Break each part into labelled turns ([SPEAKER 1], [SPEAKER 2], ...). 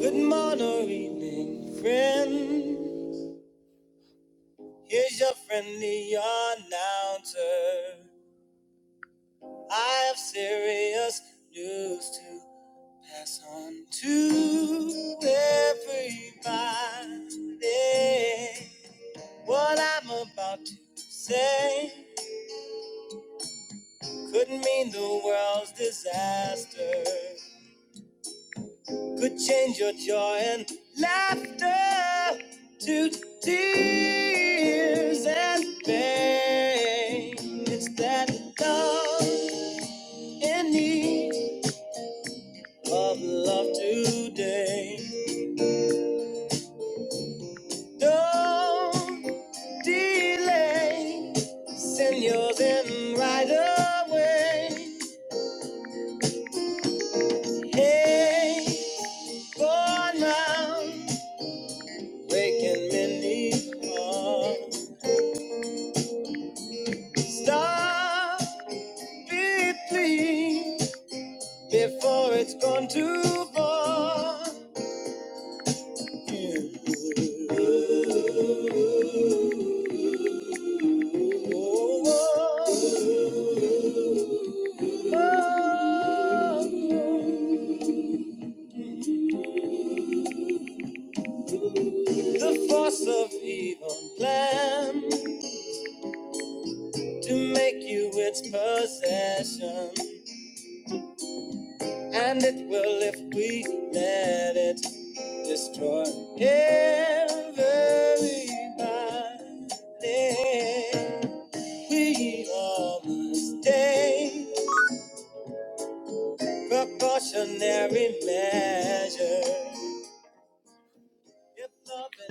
[SPEAKER 1] Good morning, or evening, friends. Here's your friendly announcer. I have serious news to pass on to everybody. What I'm about to say could mean the world's disaster. could change your joy and laughter to tears and pain. It's that love in need of love today. Don't delay, send yours in right away. Hey, for now, waking many hearts. Stop deeply before it's gone too far. Yeah. Oh, oh, oh. The force of evil plan to make you its possession, and it will if we let it destroy everybody. We all must stay. Precautionary measure.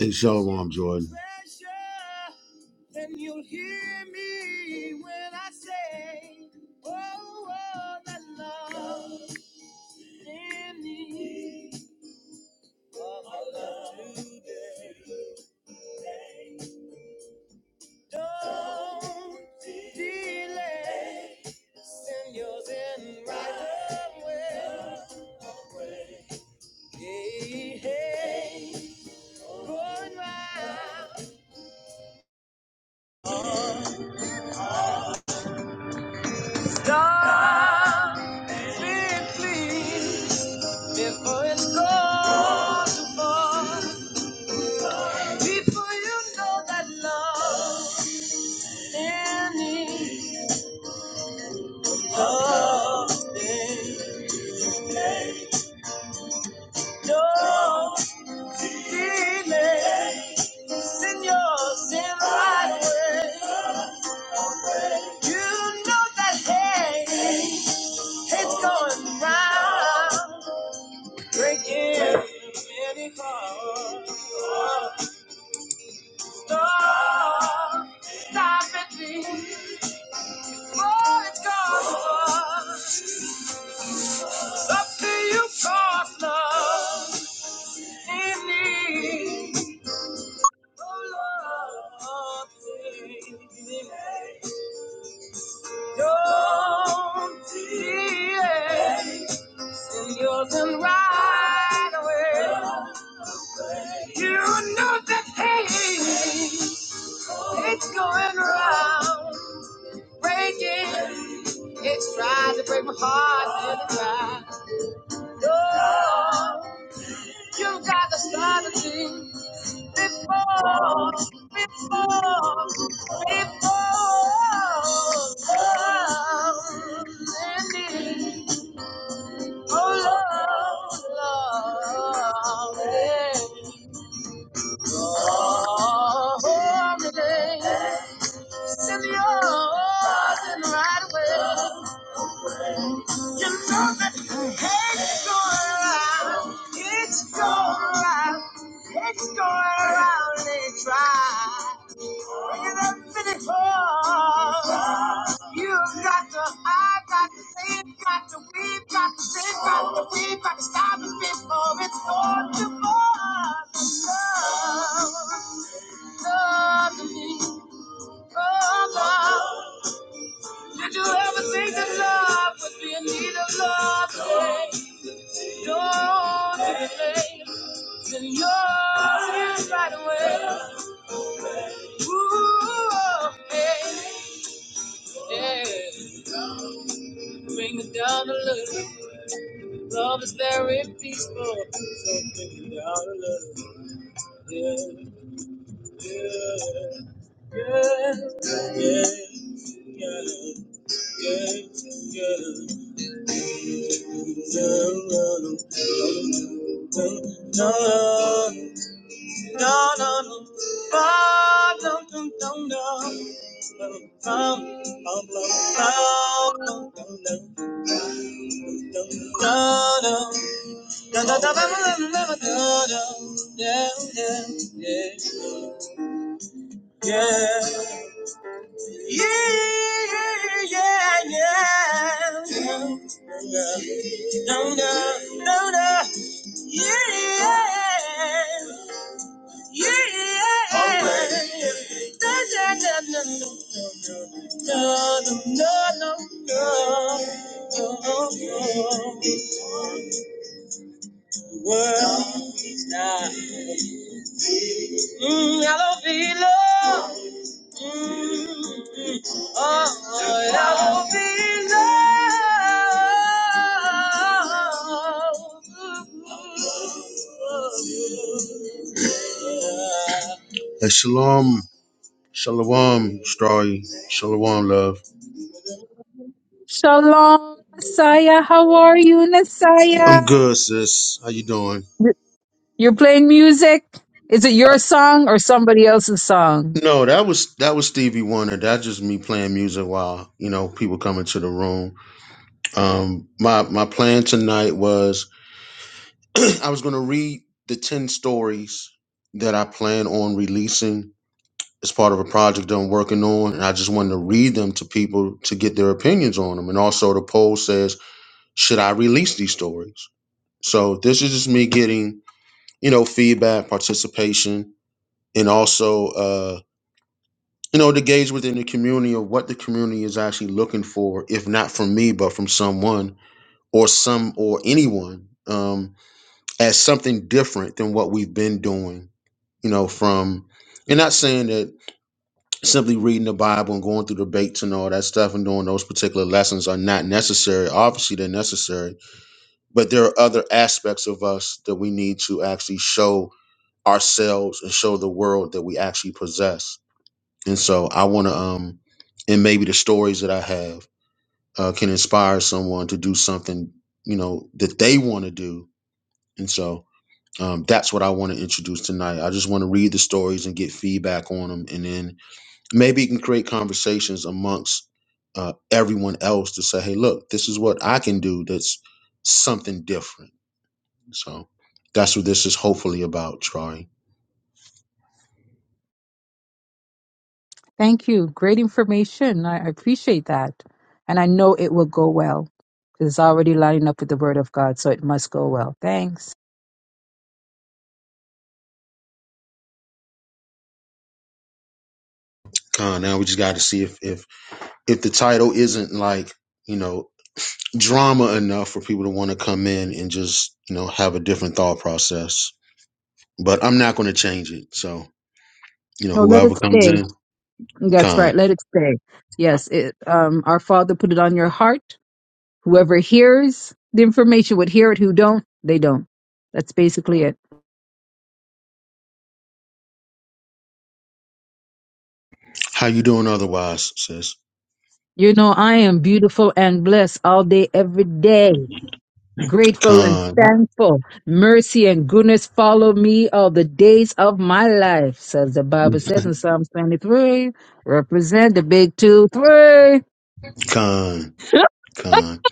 [SPEAKER 1] Hey, Shalom, Jordan. Then you'll hear me when I say, Oh, oh that love in me. Oh, my love today. Don't delay. Send yours in right away. Hey, hey. stop, being before it's gone too far. Before you know that love standing up don't delay. Send your sin right away. You know that hey. It's going round, breaking many hearts. Stop, stop it, please. Oh, it's gone far. Up to you, cause love in me. Oh, love, please. Don't delay. Send yours and you'll turn right away. You know that pain, it's going around, breaking. It's trying to break my heart and try. Oh, you got to start a thing before, before, before. Ending. Oh, love, love, yeah. Oh, And you're the right away. You know the hate's going around. It's going around. It's going around. They try. You done finished for. You've got to, I've got to, they've got to, we've got to, they've got to, we've got to stop it before it's gone too far. Love, love me, love, love. Did you ever think that love would be in need of love today? Don't you think that you're here right away? Ooh, hey, yeah. Bring it down a little. Love is very peaceful. So bring it down a little. Yeah, yeah, yeah, yeah, yeah, yeah. yeah. Yeah, yeah. Okay. Da, da, da, no, no, no, no, no, no, no. no, no, no. World, nah. Mm, I don't feel love. Oh, I will be loved. Uh, Shalom, shalom, Strawy, shalom, love.
[SPEAKER 2] Shalom, Nasaya. How are you,
[SPEAKER 1] I'm
[SPEAKER 2] Nasaya?
[SPEAKER 1] good, sis. How you doing?
[SPEAKER 2] You're you're playing music. Is it your song or somebody else's song?
[SPEAKER 1] No, that was that was Stevie Wonder. That's just me playing music while you know people come into the room. Um, my my plan tonight was I was going to read the 10 stories that I plan on releasing as part of a project that I'm working on. And I just wanted to read them to people to get their opinions on them. And also, the poll says, should I release these stories? So, this is just me getting, you know, feedback, participation, and also, uh, you know, to gauge within the community of what the community is actually looking for, if not from me, but from someone or some or anyone um, as something different than what we've been doing you know, from and not saying that simply reading the Bible and going through debates and all that stuff and doing those particular lessons are not necessary. Obviously, they're necessary, but there are other aspects of us that we need to actually show ourselves and show the world that we actually possess. And so, I want to, um, and maybe the stories that I have uh, can inspire someone to do something, you know, that they want to do. And so, um, that's what I want to introduce tonight. I just want to read the stories and get feedback on them, and then maybe you can create conversations amongst uh, everyone else to say, hey, look, this is what I can do that's something different. So that's what this is hopefully about, Troy.
[SPEAKER 2] Thank you. Great information. I I appreciate that. And I know it will go well. It's already lining up with the word of God, so it must go well. Thanks.
[SPEAKER 1] Uh, now we just got to see if, if if the title isn't like you know drama enough for people to want to come in and just you know have a different thought process. But I'm not going to change it. So You know,
[SPEAKER 2] No, let
[SPEAKER 1] whoever
[SPEAKER 2] it
[SPEAKER 1] comes
[SPEAKER 2] stay.
[SPEAKER 1] in,
[SPEAKER 2] That's right.
[SPEAKER 1] con.
[SPEAKER 2] Let it stay. Yes, it, um, our Father put it on your heart. Whoever hears the information would hear it. Who don't, they don't. That's basically it.
[SPEAKER 1] How you doing otherwise, sis?
[SPEAKER 2] You know, I am beautiful and blessed all day, every day. Grateful and
[SPEAKER 1] Con,
[SPEAKER 2] thankful. Mercy and goodness follow me all the days of my life, says the Bible says in Psalms 23. Represent the big two, three.
[SPEAKER 1] con, con.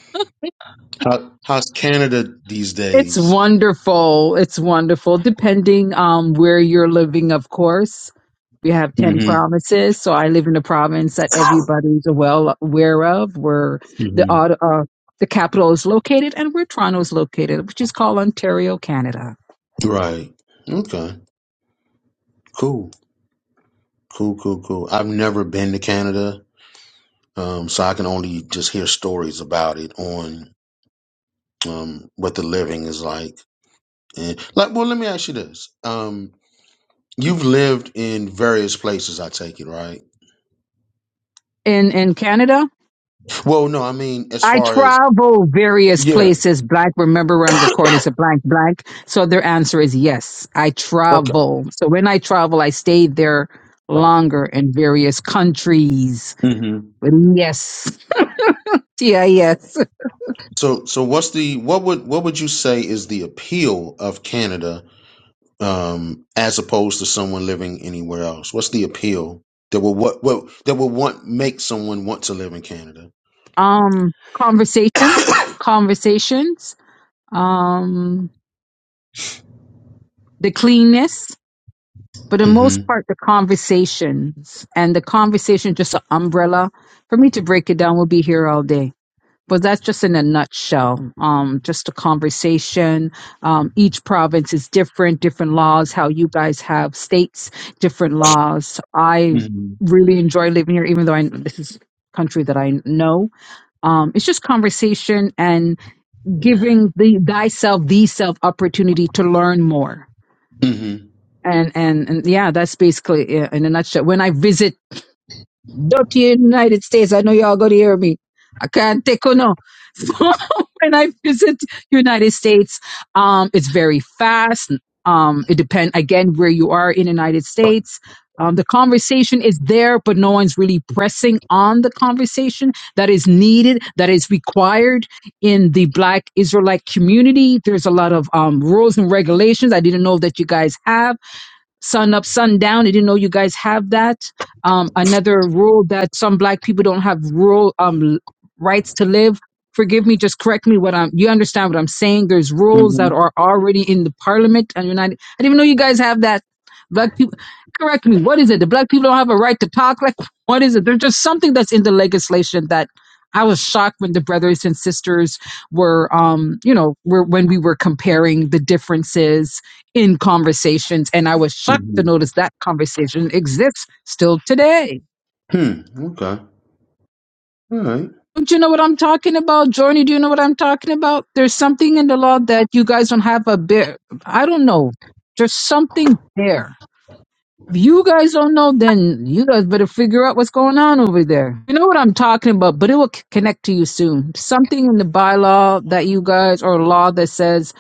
[SPEAKER 1] How how's Canada these
[SPEAKER 2] It's
[SPEAKER 1] days?
[SPEAKER 2] wonderful. It's wonderful. Depending um where you're living, of course. We have 10
[SPEAKER 1] Mm-hmm.
[SPEAKER 2] provinces. So I live in a province that everybody's well aware of where the
[SPEAKER 1] Mm-hmm.
[SPEAKER 2] aut- uh, the capital is located and where Toronto is located, which is called Ontario, Canada.
[SPEAKER 1] Right. Okay. Cool. Cool, cool, cool. I've never been to Canada. Um, so I can only just hear stories about it on um what the living is like. And like well, let me ask you this. Um you've lived in various places, I take it, right?
[SPEAKER 2] In in Canada,
[SPEAKER 1] Well, no, I mean as
[SPEAKER 2] I
[SPEAKER 1] far as
[SPEAKER 2] travel various
[SPEAKER 1] Yeah.
[SPEAKER 2] places. Blank, remember on recordings of blank, blank. So their answer is yes. I travel. So when I travel, I stay there longer in various countries.
[SPEAKER 1] Okay.
[SPEAKER 2] Yes. Yeah, yes.
[SPEAKER 1] So, so what's the what would what would you say is the appeal of Canada um, as opposed to someone living anywhere else? What's the appeal that will what, what that will want make someone want to live in Canada?
[SPEAKER 2] Um, conversation, conversations, um, the cleanness. For the
[SPEAKER 1] hmm
[SPEAKER 2] most part, the conversations and the conversation, just an umbrella. For me to break it down, we'll be here all day but that's just in a nutshell. Um, just a conversation. Um, each province is different, different laws. How you guys have states, different laws. I
[SPEAKER 1] hmm
[SPEAKER 2] really enjoy living here, even though I this is a country that I know. Um, it's just conversation and giving the thyself, the self opportunity to learn more.
[SPEAKER 1] hmm
[SPEAKER 2] And, and and yeah, that's basically it in a nutshell. When I visit dirty United States. I know y'all gonna hear me. I can't take on no. So when I visit United States, um, it's very fast. Um, it depends again where you are in the United States. Um, the conversation is there, but no one's really pressing on the conversation that is needed, that is required in the Black Israelite community. There's a lot of um, rules and regulations I didn't know that you guys have sun up, sun down. I didn't know you guys have that. Um, another rule that some black people don't have rural um, l- rights to live. Forgive me, just correct me what I'm. You understand what I'm saying? There's rules that are already in the parliament, and United, I didn't even know you guys have that. Black people, correct me. What is it? The black people don't have a right to talk. Like what is it? There's just something that's in the legislation that I was shocked when the brothers and sisters were, um, you know, were when we were comparing the differences in conversations. And I was shocked to
[SPEAKER 1] hmm
[SPEAKER 2] notice that conversation exists still today.
[SPEAKER 1] Hmm. Okay. All right.
[SPEAKER 2] Don't you know what I'm talking about, Journey? Do you know what I'm talking about? There's something in the law that you guys don't have a bear. I don't know. There's something there. If you guys don't know, then you guys better figure out what's going on over there. You know what I'm talking about, but it will c- connect to you soon. Something in the bylaw that you guys or law that says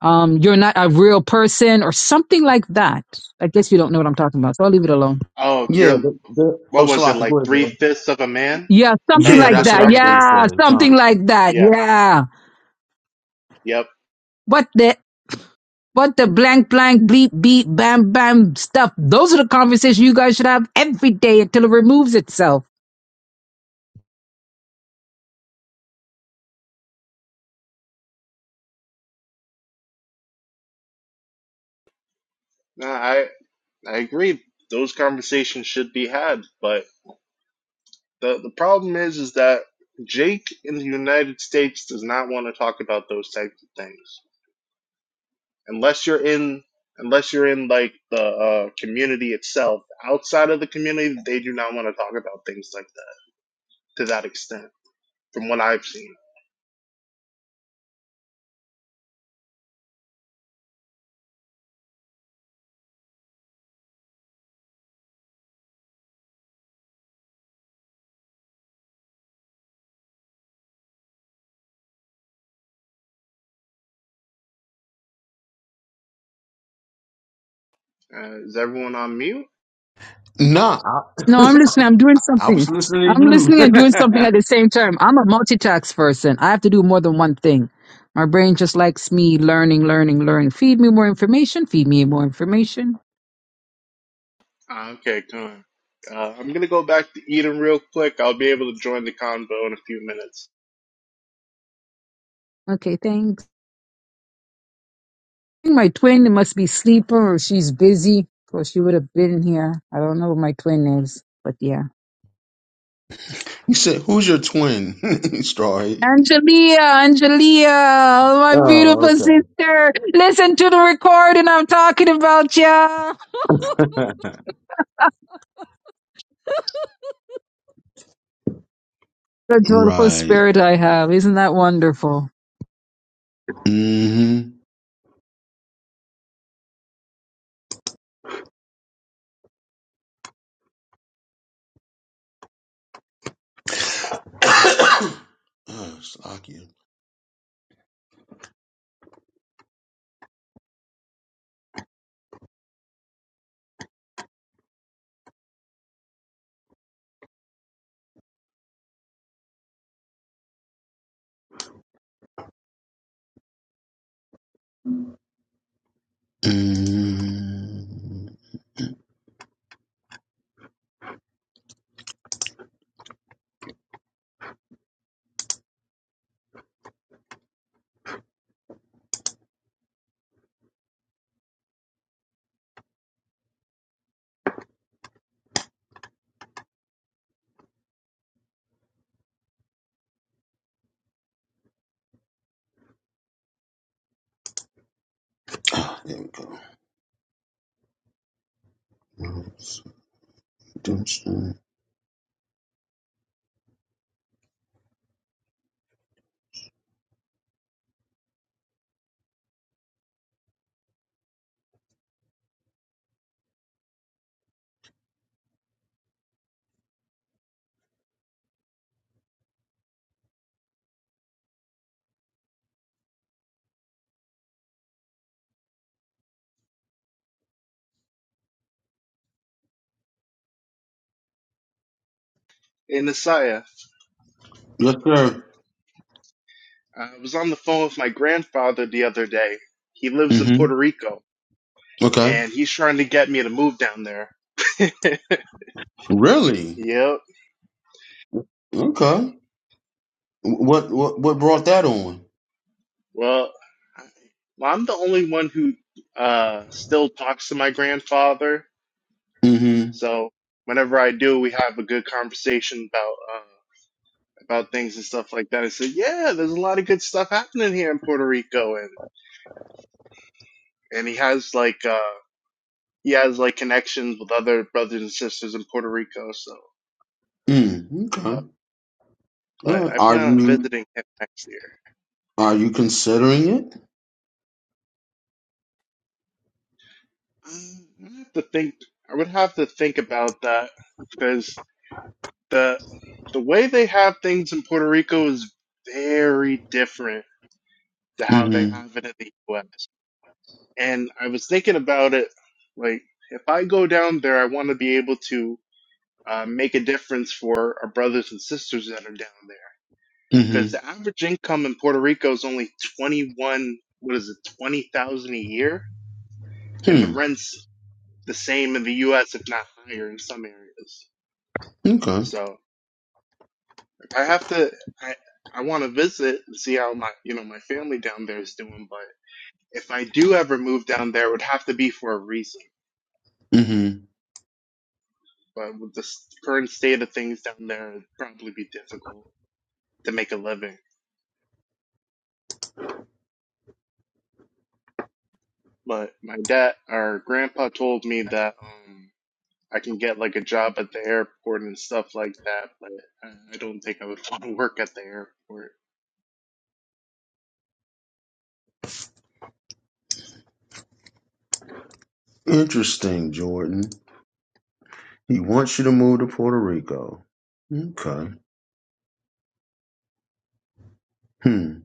[SPEAKER 2] um, you're not a real person or something like that. I guess you don't know what I'm talking about, so I'll leave it alone.
[SPEAKER 3] Oh,
[SPEAKER 1] Yeah.
[SPEAKER 3] you're
[SPEAKER 1] But, but,
[SPEAKER 3] what
[SPEAKER 1] oh,
[SPEAKER 3] was it
[SPEAKER 1] Salaki,
[SPEAKER 3] like
[SPEAKER 1] go ahead.
[SPEAKER 3] three
[SPEAKER 1] Bro.
[SPEAKER 3] fifths of a man,
[SPEAKER 2] Yeah,
[SPEAKER 3] if I
[SPEAKER 2] something
[SPEAKER 1] Yeah,
[SPEAKER 2] like
[SPEAKER 3] remember
[SPEAKER 1] that's what I
[SPEAKER 2] that.
[SPEAKER 1] was going
[SPEAKER 3] correctly?
[SPEAKER 1] to
[SPEAKER 2] Yeah,
[SPEAKER 1] say.
[SPEAKER 2] something
[SPEAKER 1] Con.
[SPEAKER 2] like that.
[SPEAKER 3] Yeah.
[SPEAKER 2] Yeah.
[SPEAKER 3] Yep.
[SPEAKER 2] What the what the blank blank bleep beep bam bam stuff. Those are the conversations you guys should have every day until it removes itself.
[SPEAKER 3] No, I I agree. Those conversations should be had, but the the problem is is that Jake in the United States does not want to talk about those types of things unless you're in unless you're in like the uh, community itself. Outside of the community, they do not want to talk about things like that to that extent, from what I've seen. Uh, is everyone on mute?
[SPEAKER 1] Nah,
[SPEAKER 2] No,
[SPEAKER 1] I,
[SPEAKER 2] I'm listening. I'm doing
[SPEAKER 1] I
[SPEAKER 2] something.
[SPEAKER 1] was listening
[SPEAKER 2] I'm
[SPEAKER 1] to you.
[SPEAKER 2] listening and doing something at the same time. I'm a multitask person. I have to do more than one thing. My brain just likes me learning, learning, learning. Feed me more information. Feed me more information.
[SPEAKER 3] Ah, Okay, come on. Uh, I'm gonna go back to Eden real quick. I'll be able to join the convo in a few minutes.
[SPEAKER 2] Okay, thanks. I think My twin must be sleeping or she's busy or she would have been here. I don't know what my twin is, but yeah.
[SPEAKER 1] you said, "Who's your twin?" Straw. Hat.
[SPEAKER 2] Angelia, Angelia, my
[SPEAKER 1] Oh,
[SPEAKER 2] beautiful sister. Listen to the recording. I'm talking about ya.
[SPEAKER 1] okay.
[SPEAKER 2] The joyful
[SPEAKER 1] Right.
[SPEAKER 2] spirit I have. Isn't that wonderful?
[SPEAKER 1] Mm-hmm. oh, it's Slocky. Mm-hmm. Ah, there we go. Yes, sir.
[SPEAKER 3] Hey, Nasaya, I was on the phone with my grandfather the other day. He lives in
[SPEAKER 1] Mm-hmm.
[SPEAKER 3] Puerto Rico,
[SPEAKER 1] Okay.
[SPEAKER 3] and he's trying to get me to move down there.
[SPEAKER 1] Really?
[SPEAKER 3] Yep.
[SPEAKER 1] Okay. What what what brought that on?
[SPEAKER 3] Well, I, well, I'm the only one who uh still talks to my grandfather.
[SPEAKER 1] Mm-hmm.
[SPEAKER 3] So whenever I do, we have a good conversation about uh about things and stuff like that. I said, yeah, there's a lot of good stuff happening here in Puerto Rico, and he has like uh he has like connections with other brothers and sisters in Puerto Rico. So,
[SPEAKER 1] Mm.
[SPEAKER 3] uh,
[SPEAKER 1] Okay. All
[SPEAKER 3] but
[SPEAKER 1] right.
[SPEAKER 3] I
[SPEAKER 1] Are
[SPEAKER 3] plan on
[SPEAKER 1] you
[SPEAKER 3] visiting him next year.
[SPEAKER 1] are you considering it?
[SPEAKER 3] I have to think. I would have to think about that because the the way they have things in Puerto Rico is very different to how they
[SPEAKER 1] Mm-hmm.
[SPEAKER 3] have it in the U.S. And I was thinking about it, like if I go down there, I want to be able to uh, make a difference for our brothers and sisters that are down there because
[SPEAKER 1] Mm-hmm.
[SPEAKER 3] the average income in Puerto Rico is only twenty one. What is it, twenty thousand a year? And the
[SPEAKER 1] Hmm.
[SPEAKER 3] rents the same in the U.S. if not higher in some areas.
[SPEAKER 1] Okay.
[SPEAKER 3] So if I have to, I I want to visit and see how my you know my family down there is doing. But if I do ever move down there, it would have to be for a reason.
[SPEAKER 1] Mm-hmm.
[SPEAKER 3] But with the s- current state of things down there, it'd probably be difficult to make a living. But my dad, our grandpa, told me that. Um, I can get like a job at the airport and stuff like that, but I I don't think I would want to work at the airport.
[SPEAKER 1] Interesting, Jordan. He wants you to move to Puerto Rico. Okay. Hmm.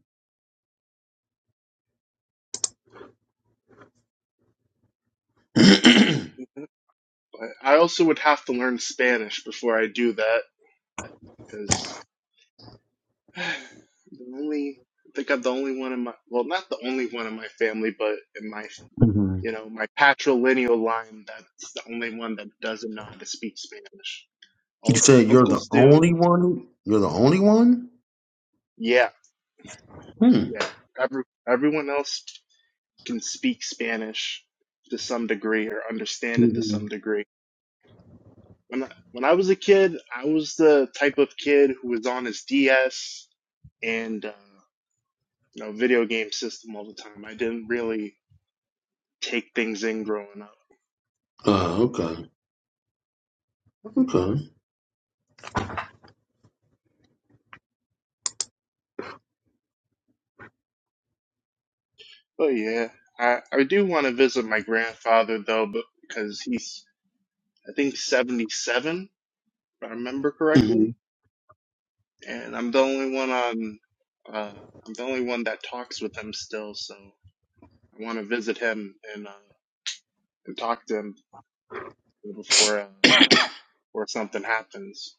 [SPEAKER 1] mm-hmm.
[SPEAKER 3] Mm-hmm. But I also would have to learn Spanish before I do that because the only I think I'm the only one in my well, not the only one in my family, but in my You know, my patrilineal line, that's the only one that doesn't know how to speak Spanish.
[SPEAKER 1] You
[SPEAKER 3] All of my
[SPEAKER 1] said you're the
[SPEAKER 3] uncles do.
[SPEAKER 1] only one. You're the only one.
[SPEAKER 3] Yeah,
[SPEAKER 1] Hmm.
[SPEAKER 3] yeah. Every, everyone else can speak Spanish to some degree or understand it to
[SPEAKER 1] hmm
[SPEAKER 3] some degree. When I, when I was a kid, I was the type of kid who was on his DS and, uh, you know, video game system all the time. I didn't really take things in growing up.
[SPEAKER 1] Oh, okay. Okay.
[SPEAKER 3] But yeah, I, I do want to visit my grandfather though, but because he's I think 77, if I remember
[SPEAKER 1] hmm
[SPEAKER 3] correctly. And I'm the only one on, uh, I'm the only one that talks with him still, so I want to visit him and, uh, and talk to him before, uh, before something happens.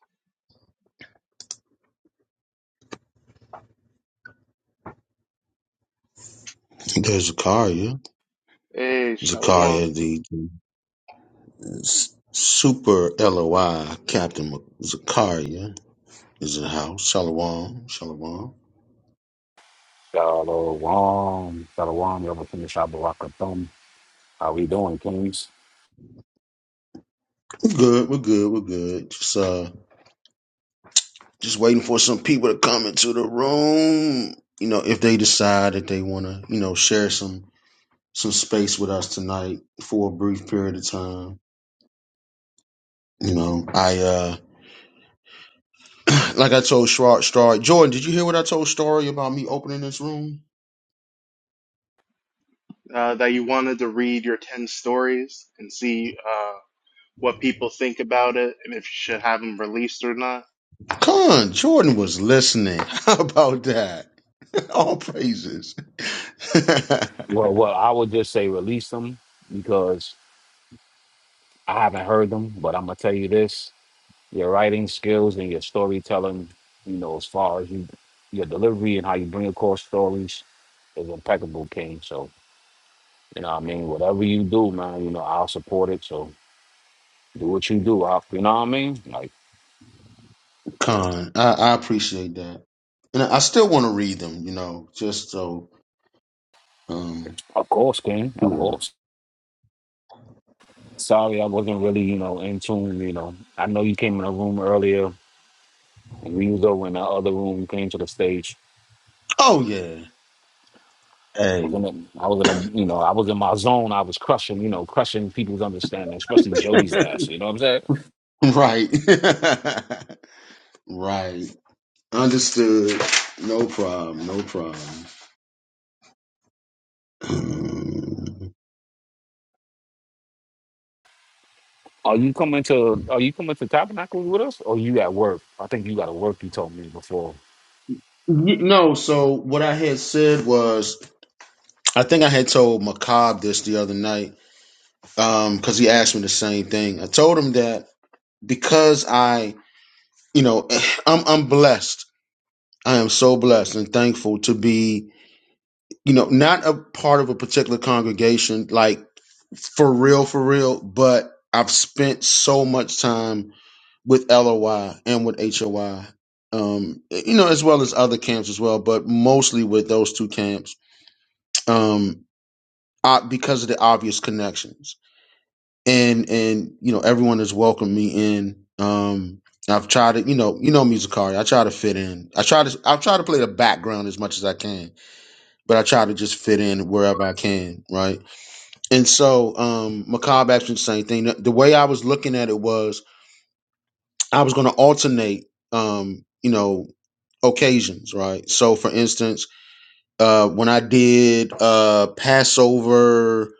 [SPEAKER 1] There's Zakaria.
[SPEAKER 3] Hey, Shalom,
[SPEAKER 1] Zakaria, the s- super LOI Captain Mc- Zakaria is in the house. Shalom. Shalom.
[SPEAKER 4] Shalom, shalom, Yom Shabbat How we doing, Kings?
[SPEAKER 1] We're good. We're good. We're good. Just uh, just waiting for some people to come into the room. You know, if they decide that they want to, you know, share some some space with us tonight for a brief period of time. You know, I uh like I told Schwartz, Star Jordan, did you hear what I told Story about me opening this room?
[SPEAKER 3] uh, that you wanted to read your 10 stories and see, uh, what people think about it and if you should have them released or not.
[SPEAKER 1] Con, Jordan was listening. How about that? All praises.
[SPEAKER 4] Well, well, I would just say release them because I haven't heard them, but I'm gonna tell you this: your writing skills and your storytelling, you know, as far as you, your delivery and how you bring across stories, is impeccable, King. So you know, what I mean, whatever you do, man, you know, I'll support it. So do what you do, I, you know what I mean? Like,
[SPEAKER 1] Con, I, I appreciate that. And I I still want to read them, you know, just so. um
[SPEAKER 4] of course, King, of
[SPEAKER 1] yeah.
[SPEAKER 4] course. Sorry, I wasn't really, you know, in tune. You know, I know you came in a room earlier, and we was over in the other room. You came to the stage.
[SPEAKER 1] Oh, yeah.
[SPEAKER 4] I
[SPEAKER 1] Hey.
[SPEAKER 4] was in, a, I was in a, you know, I was in my zone. I was crushing, you know, crushing people's understanding, especially Jody's ass. You know what I'm saying?
[SPEAKER 1] right. right. Understood. No problem. No problem. Um,
[SPEAKER 4] Are you coming to, are you coming to Tabernacles with us, or you at work? I think you got to work. You told me before.
[SPEAKER 1] y- No, so what I had said was I think I had told Macabre this the other night because he asked me the same thing. I told him that because I, you know, I'm I'm blessed. I am so blessed and thankful to be, you know, not a part of a particular congregation, like for real, for real. But I've spent so much time with LOI and with HOI, um, you know, as well as other camps as well, but mostly with those two camps um, uh, because of the obvious connections and and you know everyone has welcomed me in. Um, I've tried to you know you know Musicari. I try to fit in. I try to I try to play the background as much as I can, but I try to just fit in wherever I can, right? And so um, Macabre actually the same thing. The, the way I was looking at it was I was going to alternate, um, you know, occasions, right? So for instance, uh, when I did uh, Passover.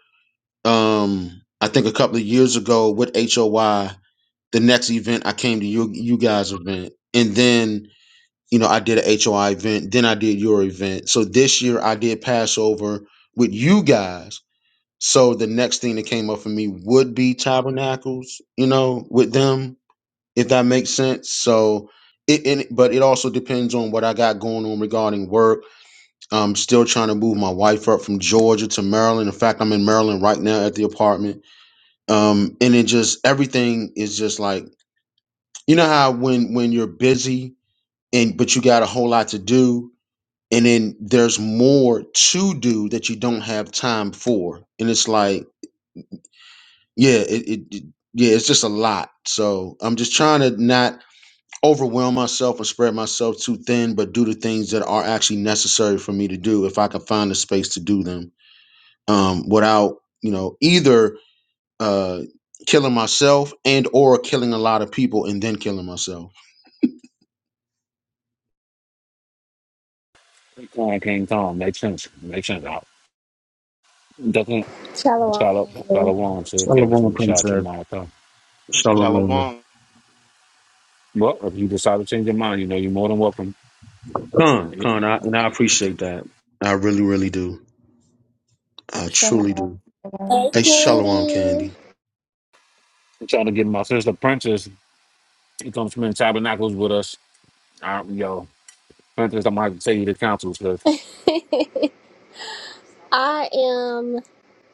[SPEAKER 1] Um, I think a couple of years ago with HOY, the next event I came to you you guys event and then you know I did a HOI event then I did your event so this year I did Passover with you guys so the next thing that came up for me would be tabernacles you know with them if that makes sense so it, and it- but it also depends on what I got going on regarding work I'm still trying to move my wife up from Georgia to Maryland in fact I'm in Maryland right now at the apartment um and it just everything is just like you know how when when you're busy and but you got a whole lot to do and then there's more to do that you don't have time for and it's like yeah it, it, it- yeah it's just a lot so I'm just trying to not overwhelm myself and spread myself too thin but do the things that are actually necessary for me to do if I can find the space to do them um without you know either uh killing myself and or killing a lot of people and then killing myself
[SPEAKER 4] Time came time. Makes sense. Makes sense. I- Doesn't
[SPEAKER 5] Shalom,
[SPEAKER 4] follow
[SPEAKER 5] family.
[SPEAKER 4] follow on. So if you ever
[SPEAKER 1] Shalom,
[SPEAKER 4] shot your
[SPEAKER 1] Princess.
[SPEAKER 4] mouth, huh?
[SPEAKER 1] Shalom.
[SPEAKER 3] Shalom.
[SPEAKER 4] well, if you decide to change your mind, you know, you're more than welcome.
[SPEAKER 1] Con, con, I, and I appreciate that. I really, really do. I truly do.
[SPEAKER 6] Shalom. Shalom.
[SPEAKER 5] Hey,
[SPEAKER 1] Hey, Shalom,
[SPEAKER 5] Candy.
[SPEAKER 1] Candy.
[SPEAKER 4] I'm trying to get my sister Princess. She comes from in tabernacles with us. I, yo, Princess, I'm going to take you to council. So
[SPEAKER 5] I am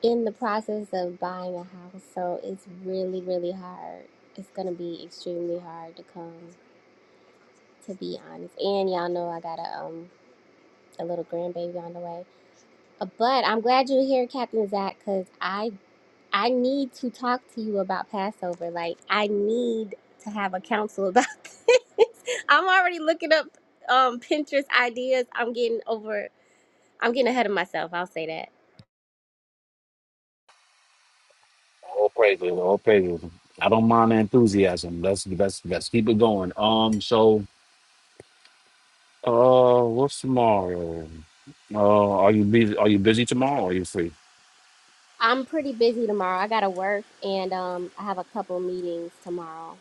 [SPEAKER 5] in the process of buying a house, so it's really, really hard. It's gonna be extremely hard to come, to be honest. And y'all know I got a um a little grandbaby on the way. Uh, But I'm glad you're here, Captain Zach, because I I need to talk to you about Passover. Like I need to have a council about this. I'm already looking up um Pinterest ideas. I'm getting over. I'm getting ahead of myself. I'll say that.
[SPEAKER 4] all praises, all praises. I don't mind the enthusiasm. Let's let's let's keep it going. Um, so uh, what's tomorrow? Uh, are you busy? Are you busy tomorrow? Or are you free?
[SPEAKER 5] I'm pretty busy tomorrow. I gotta work and um I have a couple meetings tomorrow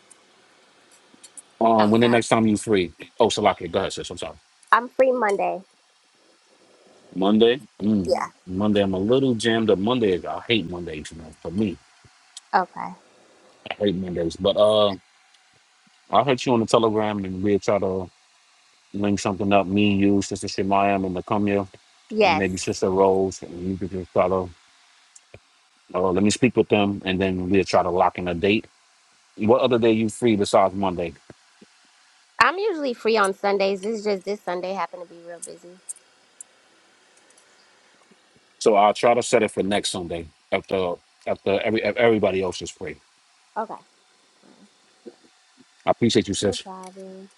[SPEAKER 4] Um, when the
[SPEAKER 5] outside.
[SPEAKER 4] next time you free? Oh, Salaki, go ahead, sis. I'm sorry.
[SPEAKER 5] I'm free Monday.
[SPEAKER 4] Monday. Mm.
[SPEAKER 5] Yeah.
[SPEAKER 4] Monday, I'm a little jammed up. Monday, I hate Mondays. You know, for me,
[SPEAKER 5] Okay.
[SPEAKER 4] I hate Mondays. But uh, I'll hit you on the Telegram and we'll try to link something up, me, you, Sister Shemaya and Nakumya, and
[SPEAKER 5] Yes.
[SPEAKER 4] maybe Sister Rose, and you could just try to, uh, let me speak with them, and then we'll try to lock in a date. What other day you free besides Monday?
[SPEAKER 5] I'm usually free on Sundays. This is just this Sunday happened to be real busy.
[SPEAKER 4] So I'll try to set it for next Sunday after after every if everybody else is free.
[SPEAKER 5] Okay. Fine.
[SPEAKER 4] I appreciate you,
[SPEAKER 5] No
[SPEAKER 4] sis.
[SPEAKER 5] problem.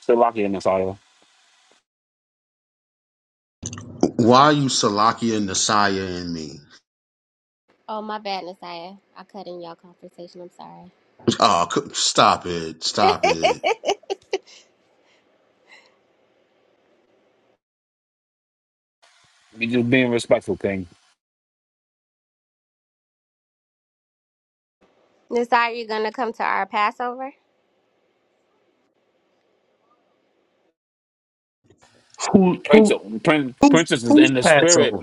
[SPEAKER 4] Still lock in this audio.
[SPEAKER 1] Why are you Salakia, Nasaya, and me?
[SPEAKER 5] Oh my bad, Nasiah. I cut in y'all conversation. I'm sorry.
[SPEAKER 1] Oh, c- stop it. Stop it.
[SPEAKER 4] You Just being respectful, King.
[SPEAKER 5] Nasiah, you gonna come to our Passover?
[SPEAKER 1] Who,
[SPEAKER 4] Prince,
[SPEAKER 1] who,
[SPEAKER 4] Prince,
[SPEAKER 1] who's,
[SPEAKER 4] Princess is
[SPEAKER 1] who's
[SPEAKER 4] in the spirit.
[SPEAKER 1] Passover?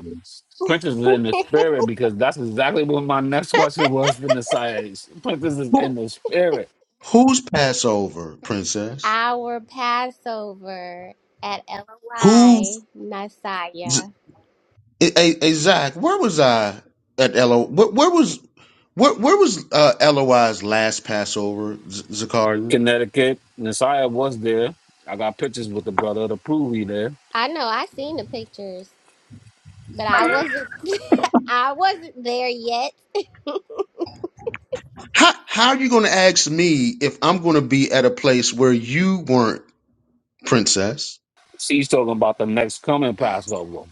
[SPEAKER 4] Princess is
[SPEAKER 1] Who,
[SPEAKER 4] in the spirit because that's exactly what my next question was from the side. Princess is
[SPEAKER 1] who,
[SPEAKER 4] in the spirit
[SPEAKER 1] Who's Passover, princess?
[SPEAKER 5] our Passover at
[SPEAKER 1] Who's?
[SPEAKER 5] LOI Nasiah.
[SPEAKER 1] Hey, hey, hey, Zach, where was I at LO? Where, where was where, where was uh, LOI's last Passover, Z- Zakaria?
[SPEAKER 4] Connecticut. Messiah was there. I got pictures with the brother to prove he there.
[SPEAKER 5] I know I seen the pictures, but I wasn't I wasn't there yet.
[SPEAKER 1] How how are you going to ask me if I'm going to be at a place where you weren't, princess?
[SPEAKER 4] She's talking about the next coming Passover.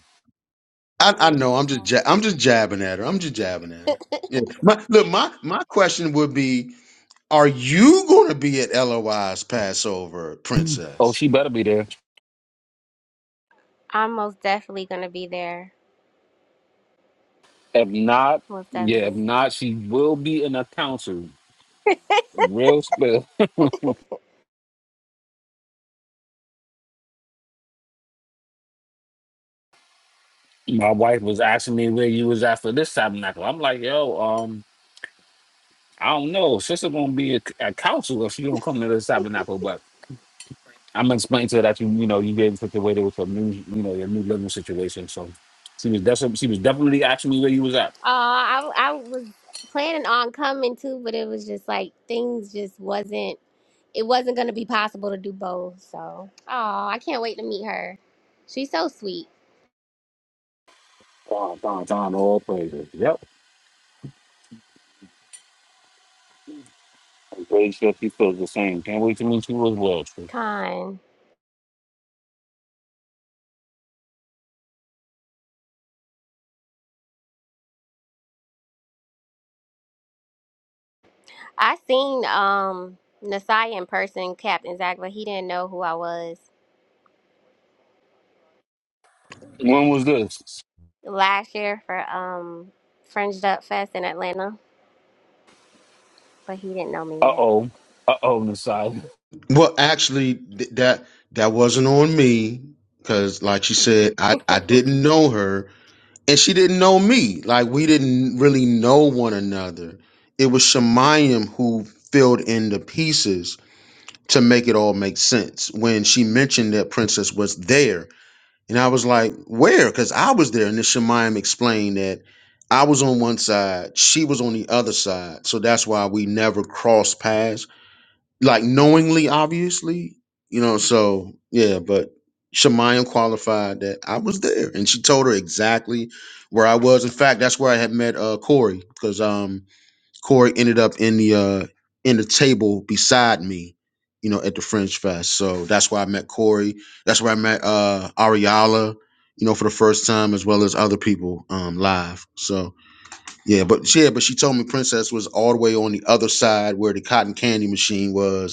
[SPEAKER 1] I, I know I'm just ja- I'm just jabbing at her. I'm just jabbing at her. Yeah. My, look, my my question would be: Are you going to be at LOI's Passover,
[SPEAKER 4] Oh,
[SPEAKER 1] princess?
[SPEAKER 4] she better be there.
[SPEAKER 5] I'm most definitely gonna be there.
[SPEAKER 4] If not,
[SPEAKER 5] Most
[SPEAKER 4] yeah, if
[SPEAKER 5] definitely.
[SPEAKER 4] not, she will be in a council. Real spill. My wife was asking me where you was at for this tabernacle. I'm like, yo, um, I don't know. Sister gonna be a, a council if she don't come to this tabernacle, but I'm explaining to her that you, you know, you getting situated with your new, you know, your new living situation. So she was that's she was definitely asking me where you was at.
[SPEAKER 5] Oh, I I was planning on coming too, but it was just like things just wasn't it wasn't gonna be possible to do both. So oh, I can't wait to meet her. She's so sweet,
[SPEAKER 4] Don, Don, Don, all praises. Yep. I'm pretty sure she feels the same. Can't wait to meet you as well, Tree.
[SPEAKER 5] kind. I seen um Nasai in person, Captain Zach, but he didn't know who I was.
[SPEAKER 4] When was this?
[SPEAKER 5] last year for um Fringed Up Fest in Atlanta, but he didn't know me
[SPEAKER 4] Uh
[SPEAKER 5] yet.
[SPEAKER 4] oh. Uh oh, Nasai.
[SPEAKER 1] Well, actually, th- that that wasn't on me because, like she said, I I didn't know her, and she didn't know me. Like we didn't really know one another. It was Shemayim who filled in the pieces to make it all make sense. When she mentioned that Princess was there, and I was like, "Where?" Because I was there, and then Shemayim explained that I was on one side, she was on the other side, so that's why we never crossed paths like knowingly, obviously, you know. So yeah, but Shemayim qualified that I was there, and she told her exactly where I was. In fact, that's where I had met uh Corey because um Corey ended up in the uh in the table beside me, you know, at the French Fest. So that's where I met Corey. That's where I met uh Ariala. You know, for the first time, as well as other people um, live. So yeah, but yeah, but she told me Princess was all the way on the other side where the cotton candy machine was,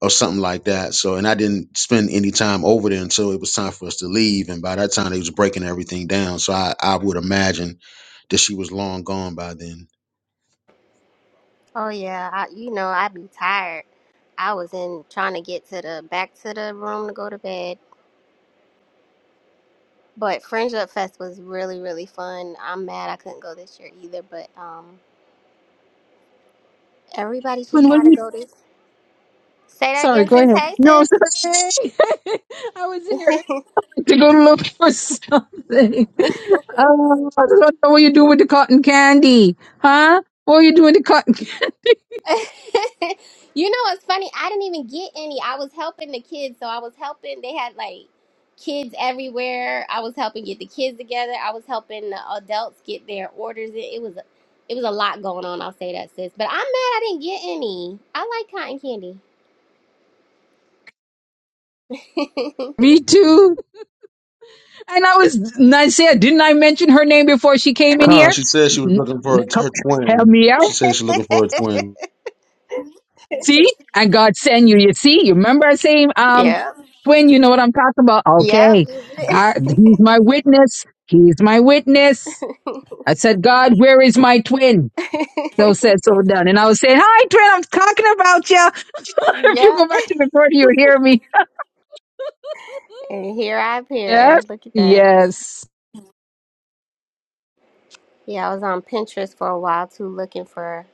[SPEAKER 1] or something like that. So, and I didn't spend any time over there until it was time for us to leave. And by that time, they was breaking everything down. So I, I would imagine that she was long gone by then.
[SPEAKER 5] Oh yeah, I, you know I be tired. I was in trying to get to the back to the room to go to bed. But Fringe Up Fest was really really fun. I'm mad I couldn't go this year either, but um everybody should
[SPEAKER 2] Twin, what
[SPEAKER 5] try
[SPEAKER 2] are
[SPEAKER 5] to
[SPEAKER 2] you?
[SPEAKER 5] go this. Say that
[SPEAKER 2] Sorry,
[SPEAKER 5] again,
[SPEAKER 2] go
[SPEAKER 5] sis.
[SPEAKER 2] ahead. No,
[SPEAKER 5] Hey,
[SPEAKER 2] sorry. I was in here
[SPEAKER 5] sis.
[SPEAKER 2] to go look for something. Oh, I don't know what you do with the cotton candy, huh? What are you doing with the cotton? candy?
[SPEAKER 5] you know what's funny? I didn't even get any. I was helping the kids, so I was helping. They had like kids everywhere. I was helping get the kids together. I was helping the adults get their orders. in. It was it was a lot going on. I'll say that, sis. But I'm mad I didn't get any. I like cotton candy.
[SPEAKER 2] Me too. And I was, and I said, didn't I mention her name before she came in
[SPEAKER 1] Huh?
[SPEAKER 2] here?
[SPEAKER 1] She said she was
[SPEAKER 2] N-
[SPEAKER 1] looking for
[SPEAKER 2] n-
[SPEAKER 1] her,
[SPEAKER 2] come-
[SPEAKER 1] her
[SPEAKER 2] Help
[SPEAKER 1] twin.
[SPEAKER 2] me out.
[SPEAKER 1] She said she's looking for her twin.
[SPEAKER 2] See, and God send you. You see, you remember I say, um,
[SPEAKER 5] yep.
[SPEAKER 2] twin, you know what I'm talking about?
[SPEAKER 5] Yep.
[SPEAKER 2] Okay, I, he's my witness. He's my witness. I said, God, where is my twin? So said, so done. And I was saying, hi, twin, I'm talking about you. if
[SPEAKER 5] yep.
[SPEAKER 2] you go back to the court, you'll hear me.
[SPEAKER 5] And here I appear.
[SPEAKER 2] Yes,
[SPEAKER 5] Look at that.
[SPEAKER 2] yes.
[SPEAKER 5] Yeah, I was on Pinterest for a while too, looking for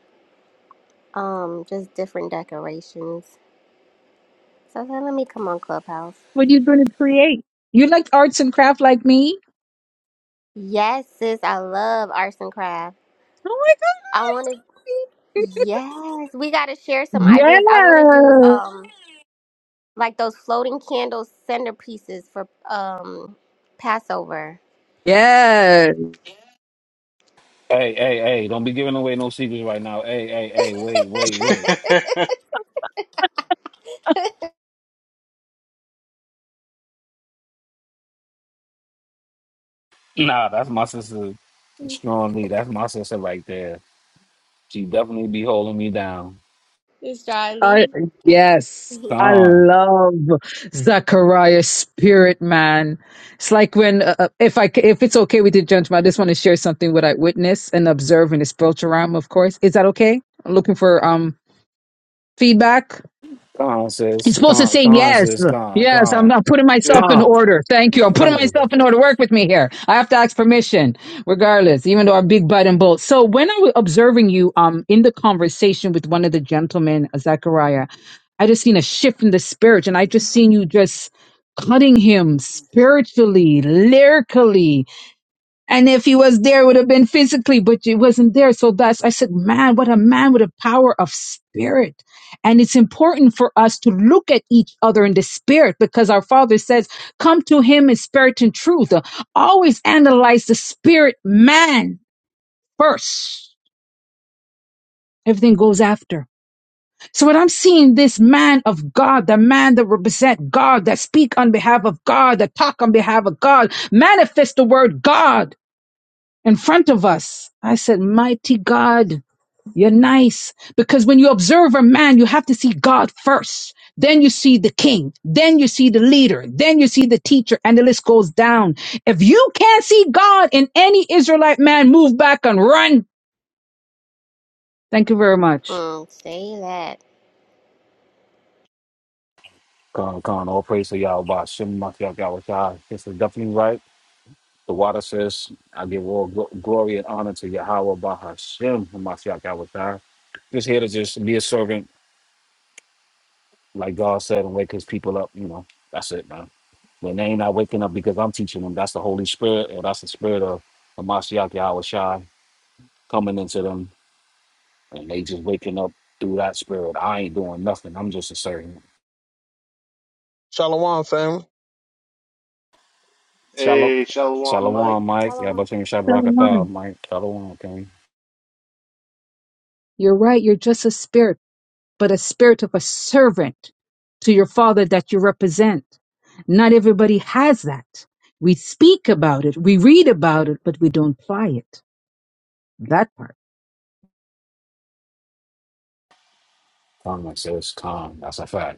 [SPEAKER 5] Um, just different decorations. So I said, let me come on Clubhouse.
[SPEAKER 2] What are you going to create? You like arts and craft like me?
[SPEAKER 5] Yes, sis, I love arts and Crafts.
[SPEAKER 2] Oh my God.
[SPEAKER 5] I want to. Yes, we got to share some ideas. I want to do
[SPEAKER 2] Yes.
[SPEAKER 5] um like those floating candle centerpieces for um Passover.
[SPEAKER 2] Yes.
[SPEAKER 4] Hey, hey, hey, don't be giving away no secrets right now. Hey, hey, hey, wait, wait, wait. Nah, that's my sister strong Lee. That's my sister right there. She definitely be holding me down.
[SPEAKER 5] It's
[SPEAKER 2] I
[SPEAKER 5] Charlie.
[SPEAKER 2] yes,
[SPEAKER 5] mm,
[SPEAKER 2] I
[SPEAKER 4] Con,
[SPEAKER 2] love Zachariah's spirit, man. It's like when uh, uh, if I c- if it's okay with the gentleman, I just want to share something what I witnessed and observed in the spiritual realm. Of course, is that okay? I'm looking for um feedback.
[SPEAKER 4] con,
[SPEAKER 2] You're
[SPEAKER 4] sis.
[SPEAKER 2] supposed to
[SPEAKER 4] Con,
[SPEAKER 2] say
[SPEAKER 4] con,
[SPEAKER 2] yes.
[SPEAKER 4] sis. Con,
[SPEAKER 2] Yes, I'm,
[SPEAKER 4] con.
[SPEAKER 2] not putting
[SPEAKER 3] yeah.
[SPEAKER 2] myself in
[SPEAKER 1] Con,
[SPEAKER 2] order. Thank you. I'm putting
[SPEAKER 1] con.
[SPEAKER 2] myself in order. Work with me here. I have to ask permission, regardless, even though I'm big butt and bold. So when I was observing you um in the conversation with one of the gentlemen, Zachariah, I just seen a shift in the spirit, and I just seen you just cutting him spiritually, lyrically. And if he was there, it would have been physically, but he wasn't there. So that's, I said, man, what a man with a power of spirit. And it's important for us to look at each other in the spirit because our father says, come to him in spirit and truth. Uh, Always analyze the spirit man first. Everything goes after. So what I'm seeing this man of God, the man that represent God, that speak on behalf of God, that talk on behalf of God, manifest the word God in front of us. I said, Mighty God, you're nice. Because when you observe a man, you have to see God first. Then you see the king. Then you see the leader. Then you see the teacher. And the list goes down. If you can't see God in any Israelite man, move back and run. Thank you very much.
[SPEAKER 5] say that.
[SPEAKER 4] Con, con. All praise to y'all. Shim, This is definitely right. The water says, I give all gl- glory and honor to Yahweh Bahashem Hamashiach Yahweh. Just here to just be a servant, like God said, and wake his people up. You know, that's it, man. When they ain't not waking up because I'm teaching them, that's the Holy Spirit, or that's the spirit of Hamashiach Yahweh Shai coming into them, and they just waking up through that spirit. I ain't doing nothing. I'm just a servant.
[SPEAKER 7] Shalom, family.
[SPEAKER 4] Shalom.
[SPEAKER 3] Hey, Shalom, Mike.
[SPEAKER 4] Shalom,
[SPEAKER 5] I
[SPEAKER 4] Mike. Y'all
[SPEAKER 5] don't
[SPEAKER 4] about
[SPEAKER 5] know. Oh,
[SPEAKER 4] to
[SPEAKER 2] So am I.
[SPEAKER 4] Shabrakatah, Mike. Shalom, King.
[SPEAKER 2] You're right. You're just a spirit. but a spirit of a servant to your father that you represent. Not everybody has that. We speak about it, we read about it, but we don't apply it. That part.
[SPEAKER 4] Calm, it says, Calm. That's a fact.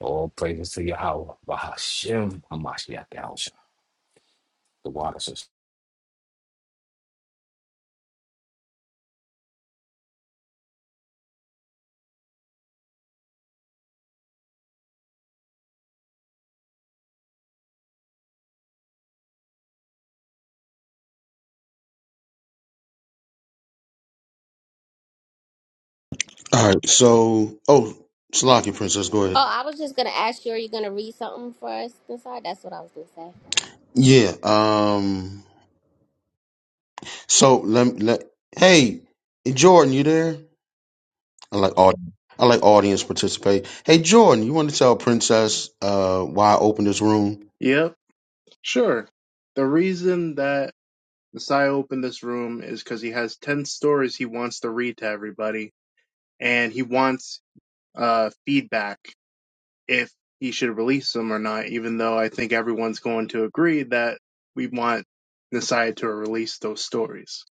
[SPEAKER 4] All praises to Yahweh, Bahashem, Hamashiach, Yahusha, the water system.
[SPEAKER 1] All right. So, oh, Slovakian princess, go ahead.
[SPEAKER 5] I was just gonna ask you. Are you gonna read something for us inside? That's what I was gonna say.
[SPEAKER 1] Yeah. Um. So let, let hey Jordan, you there? I like audience. I like audience participate. Hey Jordan, you want to tell Princess uh, why I opened this room?
[SPEAKER 3] Yep, sure. The reason that Messiah opened this room is because he has 10 stories he wants to read to everybody, and he wants uh, feedback if he should release them or not, even though I think everyone's going to agree that we want Messiah to release those stories.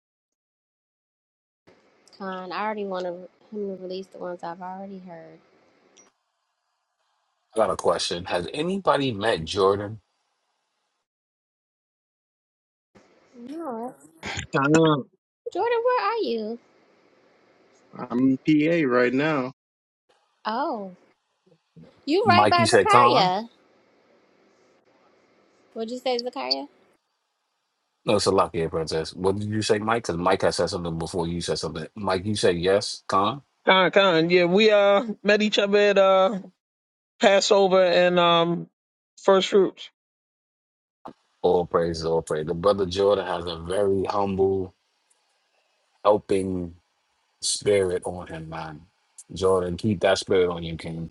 [SPEAKER 5] Con. I already want to, him to release the ones I've already heard.
[SPEAKER 4] I got a question. Has anybody met Jordan?
[SPEAKER 5] No.
[SPEAKER 7] Con,
[SPEAKER 5] Jordan, where are you?
[SPEAKER 3] I'm PA right now.
[SPEAKER 5] Oh, you right
[SPEAKER 4] Mike, you
[SPEAKER 5] by
[SPEAKER 4] said Khan?
[SPEAKER 5] Zakaria. What'd you say, Zakaria?
[SPEAKER 4] No, it's a lucky princess. What did you say, Mike? Because Mike has said something before you said something. Mike, you said yes, Khan?
[SPEAKER 7] con, con. Yeah, we uh met each other at uh Passover and um First Fruits.
[SPEAKER 4] All praises, all praise. The brother Jordan has a very humble, helping spirit on him, man. Jordan, keep that spirit on you, King.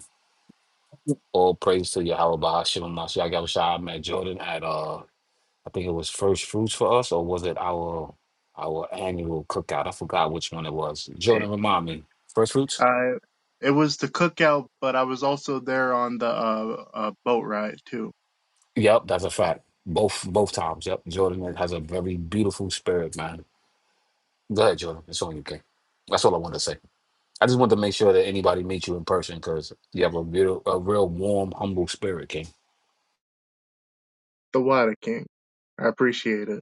[SPEAKER 4] All praise to Yahweh, Bahashem, Hamashiach, Yahusha. I met Jordan at uh I think it was first fruits for us, or was it our our annual cookout? I forgot which one it was. Jordan, remind me. First fruits.
[SPEAKER 3] I, it was the cookout, but I was also there on the uh, uh, boat ride, too.
[SPEAKER 4] Yep, that's a fact. Both both times. Yep, Jordan has a very beautiful spirit, man. Go ahead, Jordan. It's on you, King. That's all I wanted to say. I just wanted to make sure that anybody meets you in person because you have a real, a real warm, humble spirit, King.
[SPEAKER 3] The Water King. I appreciate it.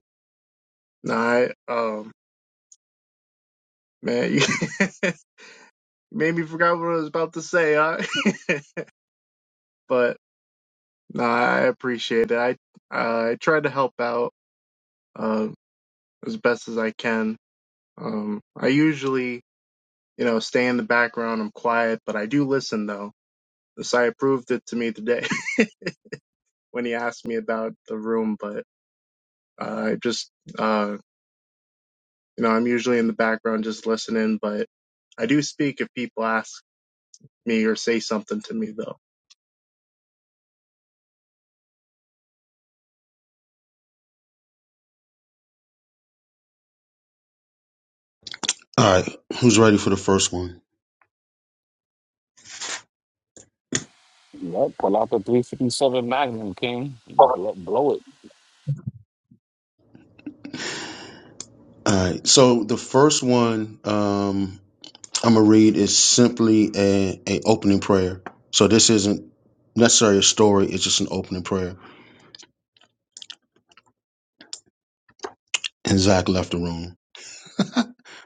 [SPEAKER 3] Nah, I, um, man, You made me forgot what I was about to say, huh? but nah, I appreciate it. I uh, I try to help out uh, as best as I can. Um, I usually, you know, stay in the background. I'm quiet, but I do listen though. Messiah proved it to me today when he asked me about the room. But uh, I just, uh, you know, I'm usually in the background just listening. But I do speak if people ask me or say something to me though.
[SPEAKER 1] All right, who's ready for the first one?
[SPEAKER 4] Yep, pull out the 357 Magnum, King.
[SPEAKER 1] All
[SPEAKER 4] Blow, blow it.
[SPEAKER 1] right, so the first one um, I'm gonna read is simply a, a opening prayer. So this isn't necessarily a story; it's just an opening prayer. And Zach left the room.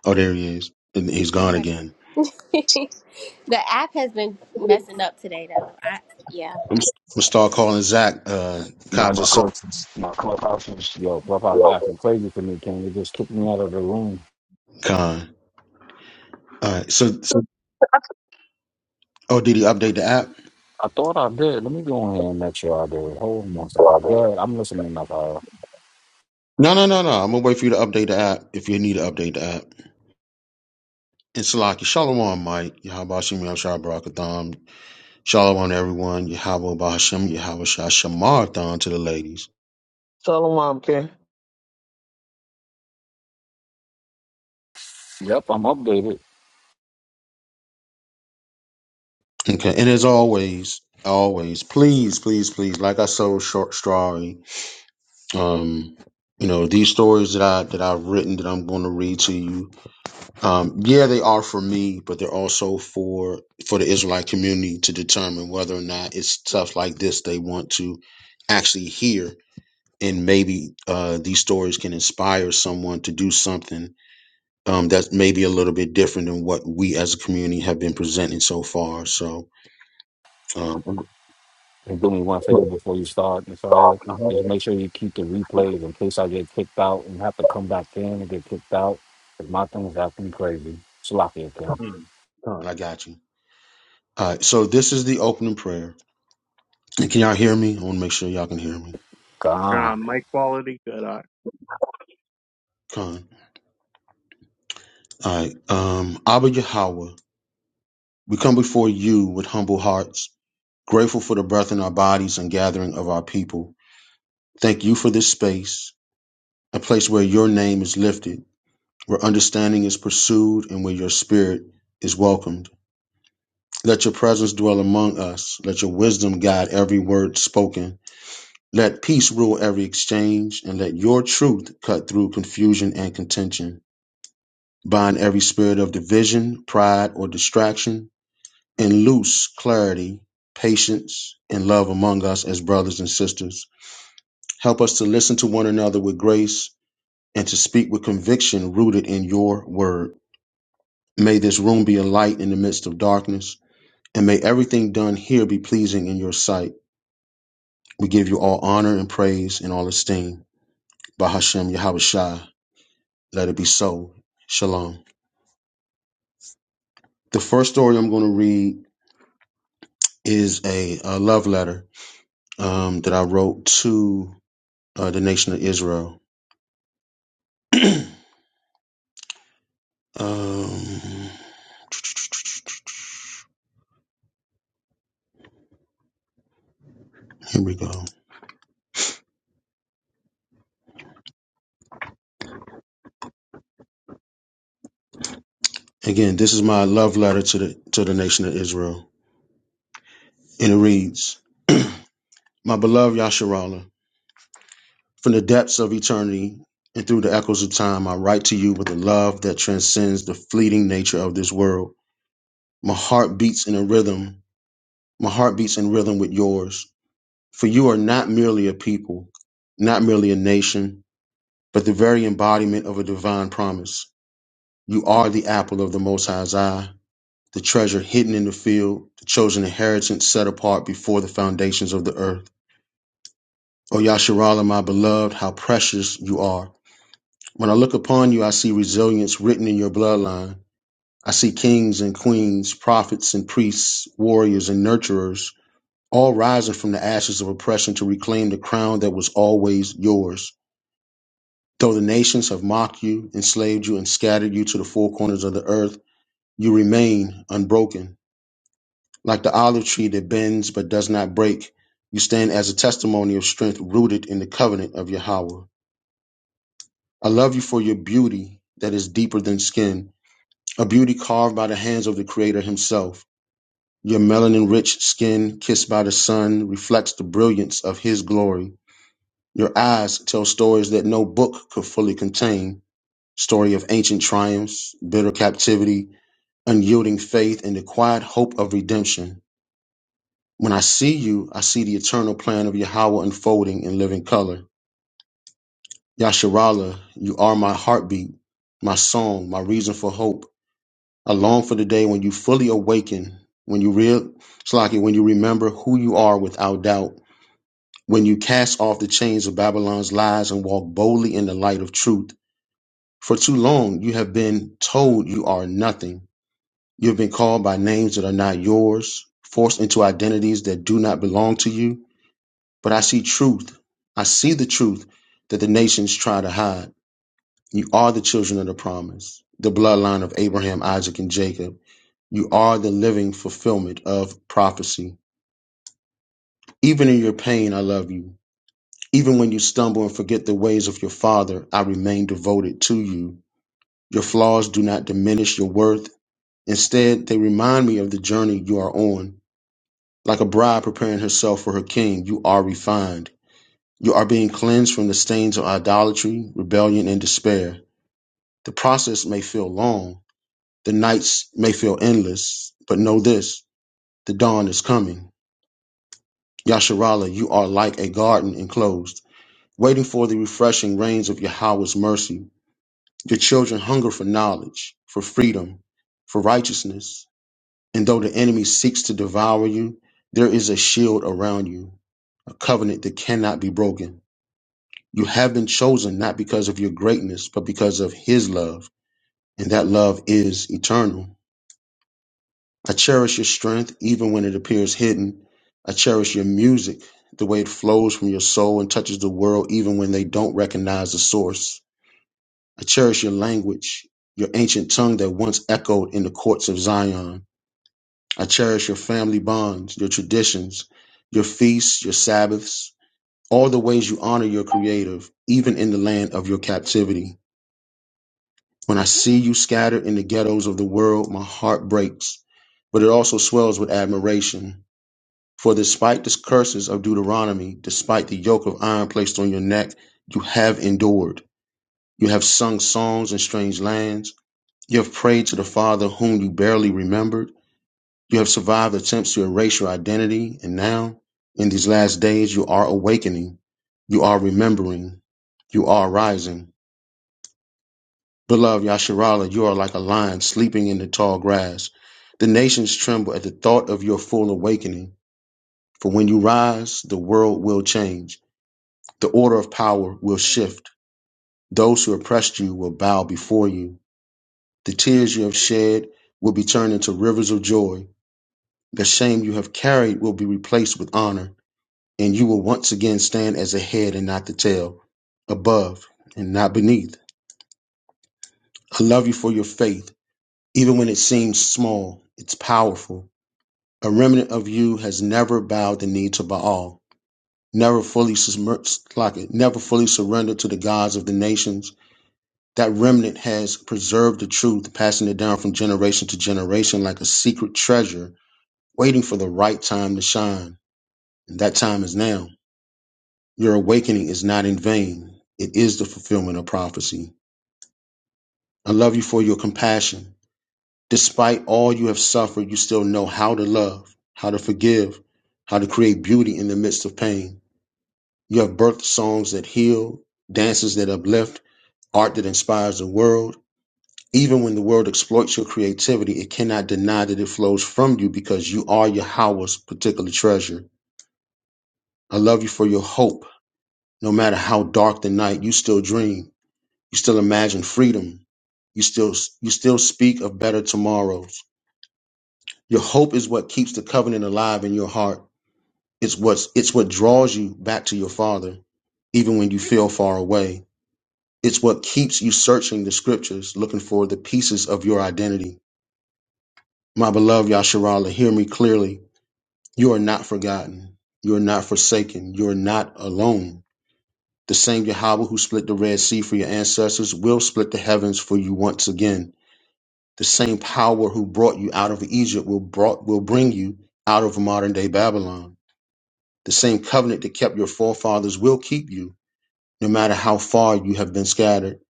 [SPEAKER 1] Oh, there he is, and he's gone
[SPEAKER 5] I'm ready.
[SPEAKER 1] again.
[SPEAKER 5] the app has been messing up today, though. I yeah.
[SPEAKER 1] I'm, s- I'm gonna start calling Zach uh,
[SPEAKER 4] My
[SPEAKER 1] Kaja
[SPEAKER 4] my club,
[SPEAKER 1] So
[SPEAKER 4] my clubhouse is yo, clubhouse is acting crazy for me, King. They just kicked me out of the room
[SPEAKER 1] Khan. All right. So, so oh, did he update the app?
[SPEAKER 4] I thought I did. Let me go ahead and make sure I did. Hold on one second. Go ahead. I'm listening up. Uh,
[SPEAKER 1] No, no, no, no. I'm gonna wait for you to update the app if you need to update the app. And Salaki, Shalom, Mike, Yahabashim Yahshua Barakatham, Shalom everyone, Yahweh Bahashim, Yahweh Shashamathon to the ladies.
[SPEAKER 7] Shalom, King.
[SPEAKER 4] yep, I'm updated.
[SPEAKER 1] Okay, and as always, always, please, please, please, like I so short story, um, you know, these stories that I that I've written that I'm gonna read to you, Um, yeah, they are for me, but they're also for for the Israelite community to determine whether or not it's stuff like this they want to actually hear, and maybe uh, these stories can inspire someone to do something um, that's maybe a little bit different than what we as a community have been presenting so far. So, um,
[SPEAKER 4] And do me one favor before you start, Michelle. Just make sure you keep the replays in case I get kicked out and have to come back in and get kicked out. 'Cause my things acting crazy. Sloppy again.
[SPEAKER 1] I got you. All right, so this is the opening prayer. And can y'all hear me? I want to make sure y'all can hear me.
[SPEAKER 3] God,
[SPEAKER 4] God.
[SPEAKER 3] my quality good. Huh?
[SPEAKER 1] Con. All right. Um, Abba Yahweh. We come before you with humble hearts, grateful for the breath in our bodies and gathering of our people. Thank you for this space, a place where your name is lifted, where understanding is pursued, and where your spirit is welcomed. Let your presence dwell among us. Let your wisdom guide every word spoken. Let peace rule every exchange, and let your truth cut through confusion and contention. Bind every spirit of division, pride, or distraction And loose clarity, patience, and love among us as brothers and sisters. Help us to listen to one another with grace and to speak with conviction rooted in your word. May this room be a light in the midst of darkness, and may everything done here be pleasing in your sight. We give you all honor and praise and all esteem. Bahashem Shai. let it be so. Shalom. The first story I'm going to read is a, a love letter um, that I wrote to uh, the nation of Israel. Um, here we go. Again, this is my love letter to the to the nation of Israel, and it reads: My beloved Yasharallah, from the depths of eternity and through the echoes of time, I write to you with a love that transcends the fleeting nature of this world. My heart beats in a rhythm. My heart beats in rhythm with yours, for you are not merely a people, not merely a nation, but the very embodiment of a divine promise. You are the apple of the Most High's eye the treasure hidden in the field, the chosen inheritance set apart before the foundations of the earth. O Yasharala, my beloved, how precious you are. When I look upon you, I see resilience written in your bloodline. I see kings and queens, prophets and priests, warriors and nurturers, all rising from the ashes of oppression to reclaim the crown that was always yours. Though the nations have mocked you, enslaved you, and scattered you to the four corners of the earth, you remain unbroken Like the olive tree that bends but does not break, you stand as a testimony of strength rooted in the covenant of Yahweh. I love you for your beauty that is deeper than skin, a beauty carved by the hands of the Creator Himself. Your melanin rich skin, kissed by the sun, reflects the brilliance of His glory. Your eyes tell stories that no book could fully contain story of ancient triumphs, bitter captivity, unyielding faith, and the quiet hope of redemption. When I see you, I see the eternal plan of Yahweh unfolding in living color. Yasharallah, you are my heartbeat, my song, my reason for hope. I long for the day when you fully awaken, when you real Slaki, when you remember who you are without doubt, when you cast off the chains of Babylon's lies and walk boldly in the light of truth. For too long you have been told you are nothing. You have been called by names that are not yours, forced into identities that do not belong to you. But I see truth. I see the truth that the nations try to hide. You are the children of the promise, the bloodline of Abraham, Isaac, and Jacob. You are the living fulfillment of prophecy. Even in your pain, I love you. Even when you stumble and forget the ways of your father, I remain devoted to you. Your flaws do not diminish your worth. Instead, they remind me of the journey you are on. Like a bride preparing herself for her king, you are refined. You are being cleansed from the stains of idolatry, rebellion, and despair. The process may feel long, the nights may feel endless, but know this the dawn is coming. Yasharallah, you are like a garden enclosed, waiting for the refreshing rains of Yahweh's mercy. Your children hunger for knowledge, for freedom, for righteousness. And though the enemy seeks to devour you, there is a shield around you, a covenant that cannot be broken. You have been chosen not because of your greatness, but because of His love, and that love is eternal. I cherish your strength even when it appears hidden. I cherish your music, the way it flows from your soul and touches the world even when they don't recognize the source. I cherish your language, your ancient tongue that once echoed in the courts of Zion. I cherish your family bonds, your traditions, your feasts, your Sabbaths, all the ways you honor your Creator, even in the land of your captivity. When I see you scattered in the ghettos of the world, my heart breaks, but it also swells with admiration. For despite the curses of Deuteronomy, despite the yoke of iron placed on your neck, you have endured. You have sung songs in strange lands. You have prayed to the Father whom you barely remembered. You have survived attempts to erase your identity. And now, in these last days, you are awakening. You are remembering. You are rising. Beloved Yasharala, you are like a lion sleeping in the tall grass. The nations tremble at the thought of your full awakening. For when you rise, the world will change. The order of power will shift. Those who oppressed you will bow before you. The tears you have shed will be turned into rivers of joy. The shame you have carried will be replaced with honor, and you will once again stand as the head and not the tail, above and not beneath. I love you for your faith, even when it seems small, it's powerful. A remnant of you has never bowed the knee to Baal, never fully, like never fully surrendered to the gods of the nations. That remnant has preserved the truth, passing it down from generation to generation like a secret treasure, waiting for the right time to shine. And that time is now. Your awakening is not in vain. It is the fulfillment of prophecy. I love you for your compassion. Despite all you have suffered, you still know how to love, how to forgive, how to create beauty in the midst of pain. You have birthed songs that heal, dances that uplift, art that inspires the world. Even when the world exploits your creativity, it cannot deny that it flows from you because you are Yahweh's particular treasure. I love you for your hope. No matter how dark the night, you still dream. You still imagine freedom. You still you still speak of better tomorrows. Your hope is what keeps the covenant alive in your heart. It's what's it's what draws you back to your father, even when you feel far away. It's what keeps you searching the scriptures, looking for the pieces of your identity. My beloved Yasharala, hear me clearly. You are not forgotten. You are not forsaken. You are not alone. The same Yahweh who split the Red Sea for your ancestors will split the heavens for you once again. The same power who brought you out of Egypt will, brought, will bring you out of modern day Babylon. The same covenant that kept your forefathers will keep you, no matter how far you have been scattered.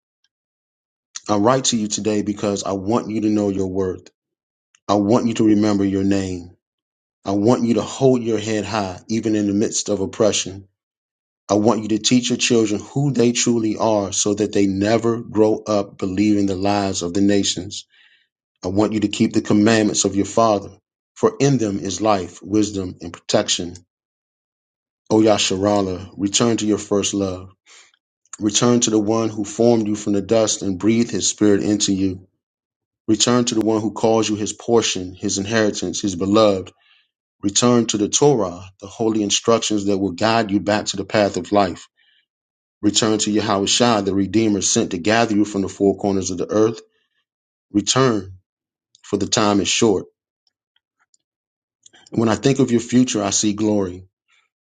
[SPEAKER 1] I write to you today because I want you to know your worth. I want you to remember your name. I want you to hold your head high, even in the midst of oppression. I want you to teach your children who they truly are so that they never grow up believing the lies of the nations. I want you to keep the commandments of your father, for in them is life, wisdom, and protection. O Yasharala, return to your first love. Return to the one who formed you from the dust and breathed his spirit into you. Return to the one who calls you his portion, his inheritance, his beloved Return to the Torah, the holy instructions that will guide you back to the path of life. Return to Yahushua, the Redeemer sent to gather you from the four corners of the earth. Return, for the time is short. And when I think of your future, I see glory.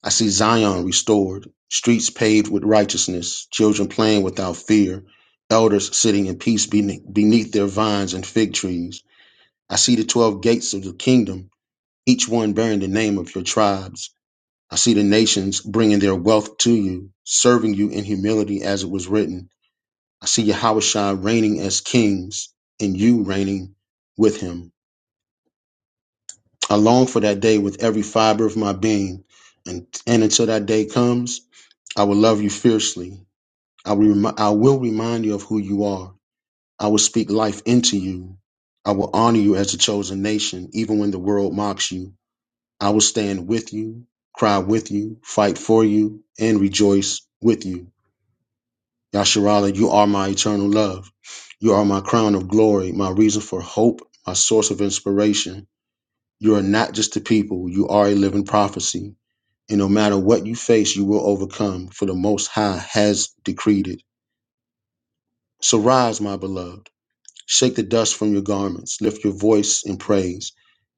[SPEAKER 1] I see Zion restored, streets paved with righteousness, children playing without fear, elders sitting in peace beneath their vines and fig trees. I see the 12 gates of the kingdom, each one bearing the name of your tribes. I see the nations bringing their wealth to you, serving you in humility as it was written. I see Yahushua reigning as kings and you reigning with him. I long for that day with every fiber of my being. And, and until that day comes, I will love you fiercely. I will, remi- I will remind you of who you are. I will speak life into you. I will honor you as a chosen nation, even when the world mocks you. I will stand with you, cry with you, fight for you, and rejoice with you. Yasharallah, you are my eternal love. You are my crown of glory, my reason for hope, my source of inspiration. You are not just a people, you are a living prophecy. And no matter what you face, you will overcome, for the Most High has decreed it. So rise, my beloved. Shake the dust from your garments. Lift your voice in praise.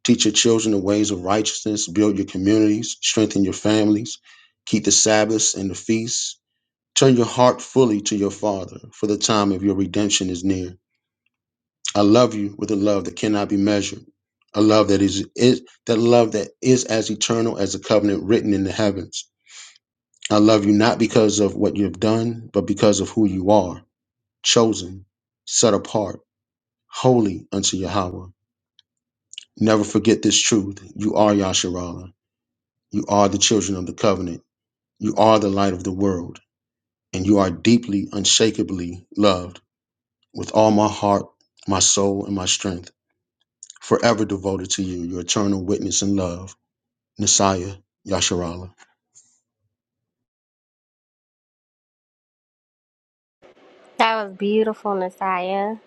[SPEAKER 1] Teach your children the ways of righteousness. Build your communities. Strengthen your families. Keep the Sabbaths and the feasts. Turn your heart fully to your Father, for the time of your redemption is near. I love you with a love that cannot be measured. A love that is, is that love that is as eternal as a covenant written in the heavens. I love you not because of what you have done, but because of who you are, chosen, set apart, holy unto Yahweh. Never forget this truth. You are Yasharala. You are the children of the covenant. You are the light of the world. And you are deeply, unshakably loved with all my heart, my soul, and my strength. Forever devoted to you, your eternal witness and love, Messiah Yasharala.
[SPEAKER 5] That was beautiful, Nasiah.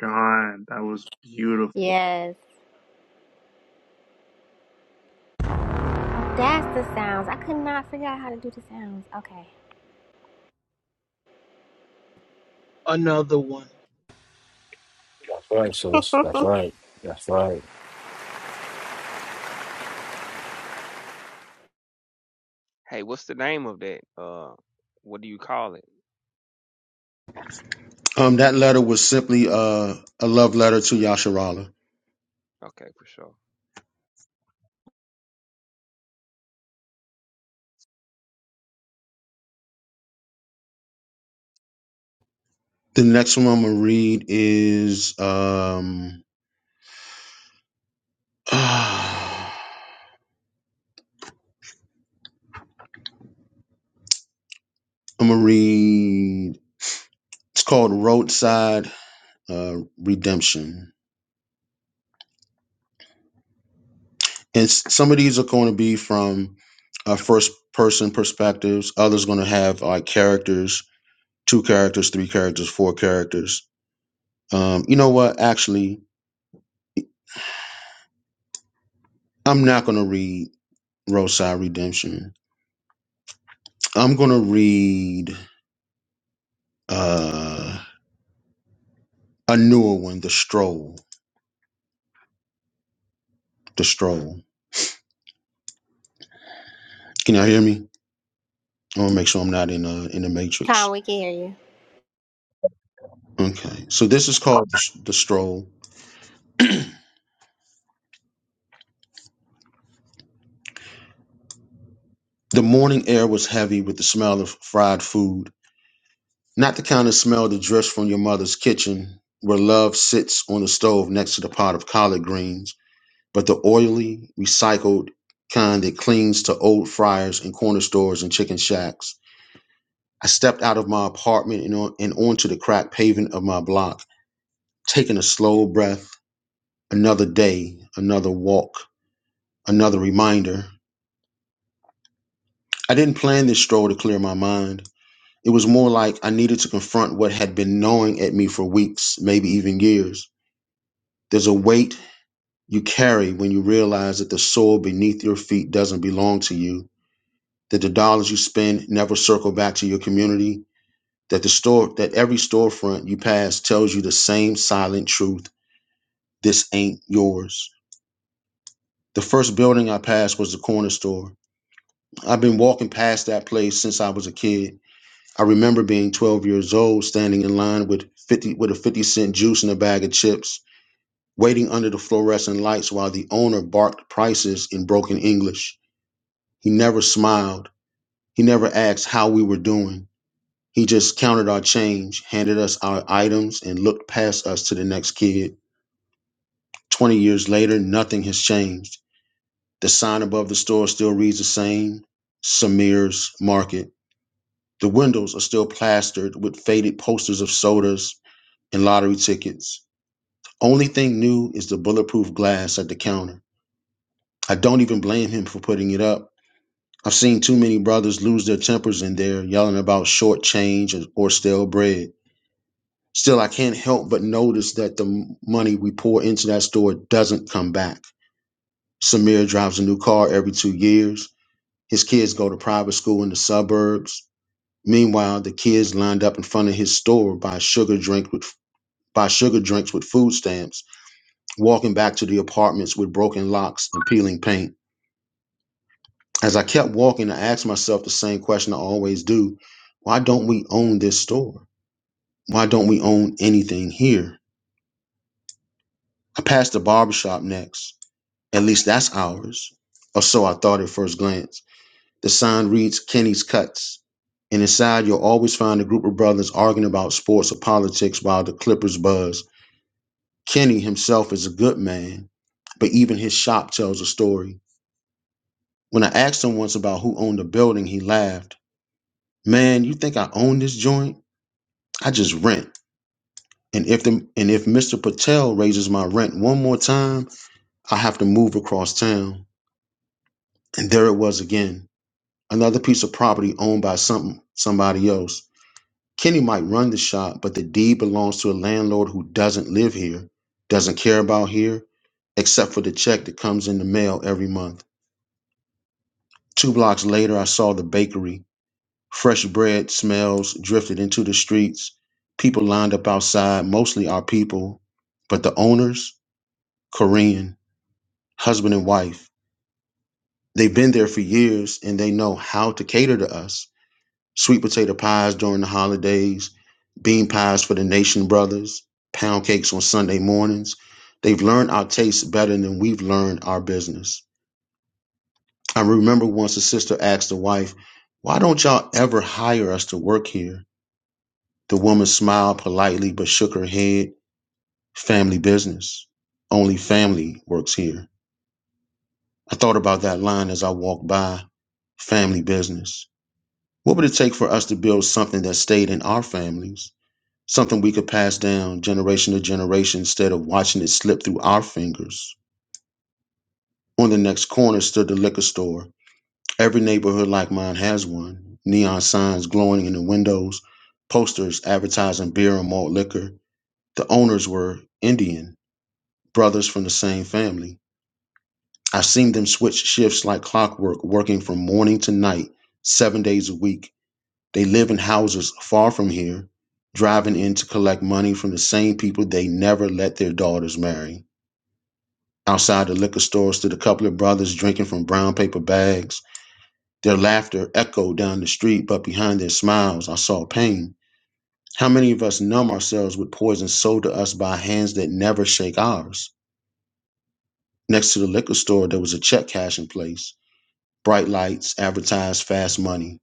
[SPEAKER 3] God, that was beautiful.
[SPEAKER 5] Yes. That's the sounds. I could not figure out how to do the sounds. Okay.
[SPEAKER 7] Another one.
[SPEAKER 4] That's right, sis. That's right. That's right.
[SPEAKER 8] Hey, what's the name of that? Uh, what do you call it?
[SPEAKER 1] Um, that letter was simply uh, a love letter to Yasharala.
[SPEAKER 8] Okay, for sure.
[SPEAKER 1] The next one I'm gonna read is um, I'm gonna read. It's called Roadside uh, redemption. And s- some of these are going to be from uh, first person perspectives. Others going to have like characters, two characters, three characters, four characters. Um, you know what? Actually, I'm not going to read Roadside Redemption. I'm going to read uh, a newer one, The Stroll. The Stroll. Can y'all hear me? I want to make sure I'm not in uh, in the Matrix.
[SPEAKER 5] Con, we can hear you.
[SPEAKER 1] Okay, so this is called The The Stroll. The morning air was heavy with the smell of fried food Not the kind of smell that drifts from your mother's kitchen, where love sits on the stove next to the pot of collard greens, but the oily, recycled kind that clings to old fryers and corner stores and chicken shacks. I stepped out of my apartment and, on, and onto the cracked pavement of my block, taking a slow breath. Another day, another walk, another reminder. I didn't plan this stroll to clear my mind. It was more like I needed to confront what had been gnawing at me for weeks, maybe even years. There's a weight you carry when you realize that the soil beneath your feet doesn't belong to you, that the dollars you spend never circle back to your community, that the store that every storefront you pass tells you the same silent truth, this ain't yours. The first building I passed was the corner store. I've been walking past that place since I was a kid. I remember being 12 years old, standing in line with 50 with a 50 cent juice and a bag of chips, waiting under the fluorescent lights while the owner barked prices in broken English. He never smiled. He never asked how we were doing. He just counted our change, handed us our items, and looked past us to the next kid. 20 years later, nothing has changed. The sign above the store still reads the same Samir's Market. The windows are still plastered with faded posters of sodas and lottery tickets. Only thing new is the bulletproof glass at the counter. I don't even blame him for putting it up. I've seen too many brothers lose their tempers in there, yelling about short change or or stale bread. Still, I can't help but notice that the m- money we pour into that store doesn't come back. Samir drives a new car every two years. His kids go to private school in the suburbs. Meanwhile, the kids lined up in front of his store buy sugar drink with buy sugar drinks with food stamps, walking back to the apartments with broken locks and peeling paint. As I kept walking, I asked myself the same question I always do why don't we own this store? Why don't we own anything here? I passed the barbershop next. At least that's ours. Or so I thought at first glance. The sign reads Kenny's Cuts. And inside, you'll always find a group of brothers arguing about sports or politics while the Clippers buzz. Kenny himself is a good man, but even his shop tells a story. When I asked him once about who owned the building, he laughed. Man, you think I own this joint? I just rent. And if the and if Mr. Patel raises my rent one more time, I have to move across town. And there it was again. Another piece of property owned by some somebody else. Kenny might run the shop, but the deed belongs to a landlord who doesn't live here, doesn't care about here, except for the check that comes in the mail every month. Two blocks later, I saw the bakery. Fresh bread smells drifted into the streets. People lined up outside, mostly our people, but the owners? Korean, husband and wife. They've been there for years and they know how to cater to us. Sweet potato pies during the holidays, bean pies for the nation brothers, pound cakes on Sunday mornings. They've learned our tastes better than we've learned our business. I remember once a sister asked the wife, Why don't y'all ever hire us to work here? The woman smiled politely but shook her head. Family business. Only family works here. I thought about that line as I walked by family business. What would it take for us to build something that stayed in our families? Something we could pass down generation to generation instead of watching it slip through our fingers. On the next corner stood the liquor store. Every neighborhood like mine has one. Neon signs glowing in the windows, posters advertising beer and malt liquor. The owners were Indian, brothers from the same family. I've seen them switch shifts like clockwork, working from morning to night, seven days a week. They live in houses far from here, driving in to collect money from the same people they never let their daughters marry. Outside the liquor store stood a couple of brothers drinking from brown paper bags. Their laughter echoed down the street, but behind their smiles, I saw pain. How many of us numb ourselves with poison sold to us by hands that never shake ours? Next to the liquor store, there was a check cashing place. Bright lights advertised fast money,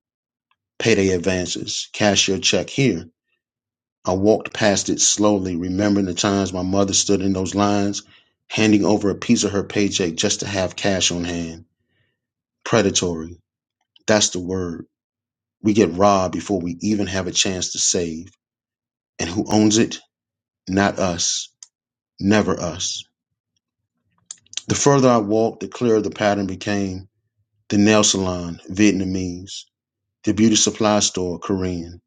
[SPEAKER 1] payday advances, cash your check here. I walked past it slowly, remembering the times my mother stood in those lines, handing over a piece of her paycheck just to have cash on hand. Predatory. That's the word. We get robbed before we even have a chance to save. And who owns it? Not us. Never us. The further I walked, the clearer the pattern became. The nail salon, Vietnamese. The beauty supply store, Korean.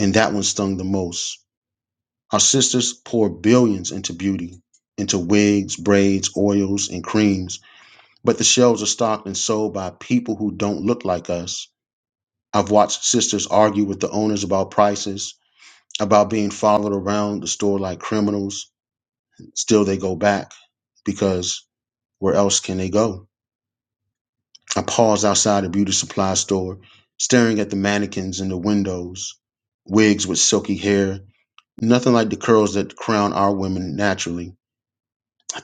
[SPEAKER 1] And that one stung the most. Our sisters pour billions into beauty, into wigs, braids, oils, and creams, but the shelves are stocked and sold by people who don't look like us. I've watched sisters argue with the owners about prices, about being followed around the store like criminals. Still, they go back because where else can they go? I pause outside a beauty supply store, staring at the mannequins in the windows, wigs with silky hair, nothing like the curls that crown our women naturally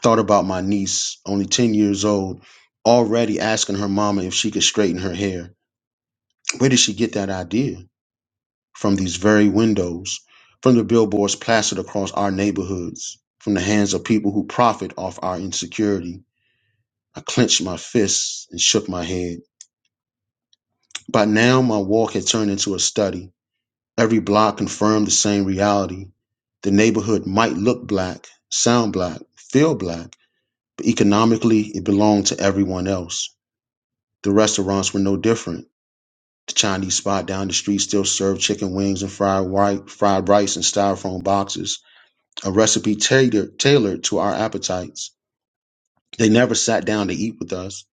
[SPEAKER 1] Thought about my niece, only 10 years old, already asking her mama if she could straighten her hair. Where did she get that idea? From these very windows, from the billboards plastered across our neighborhoods, from the hands of people who profit off our insecurity. I clenched my fists and shook my head. By now, my walk had turned into a study. Every block confirmed the same reality. The neighborhood might look black, sound black, feel black, but economically, it belonged to everyone else. The restaurants were no different. The Chinese spot down the street still served chicken wings and fried white, fried rice in styrofoam boxes, a recipe tailored, tailored to our appetites. They never sat down to eat with us,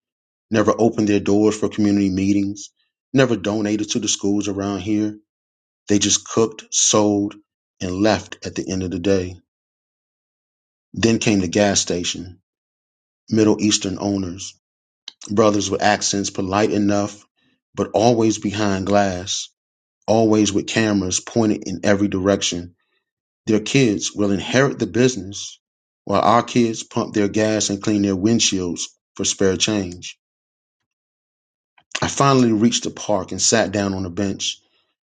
[SPEAKER 1] never opened their doors for community meetings, never donated to the schools around here. They just cooked, sold, and left at the end of the day. Then came the gas station, Middle Eastern owners, brothers with accents polite enough, but always behind glass always with cameras pointed in every direction. Their kids will inherit the business while our kids pump their gas and clean their windshields for spare change. I finally reached the park and sat down on a bench.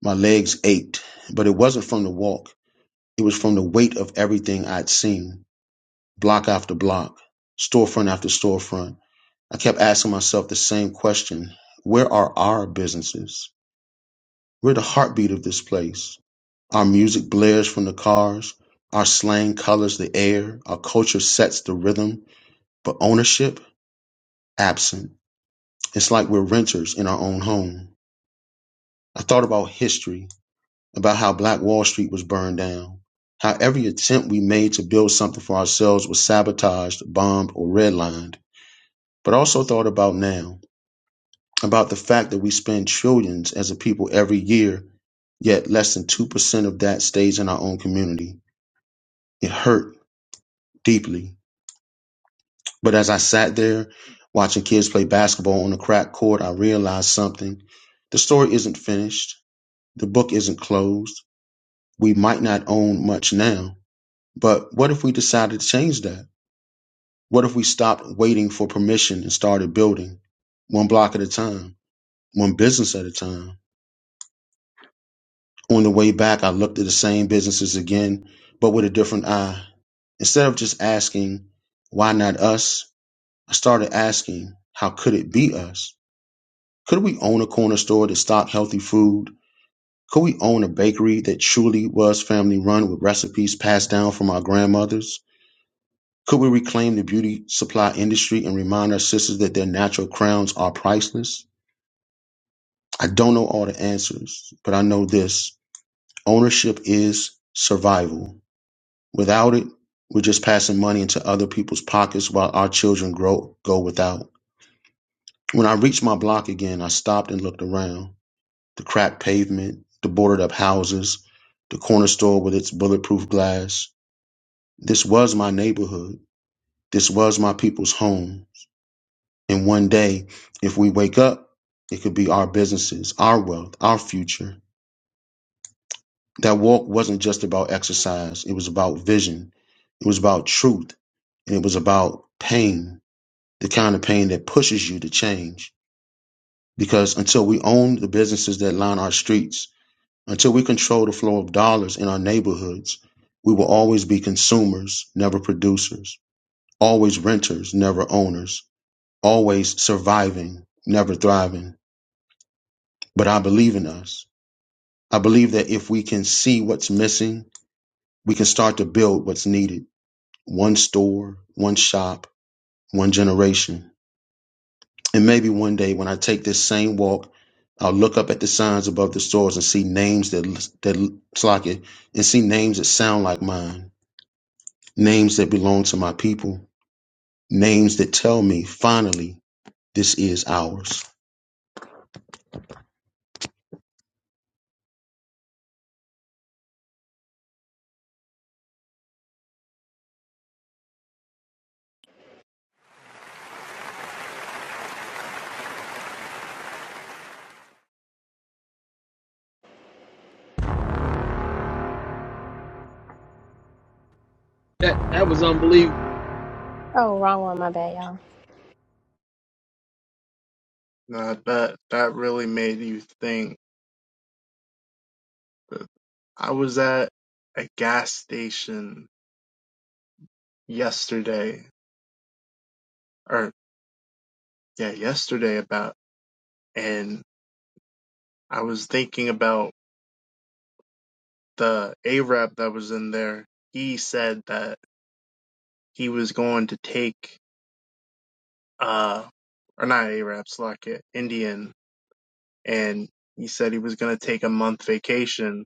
[SPEAKER 1] My legs ached, but it wasn't from the walk. It was from the weight of everything I'd seen, block after block, storefront after storefront. I kept asking myself the same question. Where are our businesses? We're the heartbeat of this place. Our music blares from the cars. Our slang colors the air. Our culture sets the rhythm. But ownership? Absent. It's like we're renters in our own home. I thought about history, about how Black Wall Street was burned down, how every attempt we made to build something for ourselves was sabotaged, bombed, or redlined. But also thought about now, about the fact that we spend trillions as a people every year, yet less than 2% of that stays in our own community. It hurt deeply. But as I sat there watching kids play basketball on a crack court, I realized something. The story isn't finished. The book isn't closed. We might not own much now. But what if we decided to change that? What if we stopped waiting for permission and started building one block at a time, one business at a time? On the way back, I looked at the same businesses again, but with a different eye. Instead of just asking, why not us? I started asking, how could it be us? Could we own a corner store that stocked healthy food? Could we own a bakery that truly was family run with recipes passed down from our grandmothers? Could we reclaim the beauty supply industry and remind our sisters that their natural crowns are priceless? I don't know all the answers, but I know this ownership is survival. Without it, we're just passing money into other people's pockets while our children grow go without. When I reached my block again, I stopped and looked around. the cracked pavement, the boarded up houses, the corner store with its bulletproof glass. This was my neighborhood. This was my people's home. And one day, if we wake up, it could be our businesses, our wealth, our future. That walk wasn't just about exercise, it was about vision, it was about truth, and it was about pain the kind of pain that pushes you to change. Because until we own the businesses that line our streets, Until we control the flow of dollars in our neighborhoods, we will always be consumers, never producers, always renters, never owners, always surviving, never thriving. But I believe in us. I believe that if we can see what's missing, we can start to build what's needed. One store, one shop, one generation. And maybe one day when I take this same walk, I'll look up at the signs above the stores and see names that, that, look like it, and see names that sound like mine names that belong to my people, names that tell me finally this is ours.
[SPEAKER 7] That that was unbelievable.
[SPEAKER 5] Oh, wrong one. My bad, y'all.
[SPEAKER 3] God, that that really made you think. I was at a gas station yesterday, or yeah, yesterday about, and I was thinking about the Arab that was in there. He said that he was going to take, uh, or not Arab, Slovakia, Indian, and he said he was going to take a month vacation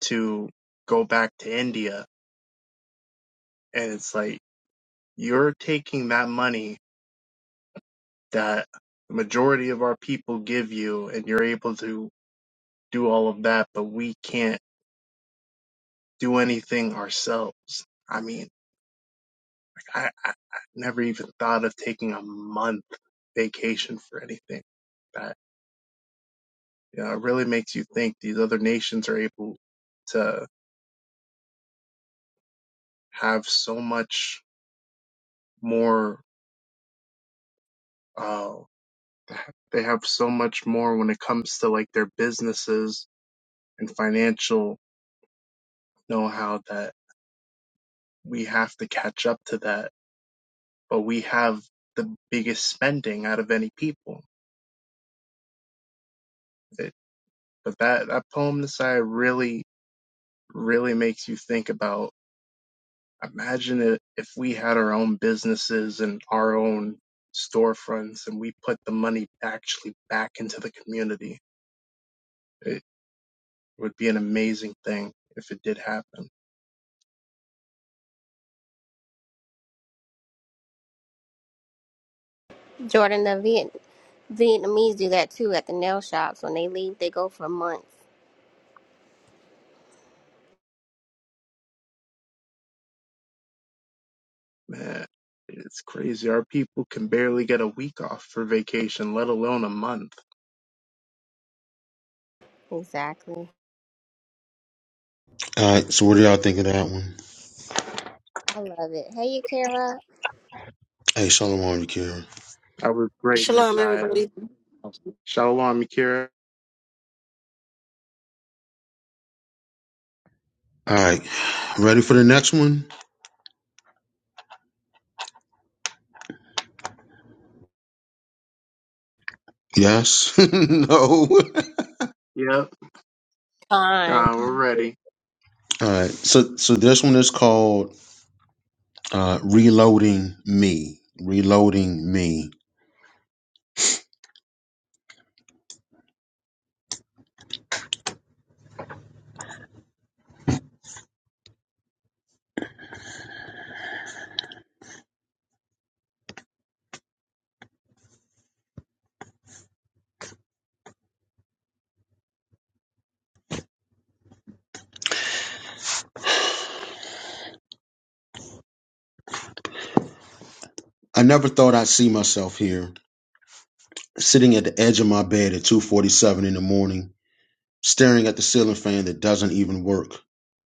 [SPEAKER 3] to go back to India. And it's like You're taking that money that the majority of our people give you and you're able to do all of that, but we can't do anything ourselves. I mean, I, I, I never even thought of taking a month vacation for anything. That you know, it really makes you think these other nations are able to have so much more uh they have so much more when it comes to like their businesses and financial know-how that. we have to catch up to that. But we have the biggest spending out of any people. It, but that, that poem, Nasai, really, really makes you think about imagine it, if we had our own businesses and our own storefronts and we put the money actually back into the community. It would be an amazing thing if it did happen.
[SPEAKER 5] Jordan, the Viet- Vietnamese do that too at the nail shops. When they leave, they go for months.
[SPEAKER 3] Man, it's crazy. Our people can barely get a week off for vacation, let alone a month.
[SPEAKER 5] Exactly.
[SPEAKER 1] All right, so what do y'all think of that one?
[SPEAKER 5] I love it. Hey, you, Kara.
[SPEAKER 1] Hey, shalom on you, Karen.
[SPEAKER 3] I was great,
[SPEAKER 9] Shalom,
[SPEAKER 3] Messiah.
[SPEAKER 9] everybody.
[SPEAKER 3] Shalom, Akira.
[SPEAKER 1] All right, ready for the next one? Yes, no.
[SPEAKER 3] Yep.
[SPEAKER 5] Fine.
[SPEAKER 3] God, we're ready.
[SPEAKER 1] All right, so so this one is called uh, "Reloading Me." Reloading me. I never thought I'd see myself here, sitting at the edge of my bed at 2:47 in the morning, staring at the ceiling fan that doesn't even work.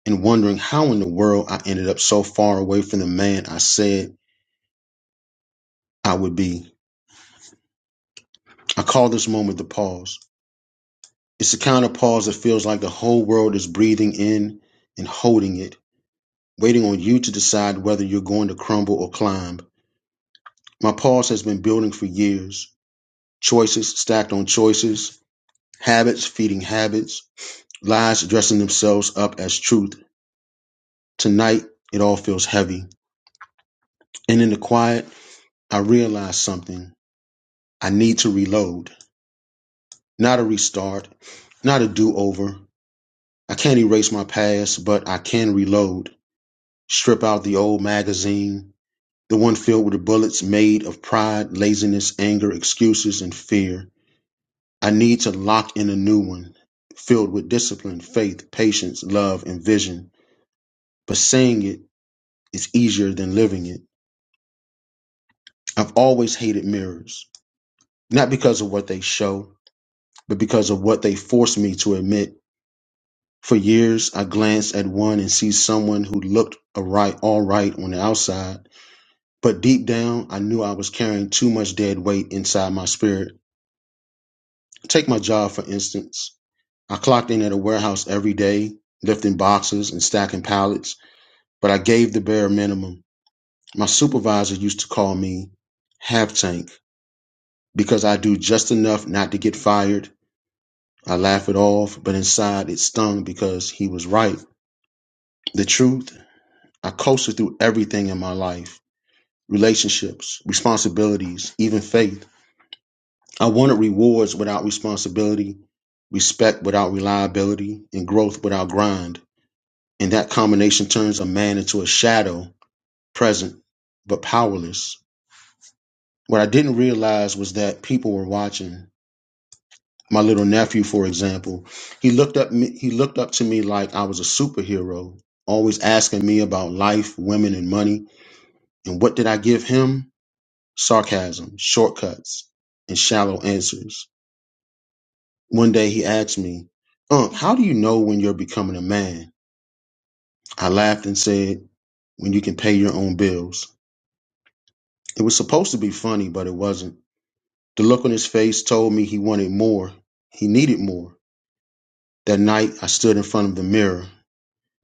[SPEAKER 1] and wondering how in the world I ended up so far away from the man I said I would be. I call this moment the pause. It's the kind of pause that feels like the whole world is breathing in and holding it, waiting on you to decide whether you're going to crumble or climb. My pause has been building for years. Choices stacked on choices, habits feeding habits, lies dressing themselves up as truth. Tonight, it all feels heavy. And in the quiet, I realize something. I need to reload. Not a restart, not a do over. I can't erase my past, but I can reload. Strip out the old magazine, the one filled with the bullets made of pride, laziness, anger, excuses, and fear. I need to lock in a new one, filled with discipline, faith, patience, love, and vision. But saying it is easier than living it. I've always hated mirrors, not because of what they show, but because of what they force me to admit. For years, I glance at one and see someone who looked alright, alright on the outside, but deep down, I knew I was carrying too much dead weight inside my spirit. Take my job, for instance. I clocked in at a warehouse every day, lifting boxes and stacking pallets, but I gave the bare minimum. My supervisor used to call me half tank because I do just enough not to get fired. I laugh it off, but inside it stung because he was right. The truth I coasted through everything in my life relationships, responsibilities, even faith. I wanted rewards without responsibility, respect without reliability, and growth without grind. And that combination turns a man into a shadow, present, but powerless. What I didn't realize was that people were watching. My little nephew, for example, he looked up me, he looked up to me like I was a superhero, always asking me about life, women, and money. And what did I give him? Sarcasm, shortcuts, and shallow answers. One day he asked me, Unc, how do you know when you're becoming a man? I laughed and said, when you can pay your own bills. It was supposed to be funny, but it wasn't. The look on his face told me he wanted more. He needed more. That night, I stood in front of the mirror.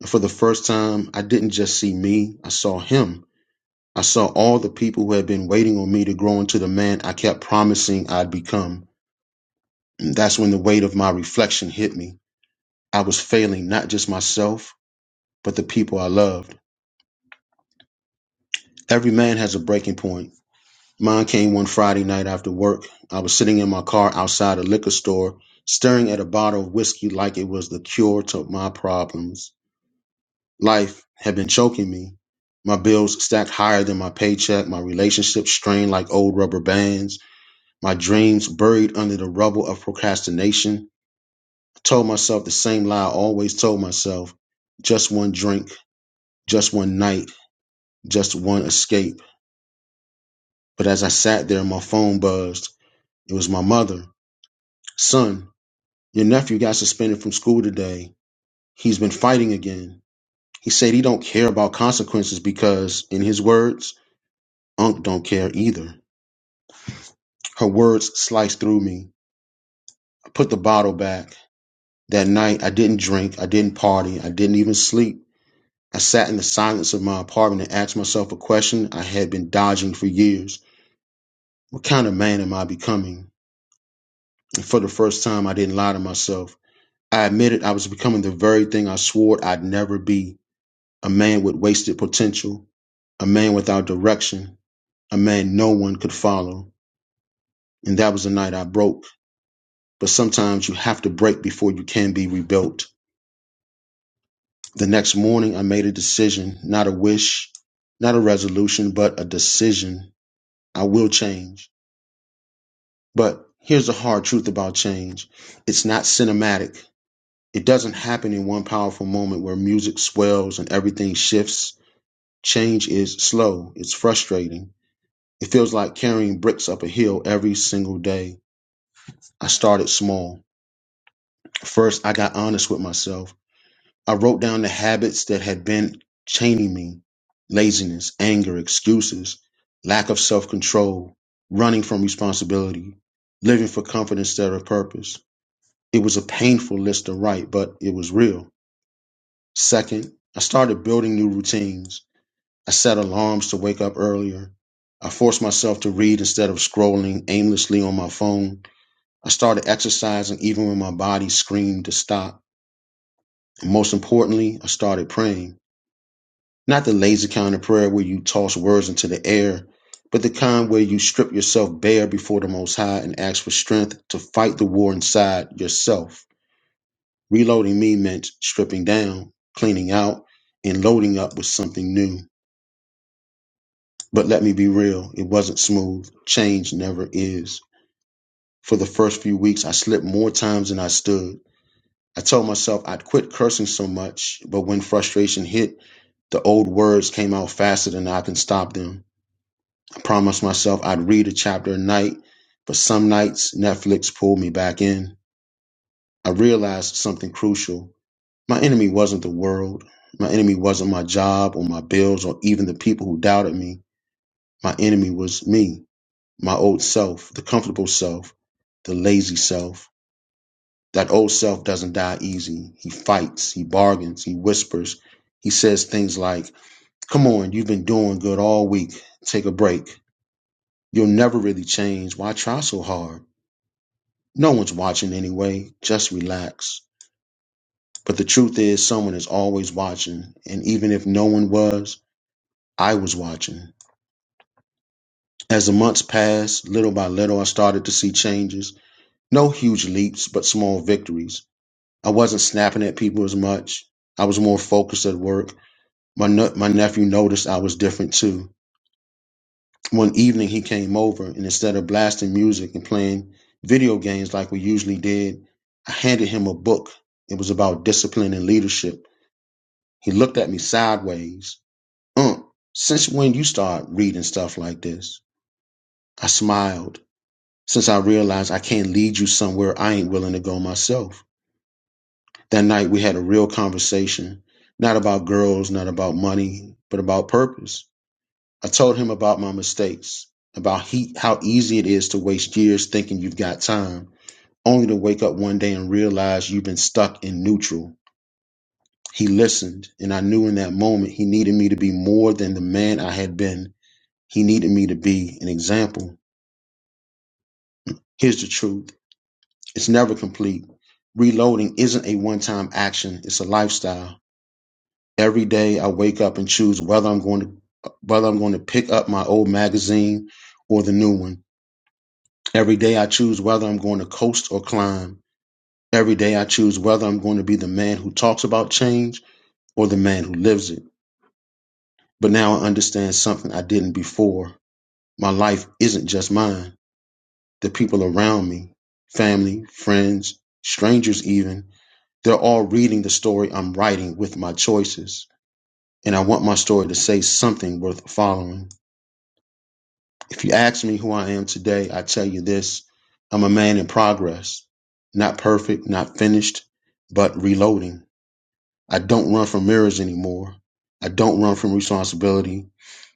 [SPEAKER 1] And for the first time, I didn't just see me, I saw him. I saw all the people who had been waiting on me to grow into the man I kept promising I'd become. And that's when the weight of my reflection hit me. I was failing not just myself, but the people I loved. Every man has a breaking point. Mine came one Friday night after work. I was sitting in my car outside a liquor store, staring at a bottle of whiskey like it was the cure to my problems. Life had been choking me. My bills stacked higher than my paycheck, my relationships strained like old rubber bands, my dreams buried under the rubble of procrastination. I told myself the same lie I always told myself just one drink, just one night just one escape. But as I sat there, my phone buzzed. It was my mother. Son, your nephew got suspended from school today. He's been fighting again. He said he don't care about consequences because, in his words, Unc don't care either. Her words sliced through me. I put the bottle back. That night, I didn't drink. I didn't party. I didn't even sleep. I sat in the silence of my apartment and asked myself a question I had been dodging for years. What kind of man am I becoming? And for the first time, I didn't lie to myself. I admitted I was becoming the very thing I swore I'd never be a man with wasted potential, a man without direction, a man no one could follow. And that was the night I broke. But sometimes you have to break before you can be rebuilt. The next morning, I made a decision, not a wish, not a resolution, but a decision. I will change. But here's the hard truth about change it's not cinematic. It doesn't happen in one powerful moment where music swells and everything shifts. Change is slow. It's frustrating. It feels like carrying bricks up a hill every single day. I started small. First, I got honest with myself. I wrote down the habits that had been chaining me laziness, anger, excuses, lack of self control, running from responsibility, living for comfort instead of purpose. It was a painful list to write, but it was real. Second, I started building new routines. I set alarms to wake up earlier. I forced myself to read instead of scrolling aimlessly on my phone. I started exercising even when my body screamed to stop. And most importantly, I started praying. Not the lazy kind of prayer where you toss words into the air, but the kind where you strip yourself bare before the Most High and ask for strength to fight the war inside yourself. Reloading me meant stripping down, cleaning out, and loading up with something new. But let me be real, it wasn't smooth. Change never is. For the first few weeks, I slipped more times than I stood. I told myself I'd quit cursing so much, but when frustration hit, the old words came out faster than I can stop them. I promised myself I'd read a chapter a night, but some nights Netflix pulled me back in. I realized something crucial. My enemy wasn't the world. My enemy wasn't my job or my bills or even the people who doubted me. My enemy was me. my old self, the comfortable self, the lazy self. That old self doesn't die easy. He fights, he bargains, he whispers. He says things like, Come on, you've been doing good all week. Take a break. You'll never really change. Why try so hard? No one's watching anyway. Just relax. But the truth is, someone is always watching. And even if no one was, I was watching. As the months passed, little by little, I started to see changes. No huge leaps, but small victories. I wasn't snapping at people as much. I was more focused at work. My ne- my nephew noticed I was different too. One evening he came over and instead of blasting music and playing video games like we usually did, I handed him a book. It was about discipline and leadership. He looked at me sideways. Ump, since when you start reading stuff like this? I smiled, since I realized I can't lead you somewhere I ain't willing to go myself. That night we had a real conversation, not about girls, not about money, but about purpose. I told him about my mistakes, about he, how easy it is to waste years thinking you've got time, only to wake up one day and realize you've been stuck in neutral. He listened, and I knew in that moment he needed me to be more than the man I had been. He needed me to be an example. Here's the truth it's never complete. Reloading isn't a one time action, it's a lifestyle. every day I wake up and choose whether I'm going to whether I'm going to pick up my old magazine or the new one. Every day I choose whether I'm going to coast or climb. Every day I choose whether I'm going to be the man who talks about change or the man who lives it. But now I understand something I didn't before. My life isn't just mine. The people around me, family, friends, strangers even, they're all reading the story I'm writing with my choices. And I want my story to say something worth following. If you ask me who I am today, I tell you this I'm a man in progress, not perfect, not finished, but reloading. I don't run from mirrors anymore. I don't run from responsibility.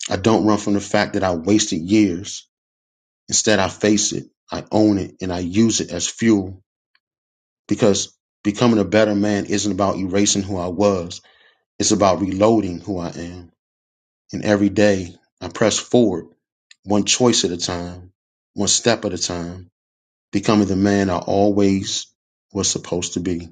[SPEAKER 1] I don't run from the fact that I wasted years. Instead, I face it, I own it, and I use it as fuel because becoming a better man isn't about erasing who I was, it's about reloading who I am. And every day, I press forward, one choice at a time, one step at a time Becoming the man I always was supposed to be.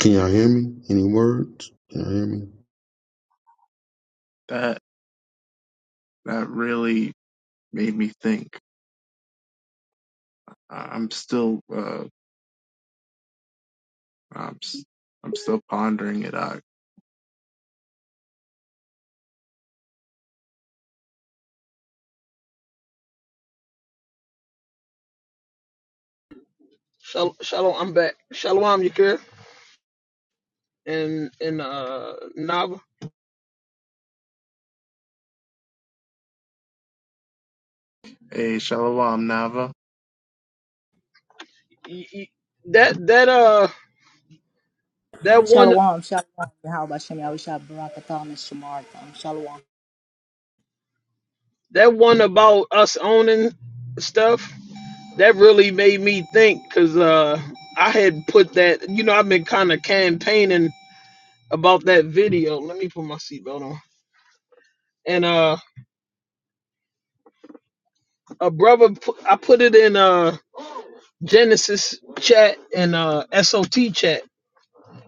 [SPEAKER 1] Can y'all hear me? Any words? Can y'all hear me?
[SPEAKER 3] That that really made me think. I- I'm still uh I'm s- I'm still pondering it out.
[SPEAKER 7] Shal- Shalom, I'm back. Shalom, Yakir. And and uh Nava.
[SPEAKER 3] Hey, Shalom, Nava.
[SPEAKER 7] Y- y- That that uh that one
[SPEAKER 10] Shalom, shalom. Yahweh Shem Yahushua Barakatam and Shemartham. Shalom.
[SPEAKER 7] that one about us owning stuff that really made me think because uh, I had put that, you know, I've been kind of campaigning about that video. Let me put my seatbelt on. And uh, a brother, pu- I put it in uh Genesis chat and uh SOT chat,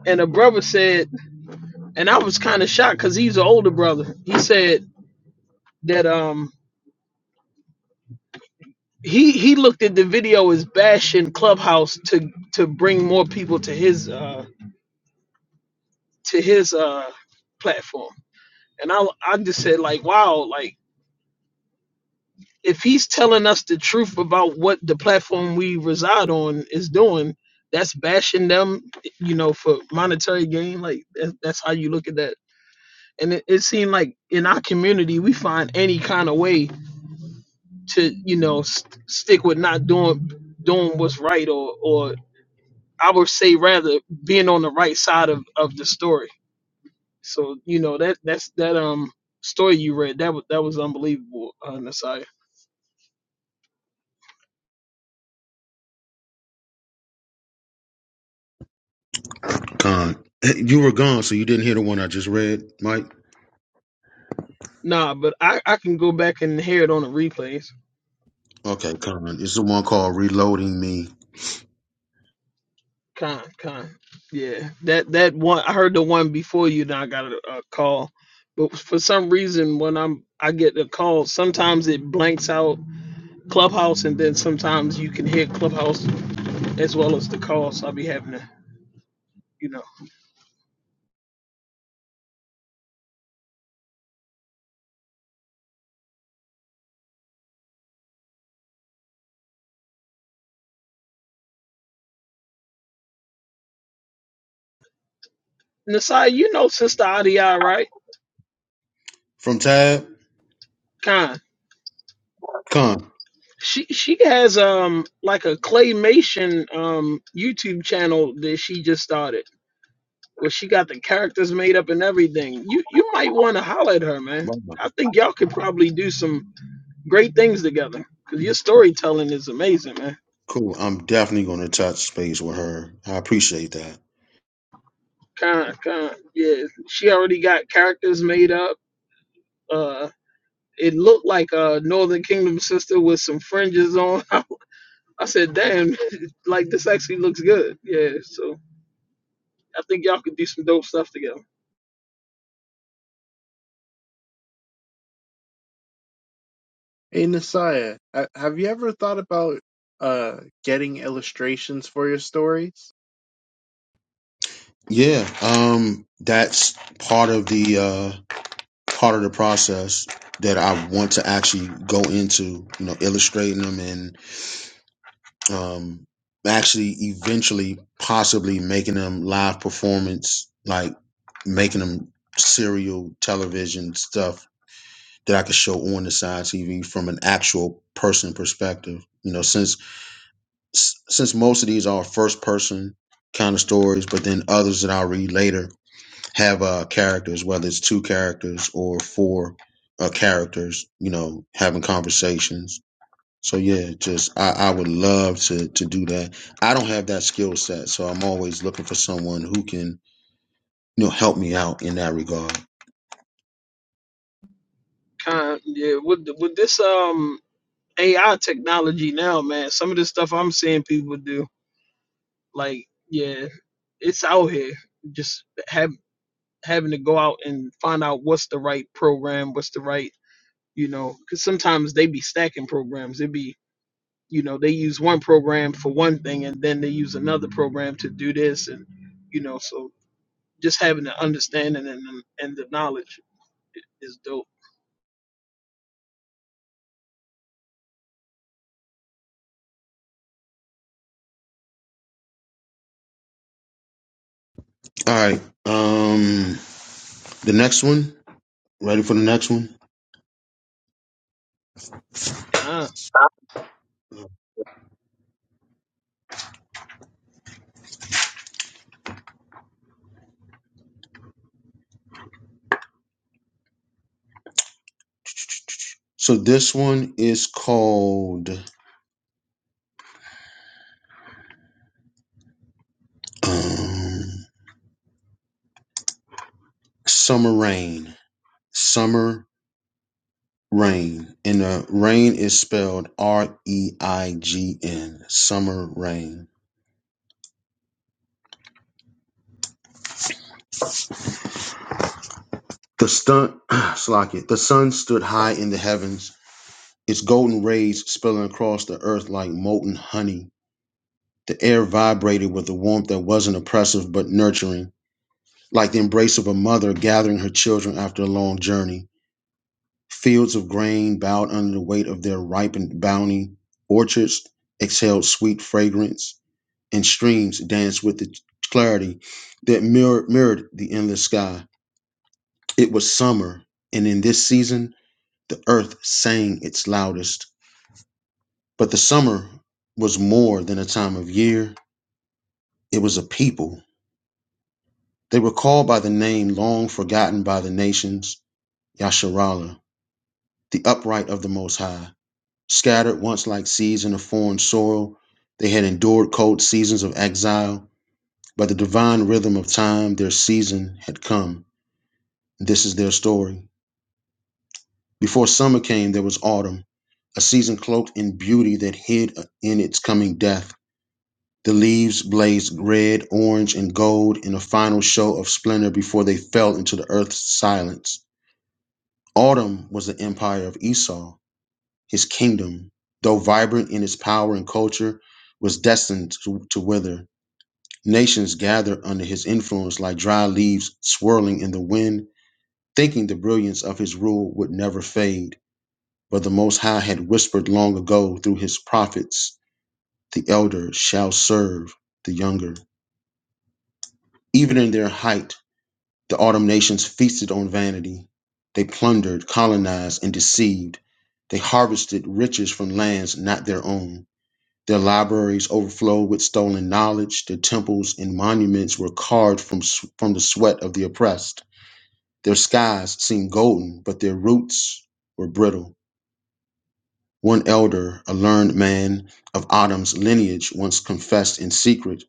[SPEAKER 7] and a brother said, and I was kind of shocked because he's an older brother. He said that um he he looked at the video as bashing Clubhouse to to bring more people to his uh to his uh platform, and I I just said like wow like if he's telling us the truth about what the platform we reside on is doing, that's bashing them, you know, for monetary gain. Like that, that's how you look at that. And it, it seemed like in our community, we find any kind of way to, you know, st- stick with not doing doing what's right, or or I would say rather being on the right side of of the story. So you know that that's that um story you read that was that was unbelievable, uh, Nasiah.
[SPEAKER 1] Con. You were gone, so you didn't hear the one I just read, Mike?
[SPEAKER 7] Nah, but I, I can go back and hear it on the replays.
[SPEAKER 1] Okay, Con. It's the one called Reloading Me.
[SPEAKER 7] Con, con. Yeah, that that one I heard the one before you. Then I got a, a call, but for some reason when I'm I get a call, sometimes it blanks out Clubhouse, and then sometimes you can hear Clubhouse as well as the call. So I'll be having to, you know, Nasai, you know Sister Adia, right?
[SPEAKER 1] From Tab?
[SPEAKER 7] Con.
[SPEAKER 1] Con.
[SPEAKER 7] She she has um like a claymation um YouTube channel that she just started. where she got the characters made up and everything. You you might want to holler at her, man.
[SPEAKER 1] Wow.
[SPEAKER 7] I think y'all could probably do some great things together because your storytelling is amazing, man.
[SPEAKER 1] Cool. I'm definitely going to touch space with her. I appreciate that.
[SPEAKER 7] Kind of, kind of, yeah. She already got characters made up. Uh, it looked like a Northern Kingdom sister with some fringes on. I said, damn, like this actually looks good. Yeah, so I think y'all could do some dope stuff together.
[SPEAKER 3] Hey, Nasaya. ha- have you ever thought about uh getting illustrations for your stories?
[SPEAKER 1] Yeah, um, that's part of the uh, part of the process that I want to actually go into. You know, illustrating them and um, actually eventually possibly making them live performance, like making them serial television stuff that I could show on the side TV from an actual person perspective. You know, since s- since most of these are first person kind of stories, but then others that I'll read later have uh, characters, whether it's two characters or four uh, characters, you know, having conversations. So yeah, just I, I would love to to do that. I don't have that skill set, so I'm always looking for someone who can you know help me out in that regard.
[SPEAKER 7] Kind, yeah. With with this um AI technology now, man, some of the stuff I'm seeing people do Like, yeah, it's out here. Just have having to go out and find out what's the right program, what's the right, you know, because sometimes they be stacking programs. They be, you know, they use one program for one thing and then they use another program to do this, and you know, so just having the understanding and the- and the knowledge i- is dope.
[SPEAKER 1] All right, um, the next one. Ready for the next one?
[SPEAKER 7] Ah,
[SPEAKER 1] So this one is called um, Summer Rain. Summer Rain, and the rain is spelled R E I G N, summer rain. The sun, slack it. The sun stood high in the heavens, its golden rays spilling across the earth like molten honey. The air vibrated with a warmth that wasn't oppressive but nurturing, like the embrace of a mother gathering her children after a long journey. Fields of grain bowed under the weight of their ripened bounty. Orchards exhaled sweet fragrance. and streams danced with the clarity that mirror, mirrored the endless sky. It was summer, and in this season, the earth sang its loudest. But the summer was more than a time of year, it was a people. They were called by the name long forgotten by the nations, Yasharala, the upright of the Most High. Scattered once like seeds in a foreign soil, they had endured cold seasons of exile. By the divine rhythm of time, their season had come. This is their story. Before summer came, there was autumn, a season cloaked in beauty that hid in its coming death. The leaves blazed red, orange, and gold in a final show of splendor before they fell into the earth's silence. Autumn was the empire of Esau. His kingdom, though vibrant in its power and culture, was destined to, to wither. Nations gathered under his influence like dry leaves swirling in the wind, thinking the brilliance of his rule would never fade. But the Most High had whispered long ago through his prophets the elder shall serve the younger. Even in their height, the autumn nations feasted on vanity. They plundered, colonized, and deceived. They harvested riches from lands not their own. Their libraries overflowed with stolen knowledge. Their temples and monuments were carved from, s- from the sweat of the oppressed. Their skies seemed golden, but their roots were brittle. One elder, a learned man of Adam's lineage, once confessed in secret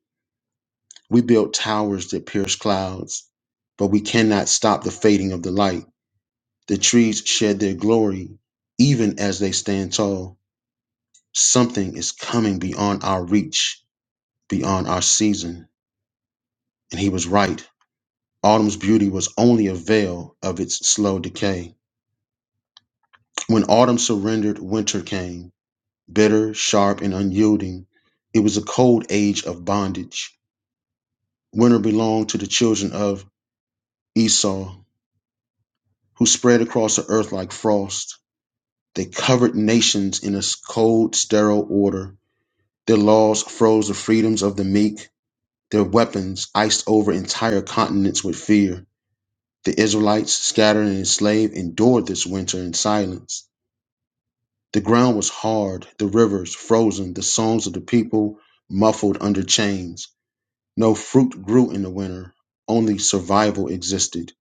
[SPEAKER 1] We build towers that pierce clouds, but we cannot stop the fading of the light. The trees shed their glory even as they stand tall. Something is coming beyond our reach, beyond our season. And he was right. Autumn's beauty was only a veil of its slow decay. When autumn surrendered, winter came, bitter, sharp, and unyielding. It was a cold age of bondage. Winter belonged to the children of Esau, who spread across the earth like frost. They covered nations in a cold, sterile order. Their laws froze the freedoms of the meek. Their weapons iced over entire continents with fear. The Israelites, scattered and enslaved, endured this winter in silence. The ground was hard, the rivers frozen, the songs of the people muffled under chains. No fruit grew in the winter, only survival existed.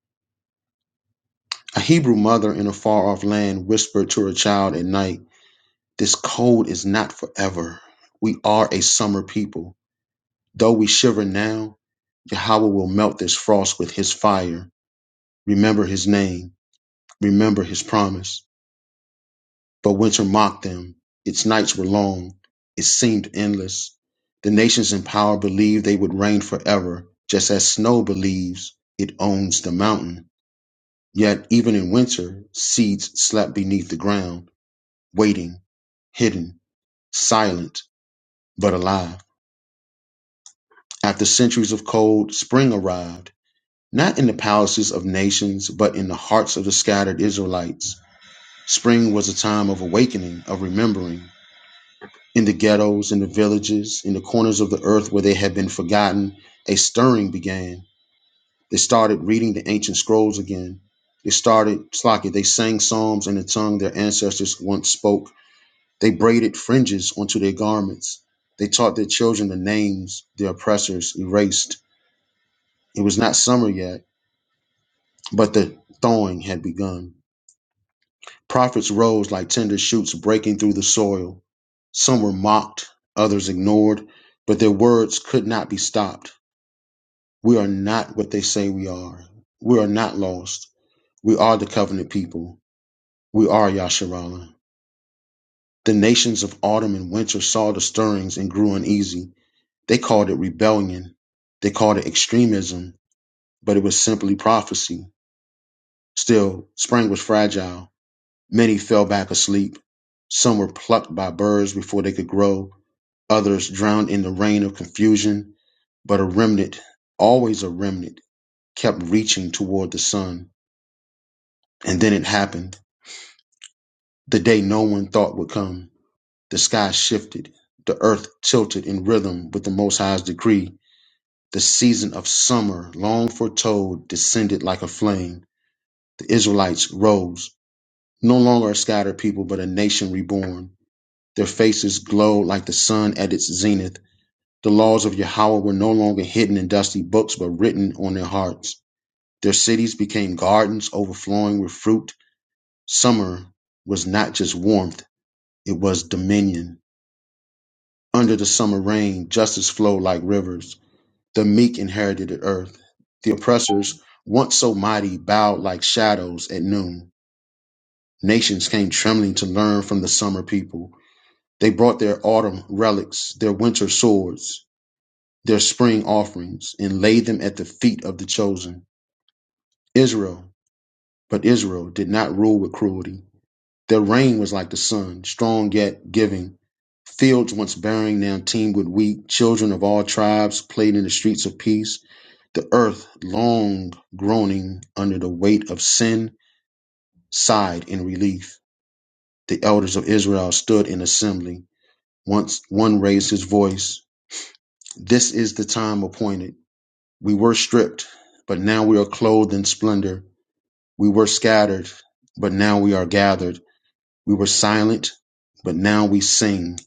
[SPEAKER 1] A Hebrew mother in a far off land whispered to her child at night, This cold is not forever. We are a summer people. Though we shiver now, Yahweh will melt this frost with his fire. Remember his name. Remember his promise. But winter mocked them. Its nights were long. It seemed endless. The nations in power believed they would reign forever, just as snow believes it owns the mountain. Yet, even in winter, seeds slept beneath the ground waiting, hidden, silent, but alive. After centuries of cold, spring arrived, not in the palaces of nations, but in the hearts of the scattered Israelites. Spring was a time of awakening, of remembering. In the ghettos, in the villages, in the corners of the earth where they had been forgotten, a stirring began. They started reading the ancient scrolls again. They started, Slocky, they sang psalms in the tongue their ancestors once spoke They braided fringes onto their garments. They taught their children the names their oppressors erased. It was not summer yet, but the thawing had begun. Prophets rose like tender shoots breaking through the soil. Some were mocked, others ignored, but their words could not be stopped. We are not what they say we are. We are not lost. We are the covenant people. We are Yasharala. The nations of autumn and winter saw the stirrings and grew uneasy. They called it rebellion. They called it extremism, but it was simply prophecy. Still, spring was fragile. Many fell back asleep. Some were plucked by birds before they could grow. Others drowned in the rain of confusion. But a remnant, always a remnant, kept reaching toward the sun. And then it happened. The day no one thought would come. The sky shifted. The earth tilted in rhythm with the Most High's decree The season of summer, long foretold, descended like a flame. The Israelites rose, no longer a scattered people, but a nation reborn. Their faces glowed like the sun at its zenith. The laws of Yahweh were no longer hidden in dusty books, but written on their hearts. Their cities became gardens overflowing with fruit. Summer was not just warmth, it was dominion. Under the summer rain, justice flowed like rivers. The meek inherited the earth. The oppressors, once so mighty, bowed like shadows at noon. Nations came trembling to learn from the summer people. They brought their autumn relics, their winter swords, their spring offerings, and laid them at the feet of the chosen. Israel, but Israel did not rule with cruelty. Their reign was like the sun, strong yet giving. Fields once bearing now teemed with wheat. Children of all tribes played in the streets of peace. The earth, long groaning under the weight of sin, sighed in relief. The elders of Israel stood in assembly. Once one raised his voice, This is the time appointed. We were stripped, but now we are clothed in splendor. We were scattered, but now we are gathered. We were silent, but now we sing.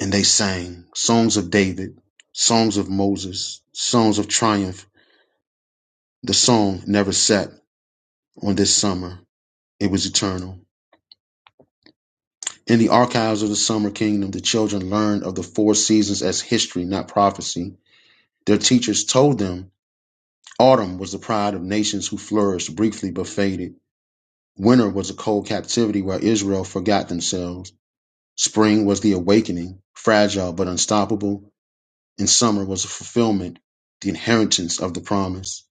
[SPEAKER 1] And they sang songs of David, songs of Moses, songs of triumph. The song never set on this summer. It was eternal. In the archives of the Summer Kingdom, the children learned of the four seasons as history, not prophecy. Their teachers told them autumn was the pride of nations who flourished briefly but faded. Winter was a cold captivity where Israel forgot themselves. Spring was the awakening, fragile but unstoppable. And summer was a fulfillment, the inheritance of the promise.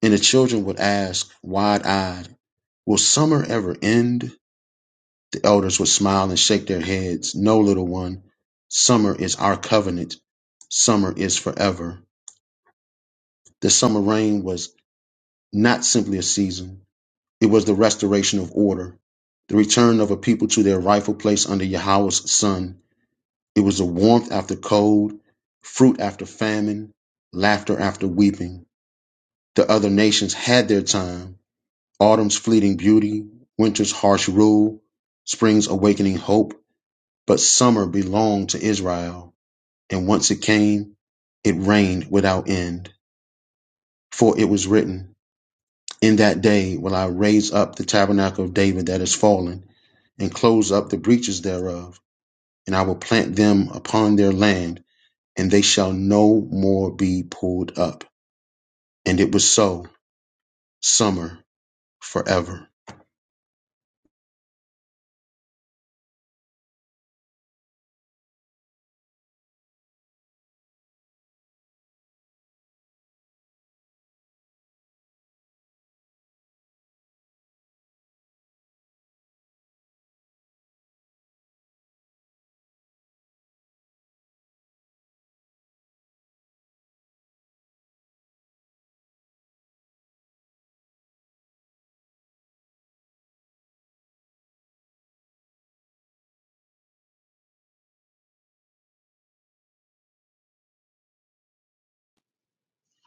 [SPEAKER 1] And the children would ask, wide eyed, Will summer ever end? The elders would smile and shake their heads. No, little one, summer is our covenant. Summer is forever. The summer rain was not simply a season, it was the restoration of order, the return of a people to their rightful place under Yahweh's sun. It was the warmth after cold, fruit after famine, laughter after weeping. The other nations had their time autumn's fleeting beauty, winter's harsh rule, spring's awakening hope But summer belonged to Israel, and once it came, it rained without end. For it was written, In that day will I raise up the tabernacle of David that is fallen, and close up the breaches thereof, and I will plant them upon their land, and they shall no more be pulled up. And it was so, summer forever.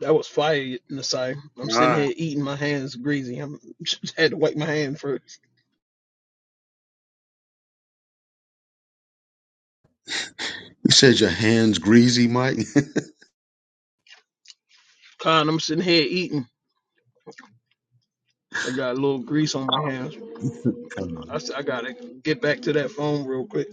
[SPEAKER 7] that was fire, Nasai. I'm sitting
[SPEAKER 3] God,
[SPEAKER 7] here eating my hands greasy. I'm had to wipe my hand first.
[SPEAKER 1] You said your hands greasy, Mike?
[SPEAKER 7] Con, I'm sitting here eating. I got a little grease on my hands. I s- I gotta get back to that phone real quick.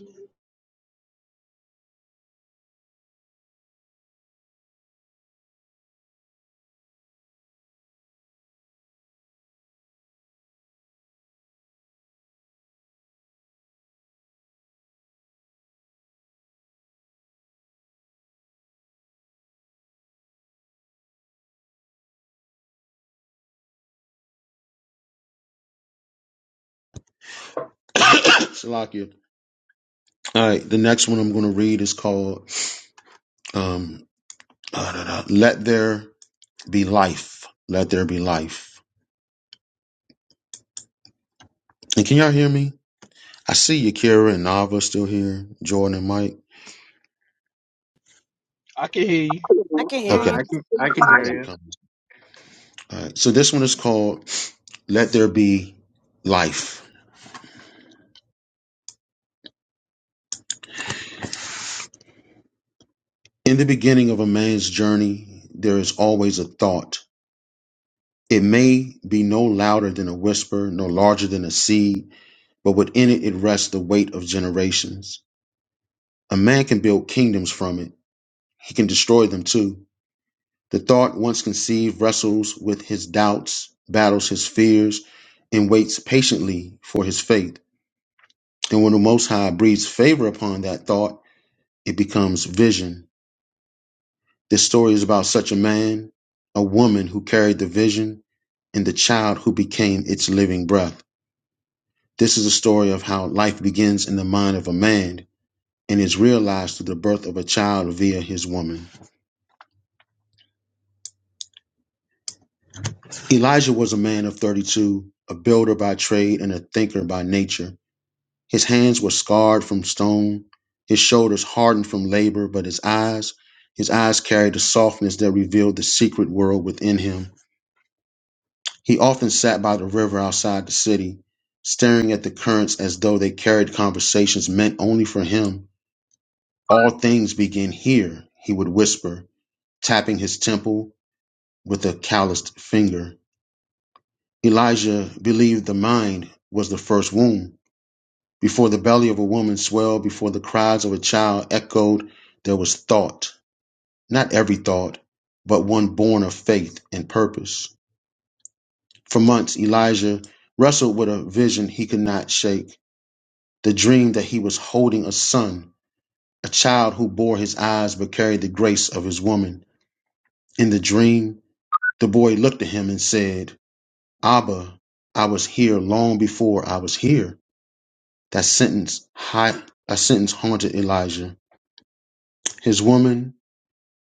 [SPEAKER 1] Salakia. All right, the next one I'm going to read is called um, Da-da-da. Let there be life. Let there be life. And can y'all hear me? I see Yakira and Nava still here, Jordan and Mike.
[SPEAKER 7] I can hear you.
[SPEAKER 9] I can hear
[SPEAKER 1] Okay. Okay.
[SPEAKER 3] I
[SPEAKER 9] you.
[SPEAKER 3] can I can hear you.
[SPEAKER 1] Come. All right. So this one is called Let There Be Life. In the beginning of a man's journey, there is always a thought. It may be no louder than a whisper, no larger than a seed, but within it, it rests the weight of generations. A man can build kingdoms from it. He can destroy them too. The thought, once conceived, wrestles with his doubts, battles his fears, and waits patiently for his faith. And when the Most High breathes favor upon that thought, it becomes vision. This story is about such a man, a woman who carried the vision, and the child who became its living breath. This is a story of how life begins in the mind of a man and is realized through the birth of a child via his woman. Elijah was a man of 32, a builder by trade and a thinker by nature. His hands were scarred from stone, his shoulders hardened from labor, but his eyes, his eyes carried a softness that revealed the secret world within him. He often sat by the river outside the city, staring at the currents as though they carried conversations meant only for him. All things begin here, he would whisper, tapping his temple with a calloused finger. Elijah believed the mind was the first womb Before the belly of a woman swelled, before the cries of a child echoed, there was thought. Not every thought, but one born of faith and purpose. For months, Elijah wrestled with a vision he could not shake the dream that he was holding a son, a child who bore his eyes but carried the grace of his woman. In the dream, the boy looked at him and said, Abba, I was here long before I was here. That sentence, hi- a sentence haunted Elijah. His woman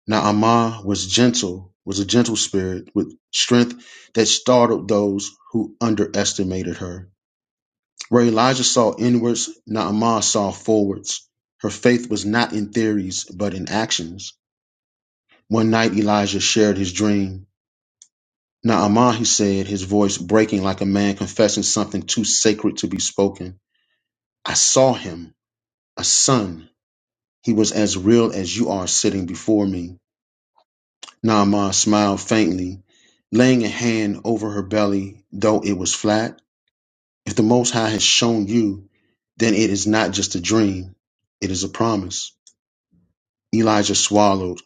[SPEAKER 1] Naamah was gentle, was a gentle spirit with strength that startled those who underestimated her. Where Elijah saw inwards, Naamah saw forwards. Her faith was not in theories, but in actions. One night Elijah shared his dream. Naamah, he said, his voice breaking like a man confessing something too sacred to be spoken. I saw him, a son. He was as real as you are sitting before me. Naamah smiled faintly, laying a hand over her belly, though it was flat. If the Most High has shown you, then it is not just a dream, it is a promise. Elijah swallowed,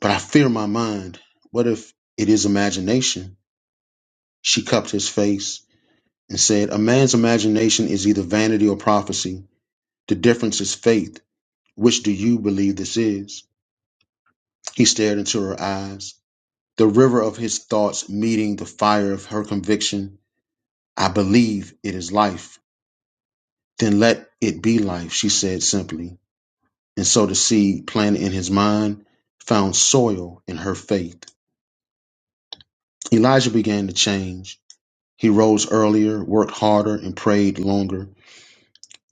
[SPEAKER 1] but I fear my mind. What if it is imagination? She cupped his face and said, A man's imagination is either vanity or prophecy. The difference is faith. Which do you believe this is? He stared into her eyes, the river of his thoughts meeting the fire of her conviction. I believe it is life. Then let it be life, she said simply. And so the seed planted in his mind found soil in her faith. Elijah began to change. He rose earlier, worked harder, and prayed longer.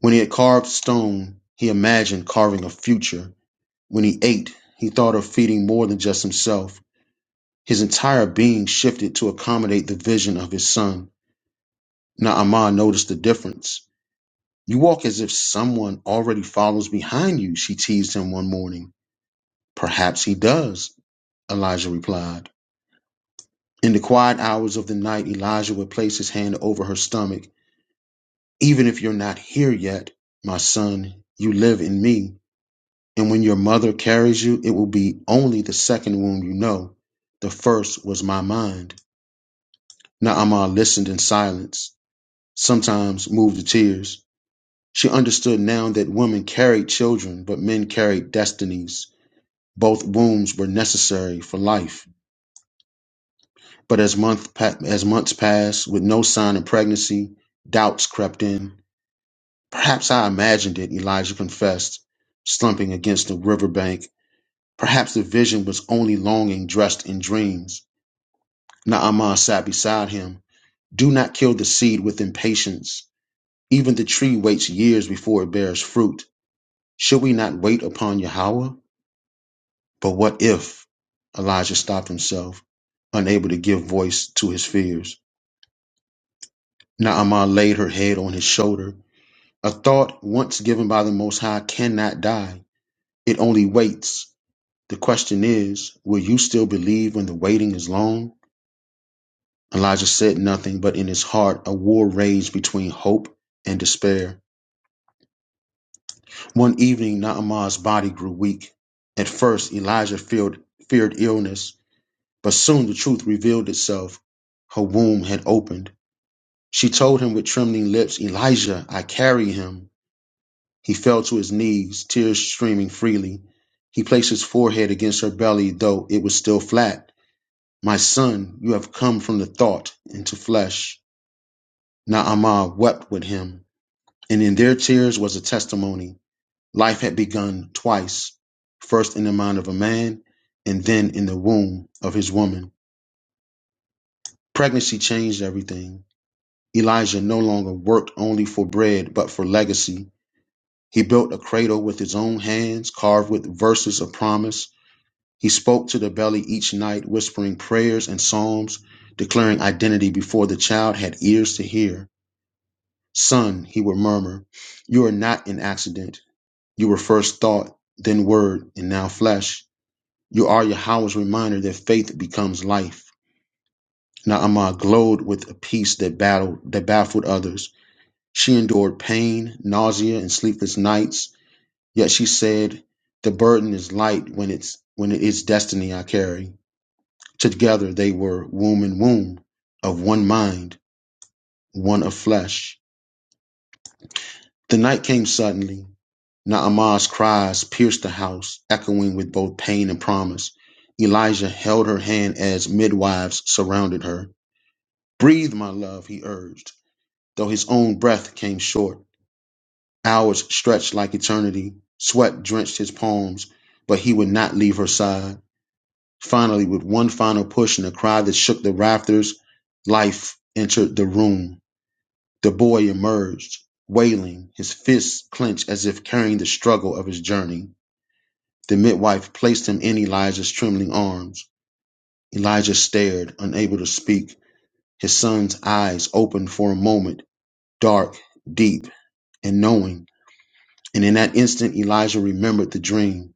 [SPEAKER 1] When he had carved stone, he imagined carving a future. When he ate, he thought of feeding more than just himself. His entire being shifted to accommodate the vision of his son. Naaman noticed the difference. You walk as if someone already follows behind you, she teased him one morning. Perhaps he does, Elijah replied. In the quiet hours of the night, Elijah would place his hand over her stomach. Even if you're not here yet, my son, you live in me. And when your mother carries you, it will be only the second womb you know. The first was my mind. Naaman listened in silence, sometimes moved to tears. She understood now that women carried children, but men carried destinies. Both wombs were necessary for life, but as month pa- as months passed with no sign of pregnancy, doubts crept in. Perhaps I imagined it, Elijah confessed, slumping against the riverbank. Perhaps the vision was only longing dressed in dreams. Naaman sat beside him. Do not kill the seed with impatience. Even the tree waits years before it bears fruit. Should we not wait upon Yahweh? But what if? Elijah stopped himself, unable to give voice to his fears. Naamah laid her head on his shoulder. A thought once given by the Most High cannot die, it only waits. The question is, will you still believe when the waiting is long? Elijah said nothing, but in his heart a war raged between hope and despair. One evening, Naamah's body grew weak. At first, Elijah feared, feared illness But soon the truth revealed itself. Her womb had opened. She told him with trembling lips, Elijah, I carry him. He fell to his knees, tears streaming freely. He placed his forehead against her belly, though it was still flat. My son, you have come from the thought into flesh. Naamah wept with him, and in their tears was a testimony. Life had begun twice, first in the mind of a man, and then in the womb of his woman. Pregnancy changed everything. Elijah no longer worked only for bread, but for legacy. He built a cradle with his own hands, carved with verses of promise. He spoke to the belly each night, whispering prayers and psalms, declaring identity before the child had ears to hear. Son, he would murmur, you are not an accident. You were first thought, then word, and now flesh. You are Yahweh's reminder that faith becomes life. Naaman glowed with a peace that battled, that baffled others. She endured pain, nausea, and sleepless nights, yet she said, The burden is light when it's when it is destiny I carry. Together they were womb and womb, of one mind, one of flesh. The night came suddenly. Naamah's cries pierced the house, echoing with both pain and promise. Elijah held her hand as midwives surrounded her. Breathe, my love, he urged, though his own breath came short. Hours stretched like eternity. Sweat drenched his palms, but he would not leave her side. Finally, with one final push and a cry that shook the rafters, life entered the room. The boy emerged, wailing, his fists clenched as if carrying the struggle of his journey. The midwife placed him in Elijah's trembling arms. Elijah stared, unable to speak. His son's eyes opened for a moment, dark, deep, and knowing. And in that instant, Elijah remembered the dream.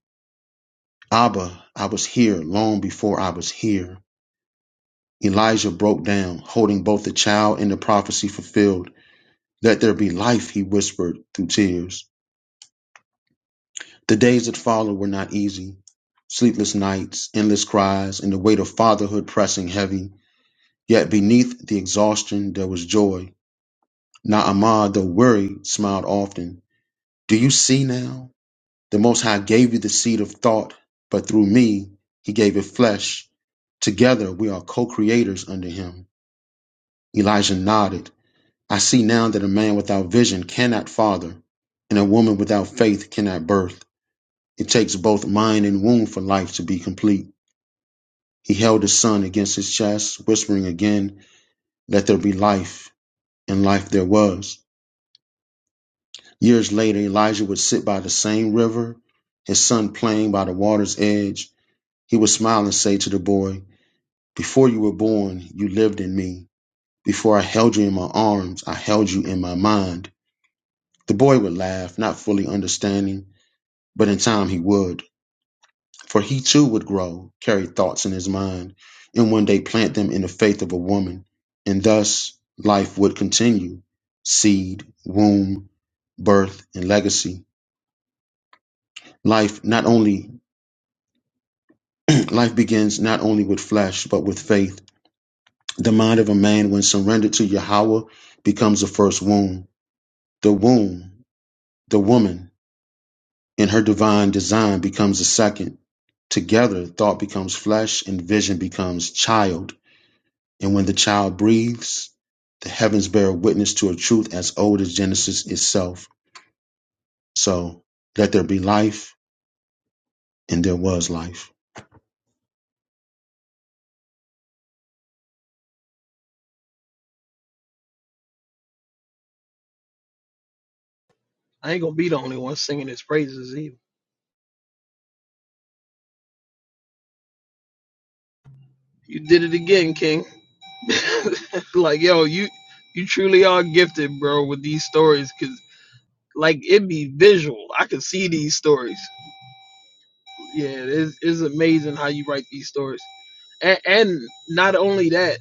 [SPEAKER 1] Abba, I was here long before I was here. Elijah broke down, holding both the child and the prophecy fulfilled. Let there be life, he whispered through tears. The days that followed were not easy. Sleepless nights, endless cries, and the weight of fatherhood pressing heavy. Yet beneath the exhaustion, there was joy. Naaman, though worried, smiled often. Do you see now? The Most High gave you the seed of thought, but through me, he gave it flesh. Together, we are co creators under him. Elijah nodded. I see now that a man without vision cannot father, and a woman without faith cannot birth. It takes both mind and womb for life to be complete. He held his son against his chest, whispering again, Let there be life, and life there was. Years later, Elijah would sit by the same river, his son playing by the water's edge. He would smile and say to the boy, Before you were born, you lived in me. Before I held you in my arms, I held you in my mind. The boy would laugh, not fully understanding, but in time he would, for he too would grow, carry thoughts in his mind, and one day plant them in the faith of a woman. And thus life would continue seed, womb, birth, and legacy. Life not only life begins not only with flesh, but with faith. The mind of a man when surrendered to Yahweh becomes the first womb. The womb, the woman, in her divine design becomes a second. Together, thought becomes flesh and vision becomes child. And when the child breathes, the heavens bear witness to a truth as old as Genesis itself. So let there be life, and there was life.
[SPEAKER 7] I ain't gonna be the only one singing his praises either. You did it again, King. like yo, you you truly are gifted, bro, with these stories. Cause like it be visual. I can see these stories. Yeah, it's, it's amazing how you write these stories. And, and not only that,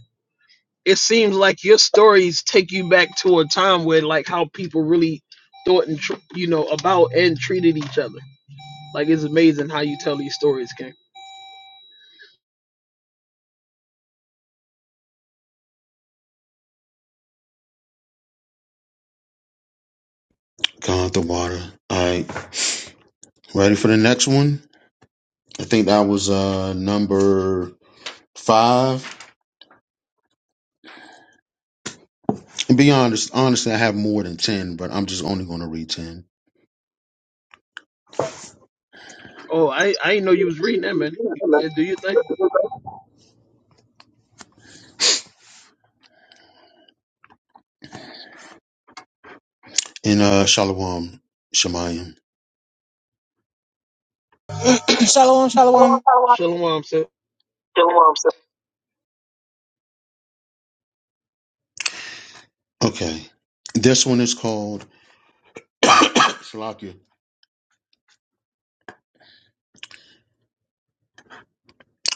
[SPEAKER 7] it seems like your stories take you back to a time where like how people really thought and tr- you know about and treated each other. Like it's amazing how you tell these stories, King.
[SPEAKER 1] Gone the water. All right. Ready for the next one? I think that was uh number five. And be honest, honestly, I have more than ten, but I'm just only going to read ten.
[SPEAKER 7] Oh, I I didn't know you was reading that, man. Yeah, do you think?
[SPEAKER 1] in uh, Shalom Shemayim.
[SPEAKER 11] Shalom, shalom.
[SPEAKER 7] Shalom, sir.
[SPEAKER 1] Shalom, sir. Okay, this one is called Shalakia.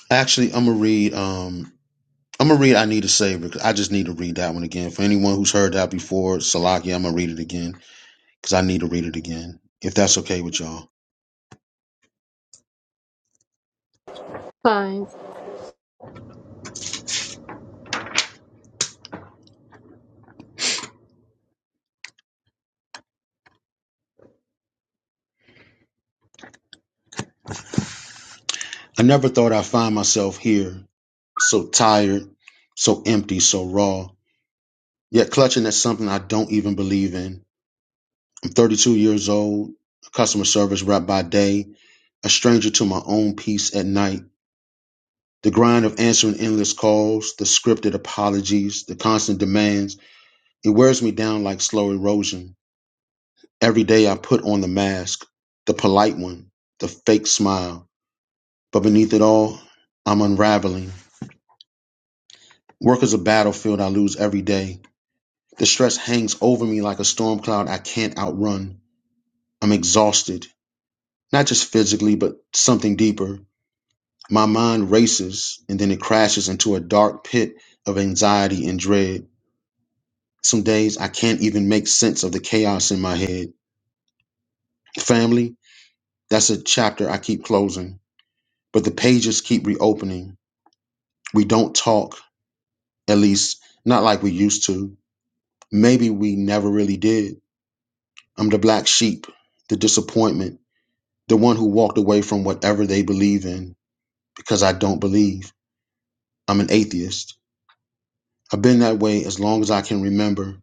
[SPEAKER 1] Actually, I'm gonna read. Um, I'm gonna read. I need a savior. 'cause I just need to read that one again. For anyone who's heard that before, Salakia, I'm gonna read it again because I need to read it again. If that's okay with y'all.
[SPEAKER 5] Fine.
[SPEAKER 1] I never thought I'd find myself here, so tired, so empty, so raw, yet clutching at something I don't even believe in. I'm 32 years old, a customer service rep by day, a stranger to my own peace at night The grind of answering endless calls, the scripted apologies, the constant demands, it wears me down like slow erosion. Every day I put on the mask, the polite one, the fake smile. But beneath it all, I'm unraveling. Work is a battlefield I lose every day. The stress hangs over me like a storm cloud I can't outrun. I'm exhausted, not just physically, but something deeper. My mind races and then it crashes into a dark pit of anxiety and dread. Some days I can't even make sense of the chaos in my head. Family, that's a chapter I keep closing, but the pages keep reopening. We don't talk, at least not like we used to. Maybe we never really did. I'm the black sheep, the disappointment, the one who walked away from whatever they believe in because I don't believe. I'm an atheist. I've been that way as long as I can remember.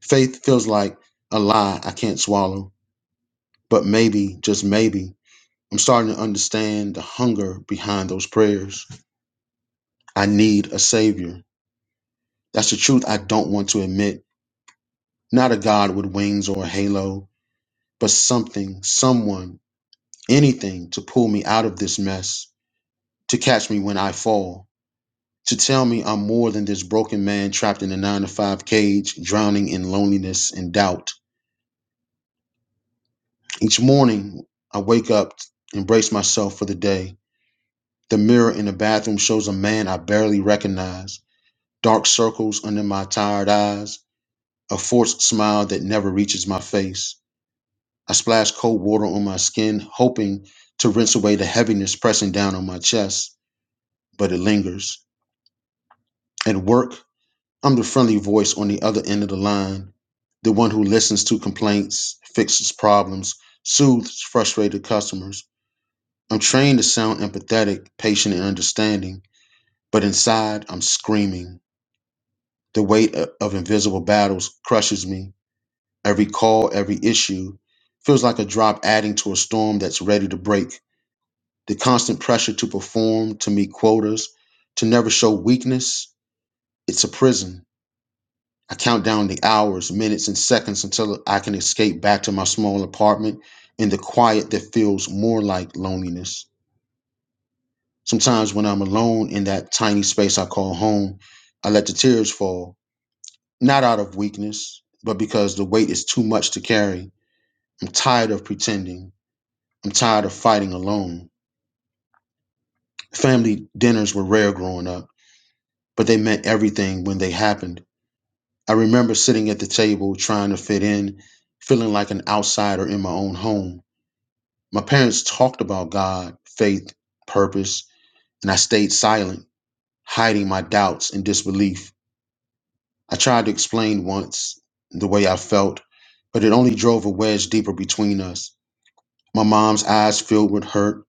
[SPEAKER 1] Faith feels like a lie I can't swallow, but maybe, just maybe, I'm starting to understand the hunger behind those prayers. I need a savior. That's the truth I don't want to admit. Not a God with wings or a halo, but something, someone, anything to pull me out of this mess, to catch me when I fall, to tell me I'm more than this broken man trapped in a nine to five cage, drowning in loneliness and doubt. Each morning, I wake up, embrace myself for the day. The mirror in the bathroom shows a man I barely recognize dark circles under my tired eyes, a forced smile that never reaches my face. I splash cold water on my skin, hoping to rinse away the heaviness pressing down on my chest, but it lingers. At work, I'm the friendly voice on the other end of the line, the one who listens to complaints, fixes problems, soothes frustrated customers. I'm trained to sound empathetic, patient, and understanding, but inside, I'm screaming. The weight of invisible battles crushes me Every call, every issue feels like a drop adding to a storm that's ready to break. The constant pressure to perform, to meet quotas, to never show weakness, it's a prison. I count down the hours, minutes, and seconds until I can escape back to my small apartment in the quiet that feels more like loneliness. Sometimes when I'm alone in that tiny space I call home, I let the tears fall, not out of weakness, but because the weight is too much to carry. I'm tired of pretending. I'm tired of fighting alone. Family dinners were rare growing up, but they meant everything when they happened. I remember sitting at the table trying to fit in, feeling like an outsider in my own home. My parents talked about God, faith, purpose, and I stayed silent, hiding my doubts and disbelief. I tried to explain once the way I felt, but it only drove a wedge deeper between us. My mom's eyes filled with hurt,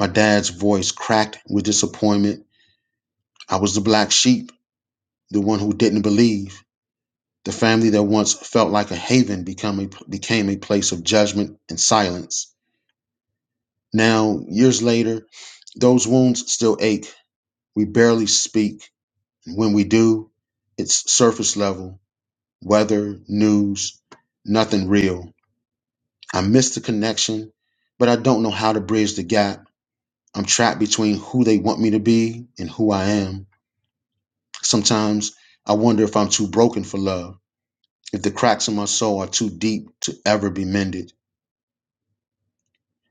[SPEAKER 1] my dad's voice cracked with disappointment. I was the black sheep the one who didn't believe. The family that once felt like a haven become a, became a place of judgment and silence. Now, years later, those wounds still ache. We barely speak. when we do, it's surface level weather, news, nothing real. I miss the connection, but I don't know how to bridge the gap. I'm trapped between who they want me to be and who I am. Sometimes I wonder if I'm too broken for love if the cracks in my soul are too deep to ever be mended.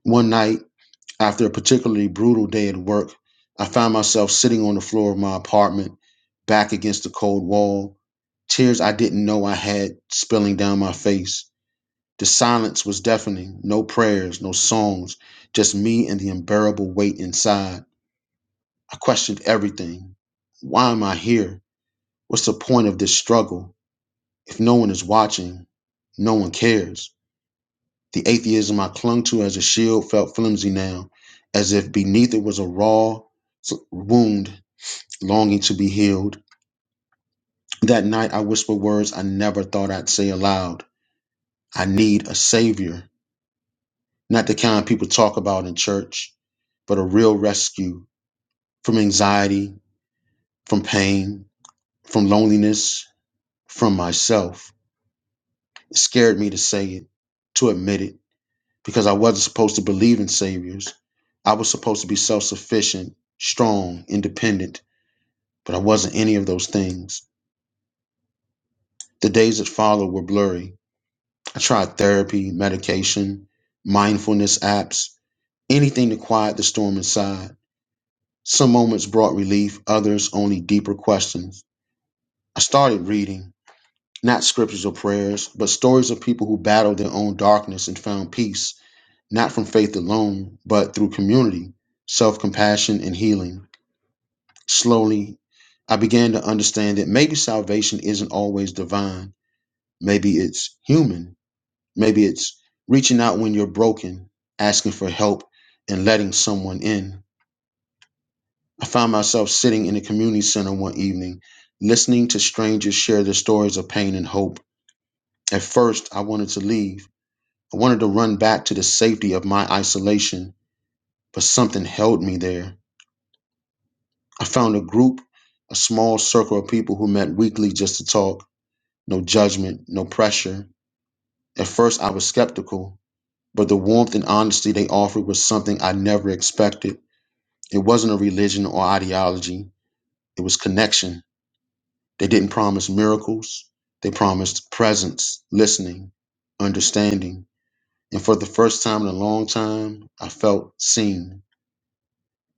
[SPEAKER 1] One night, after a particularly brutal day at work, I found myself sitting on the floor of my apartment, back against the cold wall, tears I didn't know I had spilling down my face. The silence was deafening no prayers, no songs, just me and the unbearable weight inside. I questioned everything. Why am I here? What's the point of this struggle? If no one is watching, no one cares. The atheism I clung to as a shield felt flimsy now, as if beneath it was a raw wound longing to be healed. That night I whispered words I never thought I'd say aloud. I need a savior, not the kind people talk about in church, but a real rescue from anxiety, from pain, from loneliness, from myself. It scared me to say it, to admit it. because I wasn't supposed to believe in saviors. I was supposed to be self sufficient, strong, independent, but I wasn't any of those things. The days that followed were blurry. I tried therapy, medication, mindfulness apps, anything to quiet the storm inside. Some moments brought relief, others only deeper questions. I started reading, not scriptures or prayers, but stories of people who battled their own darkness and found peace not from faith alone, but through community, self compassion, and healing. Slowly, I began to understand that maybe salvation isn't always divine. Maybe it's human. Maybe it's reaching out when you're broken, asking for help, and letting someone in. I found myself sitting in a community center one evening, listening to strangers share their stories of pain and hope. At first, I wanted to leave. I wanted to run back to the safety of my isolation, but something held me there. I found a group, a small circle of people who met weekly just to talk, no judgment, no pressure. At first, I was skeptical, but the warmth and honesty they offered was something I never expected. It wasn't a religion or ideology, it was connection. They didn't promise miracles, they promised presence, listening, understanding. And for the first time in a long time, I felt seen.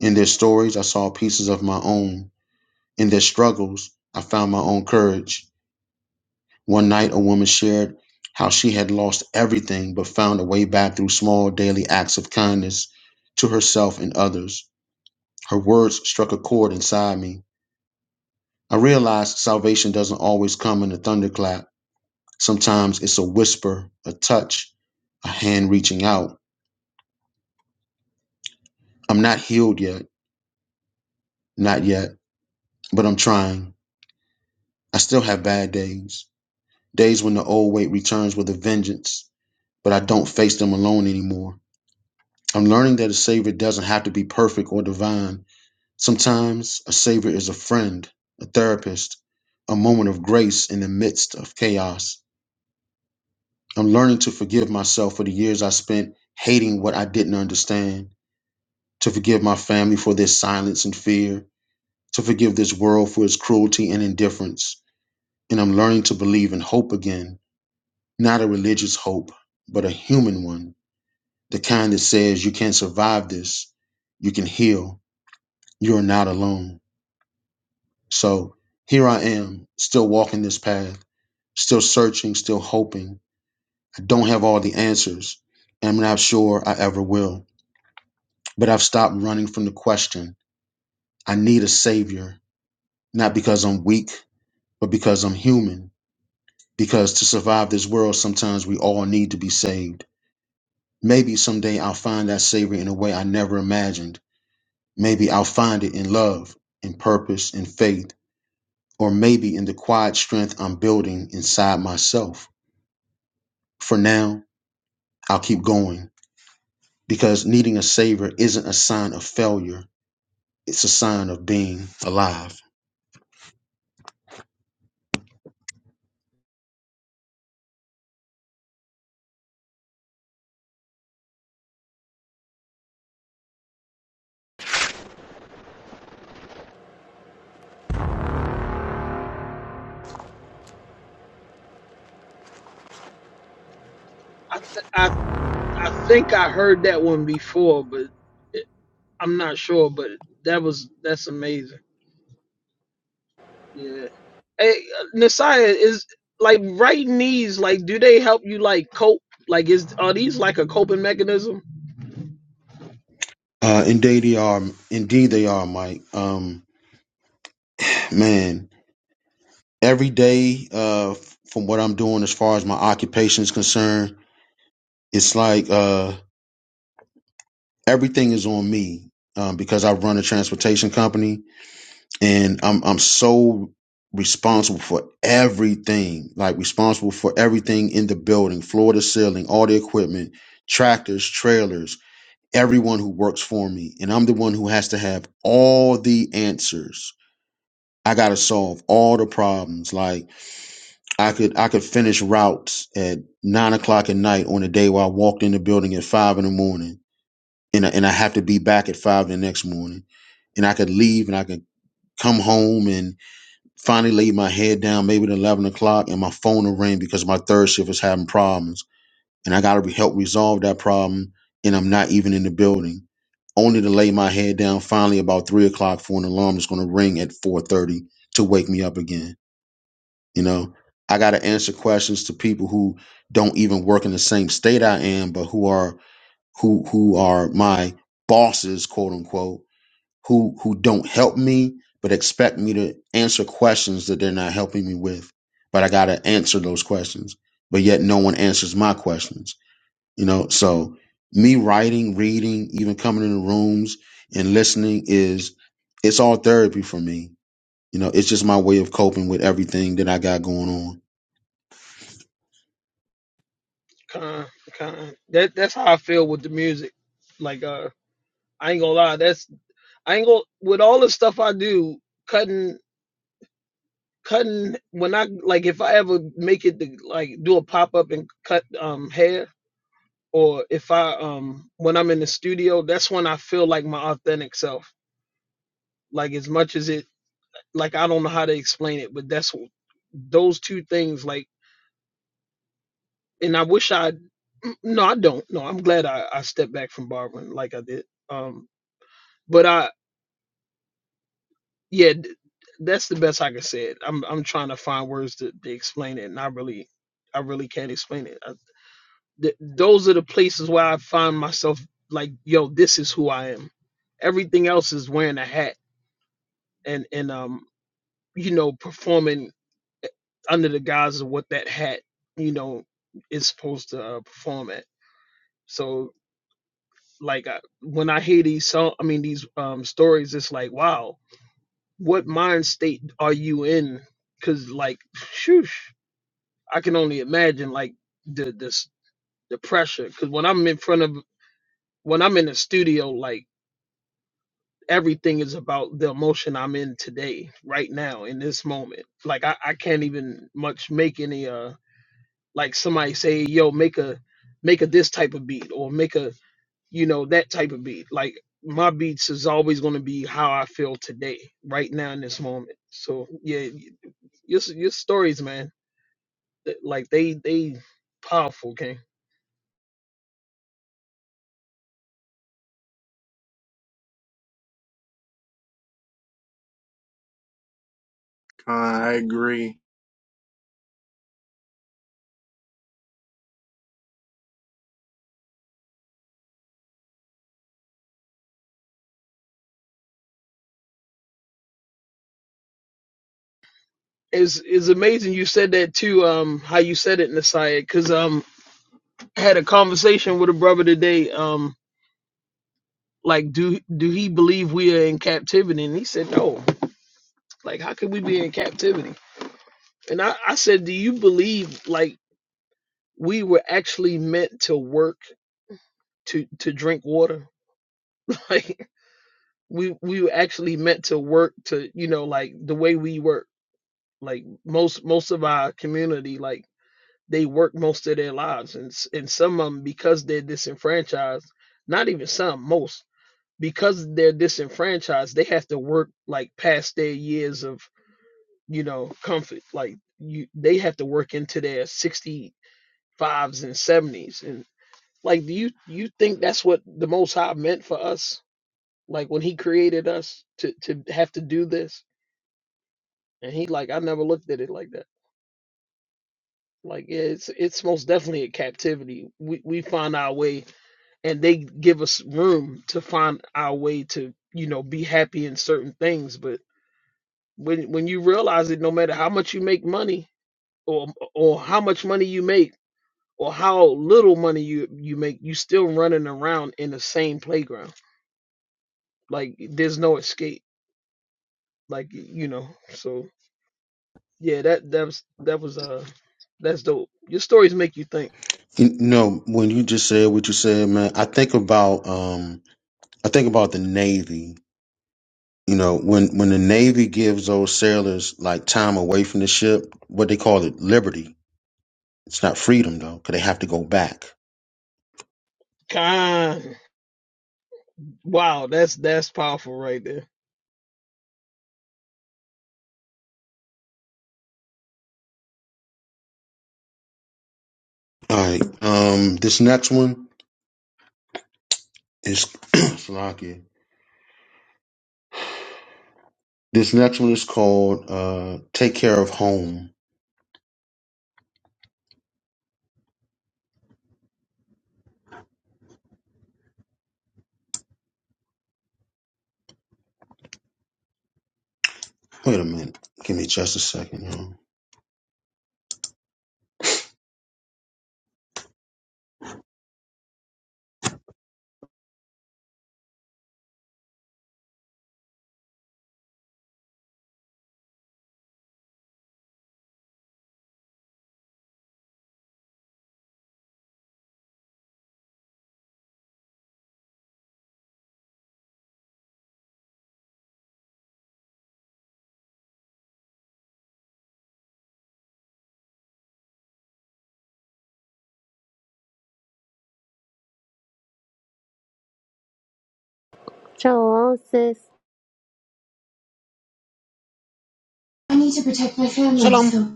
[SPEAKER 1] In their stories, I saw pieces of my own. In their struggles, I found my own courage. One night, a woman shared how she had lost everything but found a way back through small daily acts of kindness to herself and others. Her words struck a chord inside me. I realized salvation doesn't always come in a thunderclap. Sometimes it's a whisper, a touch, a hand reaching out. I'm not healed yet, not yet, but I'm trying. I still have bad days, days when the old weight returns with a vengeance, but I don't face them alone anymore. I'm learning that a savior doesn't have to be perfect or divine. Sometimes a savior is a friend, a therapist, a moment of grace in the midst of chaos. I'm learning to forgive myself for the years I spent hating what I didn't understand, to forgive my family for their silence and fear, to forgive this world for its cruelty and indifference. And I'm learning to believe in hope again, not a religious hope, but a human one, the kind that says you can survive this, you can heal, you are not alone. So here I am, still walking this path, still searching, still hoping. I don't have all the answers, and I'm not sure I ever will. But I've stopped running from the question. I need a savior, not because I'm weak, but because I'm human. Because to survive this world, sometimes we all need to be saved. Maybe someday I'll find that savior in a way I never imagined. Maybe I'll find it in love, in purpose, in faith, or maybe in the quiet strength I'm building inside myself. for now, I'll keep going because needing a savior isn't a sign of failure. It's a sign of being alive.
[SPEAKER 7] I th- I I think I heard that one before, but it, I'm not sure. But that was that's amazing. Yeah. Hey, uh, Nasiah is like writing these. Like, do they help you like cope? Like, is are these like a coping mechanism?
[SPEAKER 1] Uh, indeed they are. Indeed they are, Mike. Um, man, every day, uh, from what I'm doing as far as my occupation is concerned, it's like uh, everything is on me um, because I run a transportation company and I'm I'm so responsible for everything, like responsible for everything in the building, floor to ceiling, all the equipment, tractors, trailers, everyone who works for me, and I'm the one who has to have all the answers. I gotta solve all the problems. Like I could I could finish routes at nine o'clock at night on a day where I walked in the building at five in the morning, and I, and I have to be back at five the next morning, and I could leave and I could come home and Finally laid my head down maybe at 11 o'clock and my phone will ring because my third shift is having problems. And I got to help resolve that problem and I'm not even in the building. Only to lay my head down finally about 3 o'clock for an alarm that's going to ring at 4.30 to wake me up again. You know, I got to answer questions to people who don't even work in the same state I am, but who are who who are my bosses, quote unquote who who don't help me but expect me to answer questions that they're not helping me with but i gotta answer those questions but yet no one answers my questions you know so me writing reading even coming into rooms and listening is it's all therapy for me you know it's just my way of coping with everything that i got going on
[SPEAKER 7] Kind, kind. That that's how I feel with the music. Like uh, I ain't gonna lie. That's I ain't gonna with all the stuff I do. Cutting, cutting. When I like, if I ever make it to like do a pop up and cut um hair, or if I um when I'm in the studio, that's when I feel like my authentic self. Like as much as it, like I don't know how to explain it, but that's those two things. Like, and I wish I. mm, No, I don't. No, I'm glad I I stepped back from barbering like I did. Um, but I yeah, th- that's the best I can say it. I'm I'm trying to find words to, to explain it, and I really, I really can't explain it. I, th- those are the places where I find myself like, yo, this is who I am. Everything else is wearing a hat and and um, you know, performing eh, under the guise of what that hat, you know, is supposed to uh, perform at. So like I, when I hear these song, I mean these um stories, it's like wow, what mind state are you in? Because like, shoosh, I can only imagine like the this the pressure. Because when I'm in front of when I'm in the studio, like everything is about the emotion I'm in today, right now, in this moment. Like I, I can't even much make any uh like somebody say, yo, make a make a this type of beat or make a you know that type of beat. Like my beats is always going to be how I feel today, right now in this moment. So yeah, Your your stories, man, like they they powerful, King.
[SPEAKER 3] God, I agree.
[SPEAKER 7] It's it's amazing you said that too. Um, how you said it, Nasiah, because um, I had a conversation with a brother today. Um, like do do he believe we are in captivity? And he said no. Like how could we be in captivity? And I I said, do you believe like we were actually meant to work to to drink water? Like we we were actually meant to work to you know like the way we work Like most most of our community, like they work most of their lives, and and some of them because they're disenfranchised. Not even some, most because they're disenfranchised, they have to work like past their years of you know comfort. Like you, they have to work into their sixty fives and seventies. And like, do you you think that's what the Most High meant for us? Like when He created us to to have to do this, and He like I never looked at it like that. Like yeah, it's it's most definitely a captivity. We we find our way, and they give us room to find our way to you know be happy in certain things. But when when you realize that no matter how much you make money, or or how much money you make, or how little money you you make, you still running around in the same playground. Like there's no escape. Like you know. So yeah, that that was that was uh that's dope. Your stories make you think.
[SPEAKER 1] you know when you just said what you said man i think about um i think about the navy You know, when when the Navy gives those sailors like time away from the ship, what they call it liberty. It's not freedom though, because they have to go back.
[SPEAKER 7] Khan. Wow, that's that's powerful right there.
[SPEAKER 1] All right. Um, this next one is Slocky. This next one is called uh, "Take Care of Home." Wait a minute. Give me just a second, y'all.
[SPEAKER 5] Shalom, sis.
[SPEAKER 11] I need to protect my family. Shalom. so-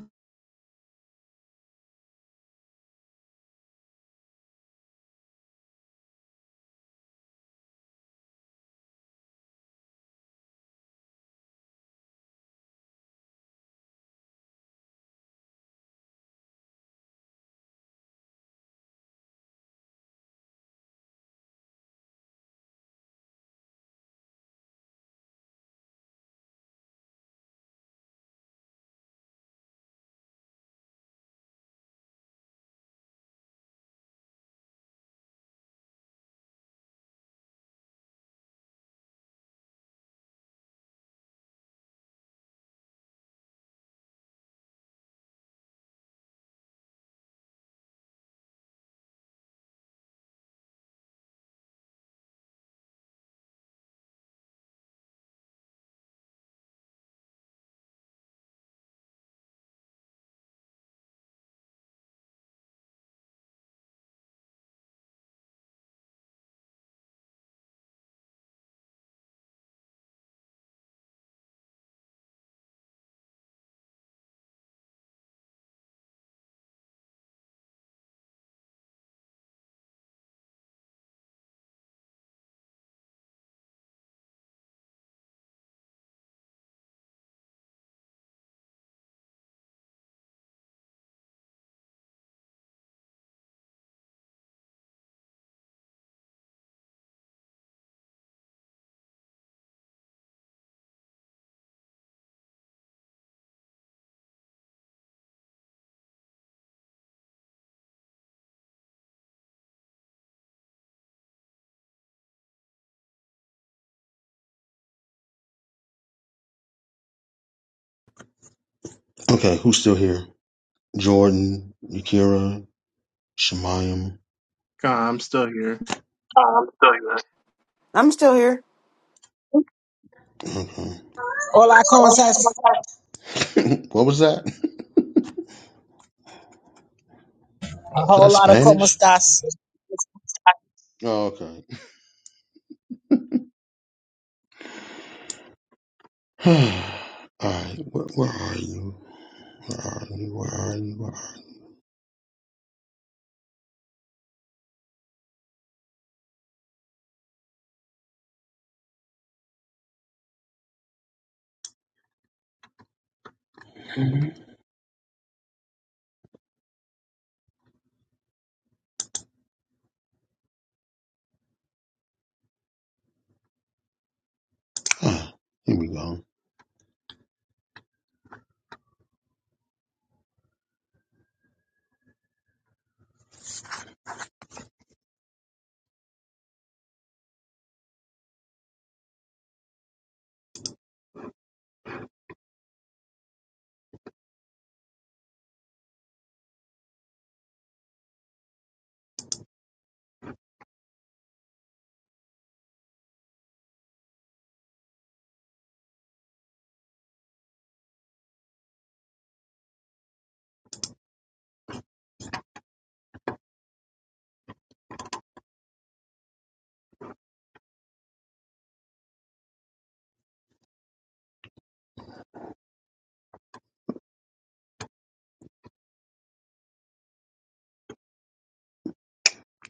[SPEAKER 1] Okay, who's still here? Jordan, Yakira, Shemayim.
[SPEAKER 3] God, I'm still here.
[SPEAKER 9] I'm here.
[SPEAKER 1] Okay.
[SPEAKER 11] Hola, ¿cómo estás?
[SPEAKER 1] what was that?
[SPEAKER 11] A
[SPEAKER 1] Was that
[SPEAKER 11] whole lot of ¿cómo
[SPEAKER 1] Spanish?
[SPEAKER 11] estás?
[SPEAKER 1] Oh, okay. All right. Where, where are you? Where are you? Where are you? Where are you? Ah, here we go.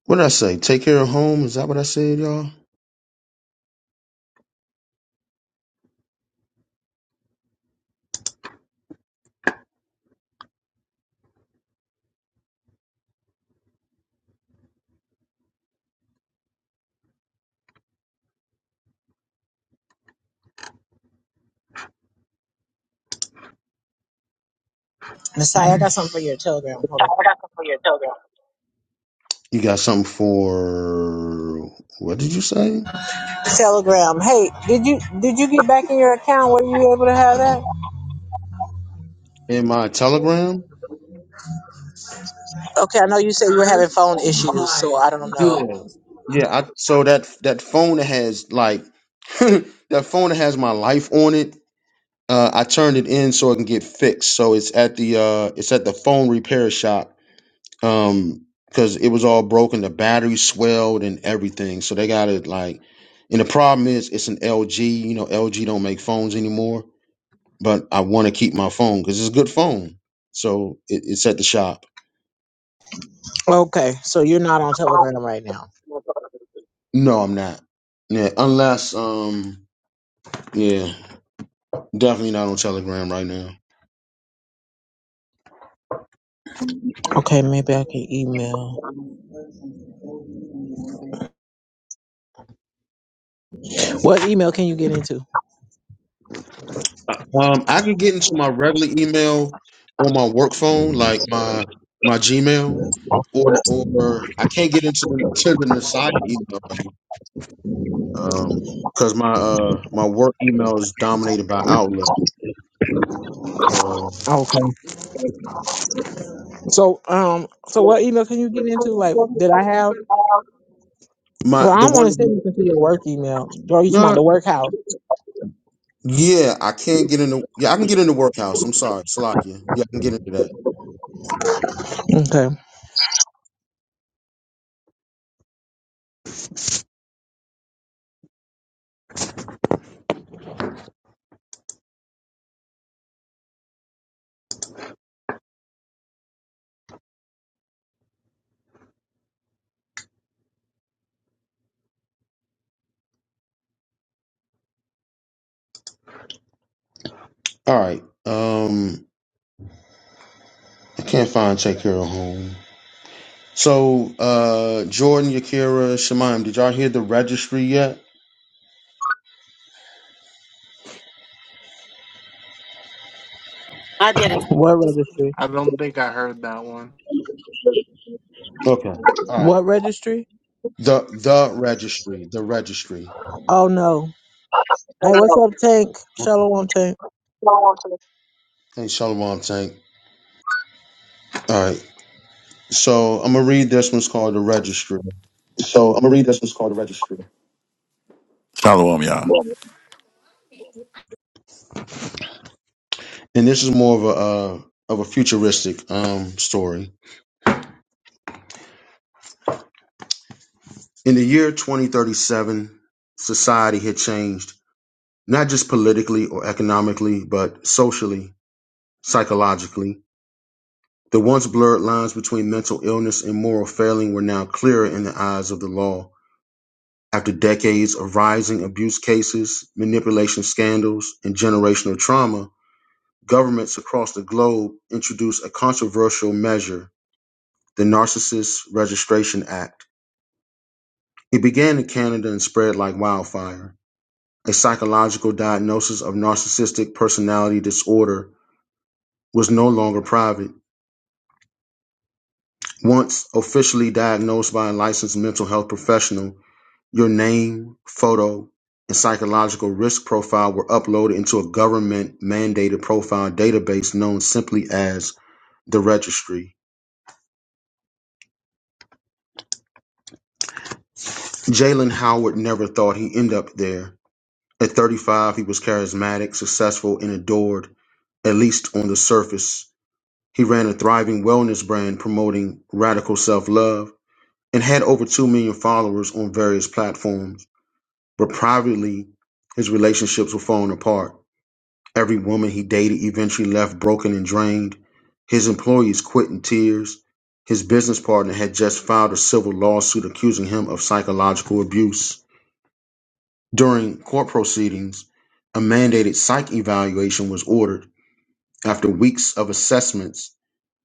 [SPEAKER 1] What did I say? Take care of home. Is that what I said, y'all?
[SPEAKER 11] Messiah, I got something for your telegram. Hold on.
[SPEAKER 1] You got something for what did you say?
[SPEAKER 11] Telegram. Hey, did you did you get back in your account? Were you able to have that?
[SPEAKER 1] In my telegram?
[SPEAKER 11] Okay, I know you said you were having phone issues, so I don't
[SPEAKER 1] Yeah.
[SPEAKER 11] know.
[SPEAKER 1] Yeah, I so that that phone that has like that phone that has my life on it, uh, I turned it in so it can get fixed. So it's at the uh it's at the phone repair shop um because it was all broken the battery swelled and everything so they got it like and the problem is it's an lg you know lg don't make phones anymore but i want to keep my phone because it's a good phone so it, it's at the shop
[SPEAKER 11] Okay, so you're not on Telegram right now.
[SPEAKER 1] no i'm not yeah unless um yeah definitely not on telegram right now
[SPEAKER 11] Okay, maybe I can email. What email can you get into?
[SPEAKER 1] um i can get into my regular email on my work phone like my my gmail or or i can't get into the to the side email Um 'cause because my uh my work email is dominated by Outlook. So
[SPEAKER 11] Okay. So um, so what email can you get into? Like, did I have?
[SPEAKER 1] my
[SPEAKER 11] Well, I
[SPEAKER 1] the
[SPEAKER 11] don't want
[SPEAKER 1] one
[SPEAKER 11] to send you to your work email. Or you talking about
[SPEAKER 1] no
[SPEAKER 11] the workhouse?
[SPEAKER 1] yeah I can't get into yeah I can get into Workhouse. I'm sorry, Salakia, Yeah, I can get into that.
[SPEAKER 11] Okay.
[SPEAKER 1] All right. Um, I can't find Take Care of Home. So uh Jordan, Yakira, Shemaim, did y'all hear the registry yet?
[SPEAKER 9] I didn't.
[SPEAKER 11] What registry?
[SPEAKER 3] I don't think I heard that one.
[SPEAKER 1] Okay. All right.
[SPEAKER 11] What registry?
[SPEAKER 1] The the registry, the registry.
[SPEAKER 11] Oh no. Hey, what's up, Tank? Shalom, Tank.
[SPEAKER 1] Hey, Shalom Tank. All right. So I'm gonna read this one's called the registry.
[SPEAKER 12] So I'm gonna read this what's called a registry. Shalom, y'all.
[SPEAKER 1] and this is more of a uh, of a futuristic um, story. In the year 2037, society had changed not just politically or economically, but socially, psychologically. The once blurred lines between mental illness and moral failing were now clearer in the eyes of the law. After decades of rising abuse cases, manipulation scandals, and generational trauma, governments across the globe introduced a controversial measure, the Narcissist Registration Act It began in Canada and spread like wildfire. A psychological diagnosis of narcissistic personality disorder was no longer private. Once officially diagnosed by a licensed mental health professional, your name, photo, and psychological risk profile were uploaded into a government mandated profile database known simply as the registry. Jalen Howard never thought he'd end up there. At 35, he was charismatic, successful, and adored, at least on the surface. He ran a thriving wellness brand promoting radical self love and had over 2 million followers on various platforms. But privately, his relationships were falling apart. Every woman he dated eventually left broken and drained. His employees quit in tears. His business partner had just filed a civil lawsuit accusing him of psychological abuse. During court proceedings, a mandated psych evaluation was ordered after weeks of assessments,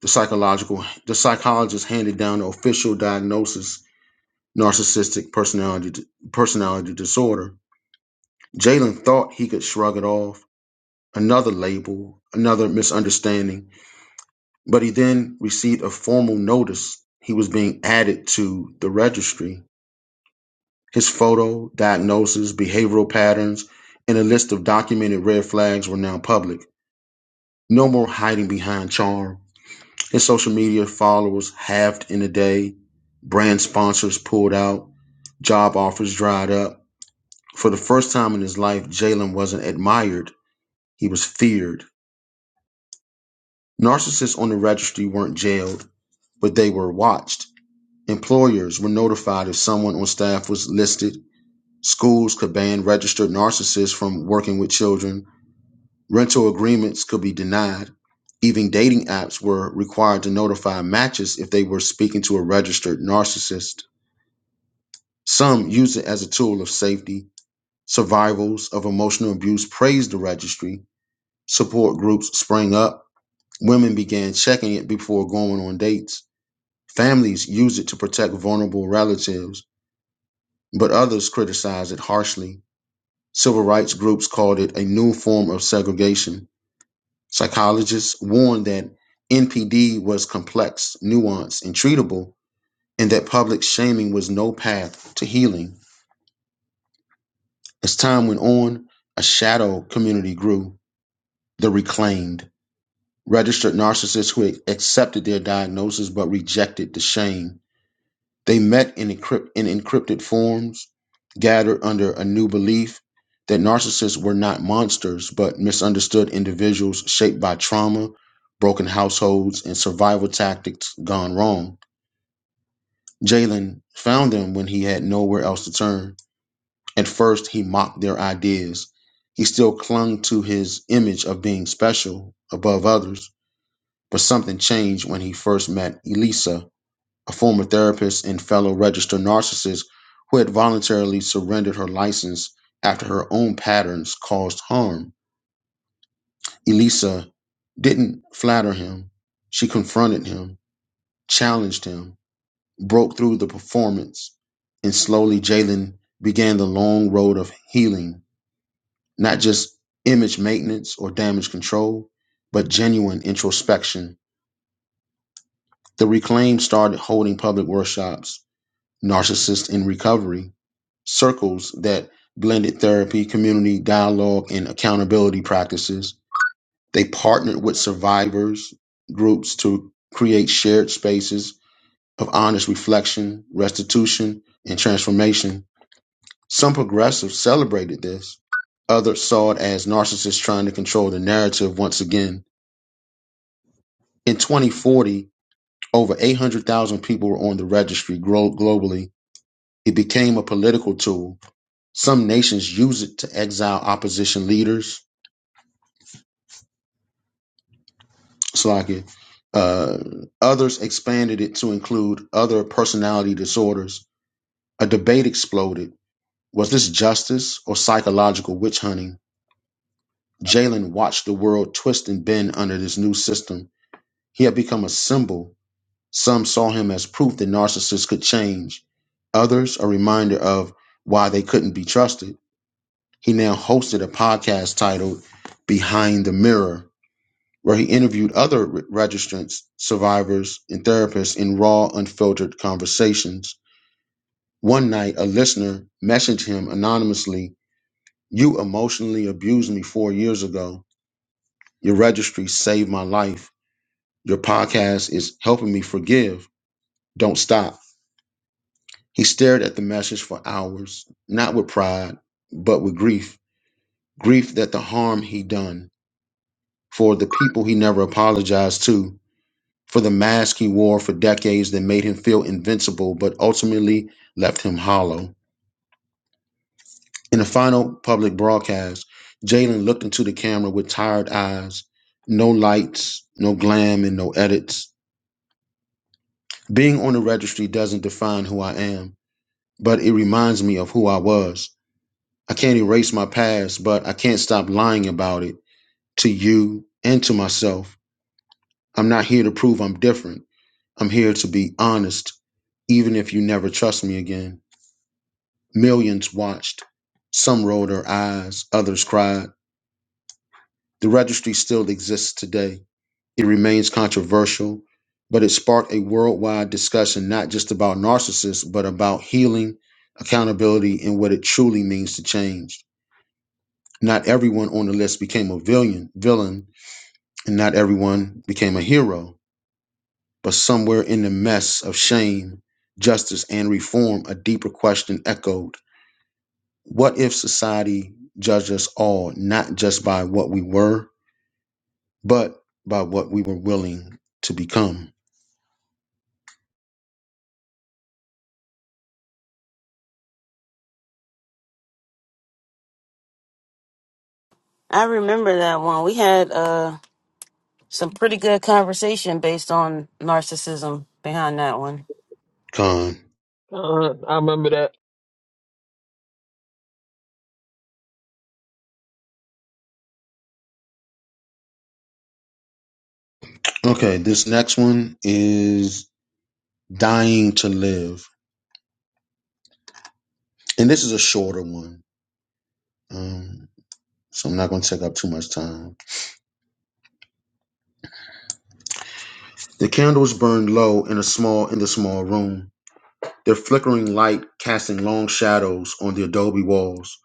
[SPEAKER 1] the psychological the psychologist handed down the official diagnosis: narcissistic personality personality disorder. Jalen thought he could shrug it off, another label, another misunderstanding, but he then received a formal notice he was being added to the registry. His photo, diagnosis, behavioral patterns, and a list of documented red flags were now public. No more hiding behind charm His social media followers halved in a day. Brand sponsors pulled out. Job offers dried up. For the first time in his life, Jalen wasn't admired, he was feared. Narcissists on the registry weren't jailed, but they were watched. Employers were notified if someone on staff was listed. Schools could ban registered narcissists from working with children. Rental agreements could be denied. Even dating apps were required to notify matches if they were speaking to a registered narcissist. Some use it as a tool of safety. Survivors of emotional abuse praised the registry. Support groups sprang up. Women began checking it before going on dates. Families use it to protect vulnerable relatives, but others criticized it harshly. Civil rights groups called it a new form of segregation. Psychologists warned that NPD was complex, nuanced, and treatable, and that public shaming was no path to healing. As time went on, a shadow community grew, the reclaimed, registered narcissists who accepted their diagnosis but rejected the shame. They met in, encrypt- in encrypted forums, gathered under a new belief that narcissists were not monsters but misunderstood individuals shaped by trauma, broken households, and survival tactics gone wrong. Jalen found them when he had nowhere else to turn. At first, he mocked their ideas. He still clung to his image of being special above others, but something changed when he first met Elisa, a former therapist and fellow registered narcissist who had voluntarily surrendered her license after her own patterns caused harm. Elisa didn't flatter him. She confronted him, challenged him, broke through the performance, and slowly Jalen began the long road of healing not just image maintenance or damage control, but genuine introspection. The Reclaim started holding public workshops, narcissists in recovery, circles that blended therapy, community dialogue, and accountability practices. They partnered with survivors groups to create shared spaces of honest reflection, restitution, and transformation Some progressives celebrated this. Others saw it as narcissists trying to control the narrative once again. In 2040, over 800,000 people were on the registry glo- globally. It became a political tool. Some nations use it to exile opposition leaders. Slovakia. Uh, others expanded it to include other personality disorders. A debate exploded. Was this justice or psychological witch hunting? Jalen watched the world twist and bend under this new system He had become a symbol. Some saw him as proof that narcissists could change, others, a reminder of why they couldn't be trusted. He now hosted a podcast titled Behind the Mirror, where he interviewed other re- registrants, survivors, and therapists in raw, unfiltered conversations. One night, a listener messaged him anonymously You emotionally abused me four years ago. Your registry saved my life. Your podcast is helping me forgive. Don't stop. He stared at the message for hours, not with pride, but with grief. Grief that the harm he done, for the people he never apologized to, for the mask he wore for decades that made him feel invincible, but ultimately left him hollow. In the final public broadcast, Jalen looked into the camera with tired eyes. No lights, no glam, and no edits. Being on the registry doesn't define who I am, but it reminds me of who I was. I can't erase my past, but I can't stop lying about it to you and to myself. I'm not here to prove I'm different. I'm here to be honest, even if you never trust me again. Millions watched. Some rolled their eyes, others cried. The registry still exists today. It remains controversial, but it sparked a worldwide discussion not just about narcissists, but about healing, accountability, and what it truly means to change. Not everyone on the list became a villain, villain And not everyone became a hero, but somewhere in the mess of shame, justice, and reform, a deeper question echoed What if society judged us all not just by what we were, but by what we were willing to become?
[SPEAKER 9] I remember that one. We had uh some pretty good conversation based on narcissism behind that one.
[SPEAKER 1] Con.
[SPEAKER 7] Uh, I remember that.
[SPEAKER 1] Okay, this next one is Dying to Live. And this is a shorter one. Um, so I'm not going to take up too much time. The candles burned low in a small in the small room. their flickering light casting long shadows on the adobe walls.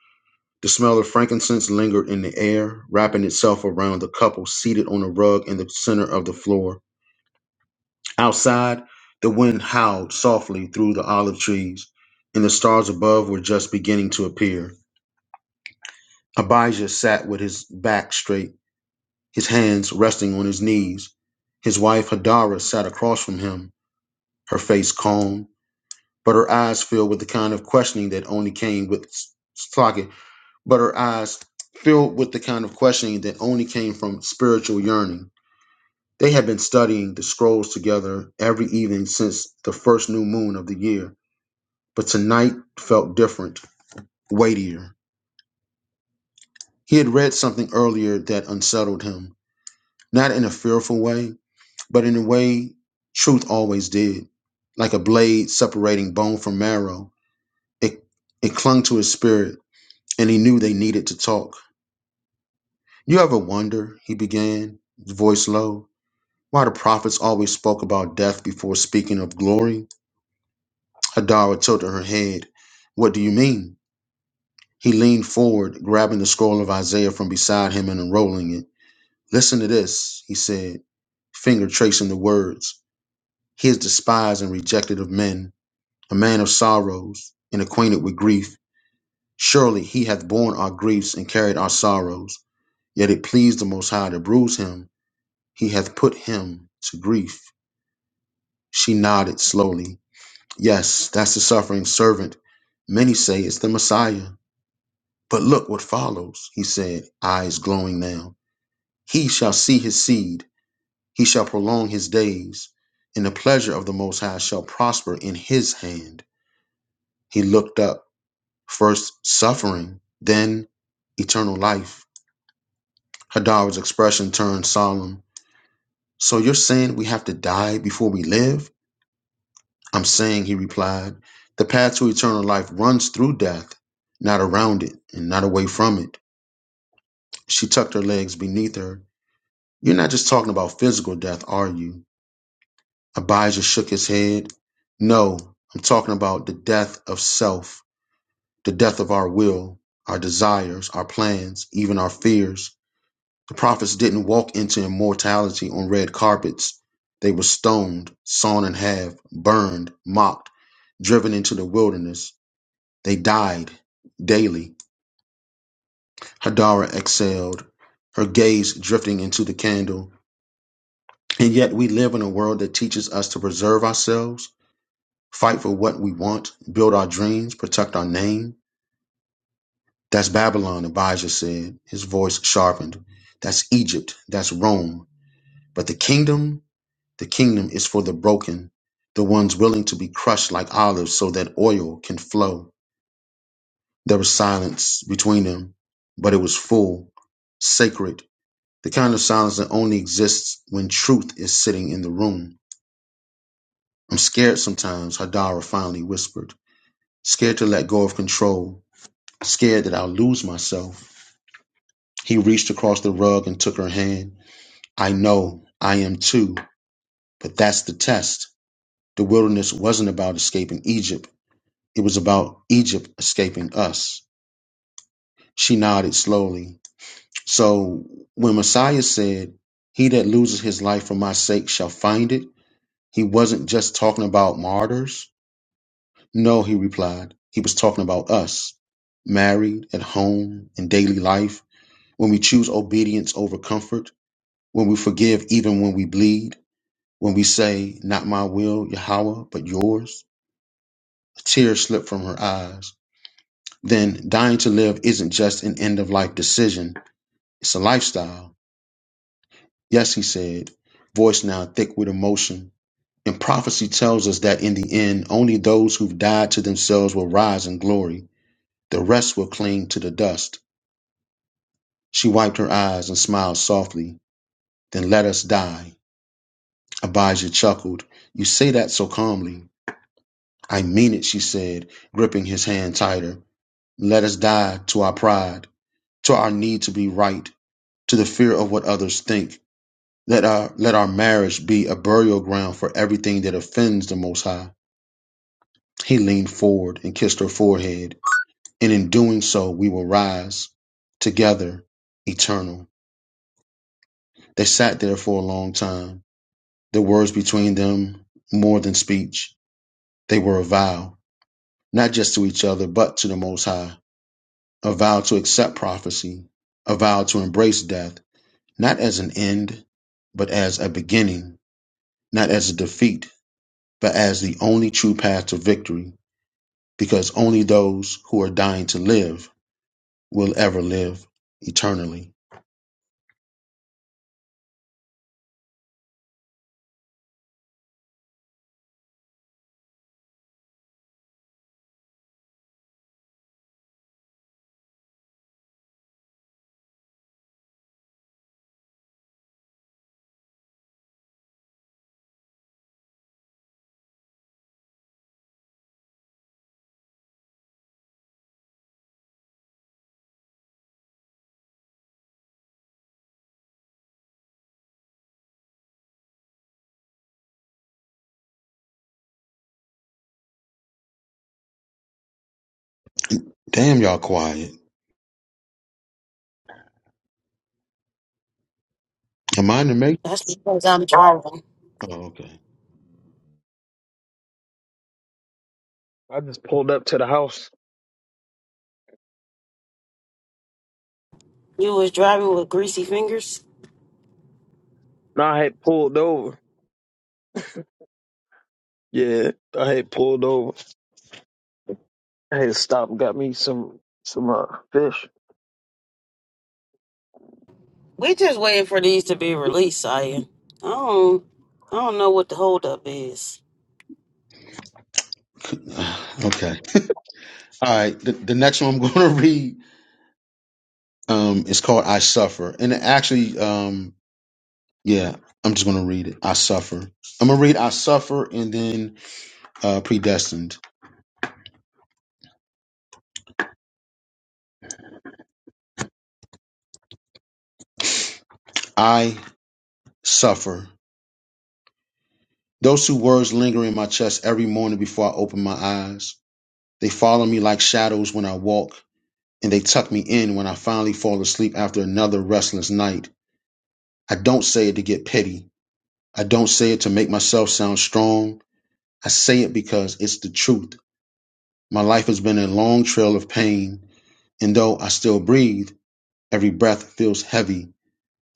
[SPEAKER 1] The smell of frankincense lingered in the air, wrapping itself around the couple seated on a rug in the center of the floor. Outside, the wind howled softly through the olive trees, and the stars above were just beginning to appear. Abijah sat with his back straight, his hands resting on his knees. His wife Hadara sat across from him, her face calm, but her eyes filled with the kind of questioning that only came with Slocket but her eyes filled with the kind of questioning that only came from spiritual yearning. They had been studying the scrolls together every evening since the first new moon of the year, but tonight felt different, weightier. He had read something earlier that unsettled him, not in a fearful way, but in a way truth always did. Like a blade separating bone from marrow, it, it clung to his spirit, and he knew they needed to talk. You ever wonder, he began, voice low, Why the prophets always spoke about death before speaking of glory? Hadara tilted her head. What do you mean? He leaned forward, grabbing the scroll of Isaiah from beside him and unrolling it. Listen to this, he said, finger tracing the words. He is despised and rejected of men, a man of sorrows and acquainted with grief. Surely he hath borne our griefs and carried our sorrows. Yet it pleased the Most High to bruise him. He hath put him to grief. She nodded slowly. Yes, that's the suffering servant. Many say it's the Messiah. But look what follows, he said, eyes glowing now. He shall see his seed, he shall prolong his days, and the pleasure of the Most High shall prosper in his hand. He looked up, first suffering, then eternal life. Hadar's expression turned solemn. So you're saying we have to die before we live? I'm saying, he replied, the path to eternal life runs through death, not around it and not away from it. She tucked her legs beneath her. You're not just talking about physical death, are you? Abijah shook his head. No, I'm talking about the death of self, the death of our will, our desires, our plans, even our fears. The prophets didn't walk into immortality on red carpets. They were stoned, sawn in half, burned, mocked, driven into the wilderness. They died daily. Hadara exhaled, her gaze drifting into the candle. And yet we live in a world that teaches us to preserve ourselves, fight for what we want, build our dreams, protect our name. That's Babylon, Abijah said, his voice sharpened. That's Egypt. That's Rome. But the kingdom, the kingdom is for the broken, the ones willing to be crushed like olives so that oil can flow. There was silence between them, but it was full, sacred The kind of silence that only exists when truth is sitting in the room. I'm scared sometimes, Hadara finally whispered. Scared to let go of control. Scared that I'll lose myself. He reached across the rug and took her hand. I know, I am too, but that's the test. The wilderness wasn't about escaping Egypt. It was about Egypt escaping us. She nodded slowly. So when Messiah said, He that loses his life for my sake shall find it, He wasn't just talking about martyrs. No, he replied. He was talking about us, married, at home, in daily life, when we choose obedience over comfort, when we forgive even when we bleed, when we say, Not my will, Yahweh, but yours. A tear slipped from her eyes. Then dying to live isn't just an end of life decision, it's a lifestyle. Yes, he said, voice now thick with emotion. And prophecy tells us that in the end, only those who've died to themselves will rise in glory. The rest will cling to the dust. She wiped her eyes and smiled softly. Then let us die. Abijah chuckled. You say that so calmly. I mean it, she said, gripping his hand tighter. Let us die to our pride, to our need to be right, to the fear of what others think. Let our, let our marriage be a burial ground for everything that offends the Most High. He leaned forward and kissed her forehead. and in doing so we will rise together eternal. They sat there for a long time. The words between them more than speech. They were a vow, not just to each other, but to the Most High. A vow to accept prophecy, a vow to embrace death, not as an end, but as a beginning, not as a defeat, but as the only true path to victory, because only those who are dying to live will ever live eternally. Damn, y'all quiet. Am I in the make?
[SPEAKER 9] That's because I'm driving.
[SPEAKER 1] Oh, okay.
[SPEAKER 7] I just pulled up to the house.
[SPEAKER 9] You was driving with greasy fingers.
[SPEAKER 7] No, I had pulled over. Yeah, I had pulled over. I had stopped and got me some some uh, fish.
[SPEAKER 9] We just waiting for these to be released, Saya. I don't, I don't know what the holdup is.
[SPEAKER 1] okay. All right. The, the next one I'm going to read um, is called I Suffer. And it actually, um, yeah, I'm just going to read it. I Suffer. I'm going to read I Suffer and then uh, Predestined. I Suffer. Those two words linger in my chest every morning before I open my eyes. They follow me like shadows when I walk, and they tuck me in when I finally fall asleep after another restless night. I don't say it to get pity. I don't say it to make myself sound strong. I say it because it's the truth. My life has been a long trail of pain, and though I still breathe, every breath feels heavy,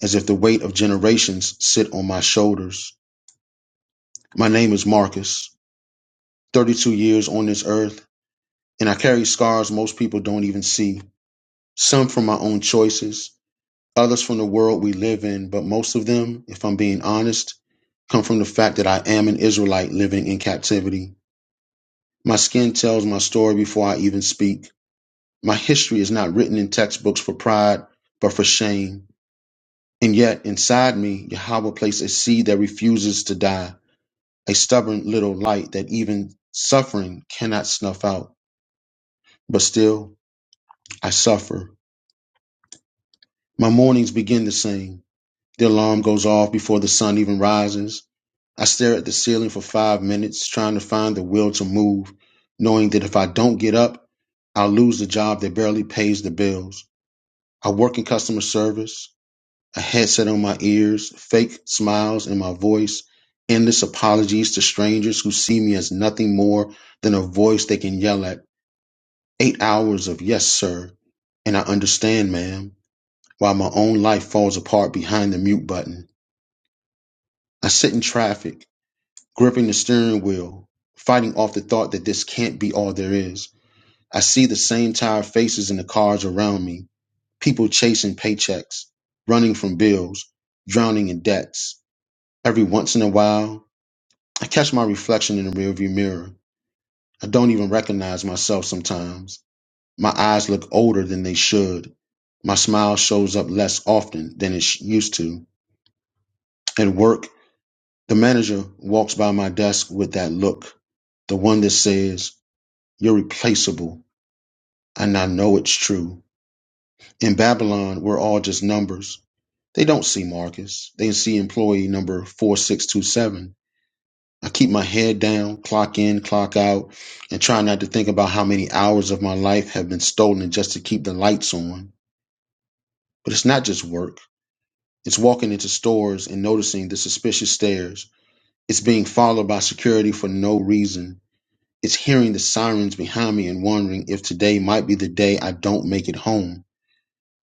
[SPEAKER 1] as if the weight of generations sit on my shoulders. My name is Marcus, 32 years on this earth, and I carry scars most people don't even see. Some from my own choices, others from the world we live in, but most of them, if I'm being honest, come from the fact that I am an Israelite living in captivity. My skin tells my story before I even speak. My history is not written in textbooks for pride, but for shame. And yet, inside me, Yahweh placed a seed that refuses to die, a stubborn little light that even suffering cannot snuff out. But still, I suffer. My mornings begin the same. The alarm goes off before the sun even rises. I stare at the ceiling for five minutes, trying to find the will to move, knowing that if I don't get up, I'll lose the job that barely pays the bills. I work in customer service. a headset on my ears, fake smiles in my voice, endless apologies to strangers who see me as nothing more than a voice they can yell at. Eight hours of yes, sir, and I understand, ma'am, while my own life falls apart behind the mute button. I sit in traffic, gripping the steering wheel, fighting off the thought that this can't be all there is. I see the same tired faces in the cars around me people chasing paychecks, running from bills, drowning in debts. Every once in a while, I catch my reflection in the rearview mirror. I don't even recognize myself sometimes. My eyes look older than they should. My smile shows up less often than it used to. At work, the manager walks by my desk with that look, the one that says, You're replaceable, and I know it's true. In Babylon, we're all just numbers. They don't see Marcus. They see employee number 4627. I keep my head down, clock in, clock out, and try not to think about how many hours of my life have been stolen just to keep the lights on. But it's not just work. It's walking into stores and noticing the suspicious stares. It's being followed by security for no reason. It's hearing the sirens behind me and wondering if today might be the day I don't make it home.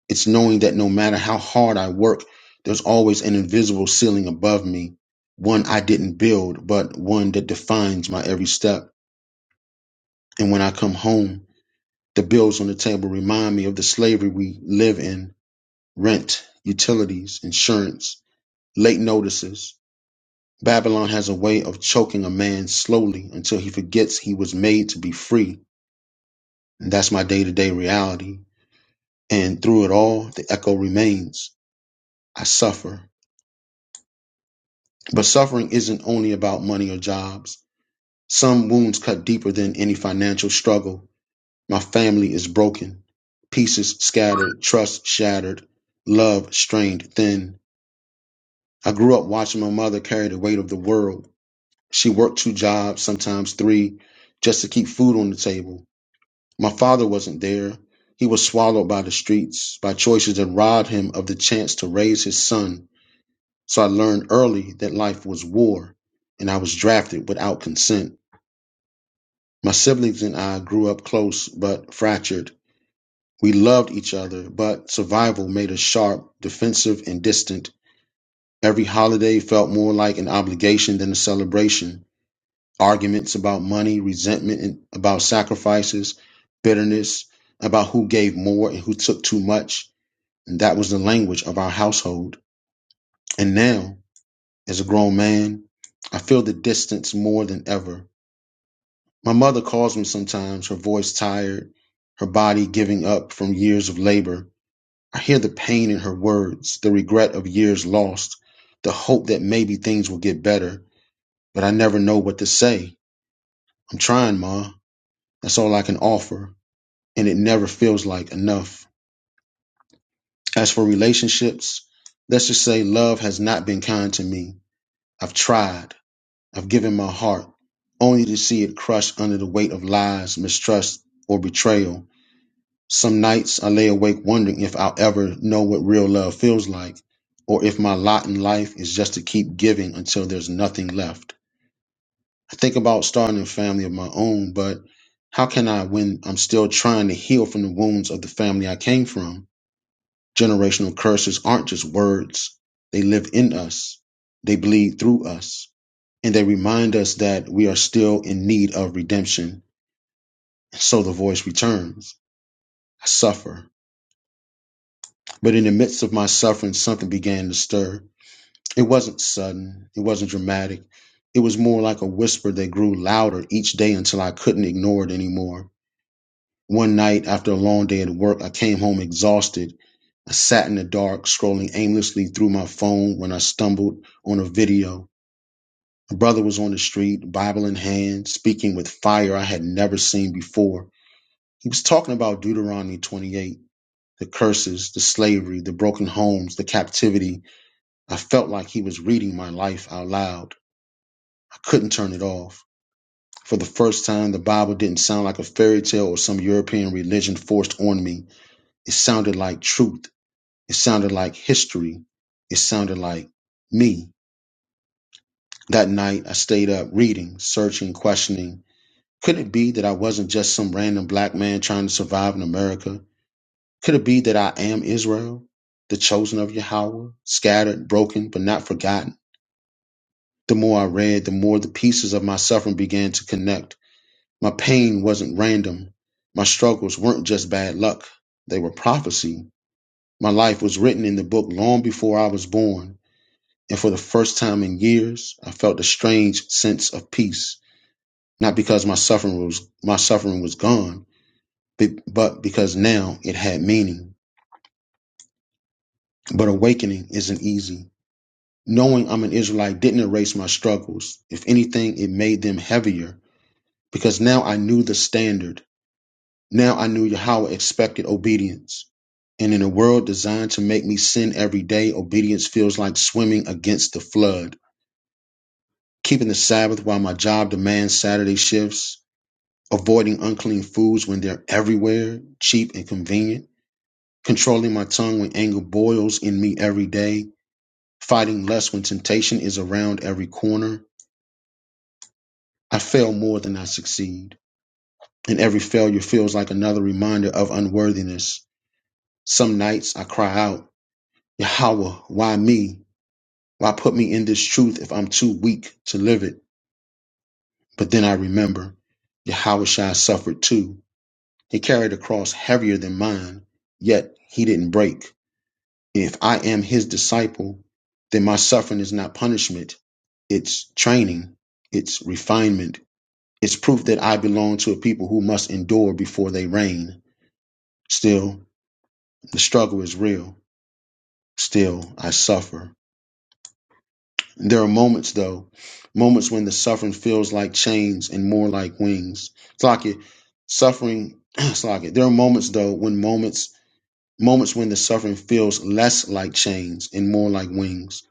[SPEAKER 1] It's knowing that no matter how hard I work, there's always an invisible ceiling above me, one I didn't build, but one that defines my every step. And when I come home, the bills on the table remind me of the slavery we live in rent, utilities, insurance, late notices. Babylon has a way of choking a man slowly until he forgets he was made to be free. And that's my day to day reality. And through it all, the echo remains. I suffer. But suffering isn't only about money or jobs. Some wounds cut deeper than any financial struggle. My family is broken, pieces scattered, trust shattered, love strained thin. I grew up watching my mother carry the weight of the world. She worked two jobs, sometimes three, just to keep food on the table. My father wasn't there. He was swallowed by the streets, by choices that robbed him of the chance to raise his son. So I learned early that life was war, and I was drafted without consent. My siblings and I grew up close but fractured. We loved each other, but survival made us sharp, defensive, and distant. Every holiday felt more like an obligation than a celebration. Arguments about money, resentment and- about sacrifices, bitterness about who gave more and who took too much. And that was the language of our household. And now, as a grown man, I feel the distance more than ever. My mother calls me sometimes, her voice tired, her body giving up from years of labor. I hear the pain in her words, the regret of years lost, the hope that maybe things will get better, but I never know what to say. I'm trying, Ma. That's all I can offer, and it never feels like enough. As for relationships, let's just say love has not been kind to me. I've tried, I've given my heart, only to see it crushed under the weight of lies, mistrust, or betrayal. Some nights I lay awake wondering if I'll ever know what real love feels like, or if my lot in life is just to keep giving until there's nothing left. I think about starting a family of my own, but how can I when I'm still trying to heal from the wounds of the family I came from? Generational curses aren't just words, they live in us, they bleed through us, and they remind us that we are still in need of redemption. And So the voice returns. I suffer. But in the midst of my suffering, something began to stir. It wasn't sudden, it wasn't dramatic. It was more like a whisper that grew louder each day until I couldn't ignore it anymore. One night, after a long day at work, I came home exhausted. I sat in the dark, scrolling aimlessly through my phone when I stumbled on a video. My brother was on the street, Bible in hand, speaking with fire I had never seen before. He was talking about Deuteronomy 28, the curses, the slavery, the broken homes, the captivity, I felt like he was reading my life out loud. I couldn't turn it off. For the first time, the Bible didn't sound like a fairy tale or some European religion forced on me. It sounded like truth. It sounded like history. It sounded like me. That night, I stayed up reading, searching, questioning. Could it be that I wasn't just some random black man trying to survive in America? Could it be that I am Israel, the chosen of Yahweh, scattered, broken, but not forgotten? The more I read, the more the pieces of my suffering began to connect. My pain wasn't random. My struggles weren't just bad luck, they were prophecy. My life was written in the book long before I was born. And for the first time in years, I felt a strange sense of peace. Not because my suffering was, my suffering was gone, but but because now it had meaning. But awakening isn't easy. Knowing I'm an Israelite didn't erase my struggles. If anything, it made them heavier because now I knew the standard. Now I knew Yahweh expected obedience. And in a world designed to make me sin every day, obedience feels like swimming against the flood. Keeping the Sabbath while my job demands Saturday shifts, avoiding unclean foods when they're everywhere, cheap and convenient, controlling my tongue when anger boils in me every day, fighting less when temptation is around every corner. I fail more than I succeed. And every failure feels like another reminder of unworthiness Some nights I cry out, Yahweh, why me? Why put me in this truth if I'm too weak to live it? But then I remember, Yahweh Shai suffered too. He carried a cross heavier than mine, yet he didn't break. If I am his disciple, then my suffering is not punishment. It's training. It's refinement. It's proof that I belong to a people who must endure before they reign. Still, the struggle is real. Still, I suffer. There are moments, though, moments when the suffering feels like chains and more like wings. Slocket, suffering, Slocket. There are moments, though, when moments, moments when the suffering feels less like chains and more like wings.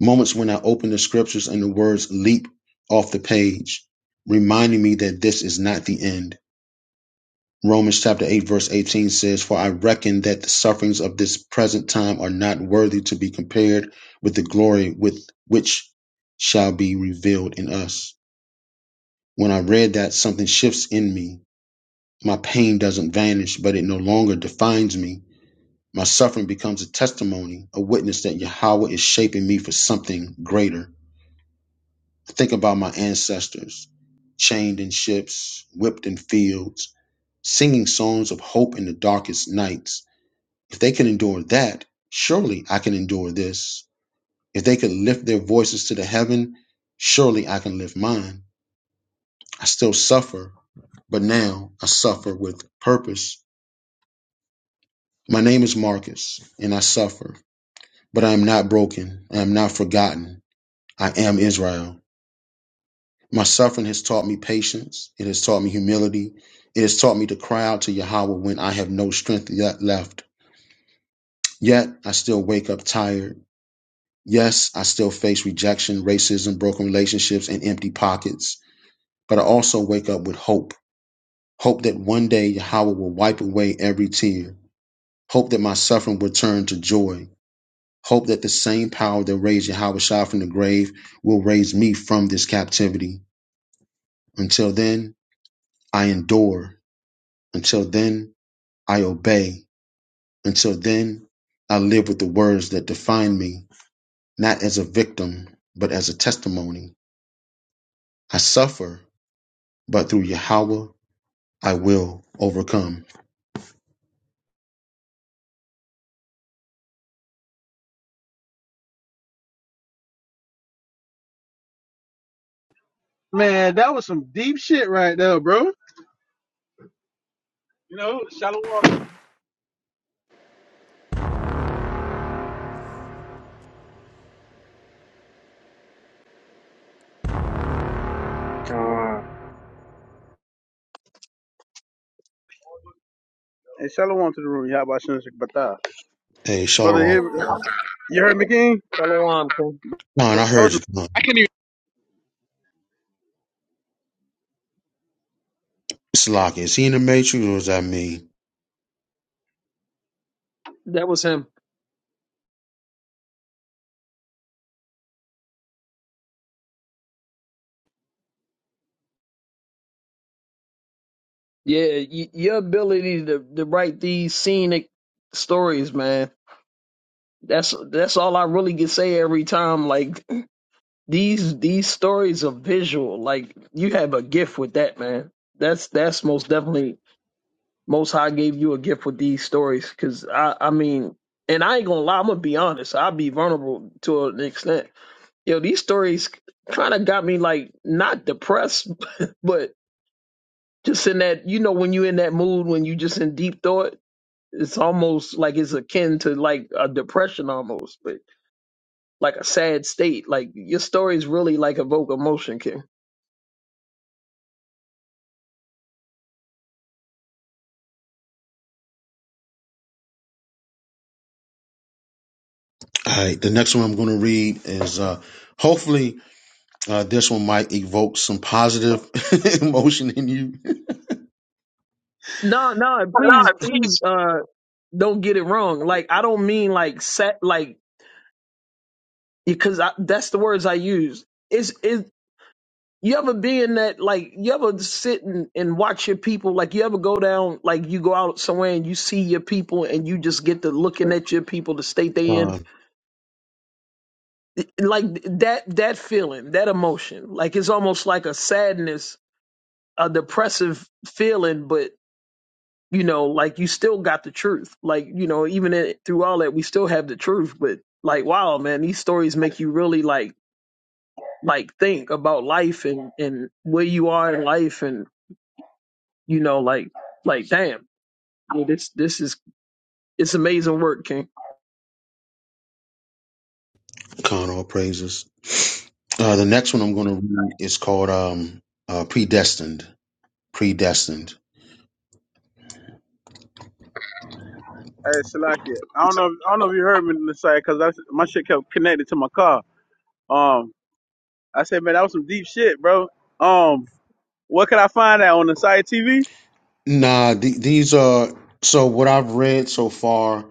[SPEAKER 1] Moments when I open the scriptures and the words leap off the page, reminding me that this is not the end. Romans chapter 8, verse 18 says, For I reckon that the sufferings of this present time are not worthy to be compared with the glory with which shall be revealed in us. When I read that, something shifts in me. My pain doesn't vanish, but it no longer defines me. My suffering becomes a testimony, a witness that Yahweh is shaping me for something greater. I think about my ancestors, chained in ships, whipped in fields, singing songs of hope in the darkest nights If they can endure that, surely I can endure this. If they could lift their voices to the heaven, surely I can lift mine. I still suffer, but now I suffer with purpose. My name is Marcus, and I suffer, but I am not broken. I am not forgotten. I am Israel. My suffering has taught me patience. It has taught me humility. It has taught me to cry out to Yahweh when I have no strength yet left. Yet I still wake up tired. Yes, I still face rejection, racism, broken relationships, and empty pockets. But I also wake up with hope. Hope that one day Yahweh will wipe away every tear. Hope that my suffering will turn to joy. Hope that the same power that raised Yahweh Shah from the grave will raise me from this captivity. Until then, I endure. Until then, I obey. Until then, I live with the words that define me, not as a victim, but as a testimony. I suffer but through Yahweh I will overcome.
[SPEAKER 13] Man, that was some deep shit right there, bro. You know, shallow water.
[SPEAKER 3] God,
[SPEAKER 13] Hey, shallow water to the room. How about Shinshik Bata?
[SPEAKER 1] Hey,
[SPEAKER 13] Brother,
[SPEAKER 1] Shalom.
[SPEAKER 13] here,
[SPEAKER 5] Shalom.
[SPEAKER 13] you heard me, King?
[SPEAKER 7] Shalom, King.
[SPEAKER 1] Con,
[SPEAKER 13] That
[SPEAKER 1] I
[SPEAKER 13] was
[SPEAKER 1] heard you. Con. Slock, is he in the matrix or is that me?
[SPEAKER 7] That was him. Yeah, y- your ability to, to write these scenic stories, man. That's that's all I really can say every time. Like These these stories are visual. Like you have a gift with that, man. That's that's most definitely most high gave you a gift with these stories. Cause I I mean, and I ain't gonna lie, I'm gonna be honest. I'll be vulnerable to an extent. Yo, these stories kind of got me like not depressed, but just in that you know when you in that mood when you just in deep thought, it's almost like it's akin to like a depression almost, but like a sad state. Like your stories really like evoke emotion, Kim.
[SPEAKER 1] All right, the next one I'm going to read is uh, hopefully uh, this one might evoke some positive emotion in you.
[SPEAKER 7] No, no, please,
[SPEAKER 1] Lord,
[SPEAKER 7] please,
[SPEAKER 1] please.
[SPEAKER 7] uh, don't get it wrong. Like, I don't mean like set, like, because I, that's the words I use. Is is you ever be in that like you ever sit and, and watch your people? Like, you ever go down like you go out somewhere and you see your people and you just get to looking at your people, the state they in,
[SPEAKER 1] Con,
[SPEAKER 7] like that that feeling, that emotion. Like, it's almost like a sadness, a depressive feeling, but you know, like you still got the truth. Like, you know, even it, through all that, we still have the truth. But like, wow, man, these stories make you really like, like think about life and and where you are in life, and you know, like, like, damn, yeah, this this is it's amazing work, King.
[SPEAKER 1] con all praises. Uh, the next one I'm going to read is called um, uh, Predestined. Predestined.
[SPEAKER 13] hey, Salakia. I don't know. If, I don't know if you heard me in the side because my shit kept connected to my car. Um, I said, man, that was some deep shit, bro. Um, what could I find out on the side TV?
[SPEAKER 1] Nah, th- these are so what I've read so far.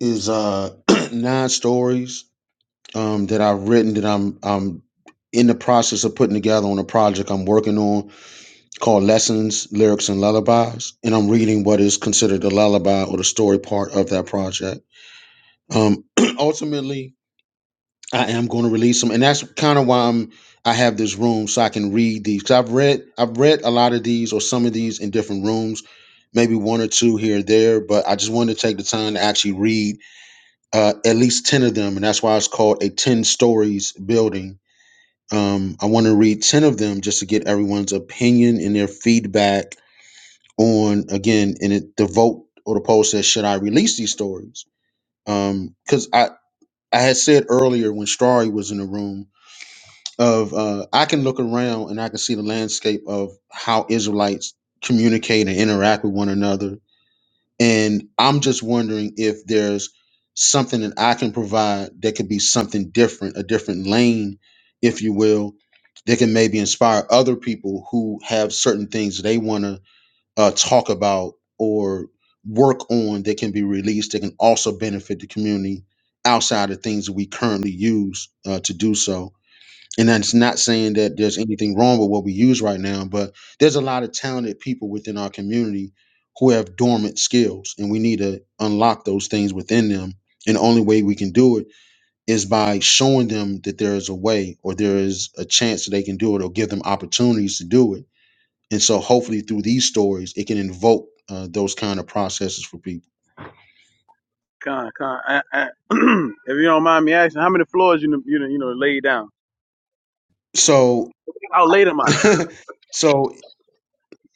[SPEAKER 1] is uh nine stories um that I've written that I'm I'm in the process of putting together on a project I'm working on called Lessons, Lyrics and Lullabies. And I'm reading what is considered the lullaby or the story part of that project. Um ultimately I am going to release them and that's kind of why I'm I have this room so I can read these. Cause I've read I've read a lot of these or some of these in different rooms, maybe one or two here or there, but I just wanted to take the time to actually read uh, at least 10 of them. And that's why it's called a 10 stories building. Um, I want to read 10 of them just to get everyone's opinion and their feedback on, again, and it, the vote or the poll says, should I release these stories? Because I, I had said earlier when Strari was in the room of uh, I can look around and I can see the landscape of how Israelites communicate and interact with one another And I'm just wondering if there's something that I can provide that could be something different, a different lane, if you will, that can maybe inspire other people who have certain things they want to uh, talk about or work on that can be released that can also benefit the community outside of things that we currently use uh, to do so and that's not saying that there's anything wrong with what we use right now but there's a lot of talented people within our community who have dormant skills and we need to unlock those things within them and the only way we can do it is by showing them that there is a way or there is a chance that they can do it or give them opportunities to do it and so hopefully through these stories it can invoke uh, those kind of processes for people
[SPEAKER 13] Con, con. I, I, if you don't mind me asking, how many floors you you done- you know laid down?
[SPEAKER 1] so
[SPEAKER 13] How late am I?
[SPEAKER 1] so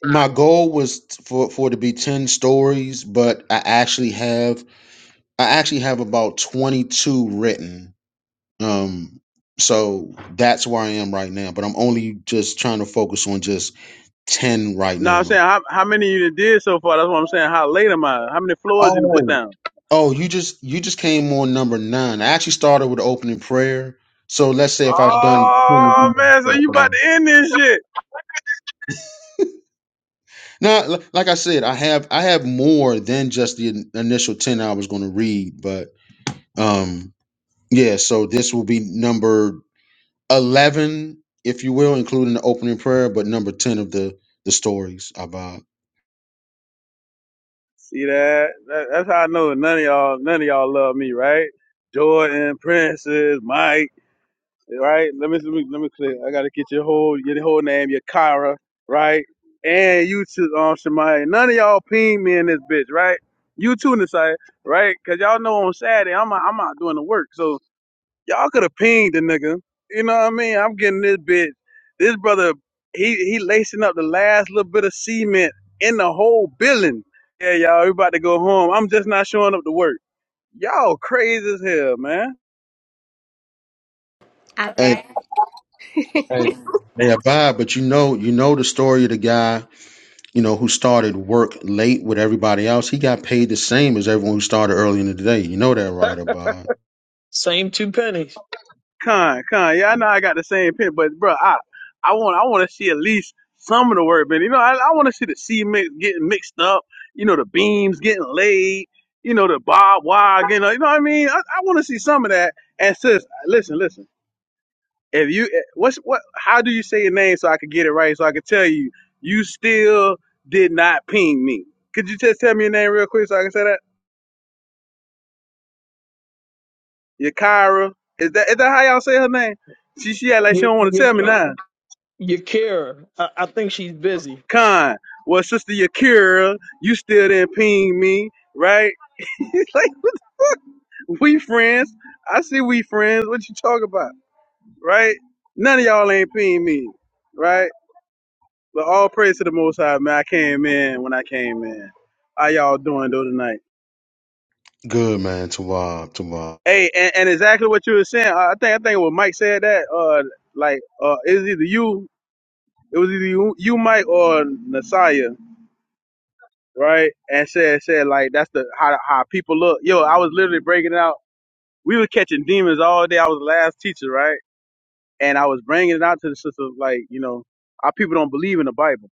[SPEAKER 1] my goal was t- for for it to be 10 stories but i actually have I actually have about 22 written. Um, so that's where I am right now, but I'm only just trying to focus on just 10 right
[SPEAKER 13] No, I'm
[SPEAKER 1] now.
[SPEAKER 13] saying how how many you done did so far. That's what I'm saying. How late am I? How many floors you done put
[SPEAKER 1] Oh,
[SPEAKER 13] down?
[SPEAKER 1] oh, you just you just came on number nine. I actually started with the opening prayer. So let's say if I've done
[SPEAKER 13] Oh
[SPEAKER 1] 10
[SPEAKER 13] man, so you about to end this shit.
[SPEAKER 1] now, li- like I said, I have I have more than just the in- initial ten I was going to read, but um, yeah. So this will be number 11, if you will, including the opening prayer, but number 10 of the, the stories about.
[SPEAKER 13] See that? that that's how I know none of y'all none of y'all love me, right? Jordan, Princess, Mike, right? Let me let me, let me clear. I gotta get your whole your whole name, your Kyra, right? And you too, um Shemaya. None of y'all ping me in this bitch, right? You too Nasai, right? Cause y'all know on Saturday I'm out, I'm out doing the work. So Y'all could have pinged the nigga. You know what I mean? I'm getting this bitch. This brother, he he lacing up the last little bit of cement in the whole building. Yeah, y'all, we about to go home. I'm just not showing up to work. Y'all crazy as hell, man.
[SPEAKER 5] I
[SPEAKER 1] Hey,
[SPEAKER 5] bet.
[SPEAKER 1] hey, hey, Abad, but you know, you know the story of the guy, you know, who started work late with everybody else. He got paid the same as everyone who started early in the day. You know that, right, Abad?
[SPEAKER 7] Same two pennies.
[SPEAKER 13] Con, con. Yeah, I know I got the same pin, but bro, I I want I want to see at least some of the work, man. You know, I, I want to see the cement getting mixed up. You know, the beams getting laid. You know, the barbed wire getting. You know what I mean? I, I want to see some of that. And sis, listen, listen. If you eh, what's what? How do you say your name so I could get it right? So I could tell you you still did not ping me. Could you just tell me your name real quick so I can say that? Yakira. Is that is that how y'all say her name? She she act like she
[SPEAKER 7] Your
[SPEAKER 13] don't want to
[SPEAKER 7] your
[SPEAKER 13] tell me
[SPEAKER 7] Ki-
[SPEAKER 13] now.
[SPEAKER 7] your Kira, I, I think she's busy.
[SPEAKER 13] Khan. Well, sister Yakira, you still didn't ping me, right? It's like what the fuck? We friends. I see we friends. What you talking about, right? None of y'all ain't ping me, right? But all praise to the Most High, man. I came in when I came in. How y'all doing though tonight?
[SPEAKER 1] Good man, Tawab, Tawab.
[SPEAKER 13] Hey, and, and exactly what you were saying. I think I think when Mike said that, uh, like, uh, it was either you, it was either you, you Mike or Messiah, right? And said said like that's the how how people look. Yo, I was literally breaking it out. We were catching demons all day. I was the last teacher, right? And I was bringing it out to the sisters, like you know, our people don't believe in the Bible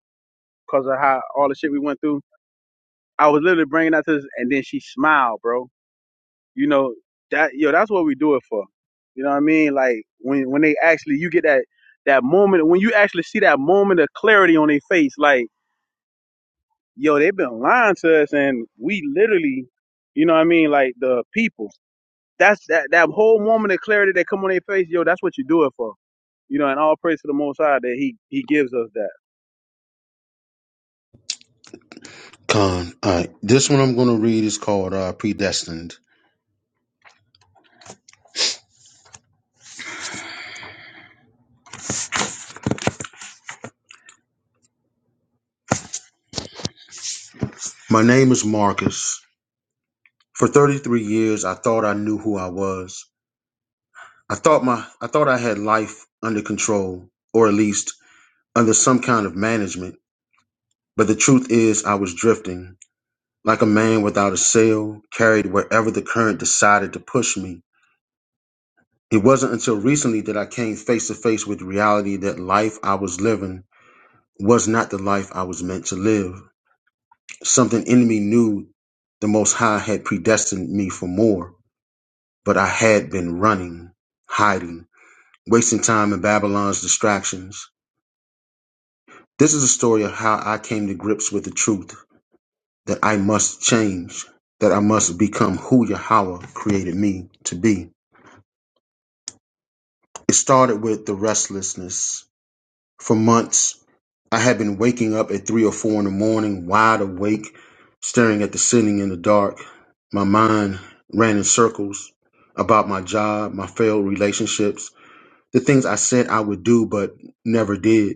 [SPEAKER 13] because of how all the shit we went through. I was literally bringing that to this, and then she smiled, bro You know that yo, that's what we do it for. You know what I mean? Like when when they actually you get that that moment when you actually see that moment of clarity on their face, like yo, they've been lying to us, and we literally, you know what I mean? Like the people. That's that that whole moment of clarity that come on their face, yo. That's what you do it for. You know, and all praise to the Most High that He He gives us that.
[SPEAKER 1] Khan. All right. This one I'm gonna read is called uh, Predestined. My name is Marcus. For 33 years I thought I knew who I was. I thought my I thought I had life under control, or at least under some kind of management. But the truth is I was drifting, like a man without a sail, carried wherever the current decided to push me. It wasn't until recently that I came face to face with reality that life I was living was not the life I was meant to live. Something in me knew the most high had predestined me for more, but I had been running, hiding, wasting time in Babylon's distractions This is a story of how I came to grips with the truth that I must change, that I must become who Yahweh created me to be. It started with the restlessness. For months, I had been waking up at three or four in the morning, wide awake, staring at the ceiling in the dark. My mind ran in circles about my job, my failed relationships, the things I said I would do but never did.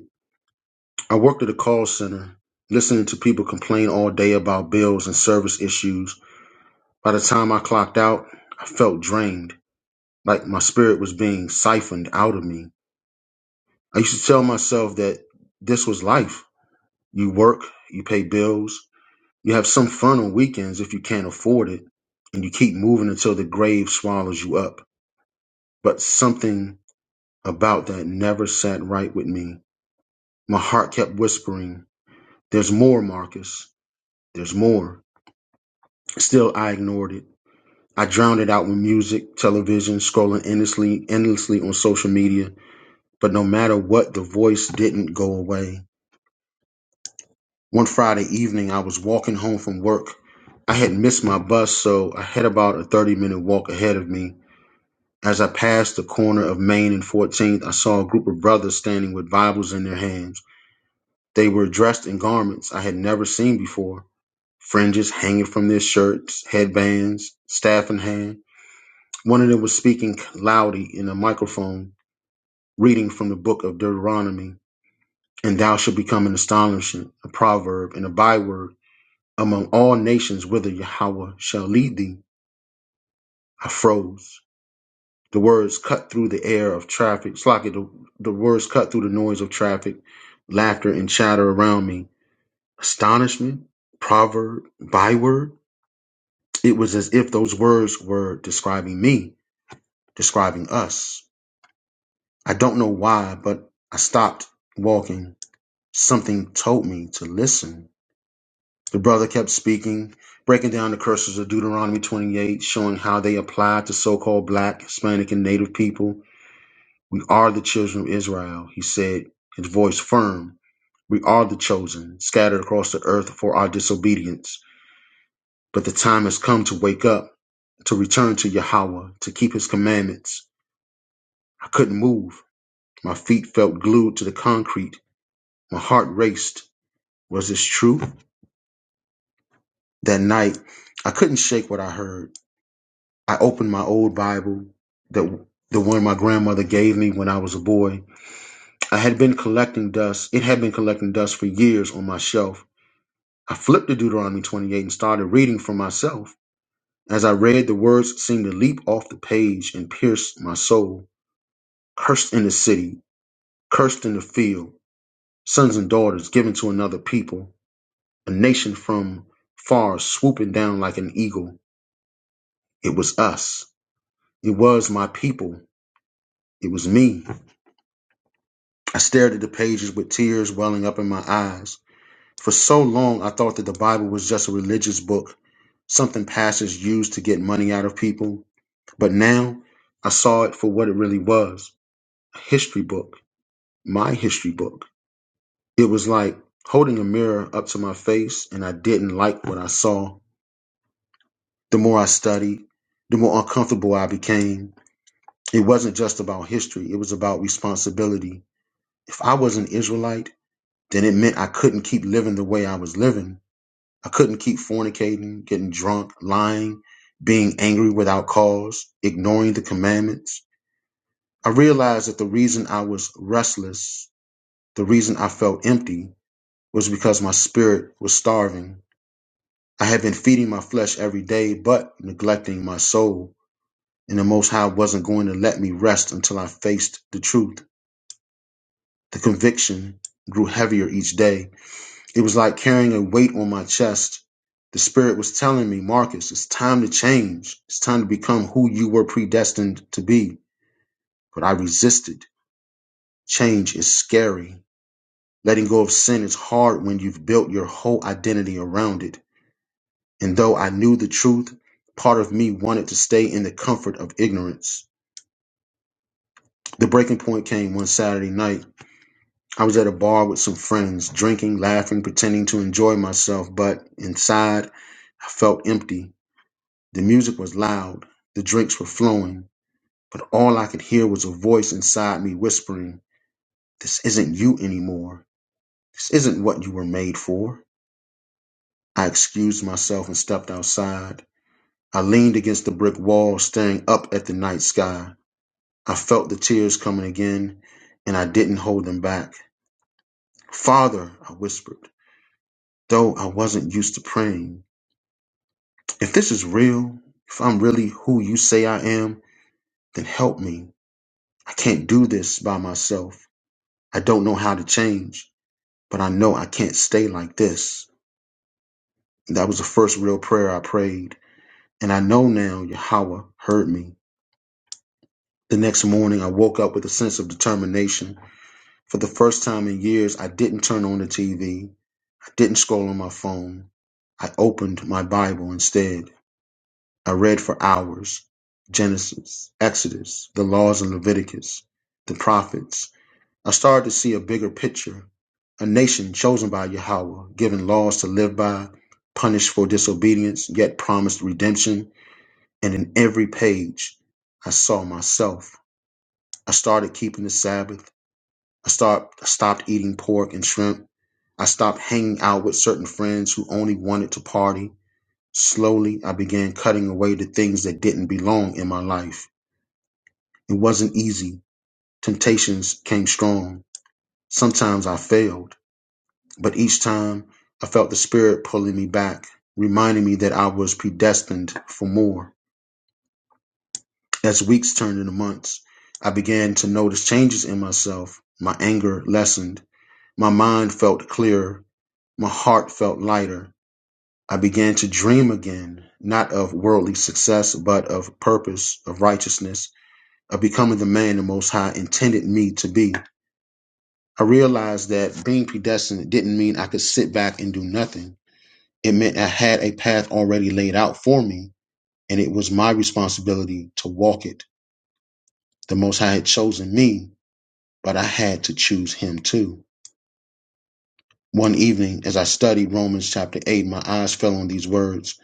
[SPEAKER 1] I worked at a call center, listening to people complain all day about bills and service issues. By the time I clocked out, I felt drained, like my spirit was being siphoned out of me. I used to tell myself that this was life. You work, you pay bills, you have some fun on weekends if you can't afford it, and you keep moving until the grave swallows you up. But something about that never sat right with me. My heart kept whispering, There's more, Marcus. There's more. But still, I ignored it. I drowned it out with music, television, scrolling endlessly, endlessly on social media. But no matter what, the voice didn't go away. One Friday evening, I was walking home from work. I had missed my bus, so I had about a 30 minute walk ahead of me. As I passed the corner of Main and 14th, I saw a group of brothers standing with Bibles in their hands. They were dressed in garments I had never seen before fringes hanging from their shirts, headbands, staff in hand. One of them was speaking loudly in a microphone, reading from the book of Deuteronomy, and thou shalt become an astonishment, a proverb, and a byword among all nations whither Yahweh shall lead thee. I froze. The words cut through the air of traffic. Slocky, the, the words cut through the noise of traffic, laughter and chatter around me. Astonishment, proverb, byword. It was as if those words were describing me, describing us. I don't know why, but I stopped walking. Something told me to listen. The brother kept speaking, breaking down the curses of Deuteronomy 28, showing how they apply to so called black, Hispanic, and Native people. We are the children of Israel, he said, his voice firm. We are the chosen, scattered across the earth for our disobedience. But the time has come to wake up, to return to Yahweh, to keep his commandments. I couldn't move. My feet felt glued to the concrete. My heart raced. Was this true? That night, I couldn't shake what I heard. I opened my old Bible, the, the one my grandmother gave me when I was a boy. I had been collecting dust. It had been collecting dust for years on my shelf. I flipped to Deuteronomy 28 and started reading for myself. As I read, the words seemed to leap off the page and pierce my soul. Cursed in the city, cursed in the field, sons and daughters given to another people, a nation from far swooping down like an eagle. It was us. It was my people. It was me. I stared at the pages with tears welling up in my eyes. For so long, I thought that the Bible was just a religious book, something pastors used to get money out of people. But now, I saw it for what it really was a history book, my history book. It was like holding a mirror up to my face, and I didn't like what I saw. The more I studied, the more uncomfortable I became. It wasn't just about history, it was about responsibility. If I was an Israelite, then it meant I couldn't keep living the way I was living. I couldn't keep fornicating, getting drunk, lying, being angry without cause, ignoring the commandments. I realized that the reason I was restless, the reason I felt empty, was because my spirit was starving. I had been feeding my flesh every day, but neglecting my soul. And the Most High wasn't going to let me rest until I faced the truth. The conviction grew heavier each day. It was like carrying a weight on my chest. The spirit was telling me, Marcus, it's time to change. It's time to become who you were predestined to be. But I resisted. Change is scary. Letting go of sin is hard when you've built your whole identity around it. And though I knew the truth, part of me wanted to stay in the comfort of ignorance. The breaking point came one Saturday night. I was at a bar with some friends, drinking, laughing, pretending to enjoy myself, but inside I felt empty. The music was loud, the drinks were flowing, but all I could hear was a voice inside me whispering, This isn't you anymore. This isn't what you were made for. I excused myself and stepped outside. I leaned against the brick wall, staring up at the night sky. I felt the tears coming again, and I didn't hold them back. Father, I whispered, though I wasn't used to praying, if this is real, if I'm really who you say I am, then help me. I can't do this by myself. I don't know how to change, but I know I can't stay like this. That was the first real prayer I prayed, and I know now Yahweh heard me. The next morning, I woke up with a sense of determination. For the first time in years, I didn't turn on the TV. I didn't scroll on my phone. I opened my Bible instead. I read for hours Genesis, Exodus, the laws in Leviticus, the prophets, I started to see a bigger picture, a nation chosen by Yahweh, given laws to live by, punished for disobedience, yet promised redemption. And in every page, I saw myself. I started keeping the Sabbath. I start, stopped eating pork and shrimp. I stopped hanging out with certain friends who only wanted to party. Slowly, I began cutting away the things that didn't belong in my life. It wasn't easy. Temptations came strong. Sometimes I failed. But each time I felt the Spirit pulling me back, reminding me that I was predestined for more. As weeks turned into months, I began to notice changes in myself. My anger lessened. My mind felt clearer. My heart felt lighter. I began to dream again, not of worldly success, but of purpose, of righteousness, of becoming the man the Most High intended me to be. I realized that being predestined didn't mean I could sit back and do nothing. It meant I had a path already laid out for me, and it was my responsibility to walk it. The Most High had chosen me, but I had to choose Him too. One evening, as I studied Romans chapter 8, my eyes fell on these words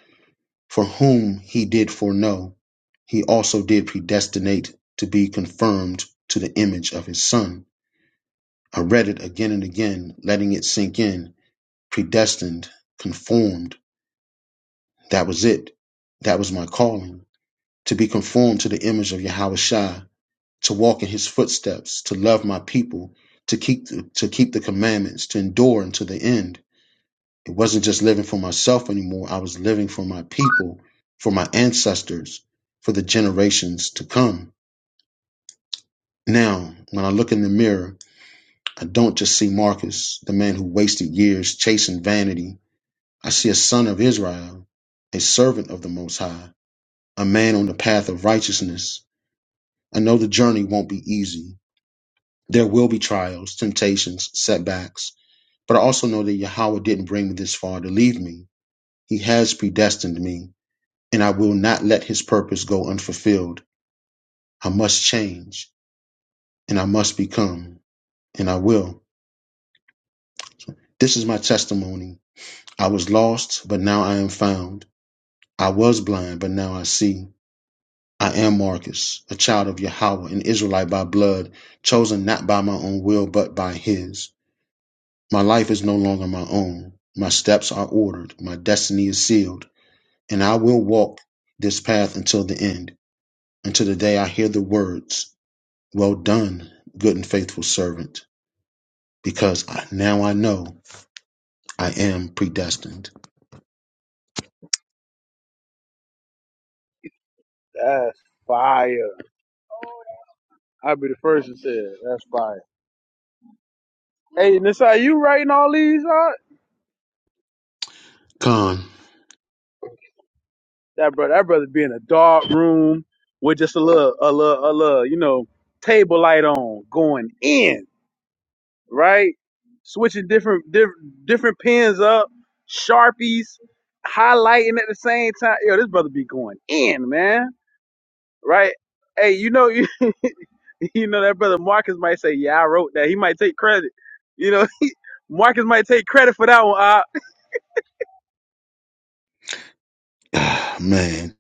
[SPEAKER 1] For whom He did foreknow, He also did predestinate to be conformed to the image of His Son. I read it again and again, letting it sink in. Predestined, conformed, that was it. That was my calling. to be conformed to the image of Yahushua, to walk in his footsteps, to love my people, to keep the, to keep the commandments, to endure unto the end. It wasn't just living for myself anymore. I was living for my people, for my ancestors, for the generations to come. Now, when I look in the mirror, I don't just see Marcus, the man who wasted years chasing vanity. I see a son of Israel, a servant of the Most High, a man on the path of righteousness. I know the journey won't be easy. There will be trials, temptations, setbacks, but I also know that Yahweh didn't bring me this far to leave me. He has predestined me, and I will not let his purpose go unfulfilled. I must change, and I must become, and I will. This is my testimony. I was lost, but now I am found. I was blind, but now I see. I am Marcus, a child of Yahweh, an Israelite by blood, chosen not by my own will, but by his. My life is no longer my own. My steps are ordered. My destiny is sealed. And I will walk this path until the end, until the day I hear the words, Well done, good and faithful servant, because I, now I know I am predestined.
[SPEAKER 13] That's fire. I'll be the first to say it. That's fire. Hey, Nasai, you writing all these? Huh?
[SPEAKER 1] Con,
[SPEAKER 13] That brother, that brother be in a dark room with just a little, a little, a little, you know, table light on, going in, right? Switching different, diff, different pens up, sharpies, highlighting at the same time. Yo, this brother be going in, man, right? Hey, you know, you, you know that brother Marcus might say, "Yeah, I wrote that." He might take credit. You know, Marcus might take credit for that one. Ah,
[SPEAKER 1] ah, man.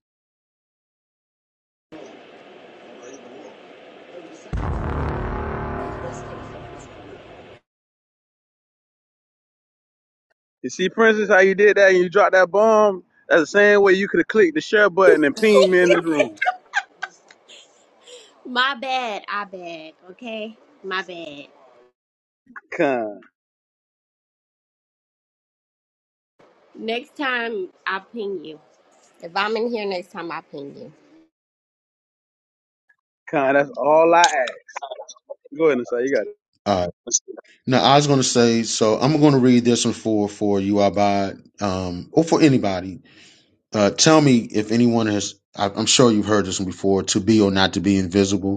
[SPEAKER 13] you see, for instance, how you did that and you dropped that bomb. That's the same way you could have clicked the share button and pinged me in this room.
[SPEAKER 5] My bad. I bad. Okay. My bad.
[SPEAKER 13] Con,
[SPEAKER 5] Next time I'll ping you. If I'm in here next time, I'll ping you.
[SPEAKER 13] con, that's all I ask. Go ahead and say you got it.
[SPEAKER 1] All right. Now, I was going to say, so I'm going to read this one for, for you, Abad, um, or for anybody. Uh, tell me if anyone has, I, I'm sure you've heard this one before, to be or not to be invisible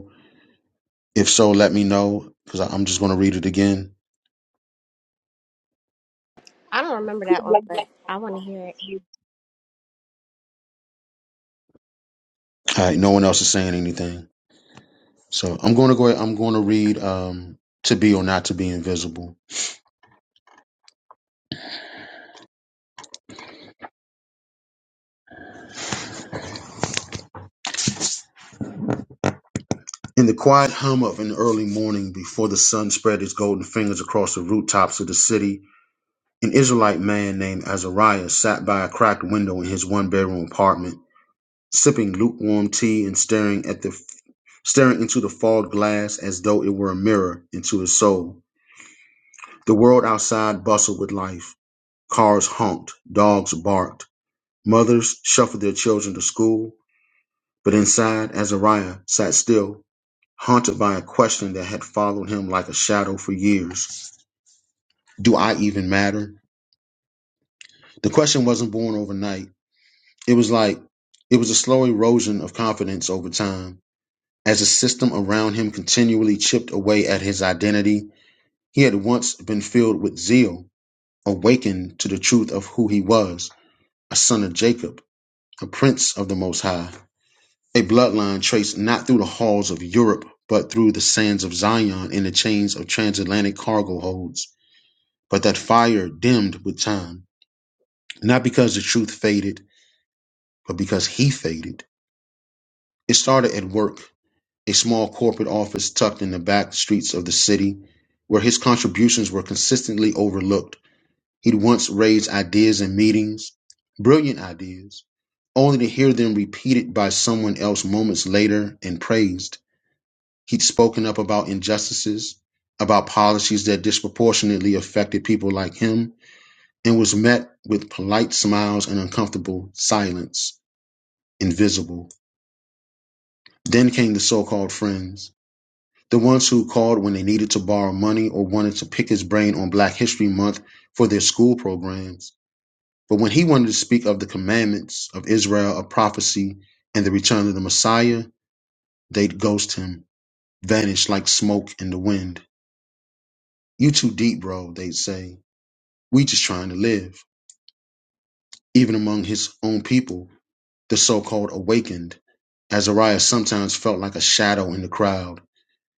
[SPEAKER 1] If so, let me know because I'm just going to read it again.
[SPEAKER 5] I don't remember that one, but I want to hear it.
[SPEAKER 1] All right, no one else is saying anything. So I'm going to go ahead, I'm going to read um, To Be or Not to Be Invisible. In the quiet hum of an early morning before the sun spread its golden fingers across the rooftops of the city, an Israelite man named Azariah sat by a cracked window in his one bedroom apartment, sipping lukewarm tea and staring at the staring into the fogged glass as though it were a mirror into his soul. The world outside bustled with life. Cars honked, dogs barked, mothers shuffled their children to school, but inside, Azariah sat still, haunted by a question that had followed him like a shadow for years. Do I even matter? The question wasn't born overnight. It was like, it was a slow erosion of confidence over time. As the system around him continually chipped away at his identity, he had once been filled with zeal, awakened to the truth of who he was, a son of Jacob, a prince of the Most High. A bloodline traced not through the halls of Europe, but through the sands of Zion and the chains of transatlantic cargo holds. But that fire dimmed with time, not because the truth faded, but because he faded. It started at work, a small corporate office tucked in the back streets of the city, where his contributions were consistently overlooked. He'd once raised ideas in meetings, brilliant ideas, only to hear them repeated by someone else moments later and praised. He'd spoken up about injustices, about policies that disproportionately affected people like him, and was met with polite smiles and uncomfortable silence, invisible. Then came the so called friends, the ones who called when they needed to borrow money or wanted to pick his brain on Black History Month for their school programs. But when he wanted to speak of the commandments of Israel, of prophecy, and the return of the Messiah, they'd ghost him, vanish like smoke in the wind. You too deep, bro, they'd say. We just trying to live. Even among his own people, the so-called awakened, Azariah sometimes felt like a shadow in the crowd.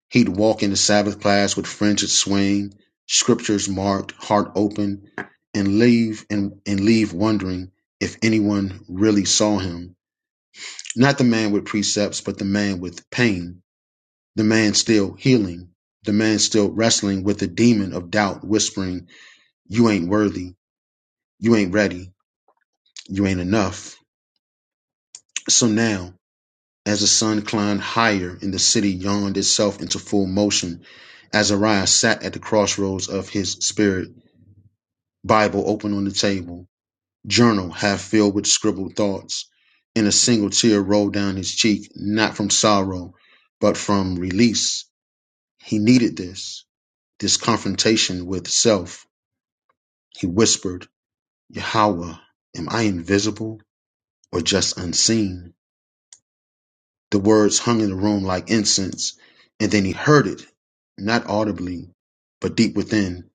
[SPEAKER 1] He'd walk into Sabbath class with fringed swing, scriptures marked, heart open, and leave and, and leave wondering if anyone really saw him. Not the man with precepts, but the man with pain, the man still healing, the man still wrestling with the demon of doubt whispering, You ain't worthy, you ain't ready, you ain't enough. So now, as the sun climbed higher and the city yawned itself into full motion, Azariah sat at the crossroads of his spirit, Bible open on the table, journal half filled with scribbled thoughts, and a single tear rolled down his cheek, not from sorrow, but from release. He needed this, this confrontation with self. He whispered, Yahweh, am I invisible or just unseen? The words hung in the room like incense, and then he heard it, not audibly, but deep within,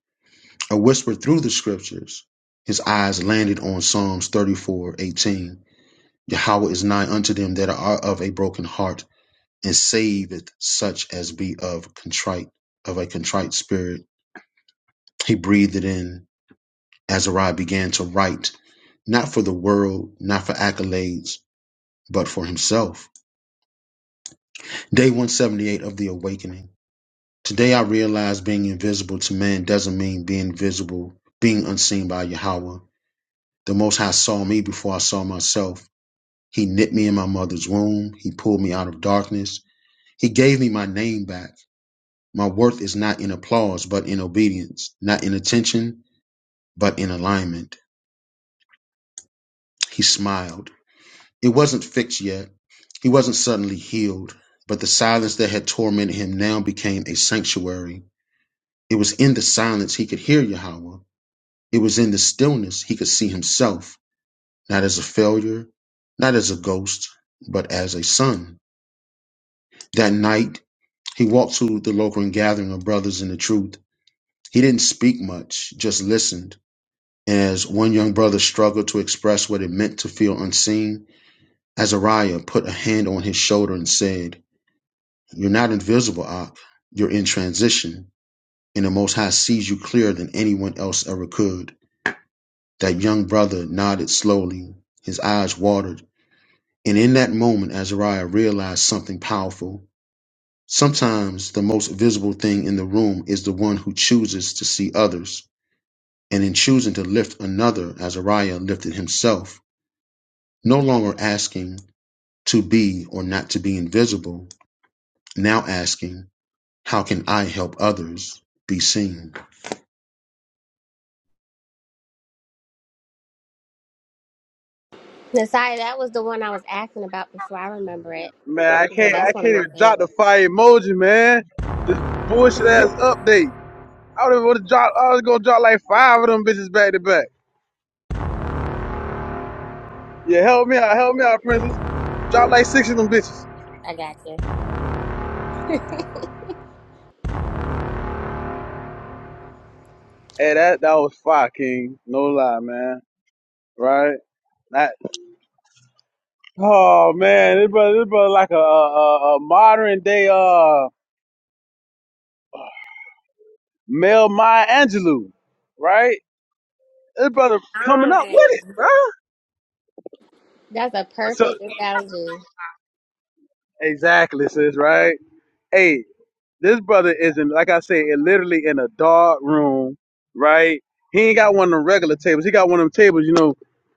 [SPEAKER 1] a whisper through the scriptures. His eyes landed on Psalms thirty-four eighteen. Yahweh is nigh unto them that are of a broken heart, and saveth such as be of contrite, of a contrite spirit. He breathed it in. Azariah began to write, not for the world, not for accolades, but for himself. Day 178 of the awakening. Today I realize being invisible to man doesn't mean being visible, being unseen by Yahweh. The Most High saw me before I saw myself. He knit me in my mother's womb. He pulled me out of darkness. He gave me my name back. My worth is not in applause, but in obedience, not in attention, but in alignment. He smiled. It wasn't fixed yet. He wasn't suddenly healed, but the silence that had tormented him now became a sanctuary. It was in the silence he could hear Yahweh. It was in the stillness he could see himself, not as a failure, not as a ghost, but as a son. That night, he walked to the local gathering of brothers in the truth. He didn't speak much, just listened. As one young brother struggled to express what it meant to feel unseen, Azariah put a hand on his shoulder and said, You're not invisible, Ak. You're in transition, and the Most High sees you clearer than anyone else ever could. That young brother nodded slowly. His eyes watered And in that moment, Azariah realized something powerful. Sometimes the most visible thing in the room is the one who chooses to see others. And in choosing to lift another, Azariah lifted himself, no longer asking to be or not to be invisible, now asking, How can I help others be seen?
[SPEAKER 5] Nasiah, that was the one I was asking about before. I remember it.
[SPEAKER 13] Man, I
[SPEAKER 5] Yeah,
[SPEAKER 13] can't
[SPEAKER 5] that's
[SPEAKER 13] I
[SPEAKER 5] one of
[SPEAKER 13] can't
[SPEAKER 5] my
[SPEAKER 13] even drop the
[SPEAKER 5] favorites.
[SPEAKER 13] fire emoji, man. This bullshit ass update. I would have even drop I was gonna drop like five of them bitches back to back. Yeah, help me out, help me out, princess. Drop like six of them bitches.
[SPEAKER 5] I got you.
[SPEAKER 13] Hey, that that was fire, King. No lie, man. Right? That oh man, this brother this brother like a a, a modern day uh Mel Maya Angelou, right? This brother coming up
[SPEAKER 5] Fine.
[SPEAKER 13] with it, bro.
[SPEAKER 5] That's a
[SPEAKER 13] So.
[SPEAKER 5] perfect analogy.
[SPEAKER 13] Exactly, sis, right? Hey, this brother is in, like I say, it literally in a dark room, right? He ain't got one of them regular tables. He got one of them tables, you know,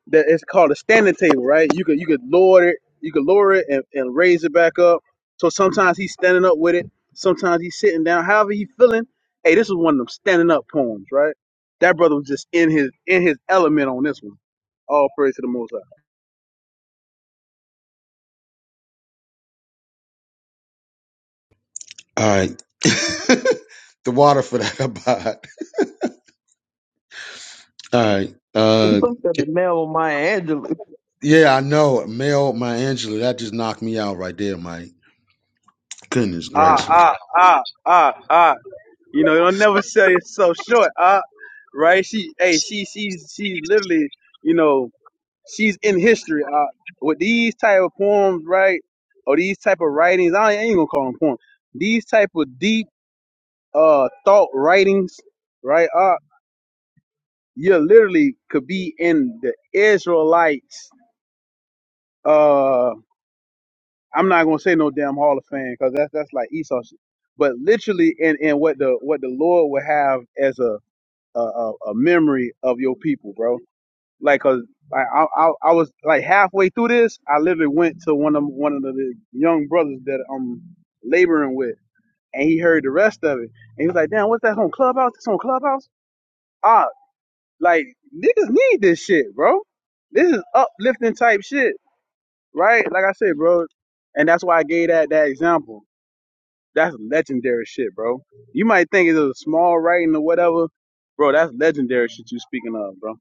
[SPEAKER 13] that it's called a standing table, right? You could you could lower it, you could lower it and, and raise it back up. So sometimes he's standing up with it, sometimes he's sitting down. However he feeling, hey, this is one of them standing up poems, right? That brother was just in his in his element on this one. All praise to the Most High.
[SPEAKER 1] All right. the water for that abide. All right. Uh,
[SPEAKER 7] Look at the mail on my Angelou.
[SPEAKER 1] yeah, I know. Mel, my Angela, that just knocked me out right there, Mike. Goodness
[SPEAKER 13] Ah,
[SPEAKER 1] gracious.
[SPEAKER 13] ah, ah, ah, ah. You know, don't never sell yourself short, uh, right? She, hey, she, she's, she's literally, you know, she's in history, uh, with these type of poems, right? Or these type of writings, I ain't, I ain't gonna call them poems. These type of deep, uh, thought writings, right? Uh, you literally could be in the Israelites. Uh, I'm not gonna say no damn Hall of Fame because that's that's like Esau shit. But literally, in in what the what the Lord would have as a a, a, a memory of your people, bro. Like, cause I, I I was like halfway through this, I literally went to one of one of the young brothers that I'm laboring with, and he heard the rest of it, and he was like, "Damn, what's that on Clubhouse? This on Clubhouse? Ah, like niggas need this shit, bro. This is uplifting type shit, right? Like I said, bro, and that's why I gave that that example. That's legendary shit, bro. You might think it's a small writing or whatever, bro. That's legendary shit you speaking of, bro.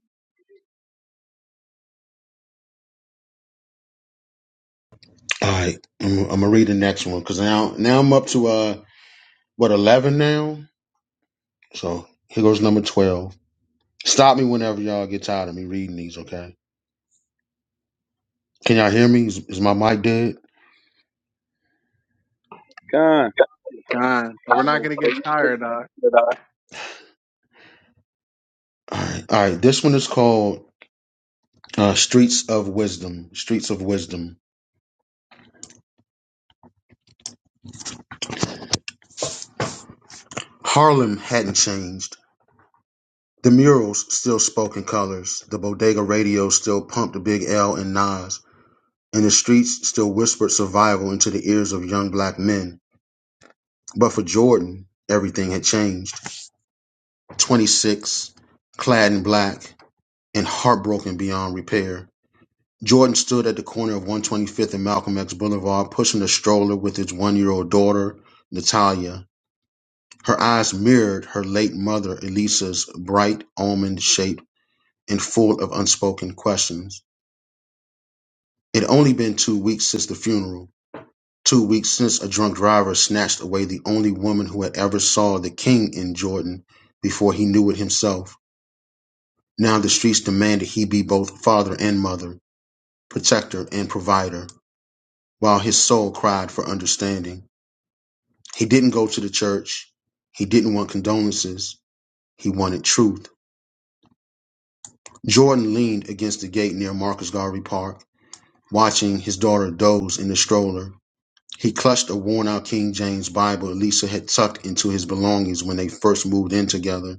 [SPEAKER 1] All right, I'm, I'm gonna read the next one because now now I'm up to uh what eleven now. So here goes number twelve. Stop me whenever y'all get tired of me reading these. Okay? Can y'all hear me? Is, is my mic dead?
[SPEAKER 13] God.
[SPEAKER 3] God, but we're
[SPEAKER 1] All
[SPEAKER 3] not gonna get tired. Doc.
[SPEAKER 1] right, all right. This one is called uh, "Streets of Wisdom." Streets of Wisdom. Harlem hadn't changed. The murals still spoke in colors. The bodega radio still pumped the Big L and Nas, and the streets still whispered survival into the ears of young black men. But for Jordan, everything had changed. 26, clad in black, and heartbroken beyond repair. Jordan stood at the corner of 125th and Malcolm X Boulevard, pushing a stroller with his one year old daughter, Natalia. Her eyes mirrored her late mother, Elisa's bright almond shape and full of unspoken questions. It had only been two weeks since the funeral, two weeks since a drunk driver snatched away the only woman who had ever saw the king in Jordan before he knew it himself. Now the streets demanded he be both father and mother, protector and provider, while his soul cried for understanding. He didn't go to the church. He didn't want condolences. He wanted truth. Jordan leaned against the gate near Marcus Garvey Park, watching his daughter doze in the stroller. He clutched a worn out King James Bible Lisa had tucked into his belongings when they first moved in together.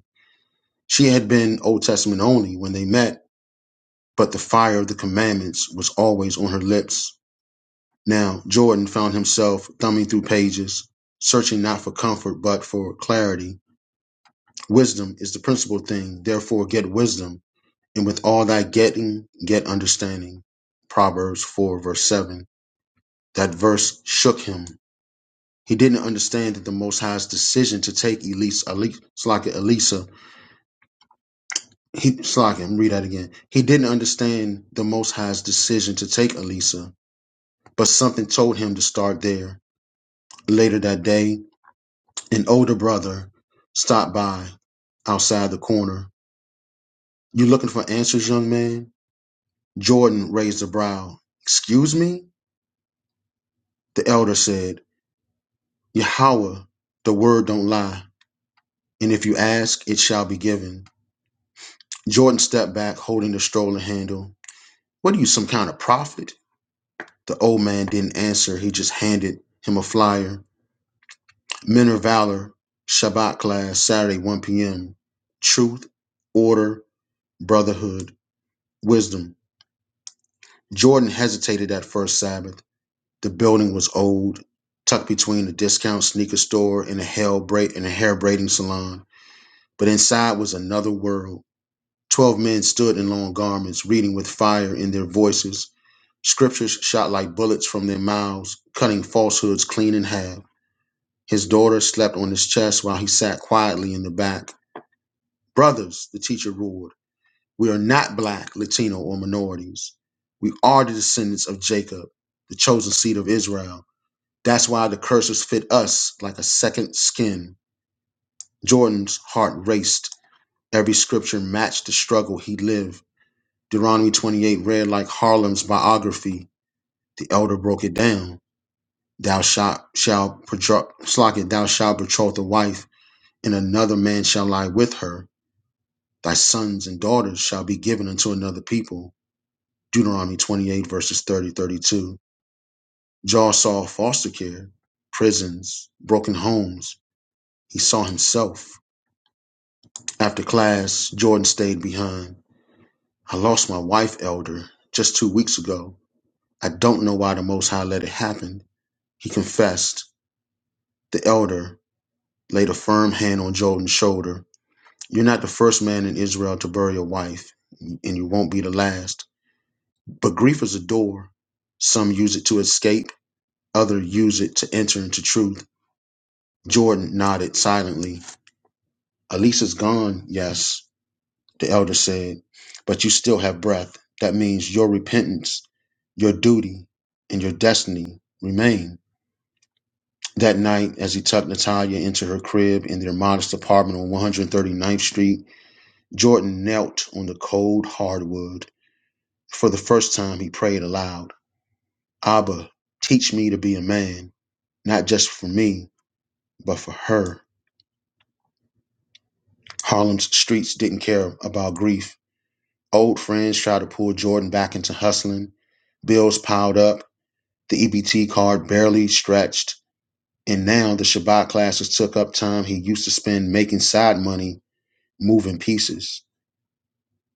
[SPEAKER 1] She had been Old Testament only when they met, but the fire of the commandments was always on her lips. Now Jordan found himself thumbing through pages, searching not for comfort, but for clarity. Wisdom is the principal thing. Therefore, get wisdom, and with all thy getting, get understanding. Proverbs 4, verse 7. That verse shook him. He didn't understand that the Most High's decision to take Elisa, Slaka Elisa, he, Slaka, let me read that again. He didn't understand the Most High's decision to take Elisa, but something told him to start there. Later that day, An older brother stopped by outside the corner. You looking for answers, young man? Jordan raised a brow. Excuse me? The elder said, Yahweh, the word don't lie, and if you ask, it shall be given. Jordan stepped back, holding the stroller handle. What are you, some kind of prophet? The old man didn't answer. He just handed him a flyer. Men of Valor, Shabbat class, Saturday, 1 p.m. Truth, order, brotherhood, wisdom. Jordan hesitated that first Sabbath. The building was old, tucked between a discount sneaker store and a, hell bra- and a hair braiding salon. But inside was another world. Twelve men stood in long garments, reading with fire in their voices. Scriptures shot like bullets from their mouths, cutting falsehoods clean in half. His daughter slept on his chest while he sat quietly in the back. Brothers, the teacher roared. We are not black, Latino, or minorities. We are the descendants of Jacob, the chosen seed of Israel. That's why the curses fit us like a second skin. Jordan's heart raced. Every scripture matched the struggle he lived. Deuteronomy 28 read like Harlem's biography. The elder broke it down. Thou shalt shalt betroth slock it, thou shalt betroth a wife, and another man shall lie with her. Thy sons and daughters shall be given unto another people Deuteronomy 28, verses 30, 32. Joel saw foster care, prisons, broken homes. He saw himself. After class, Jordan stayed behind. I lost my wife, Elder, just two weeks ago. I don't know why the Most High let it happen. He confessed. The Elder laid a firm hand on Jordan's shoulder. You're not the first man in Israel to bury a wife, and you won't be the last. But grief is a door. Some use it to escape, others use it to enter into truth. Jordan nodded silently. Elisa's gone, yes, the elder said, but you still have breath. That means your repentance, your duty, and your destiny remain. That night, as he tucked Natalia into her crib in their modest apartment on 139th Street, Jordan knelt on the cold hardwood. For the first time, he prayed aloud Abba, teach me to be a man, not just for me, but for her. Harlem's streets didn't care about grief Old friends tried to pull Jordan back into hustling. Bills piled up. The EBT card barely stretched. And now the Shabbat classes took up time he used to spend making side money, moving pieces.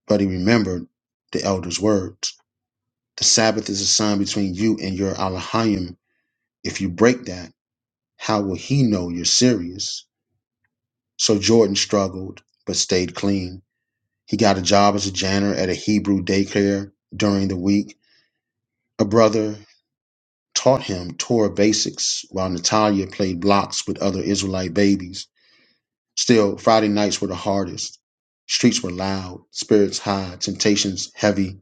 [SPEAKER 1] But he remembered the elder's words. The Sabbath is a sign between you and your Alahayim. If you break that, how will he know you're serious? So Jordan struggled, but stayed clean. He got a job as a janitor at a Hebrew daycare during the week. A brother taught him Torah basics while Natalia played blocks with other Israelite babies. Still, Friday nights were the hardest. Streets were loud, spirits high, temptations heavy,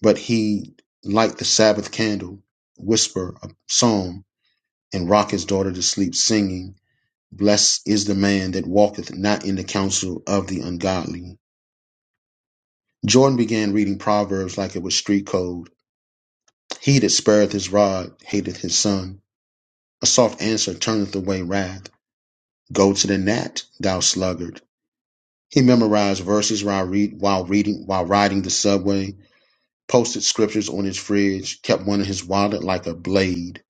[SPEAKER 1] but he light the Sabbath candle, whisper a psalm, and rock his daughter to sleep singing, Blessed is the man that walketh not in the counsel of the ungodly. Jordan began reading Proverbs like it was street code. He that spareth his rod hateth his son. A soft answer turneth away wrath. Go to the gnat, thou sluggard. He memorized verses while read while reading while riding the subway, posted scriptures on his fridge, kept one in his wallet like a blade.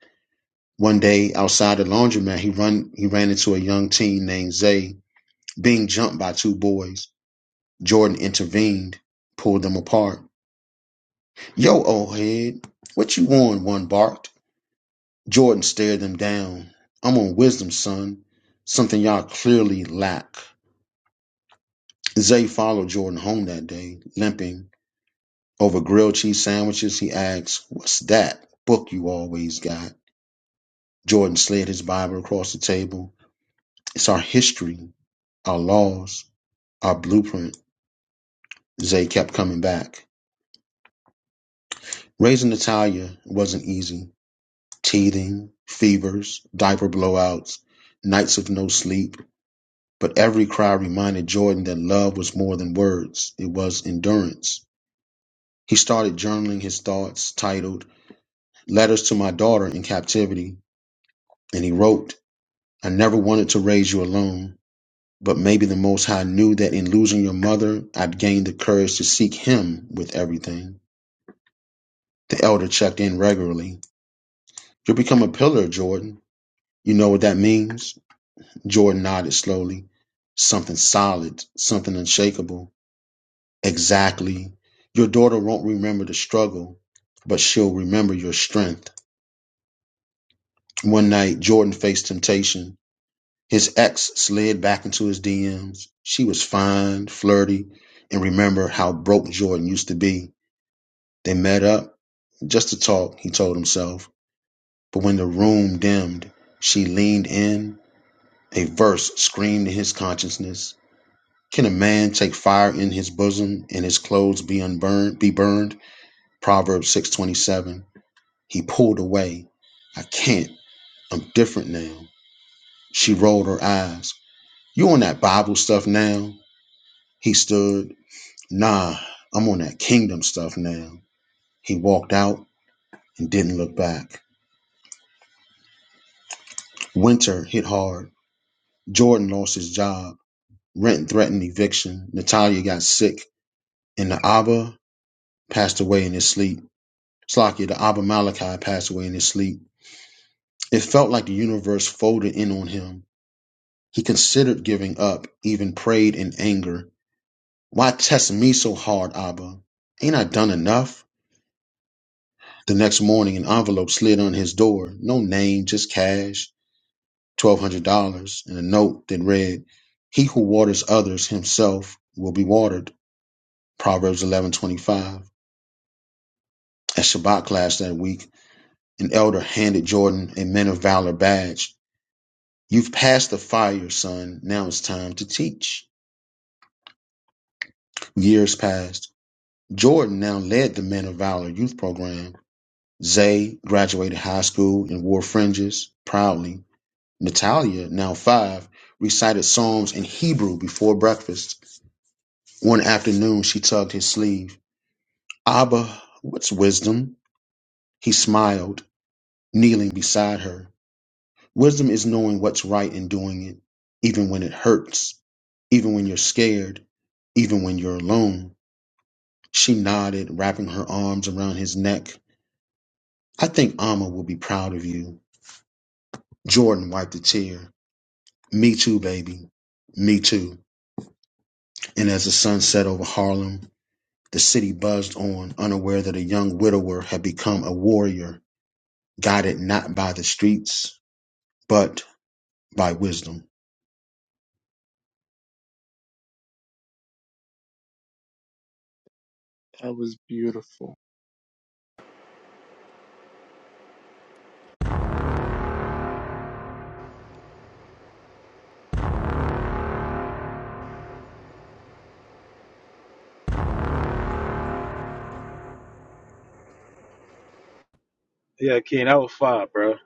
[SPEAKER 1] One day outside the laundromat, he run he ran into a young teen named Zay being jumped by two boys. Jordan intervened, pulled them apart. Yo, old head, what you on? One barked. Jordan stared them down. I'm on wisdom, son. Something y'all clearly lack. Zay followed Jordan home that day, limping. Over grilled cheese sandwiches, he asked, What's that book you always got? Jordan slid his Bible across the table. It's our history, our laws, our blueprint. Zay kept coming back. Raising Natalia wasn't easy. Teething, fevers, diaper blowouts, nights of no sleep. But every cry reminded Jordan that love was more than words. It was endurance. He started journaling his thoughts, titled Letters to my daughter in captivity. And he wrote, I never wanted to raise you alone, but maybe the Most High knew that in losing your mother, I'd gained the courage to seek him with everything. The elder checked in regularly. You'll become a pillar, Jordan. You know what that means? Jordan nodded slowly. Something solid, something unshakable. Exactly. Your daughter won't remember the struggle, but she'll remember your strength. One night, Jordan faced temptation. His ex slid back into his DMs. She was fine, flirty, and remember how broke Jordan used to be. They met up just to talk, he told himself. But when the room dimmed, she leaned in. A verse screamed in his consciousness. Can a man take fire in his bosom and his clothes be unburned be burned? Proverbs six twenty seven. He pulled away. I can't. I'm different now. She rolled her eyes. You on that Bible stuff now? He stood. Nah, I'm on that kingdom stuff now. He walked out and didn't look back. Winter hit hard. Jordan lost his job. Rent threatened eviction. Natalia got sick. And the Abba passed away in his sleep. Slakia, the Abba Malachi, passed away in his sleep. It felt like the universe folded in on him. He considered giving up, even prayed in anger. Why test me so hard, Abba? Ain't I done enough? The next morning, an envelope slid on his door. No name, just cash. twelve hundred dollars and a note that read, He who waters others himself will be watered. Proverbs eleven twenty five. At Shabbat class that week, an elder handed Jordan a Men of Valor badge. You've passed the fire, son. Now it's time to teach. Years passed. Jordan now led the Men of Valor youth program. Zay graduated high school and wore fringes proudly. Natalia, now five, recited Psalms in Hebrew before breakfast. One afternoon she tugged his sleeve. Abba, what's wisdom? He smiled, kneeling beside her. Wisdom is knowing what's right and doing it, even when it hurts, even when you're scared, even when you're alone. She nodded, wrapping her arms around his neck. I think Amma will be proud of you. Jordan wiped a tear. Me too, baby. Me too. And as the sun set over Harlem, the city buzzed on, unaware that a young widower had become a warrior guided not by the streets, but by wisdom.
[SPEAKER 3] That was beautiful.
[SPEAKER 13] Yeah, King, that was fire, bro.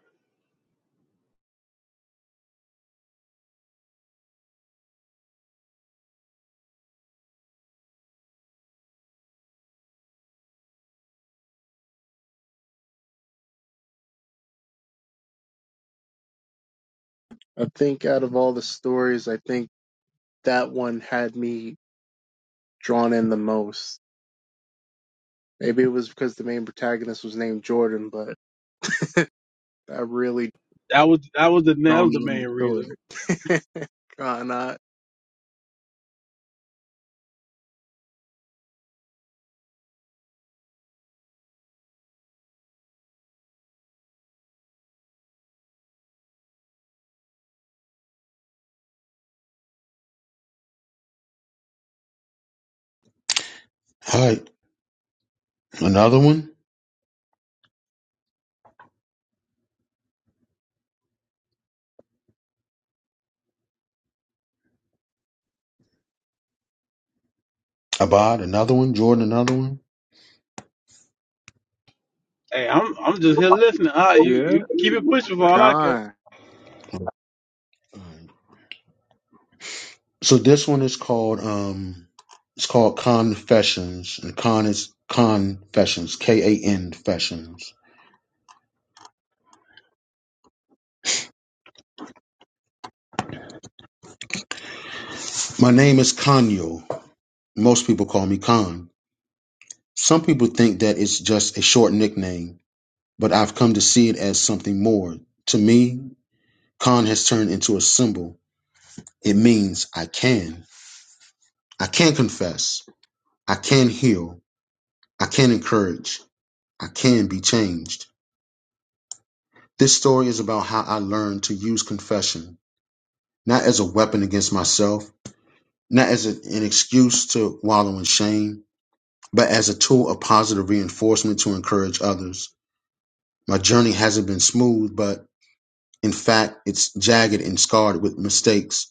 [SPEAKER 3] I think out of all the stories, I think that one had me drawn in the most. Maybe it was because the main protagonist was named Jordan, but that really
[SPEAKER 13] That was that was the that
[SPEAKER 3] drawn
[SPEAKER 13] was the
[SPEAKER 3] me in the
[SPEAKER 13] main reason.
[SPEAKER 3] story. Con, I,
[SPEAKER 1] All right, another one. Abad, another one. Jordan, another one.
[SPEAKER 13] Hey, I'm I'm just here listening. Ah, you
[SPEAKER 3] yeah,
[SPEAKER 13] you keep it
[SPEAKER 1] All
[SPEAKER 13] pushing for all I care.
[SPEAKER 3] Con.
[SPEAKER 1] right. So this one is called um, it's called Confessions, and Con is Confessions, K A N Confessions. My name is Kanyo. Most people call me Khan. Some people think that it's just a short nickname, but I've come to see it as something more. To me, Khan has turned into a symbol. It means I can. I can confess. I can heal. I can encourage. I can be changed. This story is about how I learned to use confession, not as a weapon against myself, not as a- an excuse to wallow in shame, but as a tool of positive reinforcement to encourage others. My journey hasn't been smooth, but in fact, it's jagged and scarred with mistakes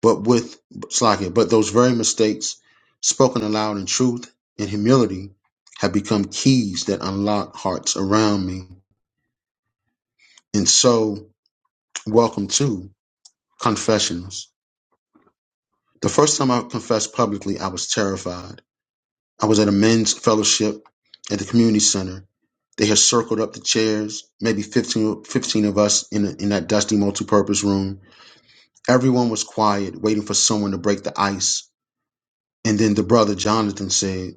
[SPEAKER 1] But with Slakia, but those very mistakes, spoken aloud in truth and humility, have become keys that unlock hearts around me. And so, welcome to confessions. The first time I confessed publicly, I was terrified. I was at a men's fellowship at the community center. They had circled up the chairs, maybe 15, 15 of us in, in that dusty multipurpose room. Everyone was quiet, waiting for someone to break the ice. And then the brother Jonathan said,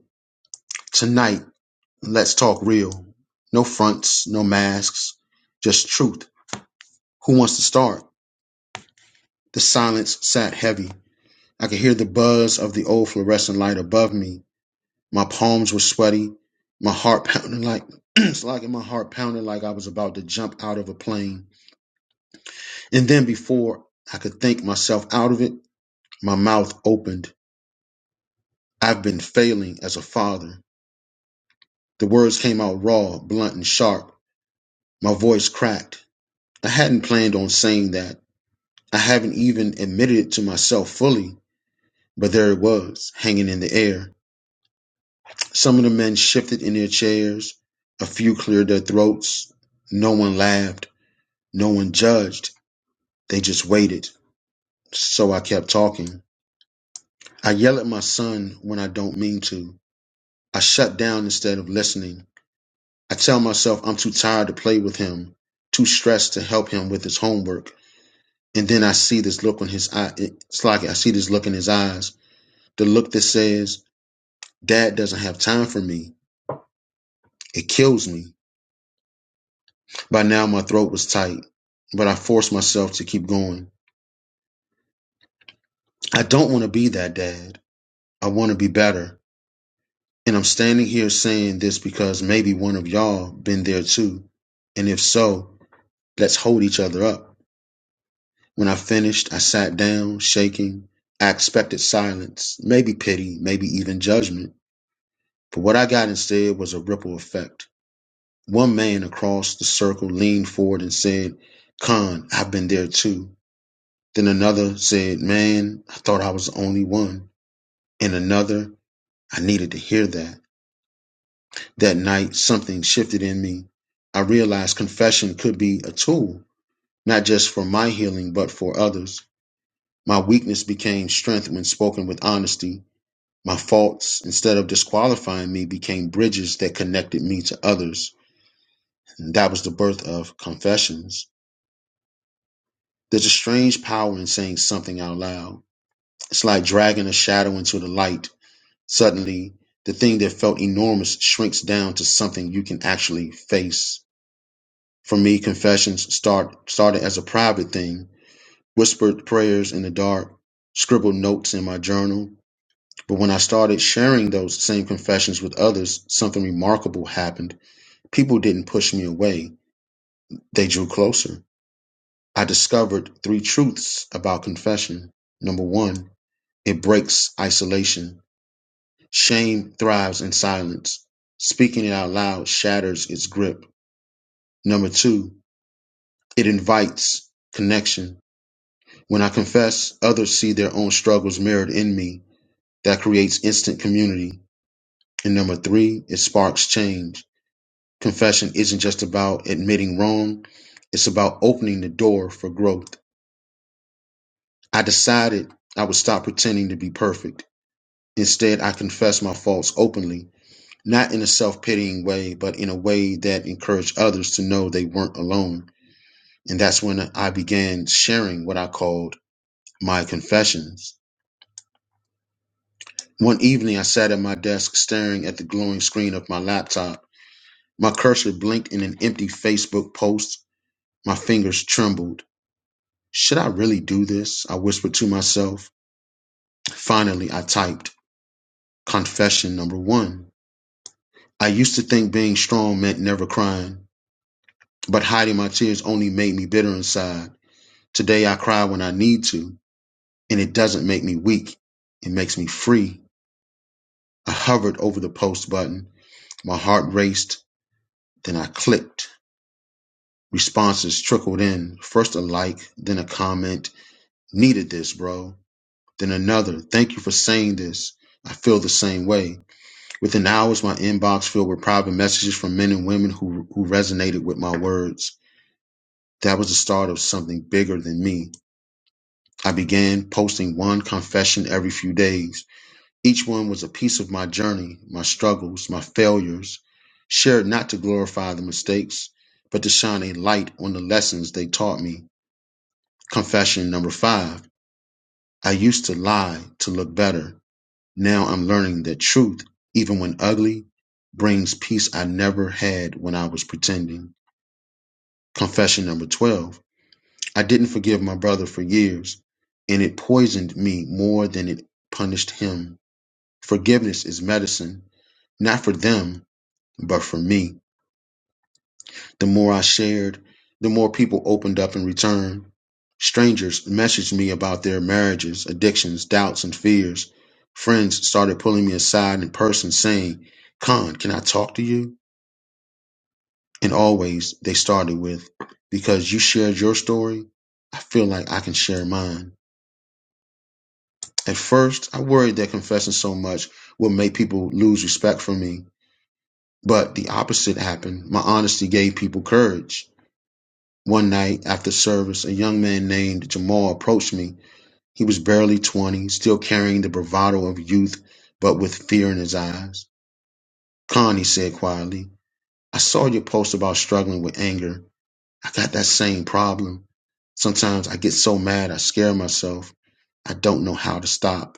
[SPEAKER 1] Tonight, Let's talk real. No fronts, no masks, just truth. Who wants to start? The silence sat heavy. I could hear the buzz of the old fluorescent light above me. My palms were sweaty, my heart pounding like it's like my heart pounded like I was about to jump out of a plane. And then before I could think myself out of it, my mouth opened. I've been failing as a father. The words came out raw, blunt and sharp. My voice cracked. I hadn't planned on saying that. I haven't even admitted it to myself fully, but there it was, hanging in the air. Some of the men shifted in their chairs. A few cleared their throats. No one laughed. No one judged. They just waited. So I kept talking. I yell at my son when I don't mean to. I shut down instead of listening. I tell myself I'm too tired to play with him, too stressed to help him with his homework. And then I see this look on his eye. It's like I see this look in his eyes. The look that says, Dad doesn't have time for me. It kills me. By now, my throat was tight, but I forced myself to keep going. I don't want to be that dad. I want to be better. And I'm standing here saying this because maybe one of y'all been there too. And if so, let's hold each other up. When I finished, I sat down, shaking. I expected silence, maybe pity, maybe even judgment. But what I got instead was a ripple effect. One man across the circle leaned forward and said, "Khan, I've been there too. Then another said, Man, I thought I was the only one. And another, I needed to hear that. That night, something shifted in me. I realized confession could be a tool, not just for my healing, but for others. My weakness became strength when spoken with honesty. My faults, instead of disqualifying me, became bridges that connected me to others. And that was the birth of confessions. There's a strange power in saying something out loud. It's like dragging a shadow into the light. Suddenly, the thing that felt enormous shrinks down to something you can actually face. For me, confessions start started as a private thing, whispered prayers in the dark, scribbled notes in my journal. But when I started sharing those same confessions with others, something remarkable happened. People didn't push me away. They drew closer. I discovered three truths about confession. Number one, It breaks isolation; shame thrives in silence; speaking it out loud shatters its grip. Number two, it invites connection. When I confess, others see their own struggles mirrored in me. That creates instant community. And number three, it sparks change. Confession isn't just about admitting wrong, it's about opening the door for growth. I decided I would stop pretending to be perfect. Instead, I confess my faults openly. not in a self pitying way, but in a way that encouraged others to know they weren't alone. And that's when I began sharing what I called my confessions. One evening, I sat at my desk staring at the glowing screen of my laptop. My cursor blinked in an empty Facebook post. My fingers trembled. Should I really do this? I whispered to myself. Finally, I typed confession number one. I used to think being strong meant never crying, but hiding my tears only made me bitter inside. Today I cry when I need to, and it doesn't make me weak. It makes me free. I hovered over the post button. My heart raced, then I clicked. Responses trickled in, first a like, then a comment. Needed this, bro. Then another. Thank you for saying this. I feel the same way. Within hours, my inbox filled with private messages from men and women who, who resonated with my words. That was the start of something bigger than me. I began posting one confession every few days. Each one was a piece of my journey, my struggles, my failures, shared not to glorify the mistakes, but to shine a light on the lessons they taught me. Confession number five I used to lie to look better. Now I'm learning that truth, even when ugly, brings peace I never had when I was pretending. Confession number 12 I didn't forgive my brother for years, and it poisoned me more than it punished him. Forgiveness is medicine, not for them But for me, the more I shared, the more people opened up in return. Strangers messaged me about their marriages, addictions, doubts, and fears. Friends started pulling me aside in person saying, Khan, can I talk to you? And always they started with, Because you shared your story, I feel like I can share mine. At first, I worried that confessing so much would make people lose respect for me. But the opposite happened. My honesty gave people courage. One night, after service, a young man named Jamal approached me. He was barely 20, still carrying the bravado of youth, but with fear in his eyes. Khan, he said quietly, I saw your post about struggling with anger. I got that same problem. Sometimes I get so mad I scare myself. I don't know how to stop.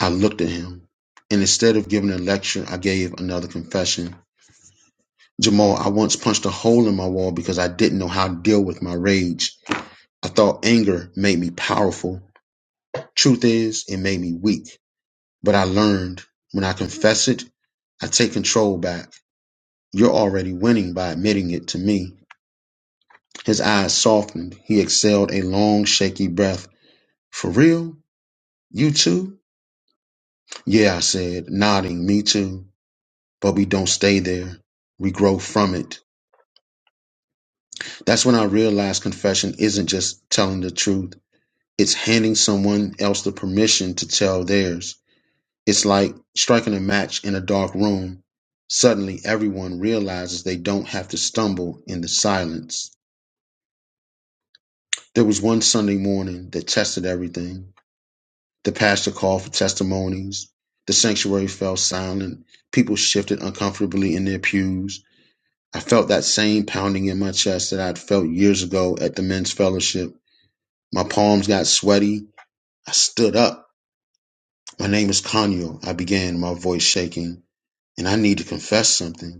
[SPEAKER 1] I looked at him, and instead of giving a lecture, I gave another confession. Jamal, I once punched a hole in my wall because I didn't know how to deal with my rage. I thought anger made me powerful. Truth is, it made me weak. But I learned when I confess it, I take control back. You're already winning by admitting it to me. His eyes softened. He exhaled a long, shaky breath. For real? You too? Yeah, I said, nodding, me too. But we don't stay there. We grow from it. That's when I realized confession isn't just telling the truth. It's handing someone else the permission to tell theirs. It's like striking a match in a dark room. Suddenly everyone realizes they don't have to stumble in the silence. There was one Sunday morning that tested everything. The pastor called for testimonies. The sanctuary fell silent. People shifted uncomfortably in their pews. I felt that same pounding in my chest that I'd felt years ago at the men's fellowship. My palms got sweaty. I stood up. My name is Kanyo, I began, my voice shaking, and I need to confess something.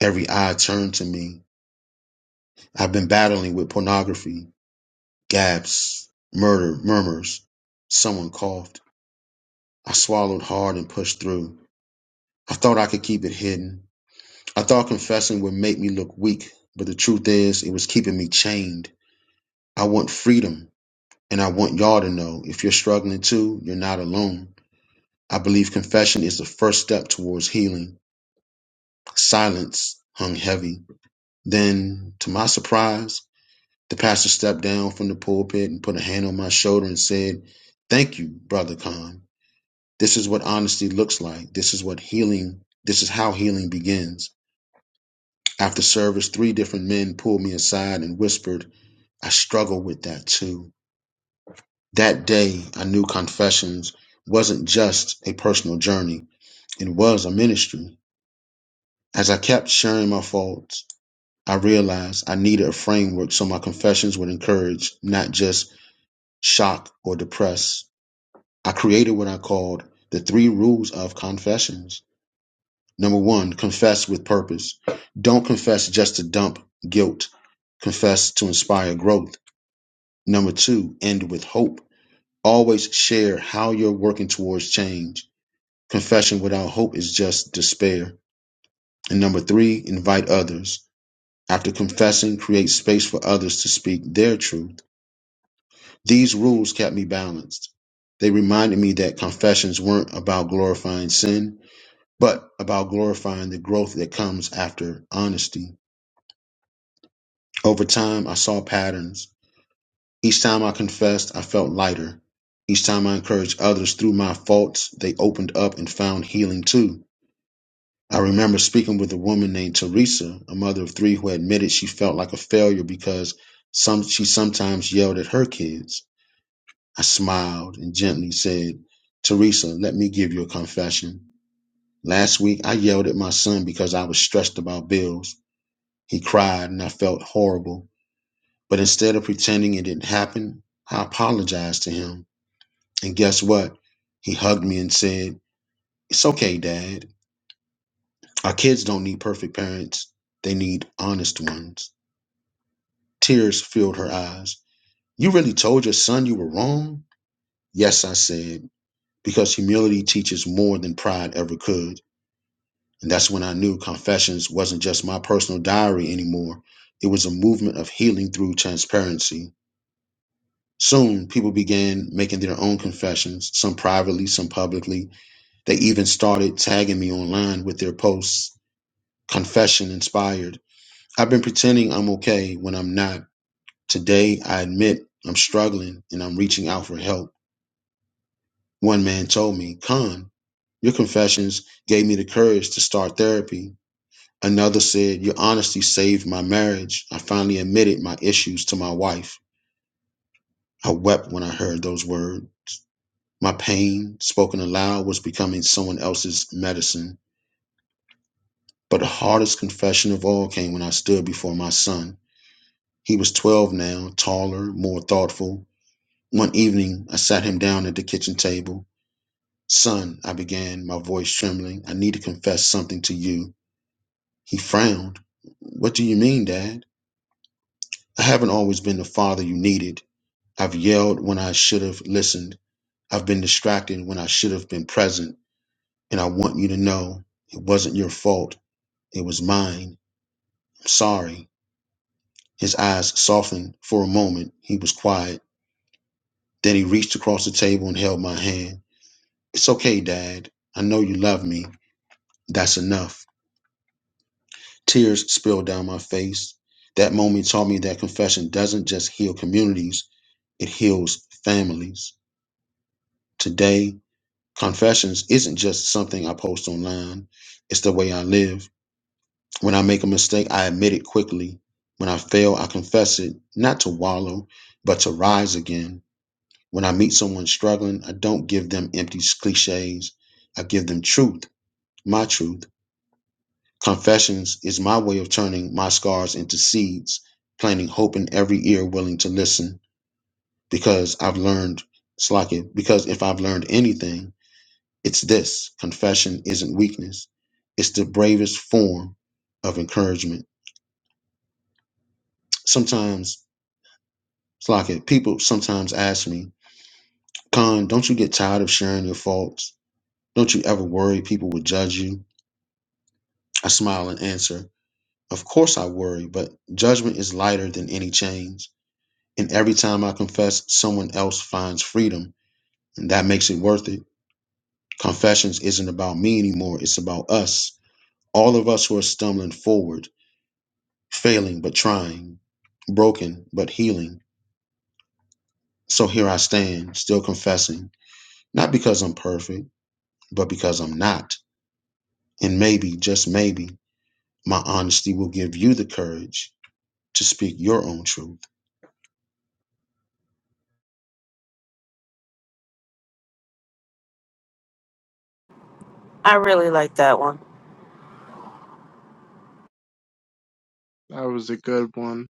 [SPEAKER 1] Every eye turned to me. I've been battling with pornography, gaps, murder, murmurs. Someone coughed. I swallowed hard and pushed through. I thought I could keep it hidden. I thought confessing would make me look weak, but the truth is, it was keeping me chained. I want freedom, and I want y'all to know if you're struggling too, you're not alone. I believe confession is the first step towards healing. Silence hung heavy. Then, to my surprise, The pastor stepped down from the pulpit and put a hand on my shoulder and said, Thank you, Brother Khan. This is what honesty looks like. This is what healing, this is how healing begins. After service, three different men pulled me aside and whispered, I struggle with that too. That day, I knew confessions wasn't just a personal journey, it was a ministry. As I kept sharing my faults, I realized I needed a framework so my confessions would encourage, not just shock or depress. I created what I called the three rules of confessions. Number one, confess with purpose. Don't confess just to dump guilt. Confess to inspire growth. Number two, end with hope. Always share how you're working towards change. Confession without hope is just despair. And number three, invite others. After confessing, create space for others to speak their truth. These rules kept me balanced. They reminded me that confessions weren't about glorifying sin but about glorifying the growth that comes after honesty. Over time, I saw patterns. Each time I confessed, I felt lighter. Each time I encouraged others through my faults, they opened up and found healing too. I remember speaking with a woman named Teresa, a mother of three who admitted she felt like a failure because some, she sometimes yelled at her kids. I smiled and gently said, Teresa, let me give you a confession. Last week, I yelled at my son because I was stressed about bills. He cried, and I felt horrible. But instead of pretending it didn't happen, I apologized to him. And guess what? He hugged me and said, It's okay, Dad. Our kids don't need perfect parents, they need honest ones. Tears filled her eyes. You really told your son you were wrong? Yes, I said, because humility teaches more than pride ever could. And that's when I knew Confessions wasn't just my personal diary anymore. It was a movement of healing through transparency. Soon, people began making their own confessions, some privately, some publicly. They even started tagging me online with their posts, confession inspired. I've been pretending I'm okay when I'm not. Today, I admit I'm struggling and I'm reaching out for help. One man told me, Khan, your confessions gave me the courage to start therapy. Another said, Your honesty saved my marriage. I finally admitted my issues to my wife. I wept when I heard those words. My pain, spoken aloud, was becoming someone else's medicine. But the hardest confession of all came when I stood before my son. He was 12 now, taller, more thoughtful. One evening, I sat him down at the kitchen table. Son, I began, my voice trembling, I need to confess something to you. He frowned. What do you mean, Dad? I haven't always been the father you needed. I've yelled when I should have listened. I've been distracted when I should have been present. And I want you to know it wasn't your fault. It was mine. I'm sorry. His eyes softened for a moment. He was quiet. Then he reached across the table and held my hand. It's okay, Dad. I know you love me. That's enough. Tears spilled down my face. That moment taught me that confession doesn't just heal communities, it heals families. Today, confessions isn't just something I post online, it's the way I live. When I make a mistake, I admit it quickly. When I fail, I confess it, not to wallow, but to rise again. When I meet someone struggling, I don't give them empty cliches. I give them truth, my truth. Confessions is my way of turning my scars into seeds, planting hope in every ear willing to listen. Because I've learned, it's like it, because if I've learned anything, it's this confession isn't weakness, it's the bravest form of encouragement. Sometimes Slocket, people sometimes ask me, Khan, don't you get tired of sharing your faults? Don't you ever worry people will judge you? I smile and answer, Of course I worry, but judgment is lighter than any chains. And every time I confess, someone else finds freedom, and that makes it worth it. Confessions isn't about me anymore, it's about us. All of us who are stumbling forward, failing but trying, broken but healing. So here I stand, still confessing, not because I'm perfect, but because I'm not. And maybe, just maybe, my honesty will give you the courage to speak your own truth.
[SPEAKER 9] I really like that one.
[SPEAKER 3] That was a good one.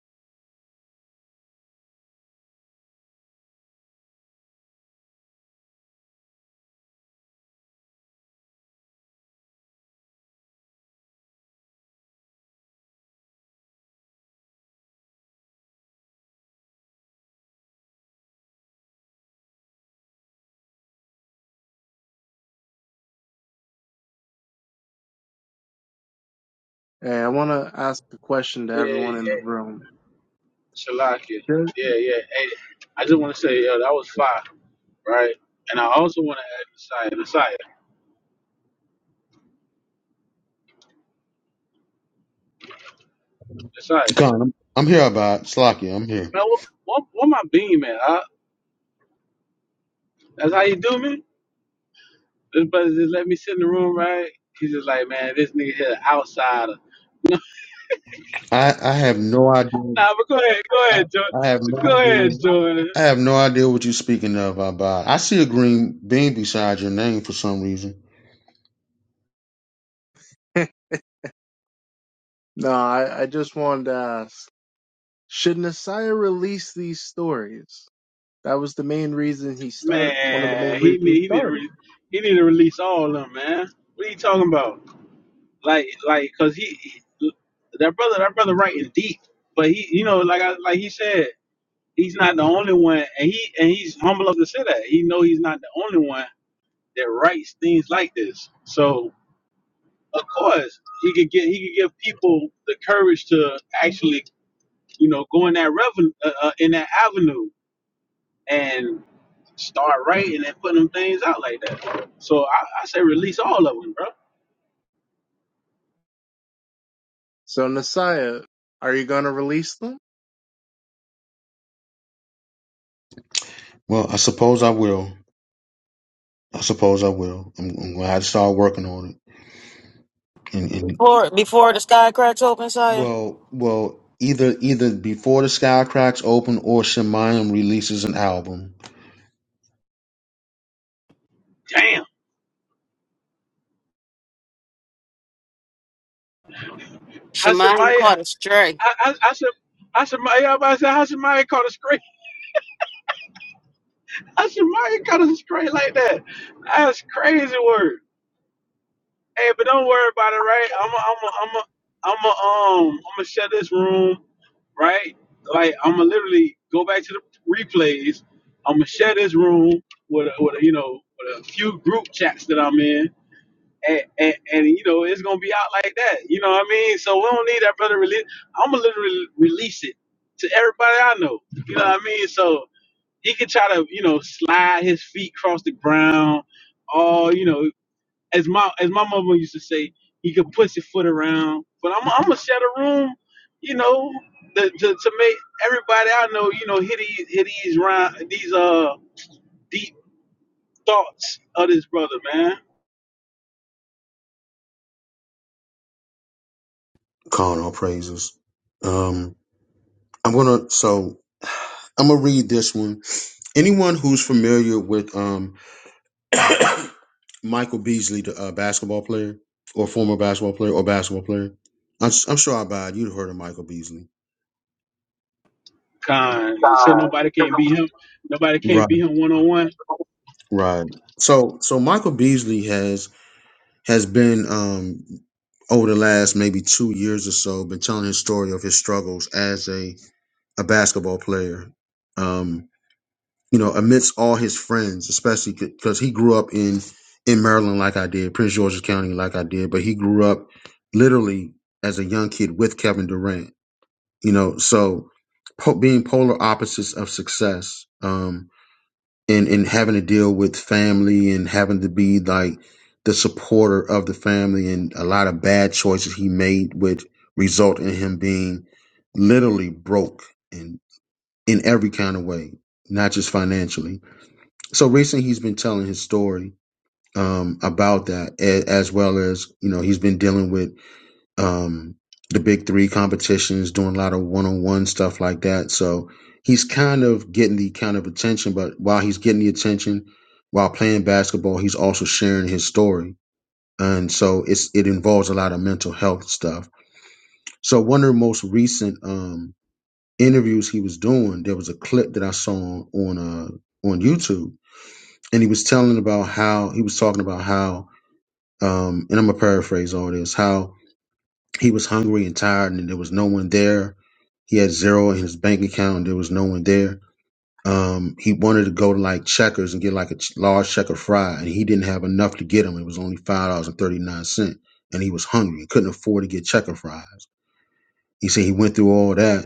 [SPEAKER 3] Hey, I want to ask a question to
[SPEAKER 13] Yeah,
[SPEAKER 3] everyone in the
[SPEAKER 13] yeah,
[SPEAKER 3] room.
[SPEAKER 13] Shalakia.
[SPEAKER 3] Should-
[SPEAKER 13] Yeah, yeah. Hey, I just want to say, yo, that was fire, right? And I also want to add Messiah, Messiah, Messiah.
[SPEAKER 1] Khan, I'm, I'm here about Slocky. I'm here.
[SPEAKER 13] Man, what what, what my beam at? Huh? That's how you do me. This brother just let me sit in the room, right? He's just like, man, this nigga here outsider.
[SPEAKER 1] I, I have no idea.
[SPEAKER 13] Nah, but go ahead, go
[SPEAKER 1] I,
[SPEAKER 13] ahead,
[SPEAKER 1] I have
[SPEAKER 13] Jordan. Go
[SPEAKER 1] no
[SPEAKER 13] ahead,
[SPEAKER 1] idea.
[SPEAKER 13] Jordan.
[SPEAKER 1] I have no idea what you're speaking of, Abad. I see a green bean beside your name for some reason.
[SPEAKER 3] no, I, I just wanted to ask: Should Nasiah release these stories? That was the main reason he started. One of the main
[SPEAKER 13] Man, he
[SPEAKER 3] reasons he
[SPEAKER 13] need he need to
[SPEAKER 3] started.
[SPEAKER 13] re- he need to release all of them, man. What are you talking about? Like like, cause he, he- that brother that brother writing deep, but he you know like I like he said he's not the only one, and he and he's humble enough to say that he know he's not the only one that writes things like this. So of course he could get he could give people the courage to actually you know go in that revenue uh, uh, in that avenue Start writing and putting them things out like that. So I, I say release all of them, bro.
[SPEAKER 3] So Nasiah, are you gonna release them?
[SPEAKER 1] Well, I suppose I will. I suppose I will. I'm, I'm gonna have to start working on it. and. and
[SPEAKER 9] Before, before the sky cracks open, Saya.
[SPEAKER 1] Well, well, either either before the sky cracks open or Shemayim releases an album.
[SPEAKER 13] Damn.
[SPEAKER 9] Shemai
[SPEAKER 13] Hashemaya,
[SPEAKER 9] caught a stray.
[SPEAKER 13] I, I, I said, I said, my, I said, how Shemaya caught a stray? How Shemaya caught a stray like that? That's crazy word. Hey, but don't worry about it, right? I'm a, I'm a, I'm a, I'm a, um, I'm gonna shut this room, right? Like, I'm gonna literally go back to the replays. I'm gonna shut this room with, a, with a, you know, with a few group chats that I'm in and, and, and you know it's gonna be out like that. You know what I mean? So we don't need that brother release. I'm gonna literally release it to everybody I know. You know what I mean? So he can try to you know slide his feet across the ground, or you know as my as my mama used to say, he could push his foot around. But I'm I'm gonna set a room, you know, to, to to make everybody I know you know hit these hit these round these uh deep thoughts of this brother man.
[SPEAKER 1] Calling all praises. Um, I'm gonna so I'm gonna read this one. Anyone who's familiar with um Michael Beasley, the uh, basketball player or former basketball player or basketball player, I'm, s- I'm sure Abad, you'd heard of Michael Beasley,
[SPEAKER 13] Con and said nobody
[SPEAKER 1] Uh,
[SPEAKER 13] can't beat him. Nobody
[SPEAKER 1] right?
[SPEAKER 13] can't beat him one on one.
[SPEAKER 1] Right. So, so Michael Beasley has has been um, over the last maybe two years or so been telling his story of his struggles as a, a basketball player um, you know amidst all his friends especially because he grew up in in maryland like i did prince george's county like i did but he grew up literally as a young kid with kevin durant you know so po- being polar opposites of success um, and and having to deal with family and having to be like the supporter of the family and a lot of bad choices he made which result in him being literally broke in in every kind of way not just financially so recently he's been telling his story um about that a- as well as you know he's been dealing with um, the big three competitions, doing a lot of one on one stuff like that. So he's kind of getting the kind of attention, but while he's getting the attention, while playing basketball, he's also sharing his story. And so it's it involves a lot of mental health stuff. So one of the most recent um, interviews he was doing, there was a clip that I saw on uh, on YouTube, and he was telling about how he was talking about how, um, and I'm gonna paraphrase all this, how He was hungry and tired, and there was no one there. He had zero in his bank account, and there was no one there. Um, he wanted to go to like Checkers and get like a ch- large checker fry, and he didn't have enough to get him. It was only five dollars and thirty nine cent, and he was hungry He couldn't afford to get checker fries. He said he went through all that,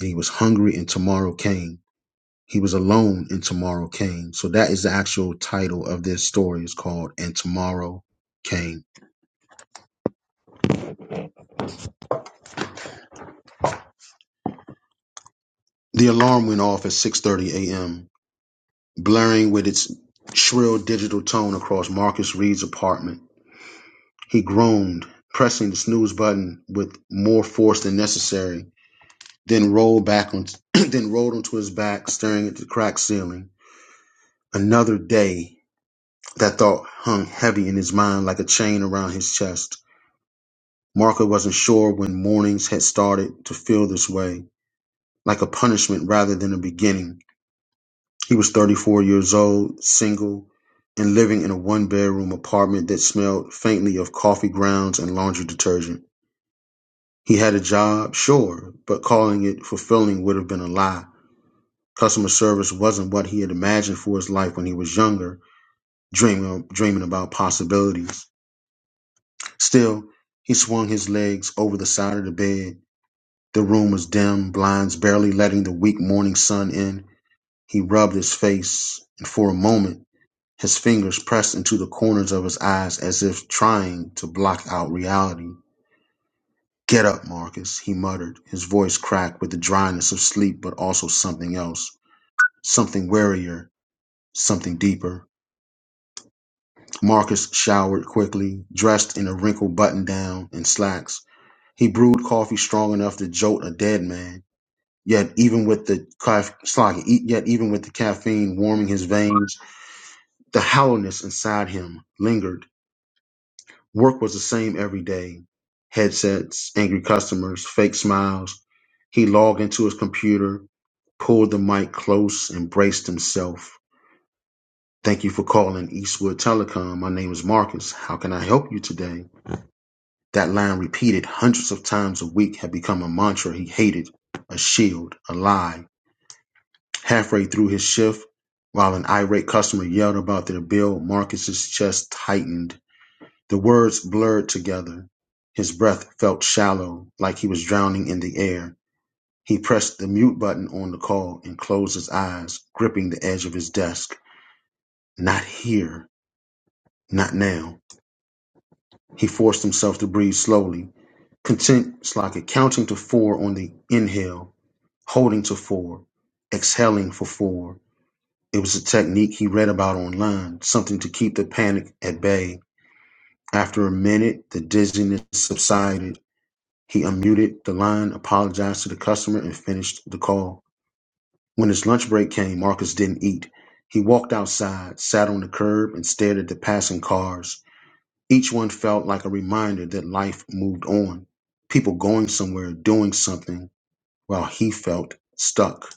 [SPEAKER 1] and he was hungry, and tomorrow came. He was alone, and tomorrow came. So that is the actual title of this story. It's called "And Tomorrow Came." The alarm went off at six thirty a.m. blaring with its shrill digital tone across Marcus Reed's apartment. He groaned, pressing the snooze button with more force than necessary, then rolled back on, then rolled onto his back, staring at the cracked ceiling. Another day. That thought hung heavy in his mind like a chain around his chest. Marco wasn't sure when mornings had started to feel this way, like a punishment rather than a beginning. He was 34 years old, single, and living in a one bedroom apartment that smelled faintly of coffee grounds and laundry detergent. He had a job, sure, but calling it fulfilling would have been a lie. Customer service wasn't what he had imagined for his life when he was younger, dreaming, dreaming about possibilities. Still, he swung his legs over the side of the bed. The room was dim, blinds barely letting the weak morning sun in. He rubbed his face, and for a moment, His fingers pressed into the corners of his eyes as if trying to block out reality. Get up, Marcus, he muttered, his voice cracked with the dryness of sleep, but also something else, something warier, something deeper. Marcus showered quickly, dressed in a wrinkled button down and slacks. He brewed coffee strong enough to jolt a dead man. Yet even with the ca- yet even with the caffeine warming his veins, the hollowness inside him lingered. Work was the same every day. Headsets, angry customers, fake smiles. He logged into his computer, pulled the mic close, and braced himself. Thank you for calling Eastwood Telecom. My name is Marcus. How can I help you today? That line repeated hundreds of times a week had become a mantra he hated, a shield, a lie. Halfway through his shift, while an irate customer yelled about their bill, Marcus's chest tightened. The words blurred together. His breath felt shallow, like he was drowning in the air. He pressed the mute button on the call and closed his eyes, gripping the edge of his desk. Not here. Not now. He forced himself to breathe slowly, content Slockett, counting to four on the inhale, holding to four, exhaling for four. It was a technique he read about online, something to keep the panic at bay. After a minute, the dizziness subsided He unmuted the line, apologized to the customer, and finished the call. When his lunch break came, Marcus didn't eat. He walked outside, sat on the curb, and stared at the passing cars. Each one felt like a reminder that life moved on. People going somewhere, doing something, while he felt stuck.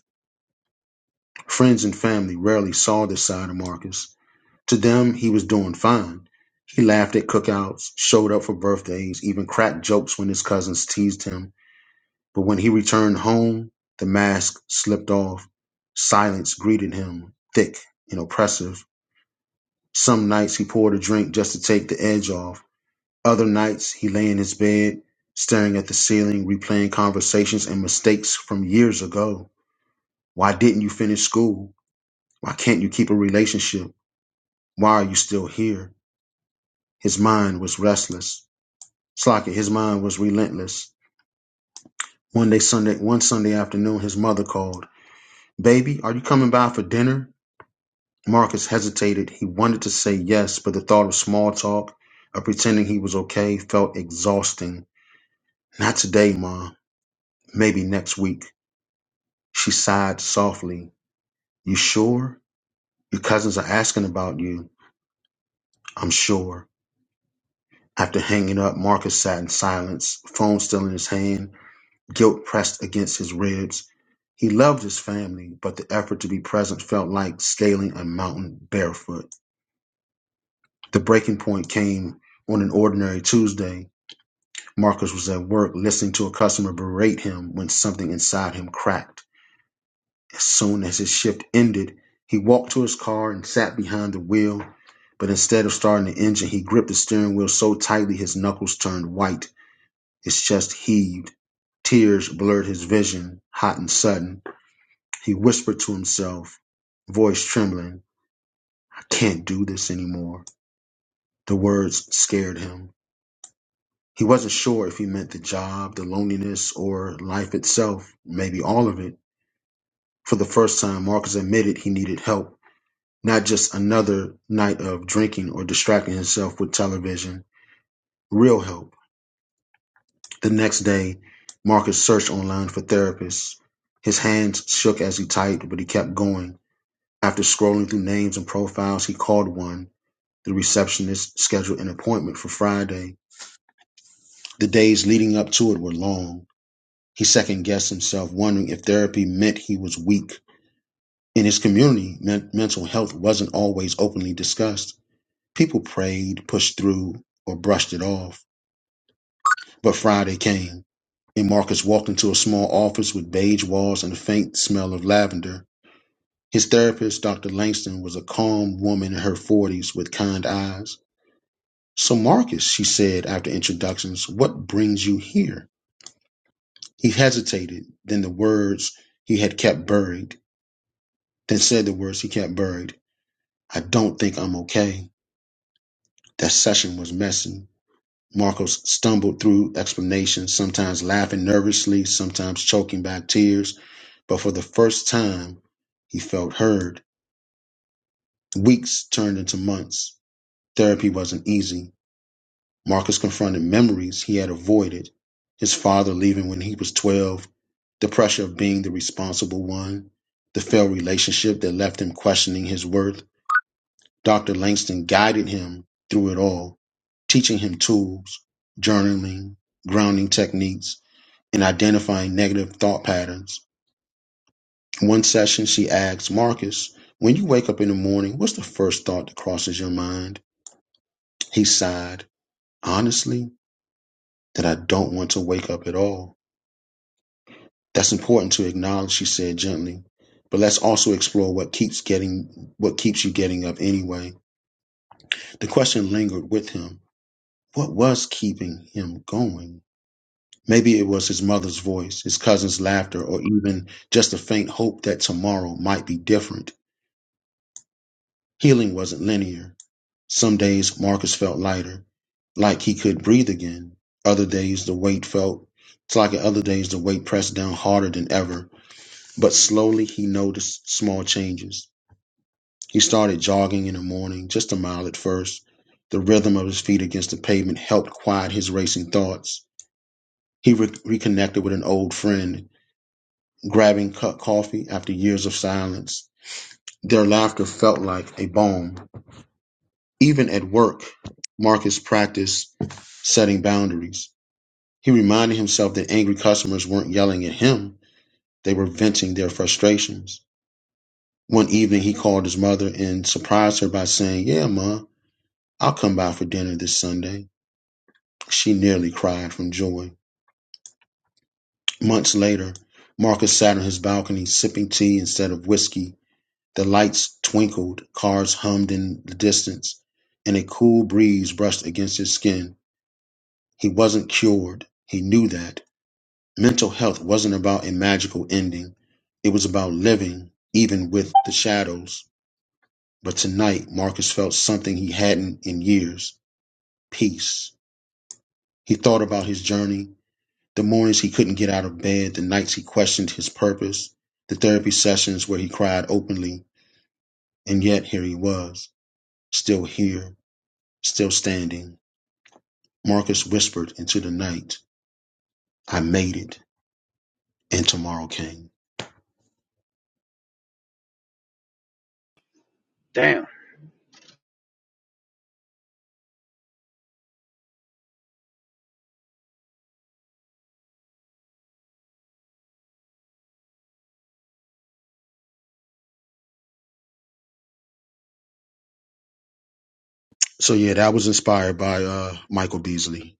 [SPEAKER 1] Friends and family rarely saw this side of Marcus. To them, he was doing fine. He laughed at cookouts, showed up for birthdays, even cracked jokes when his cousins teased him. But when he returned home, the mask slipped off. Silence greeted him, thick and oppressive. Some nights he poured a drink just to take the edge off. Other nights he lay in his bed, staring at the ceiling, replaying conversations and mistakes from years ago. Why didn't you finish school? Why can't you keep a relationship? Why are you still here? His mind was restless. Slocket, his mind was relentless. One day Sunday one Sunday afternoon his mother called. Baby, are you coming by for dinner? Marcus hesitated. He wanted to say yes, but the thought of small talk, of pretending he was okay, felt exhausting. Not today, Mom. Maybe next week. She sighed softly. You sure? Your cousins are asking about you. I'm sure. After hanging up, Marcus sat in silence, phone still in his hand, guilt pressed against his ribs. He loved his family, but the effort to be present felt like scaling a mountain barefoot. The breaking point came on an ordinary Tuesday. Marcus was at work listening to a customer berate him when something inside him cracked. As soon as his shift ended, he walked to his car and sat behind the wheel. But instead of starting the engine, he gripped the steering wheel so tightly his knuckles turned white. His chest heaved. Tears blurred his vision, hot and sudden. He whispered to himself, voice trembling, I can't do this anymore. The words scared him. He wasn't sure if he meant the job, the loneliness, or life itself, maybe all of it. For the first time, Marcus admitted he needed help, not just another night of drinking or distracting himself with television, real help. The next day, Marcus searched online for therapists. His hands shook as he typed, but he kept going. After scrolling through names and profiles, he called one. The receptionist scheduled an appointment for Friday. The days leading up to it were long. He second guessed himself, wondering if therapy meant he was weak. In his community, men- mental health wasn't always openly discussed. People prayed, pushed through, or brushed it off. But Friday came, and Marcus walked into a small office with beige walls and a faint smell of lavender. His therapist, Dr. Langston, was a calm woman in her 40s with kind eyes. So, Marcus, she said after introductions, what brings you here? He hesitated, then the words he had kept buried. Then said the words he kept buried. I don't think I'm okay. That session was messy. Marcos stumbled through explanations, sometimes laughing nervously, sometimes choking back tears. But for the first time, he felt heard. Weeks turned into months. Therapy wasn't easy. Marcus confronted memories he had avoided. His father leaving when he was 12, the pressure of being the responsible one, the failed relationship that left him questioning his worth. Doctor Langston guided him through it all, teaching him tools, journaling, grounding techniques, and identifying negative thought patterns. In one session, she asked Marcus, When you wake up in the morning, what's the first thought that crosses your mind? He sighed, Honestly, that I don't want to wake up at all. That's important to acknowledge, she said gently. But let's also explore what keeps getting what keeps you getting up anyway. The question lingered with him. What was keeping him going? Maybe it was his mother's voice, his cousin's laughter, or even just a faint hope that tomorrow might be different. Healing wasn't linear. Some days Marcus felt lighter, like he could breathe again. Other days the weight felt it's like other days the weight pressed down harder than ever. But slowly he noticed small changes. He started jogging in the morning, just a mile at first. The rhythm of his feet against the pavement helped quiet his racing thoughts. He re- reconnected with an old friend, grabbing cut coffee after years of silence. Their laughter felt like a balm. Even at work, Marcus practiced setting boundaries. He reminded himself that angry customers weren't yelling at him, they were venting their frustrations. One evening, he called his mother and surprised her by saying, Yeah, Ma, I'll come by for dinner this Sunday. She nearly cried from joy. Months later, Marcus sat on his balcony sipping tea instead of whiskey The lights twinkled, cars hummed in the distance, and a cool breeze brushed against his skin. He wasn't cured. He knew that. Mental health wasn't about a magical ending. It was about living, even with the shadows. But tonight, Marcus felt something he hadn't in years peace. He thought about his journey, the mornings he couldn't get out of bed, the nights he questioned his purpose, the therapy sessions where he cried openly, and yet here he was, still here Still standing, Marcus whispered into the night, I made it, and tomorrow came.
[SPEAKER 13] Damn.
[SPEAKER 1] So yeah, that was inspired by uh Michael Beasley.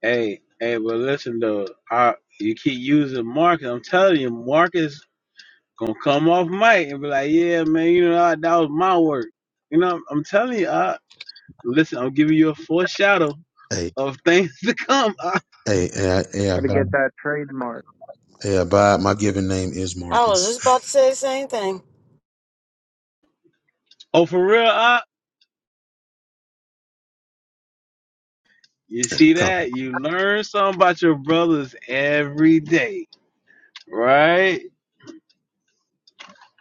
[SPEAKER 13] Hey, hey, but listen though, I, you keep using Marcus. I'm telling you, Marcus gonna come off mic and be like, "Yeah, man, you know I, that was my work." You know, I'm, I'm telling you, I listen. I'm giving you a foreshadow
[SPEAKER 1] Hey,
[SPEAKER 13] of things to come. I,
[SPEAKER 1] hey, hey, I- hey, I
[SPEAKER 3] Gotta get that trademark.
[SPEAKER 1] hey, I my given name is
[SPEAKER 9] I was just
[SPEAKER 1] Marcus.
[SPEAKER 9] about to say the same thing.
[SPEAKER 13] oh, for real, I. You see that? You learn something about your brothers every day, right?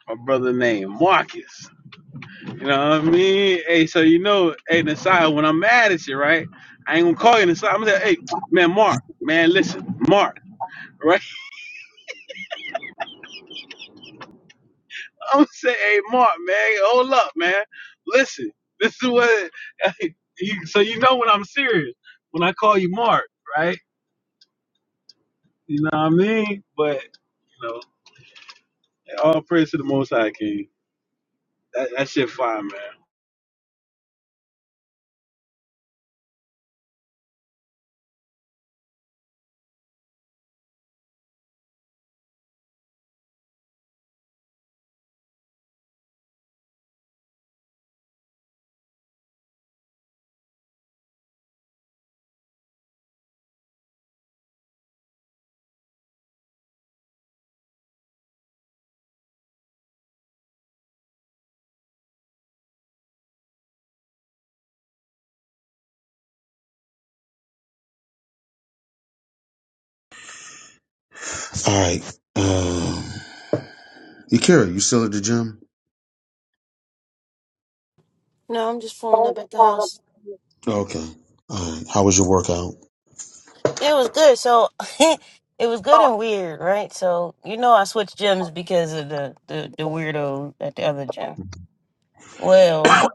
[SPEAKER 13] My brother named Marcus. You know what I mean? Hey, so you know, hey, Nasai, when I'm mad at you, right? I ain't gonna call you Nasai. I'm gonna say, hey, man, Mark, man, listen, Mark, right? I'm gonna say, hey, Mark, man, hold up, man, listen, this is what. you, so you know when I'm serious when I call you Mark, right? You know what I mean? But you know, all praise to the Most High King. That, that shit fine, man.
[SPEAKER 1] All right. Um Yakira, you still at the gym?
[SPEAKER 9] No, I'm just pulling up at the house.
[SPEAKER 1] Okay. All right. How was your workout?
[SPEAKER 9] It was good. So it was good and weird, right? So you know, I switched gyms because of the the, the weirdo at the other gym. Well,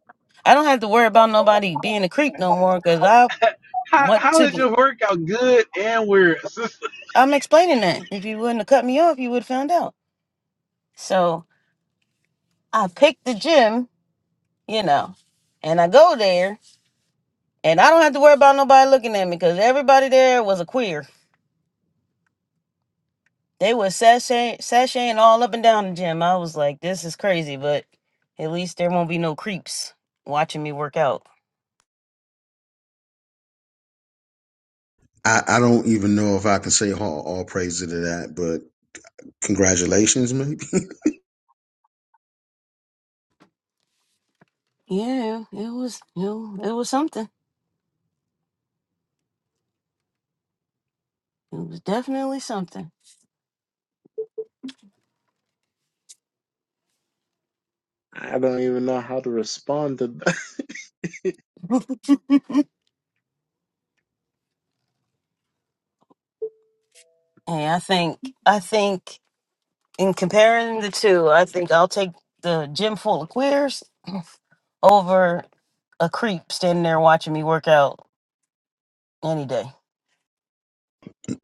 [SPEAKER 9] I don't have to worry about nobody being a creep no more because I
[SPEAKER 13] how
[SPEAKER 9] went
[SPEAKER 13] how
[SPEAKER 9] to
[SPEAKER 13] is
[SPEAKER 9] the.
[SPEAKER 13] your workout good and weird? sister?
[SPEAKER 9] I'm explaining that. If you wouldn't have cut me off, you would have found out. So I picked the gym, you know, and I go there, and I don't have to worry about nobody looking at me because everybody there was a queer. They was sashaying, sashaying all up and down the gym. I was like, this is crazy, but at least there won't be no creeps watching me work out.
[SPEAKER 1] I, I don't even know if I can say all, all praise to that, but congratulations, maybe.
[SPEAKER 9] Yeah, it was it, wa- it was something. It was definitely something.
[SPEAKER 3] I don't even know how to respond to that.
[SPEAKER 9] Hey, I think I think in comparing the two, I think I'll take the gym full of queers over a creep standing there watching me work out any day.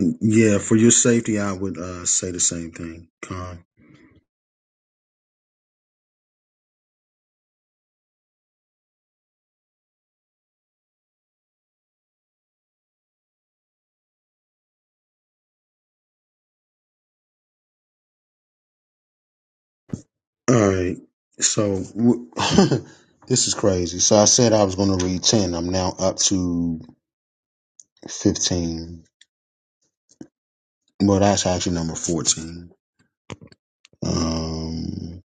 [SPEAKER 1] yeah, for your safety, I would uh, say the same thing, Con. All right. So w- this is crazy. So I said I was going to read 10. I'm now up to 15. Well, that's actually number 14. Um,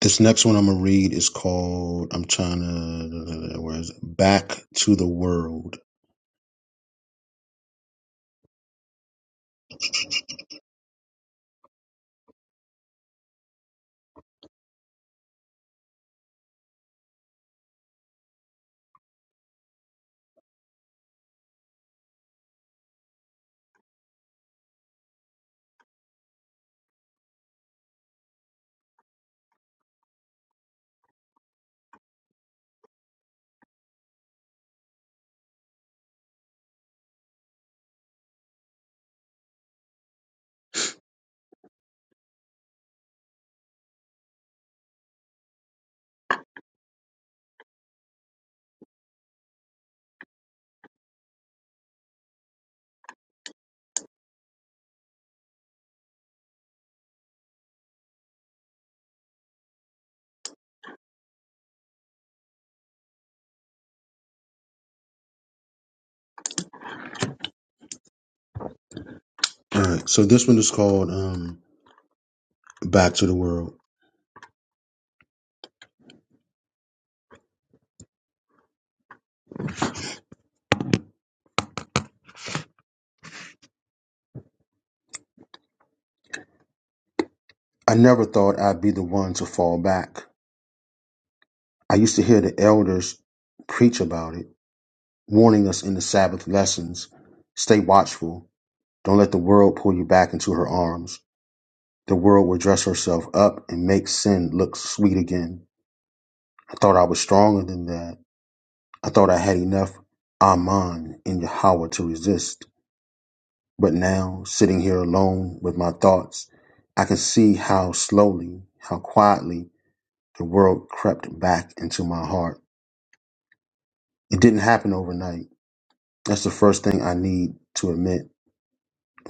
[SPEAKER 1] this next one I'm going to read is called, I'm trying to, where is it? Back to the World. All right. So this one is called um, Back to the World. I never thought I'd be the one to fall back. I used to hear the elders preach about it, warning us in the Sabbath lessons stay watchful Don't let the world pull you back into her arms. The world will dress herself up and make sin look sweet again. I thought I was stronger than that. I thought I had enough Aman in Yahweh to resist. But now, sitting here alone with my thoughts, I can see how slowly, how quietly the world crept back into my heart. It didn't happen overnight. That's the first thing I need to admit.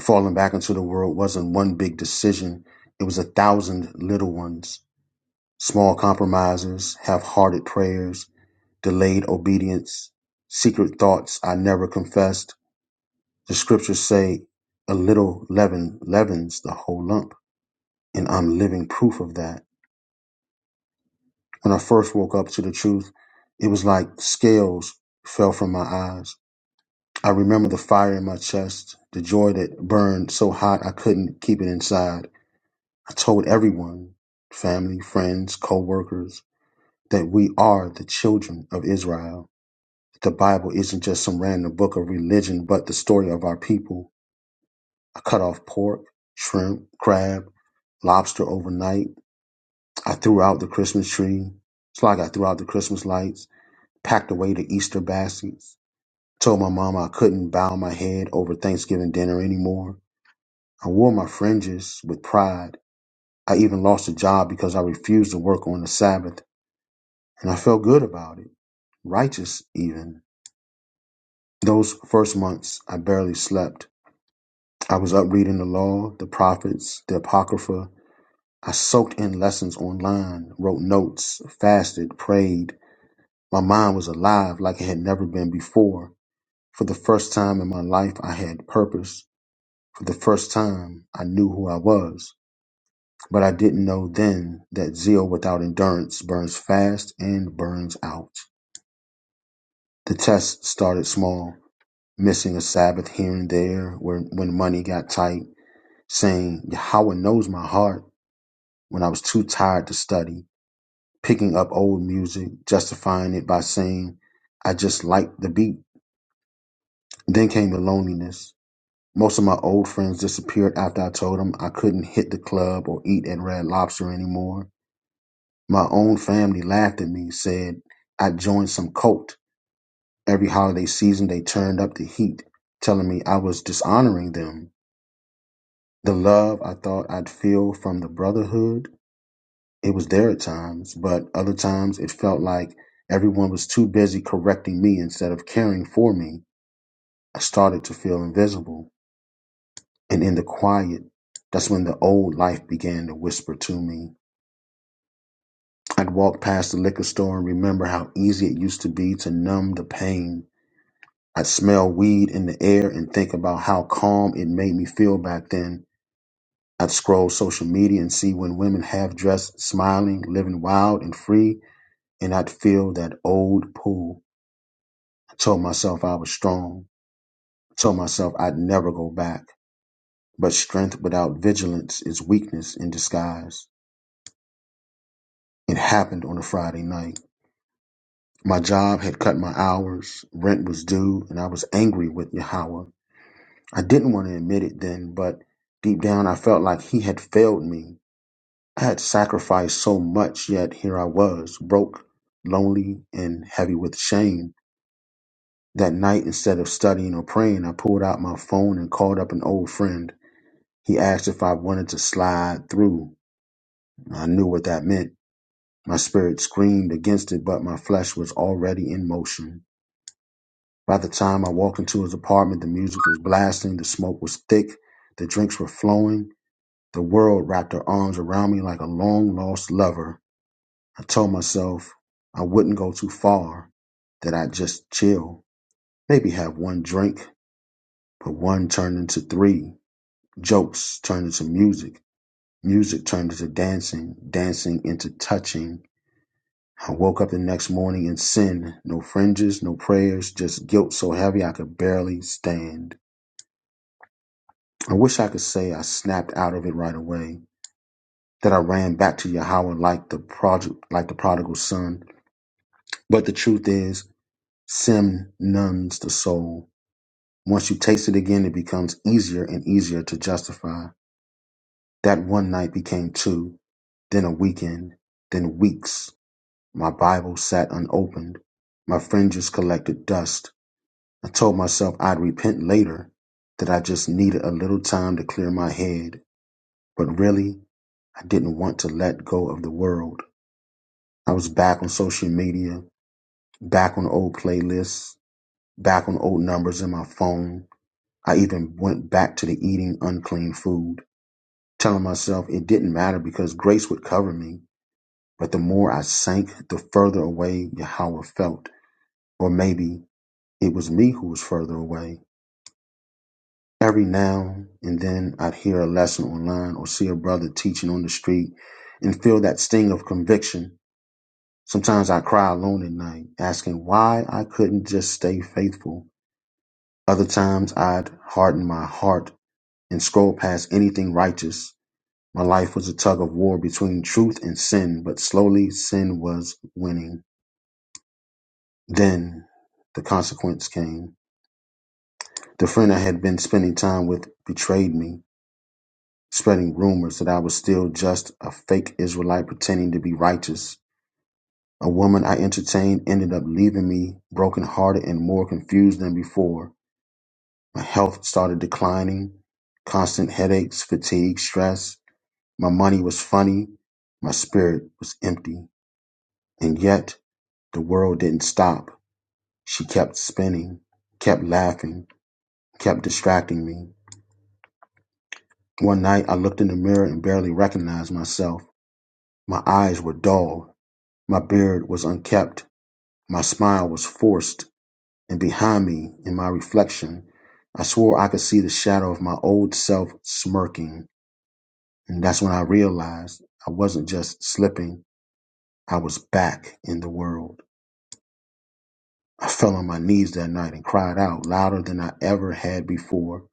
[SPEAKER 1] Falling back into the world wasn't one big decision. It was a thousand little ones. Small compromises, half-hearted prayers, delayed obedience, secret thoughts I never confessed. The scriptures say a little leaven leavens the whole lump, and I'm living proof of that. When I first woke up to the truth, it was like scales fell from my eyes. I remember the fire in my chest, the joy that burned so hot I couldn't keep it inside. I told everyone, family, friends, co-workers, that we are the children of Israel. The Bible isn't just some random book of religion, but the story of our people. I cut off pork, shrimp, crab, lobster overnight. I threw out the Christmas tree. It's like I threw out the Christmas lights, packed away the Easter baskets, told my mom I couldn't bow my head over Thanksgiving dinner anymore. I wore my fringes with pride. I even lost a job because I refused to work on the Sabbath, and I felt good about it, righteous even. Those first months, I barely slept. I was up reading the law, the prophets, the apocrypha. I soaked in lessons online, wrote notes, fasted, prayed. My mind was alive like it had never been before. For the first time in my life, I had purpose. For the first time, I knew who I was. But I didn't know then that zeal without endurance burns fast and burns out. The test started small, missing a Sabbath here and there where, when money got tight, saying, Yahweh knows my heart. when I was too tired to study, picking up old music, justifying it by saying I just liked the beat. Then came the loneliness. Most of my old friends disappeared after I told them I couldn't hit the club or eat at Red Lobster anymore. My own family laughed at me, said I joined some cult. Every holiday season, they turned up the heat, telling me I was dishonoring them. The love I thought I'd feel from the brotherhood It was there at times, but other times it felt like everyone was too busy correcting me instead of caring for me. I started to feel invisible. And in the quiet, that's when the old life began to whisper to me. I'd walk past the liquor store and remember how easy it used to be to numb the pain. I'd smell weed in the air and think about how calm it made me feel back then. I'd scroll social media and see when women half dressed, smiling, living wild and free, and I'd feel that old pull. I Told myself I was strong. I Told myself I'd never go back. But strength without vigilance is weakness in disguise. It happened on a Friday night. My job had cut my hours, rent was due, and I was angry with Yahweh. I didn't want to admit it then, but deep down I felt like he had failed me. I had sacrificed so much, yet here I was, broke, lonely, and heavy with shame. That night, instead of studying or praying, I pulled out my phone and called up an old friend. He asked if I wanted to slide through. I knew what that meant. My spirit screamed against it, but my flesh was already in motion. By the time I walked into his apartment, the music was blasting, the smoke was thick, the drinks were flowing. The world wrapped her arms around me like a long lost lover. I told myself I wouldn't go too far, that I'd just chill, maybe have one drink. But one turned into three, jokes turned into music. Music turned into dancing, dancing into touching. I woke up the next morning in sin. No fringes, no prayers, just guilt so heavy I could barely stand. I wish I could say I snapped out of it right away, that I ran back to Yahweh like the project, like the prodigal son. But the truth is, sin numbs the soul. Once you taste it again, it becomes easier and easier to justify. That one night became two, then a weekend, then weeks. My Bible sat unopened. My fringes collected dust. I told myself I'd repent later, that I just needed a little time to clear my head. But really, I didn't want to let go of the world. I was back on social media, back on old playlists, back on old numbers in my phone. I even went back to the eating unclean food, telling myself it didn't matter because grace would cover me. But the more I sank, the further away Yahweh felt. Or maybe It was me who was further away. Every now and then I'd hear a lesson online or see a brother teaching on the street and feel that sting of conviction. Sometimes I cry alone at night, asking why I couldn't just stay faithful. Other times I'd harden my heart and scroll past anything righteous. My life was a tug of war between truth and sin, but slowly sin was winning. Then the consequence came. The friend I had been spending time with betrayed me. spreading rumors that I was still just a fake Israelite pretending to be righteous. A woman I entertained ended up leaving me brokenhearted and more confused than before. My health started declining, constant headaches, fatigue, stress. My money was funny. My spirit was empty. And yet the world didn't stop. She kept spinning, kept laughing, kept distracting me. One night I looked in the mirror and barely recognized myself. My eyes were dull My beard was unkempt, my smile was forced, and behind me, in my reflection, I swore I could see the shadow of my old self smirking. And that's when I realized I wasn't just slipping, I was back in the world. I fell on my knees that night and cried out louder than I ever had before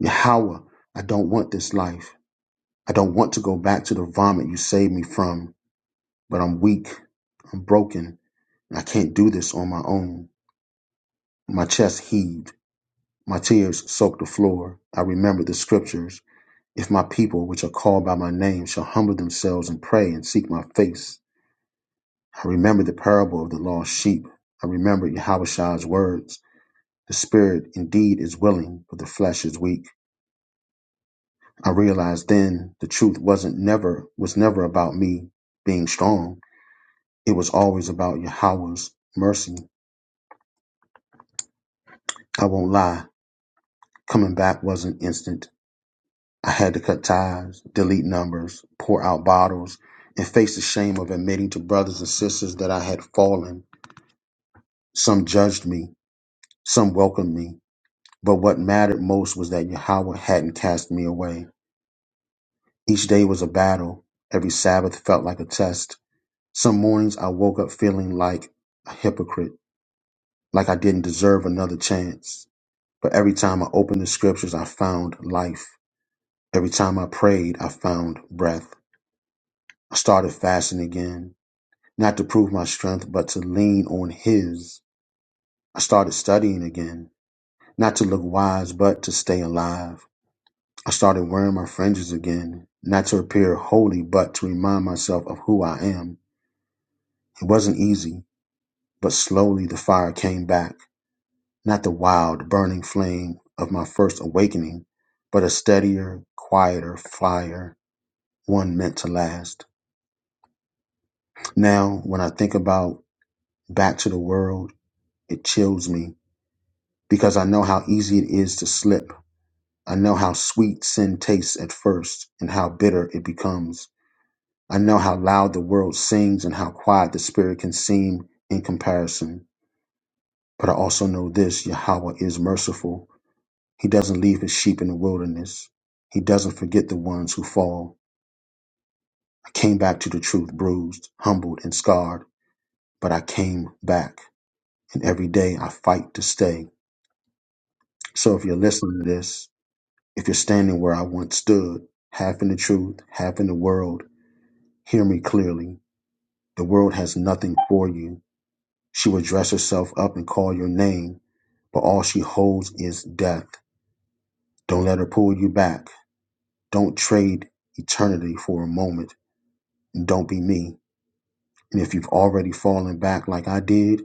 [SPEAKER 1] Yahweh, I don't want this life. I don't want to go back to the vomit you saved me from, but I'm weak, I'm broken, and I can't do this on my own. My chest heaved. My tears soaked the floor. I remembered the scriptures. If my people, which are called by my name, shall humble themselves and pray and seek my face. I remembered the parable of the lost sheep. I remembered Yahushua words. The spirit indeed is willing, but the flesh is weak. I realized then the truth wasn't never was never about me being strong. It was always about Yahweh's mercy. I won't lie, coming back wasn't instant. I had to cut ties, delete numbers, pour out bottles, and face the shame of admitting to brothers and sisters that I had fallen. Some judged me, some welcomed me, but what mattered most was that Yahweh hadn't cast me away. Each day was a battle, every Sabbath felt like a test. Some mornings I woke up feeling like a hypocrite, like I didn't deserve another chance. But every time I opened the scriptures, I found life. Every time I prayed, I found breath. I started fasting again not to prove my strength, but to lean on His. I started studying again, not to look wise, but to stay alive. I started wearing my fringes again, not to appear holy, but to remind myself of who I am. It wasn't easy, but slowly the fire came back, not the wild, burning flame of my first awakening, but a steadier, quieter fire, one meant to last. Now, when I think about back to the world, it chills me because I know how easy it is to slip. I know how sweet sin tastes at first and how bitter it becomes. I know how loud the world sings and how quiet the spirit can seem in comparison. But I also know this Yahweh is merciful. He doesn't leave his sheep in the wilderness. He doesn't forget the ones who fall. I came back to the truth bruised, humbled, and scarred, but I came back. And every day I fight to stay. So if you're listening to this, If you're standing where I once stood, half in the truth, half in the world, hear me clearly. The world has nothing for you. She will dress herself up and call your name, but all she holds is death. Don't let her pull you back. Don't trade eternity for a moment, and don't be me. And if you've already fallen back like I did,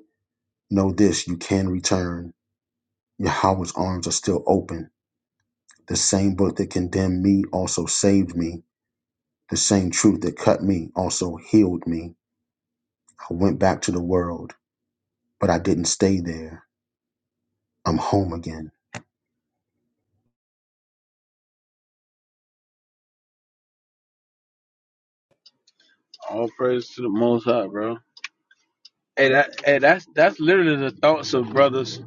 [SPEAKER 1] know this you can return. Yahweh's arms are still open. The same book that condemned me also saved me. The same truth that cut me also healed me. I went back to the world, but I didn't stay there. I'm home again.
[SPEAKER 13] all praise to the Most High, bro. Hey, that, hey, that's that's literally the thoughts of brothers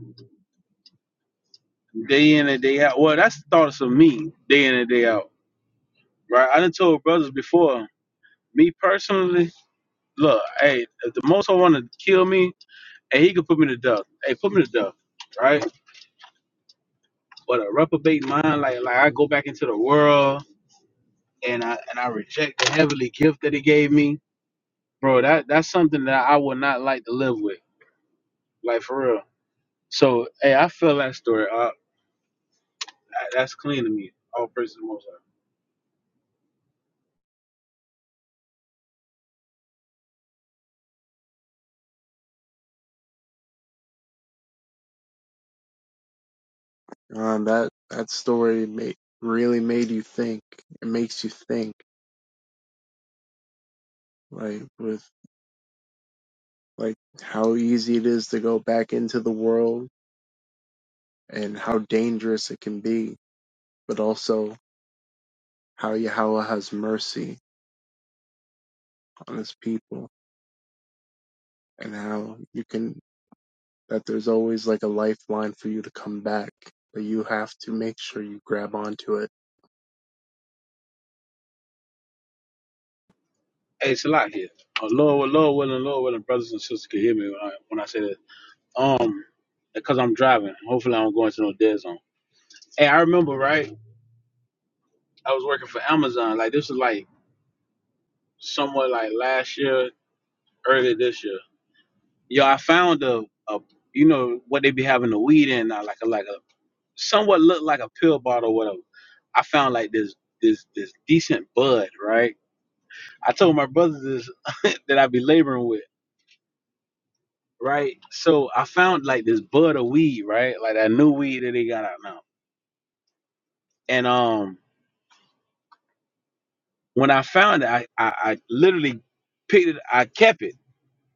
[SPEAKER 13] day in and day out. Well, that's the thoughts of me day in and day out, right? I done told brothers before. Me personally, look, hey, if the most I want to kill me, hey, he could put me to death. Hey, put me to death, right? But a reprobate mind, like like I go back into the world and I and I reject the heavenly gift that he gave me, bro. That that's something that I would not like to live with, like for real. So, hey, I feel that story. Uh, that's clean to me. All praise to the Most High.
[SPEAKER 3] Um, that that story made really made you think. It makes you think, like with like how easy it is to go back into the world and how dangerous it can be, but also how Yahweh has mercy on His people and how you can that there's always like a lifeline for you to come back, but you have to make sure you grab onto it
[SPEAKER 13] Hey, it's a lot here. Uh, Lord, Lord willing, Lord willing, brothers and sisters can hear me when I, when I say this. Um, because I'm driving. Hopefully, I don't go into no dead zone. Hey, I remember, right? I was working for Amazon. Like this was like somewhat like last year, early this year. Yo, I found a, a you know what they be having the weed in now, like a like a somewhat looked like a pill bottle, or whatever. I found like this this this decent bud, right? I told my brothers this that I be laboring with. right? So I found like this bud of weed, right? Like that new weed that they got out now. And um, when I found it, I, I, I literally picked it. I kept it.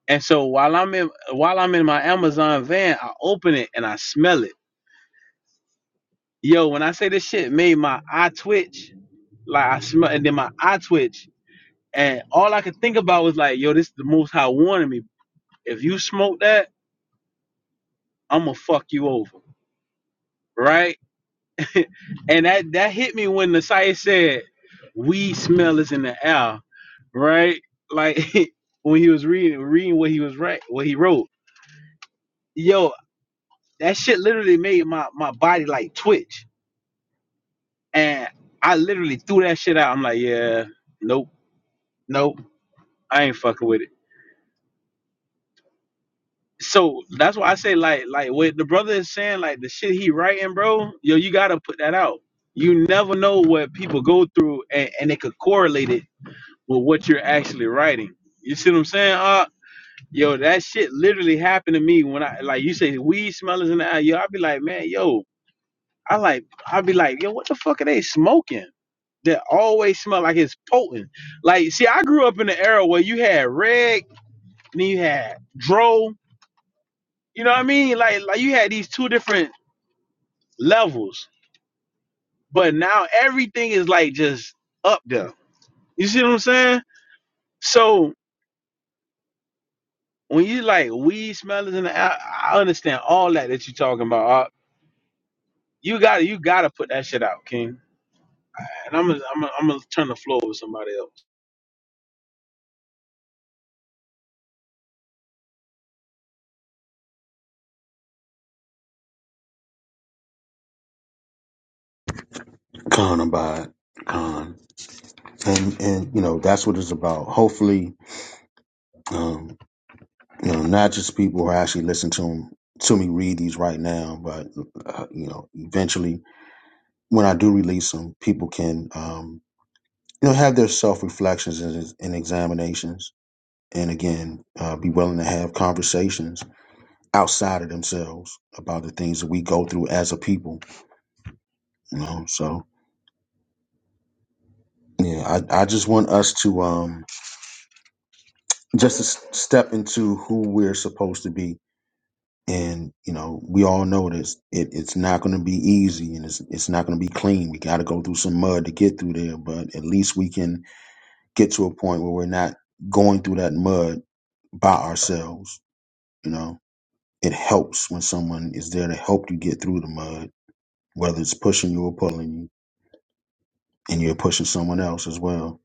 [SPEAKER 13] And so while I'm in while I'm in my Amazon van, I open it and I smell it. Yo, when I say this shit made my eye twitch, like I smell, and then my eye twitch, and all I could think about was like, yo, this is the most high warning me. If you smoke that, I'ma fuck you over, right? and that that hit me when the site said weed smell is in the air, right? Like when he was reading reading what he was right what he wrote. Yo, that shit literally made my my body like twitch, and I literally threw that shit out. I'm like, yeah, nope, nope, I ain't fucking with it. So that's why I say like like what the brother is saying like the shit he writing, bro. Yo, you gotta put that out. You never know what people go through, and, and they could correlate it with what you're actually writing. You see what I'm saying? Uh, yo, that shit literally happened to me when I like you say weed smellers in the eye. Yo, I'd be like, man, yo, I like, I'd be like, yo, what the fuck are they smoking? That always smell like it's potent. Like, see, I grew up in the era where you had reg, and then you had dro. You know what I mean? Like, like you had these two different levels, but now everything is like just up there. You see what I'm saying? So. when you like weed smellers in the, I, I understand all that that you talking about. Uh, you gotta you gotta put that shit out, King. And I'm gonna I'm gonna, I'm gonna turn the floor over to somebody
[SPEAKER 1] Khan Abad. Khan. And and you know, that's what it's about. Hopefully, um, you know, not just people who are actually listen to 'em- to me read these right now, but uh, you know, eventually when I do release them, people can um, you know have their self reflections and, and examinations, and again, uh, be willing to have conversations outside of themselves about the things that we go through as a people. You know, so Yeah, I, I just want us to um just to s- step into who we're supposed to be, and you know we all know this. It, it's not going to be easy, and it's it's not going to be clean. We got to go through some mud to get through there, but at least we can get to a point where we're not going through that mud by ourselves. You know, it helps when someone is there to help you get through the mud, whether it's pushing you or pulling you, and you're pushing someone else as well.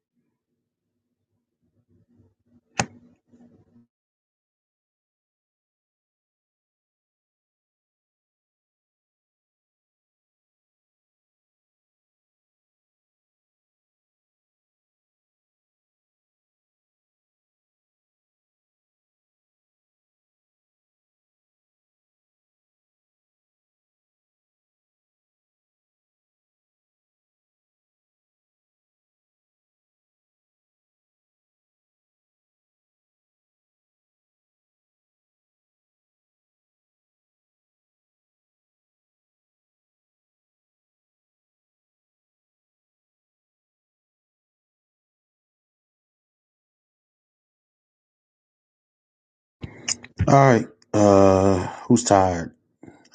[SPEAKER 1] All right, uh, who's tired?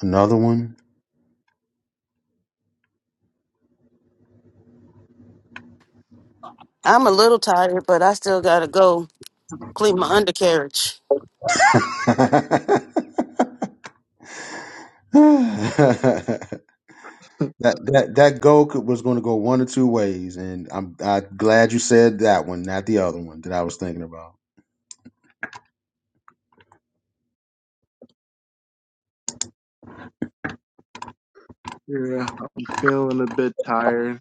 [SPEAKER 1] Another one.
[SPEAKER 9] I'm a little tired, but I still gotta go clean my undercarriage.
[SPEAKER 1] that that that goal could, was going to go one or two ways, and I'm I glad you said that one, not the other one that I was thinking about.
[SPEAKER 3] Yeah, I'm feeling a bit tired.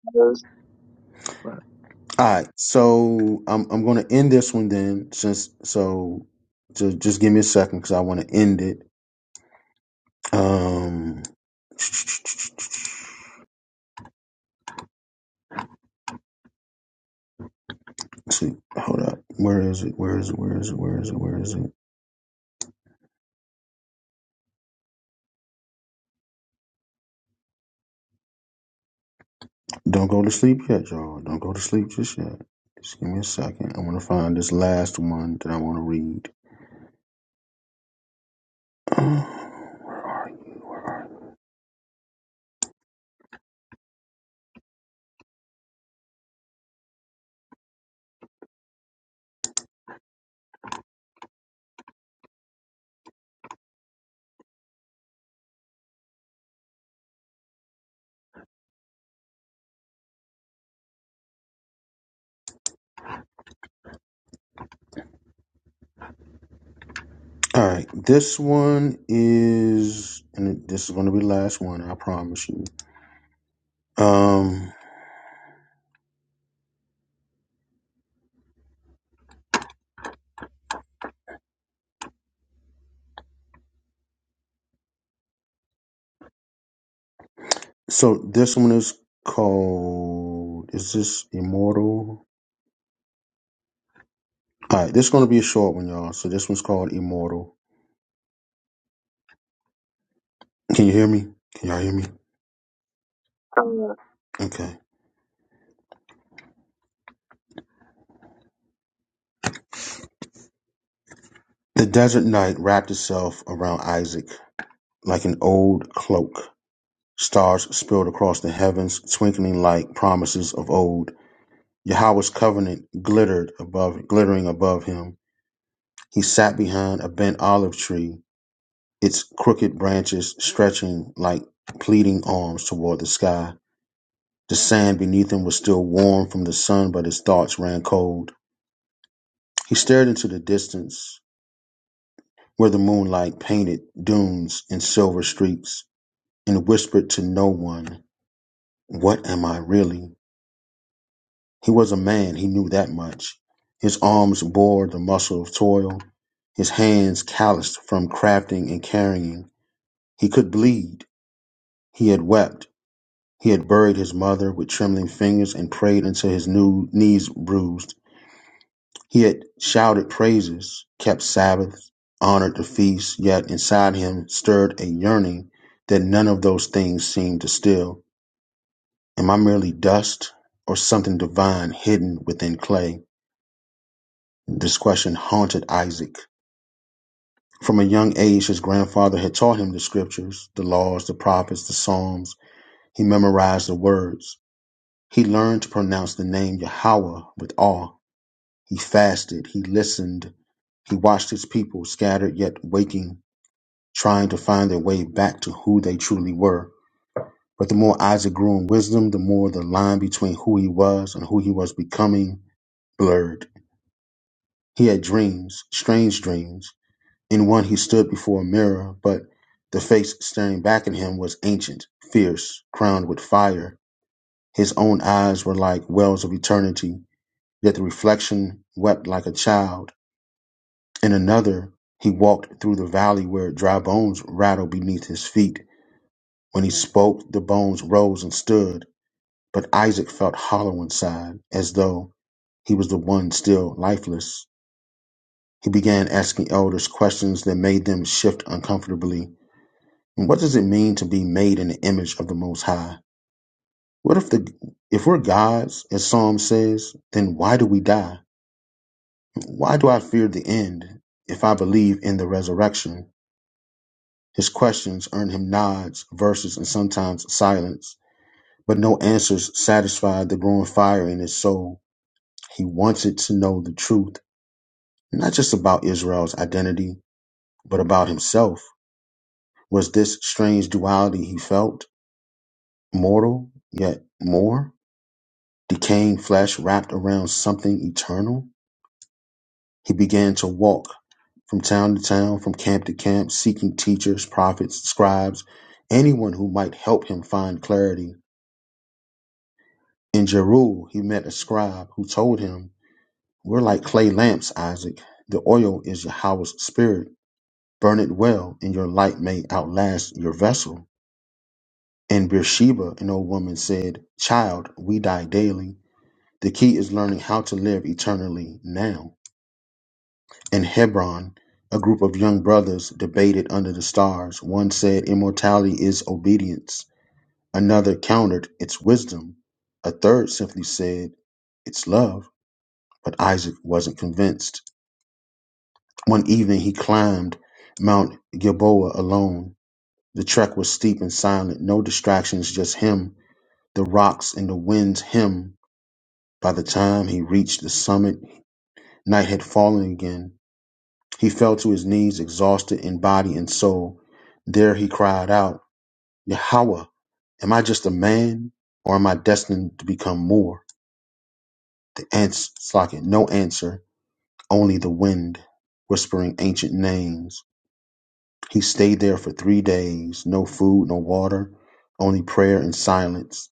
[SPEAKER 1] All
[SPEAKER 3] But
[SPEAKER 1] right, so I'm I'm going to end this one then, since so just just give me a second because I want to end it. Um, let's see, hold up, where is it? Where is it? Where is it? Where is it? Where is it? Don't go to sleep yet, y'all. Don't go to sleep just yet. Just give me a second. I want to find this last one that I want to read. All right, this one is, and this is going to be the last one. I promise you. Um, so this one is called. Is this immortal? All right, this is going to be a short one, y'all. So this one's called immortal. Can you hear me? Can y'all hear me? Oh, yeah. Okay. The desert night wrapped itself around Isaac like an old cloak. Stars spilled across the heavens, twinkling like promises of old. Yahweh's covenant glittered above glittering above him. He sat behind a bent olive tree, its crooked branches stretching like pleading arms toward the sky. The sand beneath him was still warm from the sun, but his thoughts ran cold. He stared into the distance, where the moonlight painted dunes in silver streaks, and whispered to no one, What am I really? He was a man, he knew that much. His arms bore the muscle of toil, his hands calloused from crafting and carrying. He could bleed. He had wept. He had buried his mother with trembling fingers and prayed until his new knees bruised. He had shouted praises, kept Sabbaths, honored the feasts, yet inside him stirred a yearning that none of those things seemed to still. Am I merely dust or something divine hidden within clay? This question haunted Isaac. From a young age, his grandfather had taught him the scriptures, the laws, the prophets, the psalms. He memorized the words. He learned to pronounce the name Yahweh with awe. He fasted. He listened. He watched his people scattered yet waking, trying to find their way back to who they truly were. But the more Isaac grew in wisdom, the more the line between who he was and who he was becoming blurred. He had dreams, strange dreams In one he stood before a mirror, but the face staring back at him was ancient, fierce, crowned with fire. His own eyes were like wells of eternity, yet the reflection wept like a child. In another he walked through the valley where dry bones rattled beneath his feet. When he spoke, the bones rose and stood, but Isaac felt hollow inside, as though he was the one still lifeless. He began asking elders questions that made them shift uncomfortably What does it mean to be made in the image of the Most High? What if the if we're gods, as Psalm says, then why do we die? Why do I fear the end if I believe in the resurrection? His questions earn him nods, verses, and sometimes silence, but no answers satisfied the growing fire in his soul. He wanted to know the truth, not just about Israel's identity, but about himself. Was this strange duality he felt mortal, yet more? Decaying flesh wrapped around something eternal? He began to walk from town to town, from camp to camp, seeking teachers, prophets, scribes, anyone who might help him find clarity. In Jeru, he met a scribe who told him, We're like clay lamps, Isaac. The oil is Yahweh's spirit. Burn it well, and your light may outlast your vessel. In Beersheba, an old woman said, Child, we die daily. The key is learning how to live eternally now. In Hebron, a group of young brothers debated under the stars. One said, Immortality is obedience. Another countered, It's wisdom. A third simply said, It's love. But Isaac wasn't convinced. One evening, he climbed Mount Gilboa alone. The trek was steep and silent, no distractions, just him, the rocks, and the winds. Him. By the time he reached the summit, night had fallen again. He fell to his knees, exhausted in body and soul. There he cried out, Yahweh, am I just a man, or am I destined to become more? The ants slackened, no answer, only the wind whispering ancient names. He stayed there for three days, no food, no water, only prayer and silence.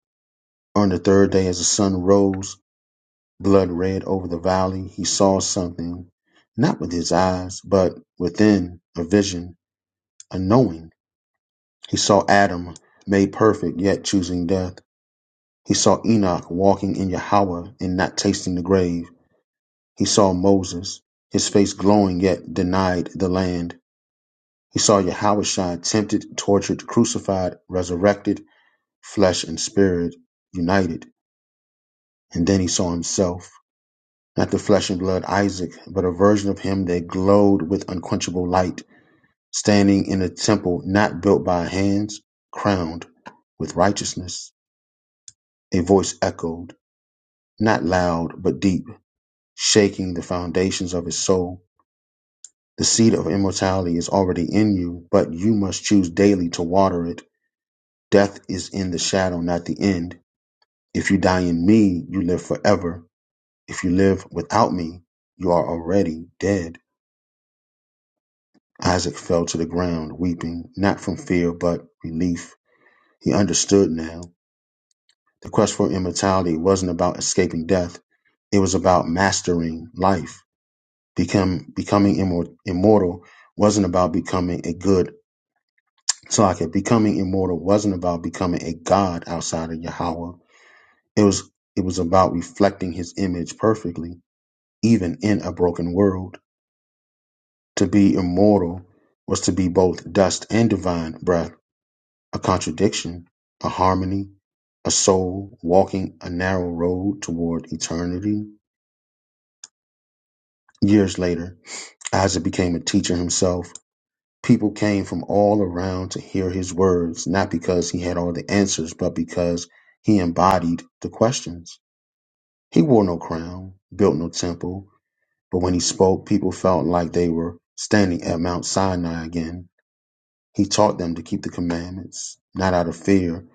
[SPEAKER 1] On the third day, as the sun rose, blood red over the valley, he saw something, not with his eyes, but within, a vision, a knowing. He saw Adam made perfect, yet choosing death. He saw Enoch walking in Yahweh and not tasting the grave. He saw Moses, his face glowing, yet denied the land. He saw Yahweh tempted, tortured, crucified, resurrected, flesh and spirit united. And then he saw himself, not the flesh and blood Isaac, but a version of him that glowed with unquenchable light, standing in a temple not built by hands, crowned with righteousness. A voice echoed, not loud, but deep, shaking the foundations of his soul. The seed of immortality is already in you, but you must choose daily to water it. Death is in the shadow, not the end. If you die in me, you live forever. If you live without me, you are already dead. Isaac fell to the ground, weeping, not from fear, but relief. He understood now. The quest for immortality wasn't about escaping death, it was about mastering life. Become becoming immor- immortal wasn't about becoming a good socket. Becoming immortal wasn't about becoming a god outside of Yahweh. It was it was about reflecting His image perfectly, even in a broken world. To be immortal was to be both dust and divine breath, a contradiction, a harmony, a soul walking a narrow road toward eternity. Years later, Isaac became a teacher himself People came from all around to hear his words, not because he had all the answers, but because he embodied the questions. He wore no crown, built no temple, but when he spoke, people felt like they were standing at Mount Sinai again. He taught them to keep the commandments, not out of fear,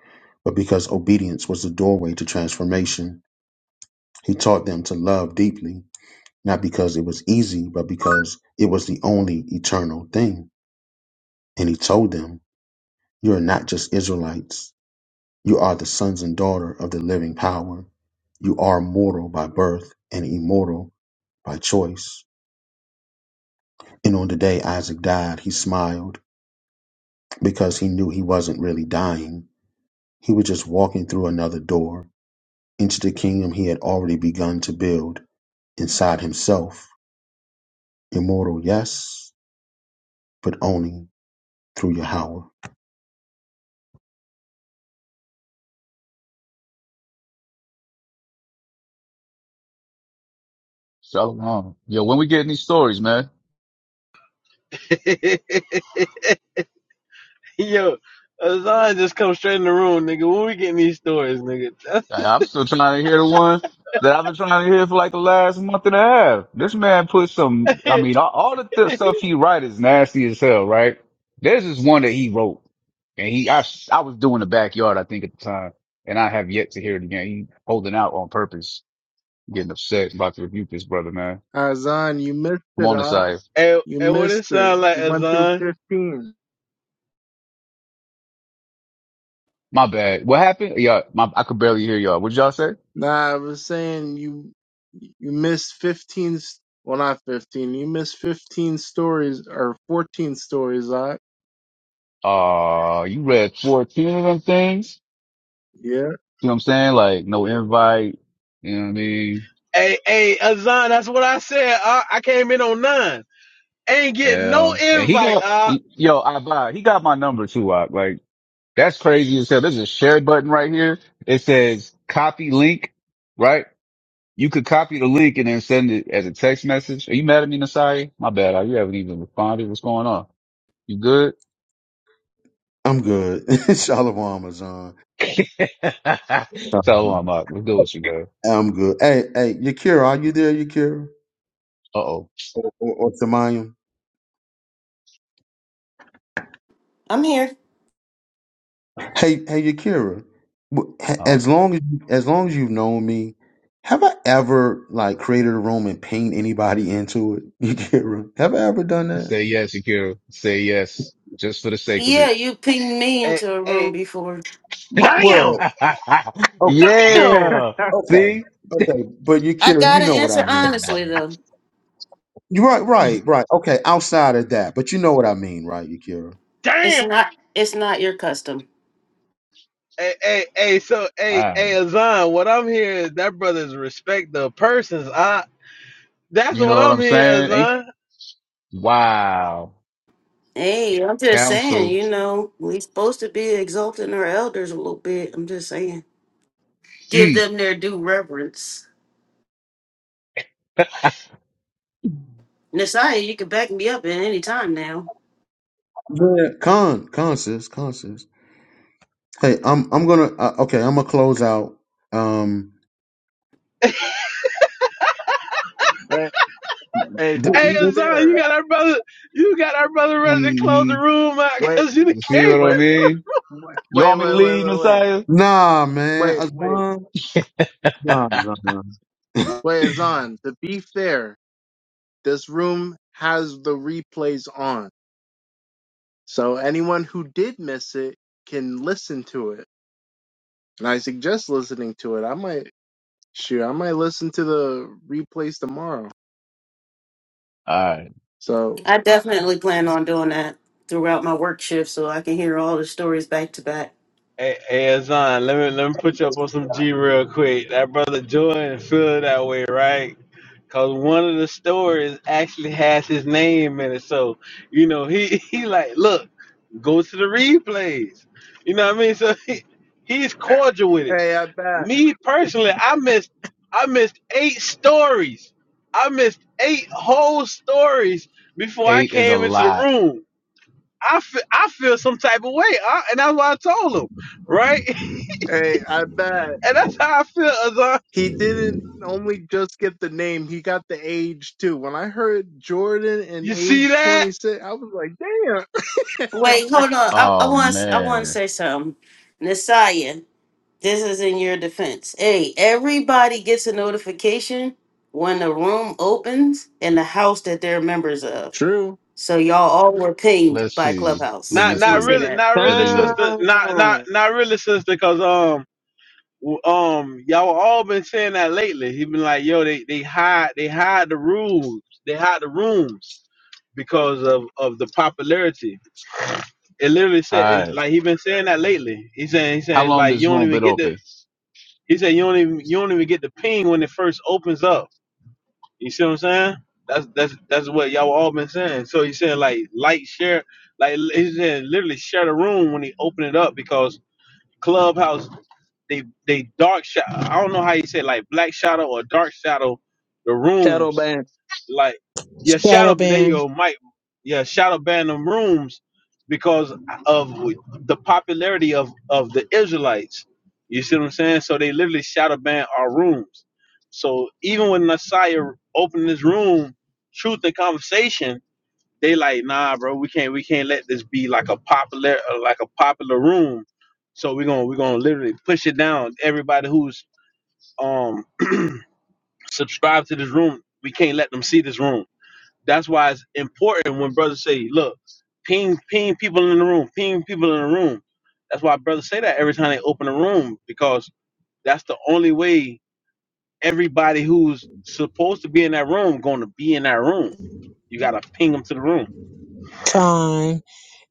[SPEAKER 1] but because obedience was the doorway to transformation. He taught them to love deeply, not because it was easy, but because it was the only eternal thing. And he told them, You are not just Israelites. You are the sons and daughter of the living power. You are mortal by birth and immortal by choice. And on the day Isaac died, he smiled because he knew he wasn't really dying. He was just walking through another door into the kingdom he had already begun to build inside himself. Immortal, yes, but only through Yahweh.
[SPEAKER 14] Shalom. Yo, when we getting these stories, man?
[SPEAKER 13] else. Yo, Azan just come straight in the room, nigga. When we getting these stories, nigga.
[SPEAKER 14] I- I'm still trying to hear the one that I've been trying to hear for like the last month and a half. This man put some, I mean, all, all the th- stuff he write is nasty as hell, right? There's this one that he wrote and he, I, s- I was doing the backyard, I think at the time, and I have yet to hear it again. He holding out on purpose, getting upset about to rebuke this brother, man.
[SPEAKER 3] Azan, you missed
[SPEAKER 14] I'm
[SPEAKER 3] it,
[SPEAKER 14] on the
[SPEAKER 3] I.
[SPEAKER 14] side.
[SPEAKER 13] and,
[SPEAKER 3] You
[SPEAKER 13] and what
[SPEAKER 3] missed
[SPEAKER 13] it
[SPEAKER 3] it.
[SPEAKER 13] sound like,
[SPEAKER 3] You went through
[SPEAKER 13] Azan?
[SPEAKER 3] 15.
[SPEAKER 14] My bad. What happened? Yeah, my, I could barely hear y'all. What did y'all say?
[SPEAKER 3] Nah, I was saying you you missed 15. s- Well, not 15. You missed 15 stories or 14 stories, I.
[SPEAKER 14] Uh, you read 14 of them things?
[SPEAKER 3] Yeah.
[SPEAKER 14] You know what I'm saying? Like no invite. You know what I mean?
[SPEAKER 13] Hey, hey, Azan, that's what I said. Uh, I came in on nine. Ain't get no
[SPEAKER 14] Yeah. And he
[SPEAKER 13] invite.
[SPEAKER 14] got
[SPEAKER 13] Uh,
[SPEAKER 14] yo, I buy. He got my number too. I, like that's crazy as hell. There's a share button right here. It says copy link. Right? You could copy the link and then send it as a text message. Are you mad at me, Nasai? My bad. I- You haven't even responded. What's going on? You good?
[SPEAKER 1] I'm good. Shalom, Amazon.
[SPEAKER 14] so I'm up. We're good with you, man.
[SPEAKER 1] I'm good. Hey, hey, Yakira, are you there, Yakira?
[SPEAKER 14] Uh oh.
[SPEAKER 1] Or, or, or Tamayim?
[SPEAKER 9] I'm here.
[SPEAKER 1] Hey, hey, Yakira. w- h-
[SPEAKER 14] Oh.
[SPEAKER 1] As long as as long as you've known me, have I ever like created a room and paint anybody into it, Yakira? Have I ever done that?
[SPEAKER 14] Say yes, Akira. Say yes, just for the sake of it.
[SPEAKER 9] Yeah, you pinged me
[SPEAKER 13] hey,
[SPEAKER 9] into a room
[SPEAKER 13] hey,
[SPEAKER 9] before.
[SPEAKER 1] W- Well,
[SPEAKER 13] damn,
[SPEAKER 1] o-
[SPEAKER 13] damn,
[SPEAKER 14] yeah.
[SPEAKER 1] okay,
[SPEAKER 14] See?
[SPEAKER 1] okay, but
[SPEAKER 9] I
[SPEAKER 1] Yakira, you
[SPEAKER 9] gotta
[SPEAKER 1] know what
[SPEAKER 9] answer
[SPEAKER 1] I mean, right?
[SPEAKER 9] honestly though.
[SPEAKER 1] You're right, right, right. Okay, outside of that, but you know what I mean, right, Yakira?
[SPEAKER 9] It's
[SPEAKER 13] damn.
[SPEAKER 9] not it's not your custom.
[SPEAKER 13] Hey, hey, hey, so
[SPEAKER 14] All
[SPEAKER 13] hey,
[SPEAKER 14] right.
[SPEAKER 13] hey, Azan, what I'm hearing is that brothers respect the persons. I that's
[SPEAKER 14] You
[SPEAKER 13] what
[SPEAKER 14] know what
[SPEAKER 13] I'm
[SPEAKER 14] I'm
[SPEAKER 13] hearing,
[SPEAKER 14] saying? Ain't
[SPEAKER 13] Azan.
[SPEAKER 14] wow.
[SPEAKER 9] Hey, I'm just saying,
[SPEAKER 14] Council.
[SPEAKER 9] you know, we supposed to be exalting our elders a little bit. I'm just saying. Give
[SPEAKER 14] Mm.
[SPEAKER 9] them their due reverence. Nasaya, you can back me up at any time now.
[SPEAKER 1] Yeah. Con, con, sis, con, sis. Hey, I'm I'm gonna uh, okay, I'm gonna close out. Um,
[SPEAKER 3] hey, hey, to
[SPEAKER 1] th-
[SPEAKER 13] Hey,
[SPEAKER 3] be
[SPEAKER 1] this-
[SPEAKER 13] Azan, you
[SPEAKER 3] fair,
[SPEAKER 13] got our brother, you got our brother ready to close the
[SPEAKER 14] hmm
[SPEAKER 13] room out
[SPEAKER 3] wait,
[SPEAKER 13] because you done
[SPEAKER 14] You see
[SPEAKER 13] came.
[SPEAKER 14] what I
[SPEAKER 3] wait,
[SPEAKER 14] mean?
[SPEAKER 3] wait,
[SPEAKER 14] You
[SPEAKER 3] wait,
[SPEAKER 14] want me to
[SPEAKER 3] wait,
[SPEAKER 14] lead,
[SPEAKER 3] wait, wait,
[SPEAKER 14] Messiah?
[SPEAKER 1] nah, man,
[SPEAKER 3] wait, wait,
[SPEAKER 1] Azan,
[SPEAKER 14] All
[SPEAKER 1] nah, Azan.
[SPEAKER 3] wait, Azan. To be fair, this room has the replays on. So anyone who did miss it can listen to it. And I suggest listening to it. I might shoot, I might listen to the replays tomorrow.
[SPEAKER 14] right.
[SPEAKER 3] So
[SPEAKER 9] I definitely plan on doing that throughout my work shift so I can hear all the stories back to back.
[SPEAKER 13] Hey, hey, Azan, let me let me put you up on some G real quick. That brother Jordan feel that way, right? Cause one of the stories actually has his name in it, so you know he he like look, go to the replays. You know what I mean? So he, he's cordial with it.
[SPEAKER 3] hey, I bet.
[SPEAKER 13] Me personally, I missed I missed eight stories. I missed eight whole stories before I
[SPEAKER 14] Eight is a
[SPEAKER 13] came into the
[SPEAKER 14] lot.
[SPEAKER 13] room. I feel, I feel some type of way, I, and that's why I told him, right?
[SPEAKER 3] Hey, I bet.
[SPEAKER 13] And that's how I feel, Azar.
[SPEAKER 3] He didn't only just get the name, he got the age too. When I heard Jordan and
[SPEAKER 13] You see
[SPEAKER 3] age
[SPEAKER 13] that?
[SPEAKER 3] 26, I was like, damn.
[SPEAKER 9] Wait, hold on. I, I
[SPEAKER 14] Oh
[SPEAKER 9] want I want to
[SPEAKER 14] man.
[SPEAKER 9] say something. Nasaya. This is in your defense. Hey, everybody gets a notification when the room opens in the house that they're members of.
[SPEAKER 3] True.
[SPEAKER 9] So y'all all were pinged
[SPEAKER 14] Let's
[SPEAKER 9] by
[SPEAKER 14] see. Let
[SPEAKER 9] Clubhouse. I
[SPEAKER 14] me
[SPEAKER 13] Not
[SPEAKER 9] just want
[SPEAKER 13] not
[SPEAKER 9] to say
[SPEAKER 14] see.
[SPEAKER 13] really,
[SPEAKER 9] that.
[SPEAKER 13] not
[SPEAKER 14] Let
[SPEAKER 13] really,
[SPEAKER 14] me look.
[SPEAKER 13] sister. Not not
[SPEAKER 7] Ah,
[SPEAKER 13] not really, sister. Cause um w- um y'all all been saying that lately. He been like, yo, they they hide they hide the rules, they hide the rooms because of of the popularity. It literally
[SPEAKER 14] All
[SPEAKER 13] said it,
[SPEAKER 14] right.
[SPEAKER 13] like he been saying that lately. He's saying he's
[SPEAKER 14] How
[SPEAKER 13] saying
[SPEAKER 14] long
[SPEAKER 13] like
[SPEAKER 14] this
[SPEAKER 13] you don't
[SPEAKER 14] room
[SPEAKER 13] even
[SPEAKER 14] been
[SPEAKER 13] get the
[SPEAKER 14] open?
[SPEAKER 13] he said you don't even you don't even get the ping when it first opens up. You see what I'm saying? That's that's that's what y'all all been saying. So he's saying like like share like he said literally share the room when he open it up because Clubhouse they they dark shadow. I don't know how you say like black shadow or dark shadow the
[SPEAKER 7] shadow
[SPEAKER 13] rooms
[SPEAKER 7] band.
[SPEAKER 13] like, yeah, shadow.
[SPEAKER 11] Shadow
[SPEAKER 13] There you
[SPEAKER 11] ban
[SPEAKER 13] go, Mike. Yeah, shadow ban them rooms because of who- the popularity of of the Israelites. You see what I'm saying? So they literally shadow ban our rooms. So even when Messiah opened this room, truth and conversation, they like, nah, bro, we can't we can't let this be like a popular uh, like a popular room. So we're gonna we're gonna literally push it down. Everybody who's um subscribed to this room, we can't let them see this room. That's why it's important when brothers say, look, ping ping people in the room, ping people in the room. That's why brothers say that every time they open a room, because that's the only way everybody who's supposed to be in that room gonna be in that room. You gotta ping them to the room.
[SPEAKER 11] time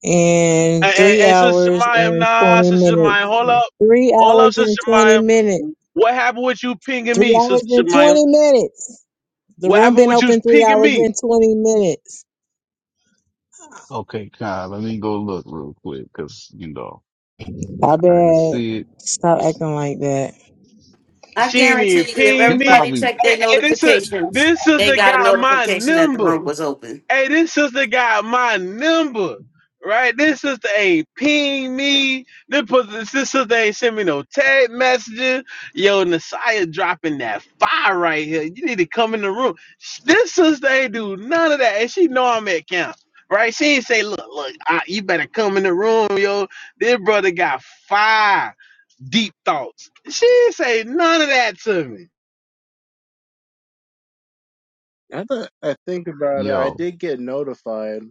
[SPEAKER 11] in
[SPEAKER 13] And, and,
[SPEAKER 11] three
[SPEAKER 13] and Sister
[SPEAKER 11] hours
[SPEAKER 13] Jemima,
[SPEAKER 11] and
[SPEAKER 13] nah,
[SPEAKER 11] twenty
[SPEAKER 13] Sister
[SPEAKER 11] minutes.
[SPEAKER 13] Jemima, hold up.
[SPEAKER 11] Three
[SPEAKER 13] Hold
[SPEAKER 11] hours
[SPEAKER 13] up,
[SPEAKER 11] and
[SPEAKER 13] Sister
[SPEAKER 11] twenty
[SPEAKER 13] Jemima.
[SPEAKER 11] minutes.
[SPEAKER 13] What happened with you pinging
[SPEAKER 11] Three
[SPEAKER 13] me, Sister
[SPEAKER 11] hours and
[SPEAKER 13] Jemima?
[SPEAKER 11] twenty minutes. The
[SPEAKER 13] What
[SPEAKER 11] room
[SPEAKER 13] happened
[SPEAKER 11] been
[SPEAKER 13] with you
[SPEAKER 11] open three
[SPEAKER 13] pinging
[SPEAKER 11] hours
[SPEAKER 13] me?
[SPEAKER 11] and twenty minutes.
[SPEAKER 14] Okay, Kyle, let me go look real quick because you know
[SPEAKER 11] I
[SPEAKER 14] I didn't see
[SPEAKER 11] bet.
[SPEAKER 14] it. Let me
[SPEAKER 11] Stop
[SPEAKER 14] see.
[SPEAKER 11] acting like that.
[SPEAKER 9] I
[SPEAKER 13] She ain't even
[SPEAKER 9] guarantee you, if
[SPEAKER 13] ping
[SPEAKER 14] He
[SPEAKER 13] me.
[SPEAKER 9] everybody
[SPEAKER 14] probably
[SPEAKER 9] checked
[SPEAKER 13] Hey,
[SPEAKER 9] their
[SPEAKER 13] hey, this is
[SPEAKER 9] notifications,
[SPEAKER 13] this
[SPEAKER 9] they
[SPEAKER 13] sister
[SPEAKER 9] got a
[SPEAKER 13] got my
[SPEAKER 9] notification that the
[SPEAKER 13] number.
[SPEAKER 9] room was open.
[SPEAKER 13] Hey, this sister got my number. Right? This sister ain't ping me. This, pus- this sister ain't send me no text messages. Yo, Nasiah dropping that fire right here. You need to come in the room. Sh- This sister ain't do none of that. And she know I'm at camp. Right? She ain't say, look, look, I, you better come in the room, yo. This brother got fire deep thoughts. She didn't say none of that to me.
[SPEAKER 3] Now that I think about it, I
[SPEAKER 14] yo.
[SPEAKER 3] did get notified.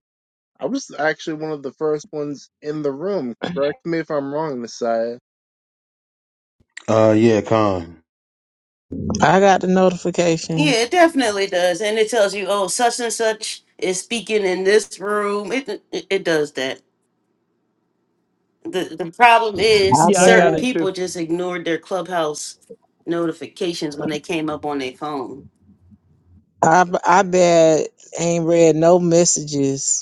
[SPEAKER 3] I was actually one of the first ones in the room. Correct me if I'm wrong, Messiah
[SPEAKER 1] Uh, yeah, Con,
[SPEAKER 11] I got the notification.
[SPEAKER 9] Yeah, it definitely does, and it tells you, oh, such and such is speaking in this room. It it, it does that. the the problem
[SPEAKER 11] I
[SPEAKER 9] is
[SPEAKER 7] Yeah, I
[SPEAKER 11] bet.
[SPEAKER 7] got
[SPEAKER 9] certain
[SPEAKER 7] it too.
[SPEAKER 9] people just ignored their clubhouse notifications when they came up on their phone.
[SPEAKER 11] I I bet. Ain't read no messages.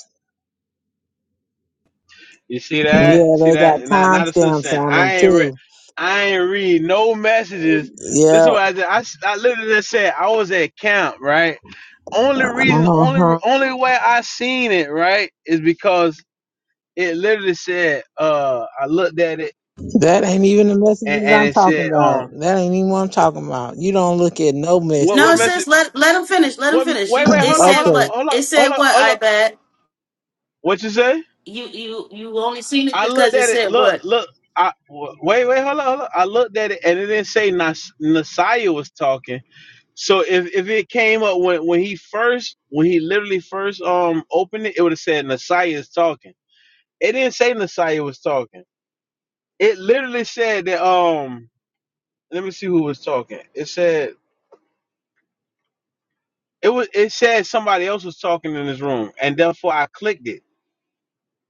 [SPEAKER 13] You see that?
[SPEAKER 11] Yeah,
[SPEAKER 13] See
[SPEAKER 11] they got
[SPEAKER 13] that? Not not a sister
[SPEAKER 11] timestamps
[SPEAKER 13] saying
[SPEAKER 11] on
[SPEAKER 13] I
[SPEAKER 11] them
[SPEAKER 13] ain't read.
[SPEAKER 11] too.
[SPEAKER 13] I ain't read no messages.
[SPEAKER 11] Yeah.
[SPEAKER 13] Listen, what I did. I I literally just said I was at camp, right? Only reason, only
[SPEAKER 11] Uh-huh.
[SPEAKER 13] only way I seen it, right, is because it literally said. Uh, I looked at it
[SPEAKER 11] That ain't even the
[SPEAKER 13] and,
[SPEAKER 11] messages
[SPEAKER 13] and
[SPEAKER 11] I'm
[SPEAKER 13] it
[SPEAKER 11] talking
[SPEAKER 13] said,
[SPEAKER 11] about.
[SPEAKER 13] um,
[SPEAKER 11] That ain't even what I'm talking about. You don't look at no
[SPEAKER 13] what
[SPEAKER 9] No,
[SPEAKER 13] what
[SPEAKER 11] messages.
[SPEAKER 13] message?
[SPEAKER 9] sis, let let them finish. Let them
[SPEAKER 13] What?
[SPEAKER 9] finish.
[SPEAKER 13] Wait,
[SPEAKER 9] You
[SPEAKER 13] wait,
[SPEAKER 9] it
[SPEAKER 13] hold up, hold
[SPEAKER 9] said
[SPEAKER 13] up,
[SPEAKER 11] Okay.
[SPEAKER 9] what?
[SPEAKER 13] hold up,
[SPEAKER 9] It said
[SPEAKER 13] hold up,
[SPEAKER 9] what?
[SPEAKER 13] hold
[SPEAKER 9] I
[SPEAKER 13] up.
[SPEAKER 9] bet
[SPEAKER 13] What you say?
[SPEAKER 9] you you you only seen it
[SPEAKER 13] I
[SPEAKER 9] because
[SPEAKER 13] looked
[SPEAKER 9] it
[SPEAKER 13] at it.
[SPEAKER 9] said
[SPEAKER 13] Look,
[SPEAKER 9] what?
[SPEAKER 13] look. I w- wait, wait, hold on, hold on. I looked at it, and it didn't say Nas- Nasiah was talking. So if, if it came up when, when he first when he literally first um opened it, it would have said Nasiah is talking. It didn't say Nasiah was talking. It literally said that um. Let me see who was talking. It said it was it said somebody else was talking in this room, and therefore I clicked it.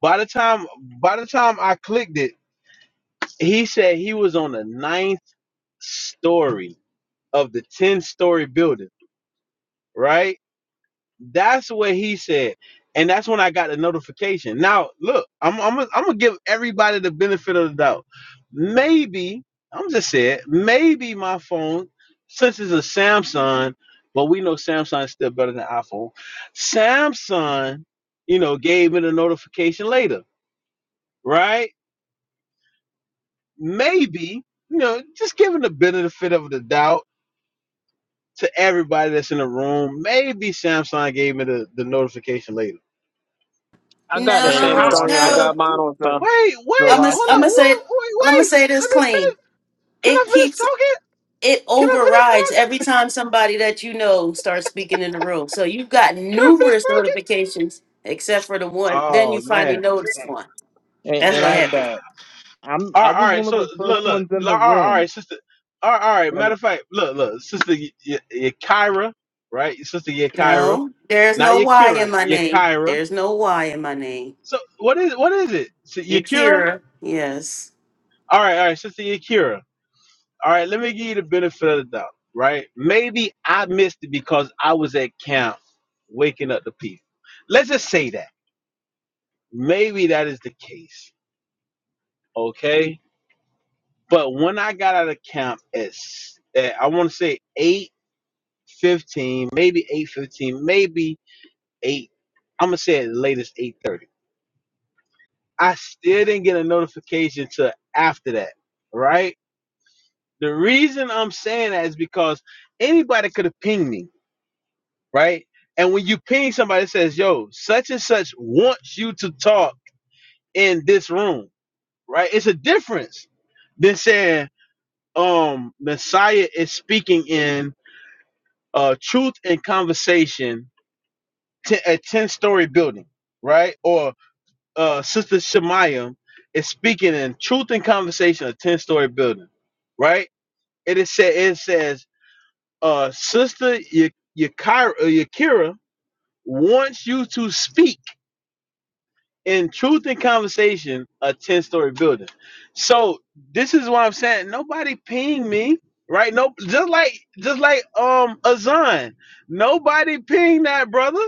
[SPEAKER 13] By the time by the time I clicked it, he said he was on the ninth story of the 10 story building, right? That's what he said. And that's when I got the notification. Now, look, I'm I'm gonna- I'm going to give everybody the benefit of the doubt. Maybe, I'm just saying, maybe my phone, since it's a Samsung, but we know Samsung is still better than iPhone. Samsung, you know, gave me the notification later, right? Maybe, you know, just giving the benefit of the doubt to everybody that's in the room. Maybe Samsung gave me the, the notification later.
[SPEAKER 7] I got a
[SPEAKER 3] Hey,
[SPEAKER 9] No,
[SPEAKER 13] How?
[SPEAKER 7] Samsung. I
[SPEAKER 3] Slovakia,
[SPEAKER 7] got
[SPEAKER 9] no.
[SPEAKER 7] mine on
[SPEAKER 3] S-
[SPEAKER 7] time.
[SPEAKER 13] Wait, wait,
[SPEAKER 9] I'm gonna
[SPEAKER 13] hold
[SPEAKER 9] I'm
[SPEAKER 13] up,
[SPEAKER 9] gonna
[SPEAKER 3] Salakia,
[SPEAKER 9] say
[SPEAKER 13] wait, wait,
[SPEAKER 9] I'm gonna
[SPEAKER 13] wait.
[SPEAKER 9] say this
[SPEAKER 13] Let me
[SPEAKER 9] clean.
[SPEAKER 13] finish. Can I
[SPEAKER 9] It
[SPEAKER 13] finish
[SPEAKER 9] keeps
[SPEAKER 13] talking?
[SPEAKER 9] it
[SPEAKER 13] Can I finish
[SPEAKER 9] overrides
[SPEAKER 13] talking?
[SPEAKER 9] every time somebody that you know starts speaking in the room. So you've got
[SPEAKER 13] Can I finish
[SPEAKER 9] numerous
[SPEAKER 13] talking?
[SPEAKER 9] notifications except for the one. Then you
[SPEAKER 13] Oh
[SPEAKER 9] finally
[SPEAKER 13] man.
[SPEAKER 9] notice one.
[SPEAKER 3] and,
[SPEAKER 9] That's
[SPEAKER 3] and
[SPEAKER 9] what
[SPEAKER 3] I
[SPEAKER 9] happened.
[SPEAKER 3] bet I'm.
[SPEAKER 13] All
[SPEAKER 3] I
[SPEAKER 13] right, all
[SPEAKER 3] was
[SPEAKER 13] right.
[SPEAKER 3] one of
[SPEAKER 13] So
[SPEAKER 3] the first
[SPEAKER 13] look, look.
[SPEAKER 3] ones in
[SPEAKER 13] All
[SPEAKER 3] the
[SPEAKER 13] right, all
[SPEAKER 3] room,
[SPEAKER 13] right, sister. All right, all right.
[SPEAKER 3] and
[SPEAKER 13] Matter of fact, look, look, sister Y- Y- Yakira, right? Sister Yakira,
[SPEAKER 9] No, there's
[SPEAKER 13] not
[SPEAKER 9] no Y in
[SPEAKER 13] Yakira,
[SPEAKER 9] my name.
[SPEAKER 13] Yakira.
[SPEAKER 9] There's no Y in my name.
[SPEAKER 13] So what is what is it? So
[SPEAKER 9] You're
[SPEAKER 13] Yakira?
[SPEAKER 9] Kira. Yes.
[SPEAKER 13] All right, all right, sister Yakira. All right, let me give you the benefit of the doubt, right? Maybe I missed it because I was at camp waking up the people. Let's just say that. Maybe that is the case, okay? But when I got out of camp at, s- at I want to say 8:15, maybe 8:15, maybe 8 I'm going to say at the latest 8:30. I still didn't get a notification till after that, right? The reason I'm saying that is because anybody could have pinged me right? And when you ping somebody that says, yo, such and such wants you to talk in this room, right? It's a difference than saying, um, Messiah is speaking in uh truth and conversation to a 10 story building, right? Or uh Sister Shemayam is speaking in truth and conversation, a 10 story building, right? It is said it says uh Sister Yakira Yakira wants you to speak in truth and conversation a 10 story building so this is what i'm saying nobody ping me right no just like just like um azan nobody ping that brother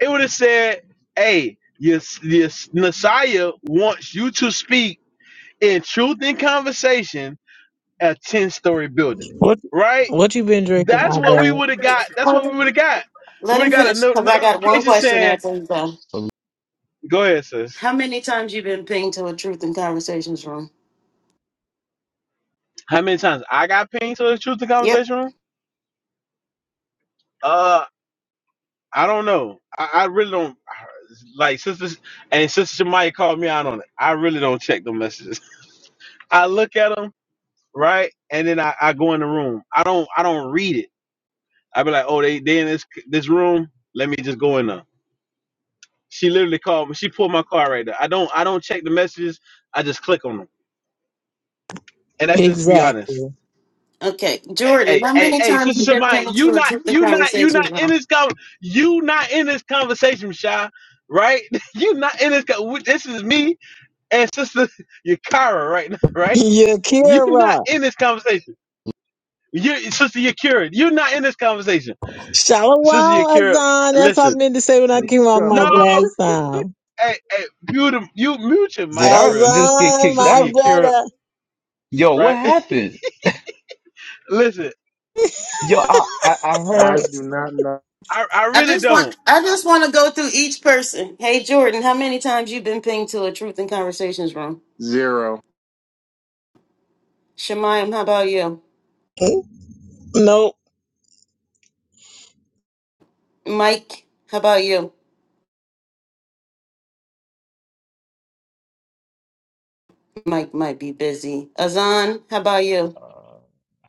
[SPEAKER 13] it would have said hey your, your messiah wants you to speak in truth and conversation a 10 story building
[SPEAKER 11] What
[SPEAKER 13] right
[SPEAKER 11] what you been drinking,
[SPEAKER 13] that's
[SPEAKER 11] I
[SPEAKER 13] what we
[SPEAKER 11] bet.
[SPEAKER 13] would have got that's
[SPEAKER 9] Hold
[SPEAKER 13] what
[SPEAKER 9] on.
[SPEAKER 13] we would have got we
[SPEAKER 9] Let
[SPEAKER 13] would have
[SPEAKER 9] him
[SPEAKER 13] got a
[SPEAKER 9] finish
[SPEAKER 13] no-
[SPEAKER 9] because I got one
[SPEAKER 13] notification
[SPEAKER 9] question
[SPEAKER 13] saying
[SPEAKER 9] after he's done.
[SPEAKER 13] go ahead sis
[SPEAKER 9] How many times you been pinged to a truth and conversations room?
[SPEAKER 13] How many times I got pinged to the truth the
[SPEAKER 9] Yep.
[SPEAKER 13] conversation room? Uh, I don't know. I, I really don't like sisters and sister Jemiah called me out on it. I really don't check the messages. I look at them right, and then I, I go in the room. I don't I don't read it. I be like, oh, they they in this this room. Let me just go in there. She literally called me. She pulled my car right there. I don't I don't check the messages. I just click on them, and that's just to be honest.
[SPEAKER 11] Exactly.
[SPEAKER 9] Okay, Jordan.
[SPEAKER 13] hey,
[SPEAKER 9] How
[SPEAKER 13] hey,
[SPEAKER 9] many
[SPEAKER 13] hey,
[SPEAKER 9] times you
[SPEAKER 13] sister
[SPEAKER 9] been
[SPEAKER 13] Shemai,
[SPEAKER 9] pinged to
[SPEAKER 13] you
[SPEAKER 9] a
[SPEAKER 13] not,
[SPEAKER 9] truth and
[SPEAKER 13] you not, you not
[SPEAKER 9] conversations
[SPEAKER 13] in
[SPEAKER 9] room?
[SPEAKER 13] this con, you not in this conversation, Shy. Right? You not in this. Con- this is me and sister Yakara right now. Right? You not
[SPEAKER 11] Yakira.
[SPEAKER 13] in this conversation. You, sister Yakira, you not in this conversation.
[SPEAKER 11] Shalom,
[SPEAKER 13] Sister Yakira,
[SPEAKER 11] Azan. That's what
[SPEAKER 13] listen.
[SPEAKER 11] I meant to say when I came off
[SPEAKER 13] No,
[SPEAKER 11] mic
[SPEAKER 3] Hello?
[SPEAKER 11] last time.
[SPEAKER 13] hey, hey, mute him. You mute your
[SPEAKER 14] Did
[SPEAKER 13] mic
[SPEAKER 14] I
[SPEAKER 13] real quick,
[SPEAKER 14] just get
[SPEAKER 11] Azan,
[SPEAKER 14] kicked
[SPEAKER 13] sister
[SPEAKER 11] my
[SPEAKER 14] out?
[SPEAKER 13] Yakira.
[SPEAKER 11] brother.
[SPEAKER 14] Yo, what
[SPEAKER 13] Right?
[SPEAKER 14] happened?
[SPEAKER 13] listen,
[SPEAKER 14] Yo, I I, I
[SPEAKER 3] I
[SPEAKER 14] heard.
[SPEAKER 3] do not know
[SPEAKER 13] I, I
[SPEAKER 9] I
[SPEAKER 13] really
[SPEAKER 9] just want
[SPEAKER 13] don't.
[SPEAKER 9] I just want to go through each person. Hey Jordan, how many times you been pinged to a truth and conversations room?
[SPEAKER 3] zero.
[SPEAKER 9] Shemayim, how about you?
[SPEAKER 11] Nope.
[SPEAKER 9] Mike, how about you? Mike might be busy. Azan, how about you?
[SPEAKER 14] Uh,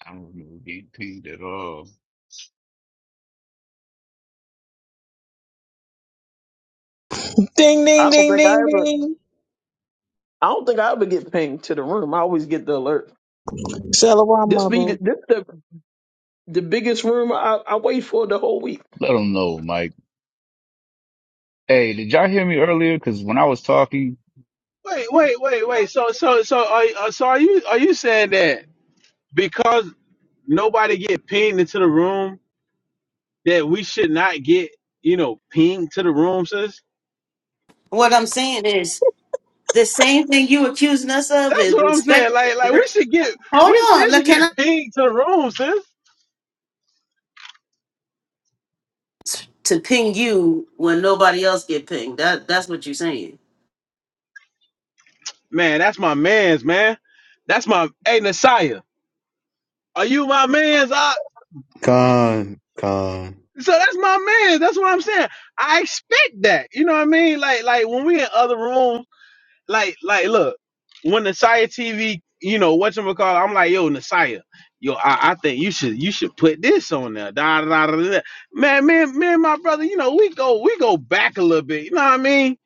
[SPEAKER 14] I don't remember getting pinged at all.
[SPEAKER 11] Ding,
[SPEAKER 7] I
[SPEAKER 11] ding,
[SPEAKER 7] don't
[SPEAKER 11] ding,
[SPEAKER 7] think I
[SPEAKER 11] ding,
[SPEAKER 7] ever.
[SPEAKER 11] ding.
[SPEAKER 7] I don't think I ever get pinged to the room. I always get the alert.
[SPEAKER 11] Shalom,
[SPEAKER 7] This be
[SPEAKER 11] Mabu.
[SPEAKER 7] the, this the the biggest room I, I wait for the whole week.
[SPEAKER 14] Let them know, Mike. Hey, did y'all hear me earlier? Because when I was talking.
[SPEAKER 13] Wait, wait, wait, wait. So, so, so, are, uh, so are you, are you saying that? because nobody get pinged into the room that we should not get, you know, pinged to the room, sis.
[SPEAKER 9] What I'm saying is the same thing you accusing us of
[SPEAKER 13] That's
[SPEAKER 9] is
[SPEAKER 13] what I'm
[SPEAKER 9] respect.
[SPEAKER 13] saying. Like, like
[SPEAKER 9] re-
[SPEAKER 13] we should get,
[SPEAKER 9] Hold
[SPEAKER 13] we still
[SPEAKER 9] on, look,
[SPEAKER 13] should
[SPEAKER 9] can
[SPEAKER 13] get
[SPEAKER 9] I
[SPEAKER 13] pinged to the room, sis.
[SPEAKER 9] to ping you when nobody else get pinged? That that's what you're saying.
[SPEAKER 13] Man, that's my man's man. That's my hey Nasiah. Are you my man's? Uh,
[SPEAKER 1] Con, Con.
[SPEAKER 13] so that's my man. That's what I'm saying. I expect that. You know what I mean? Like, like when we in other rooms. like like look when Nasiah TV, you know what you call, I'm like yo Nasiah, yo I, I think you should you should put this on there. Da, da, da, da. da. Man, man, man, my brother, you know we go we go back a little bit. You know what I mean?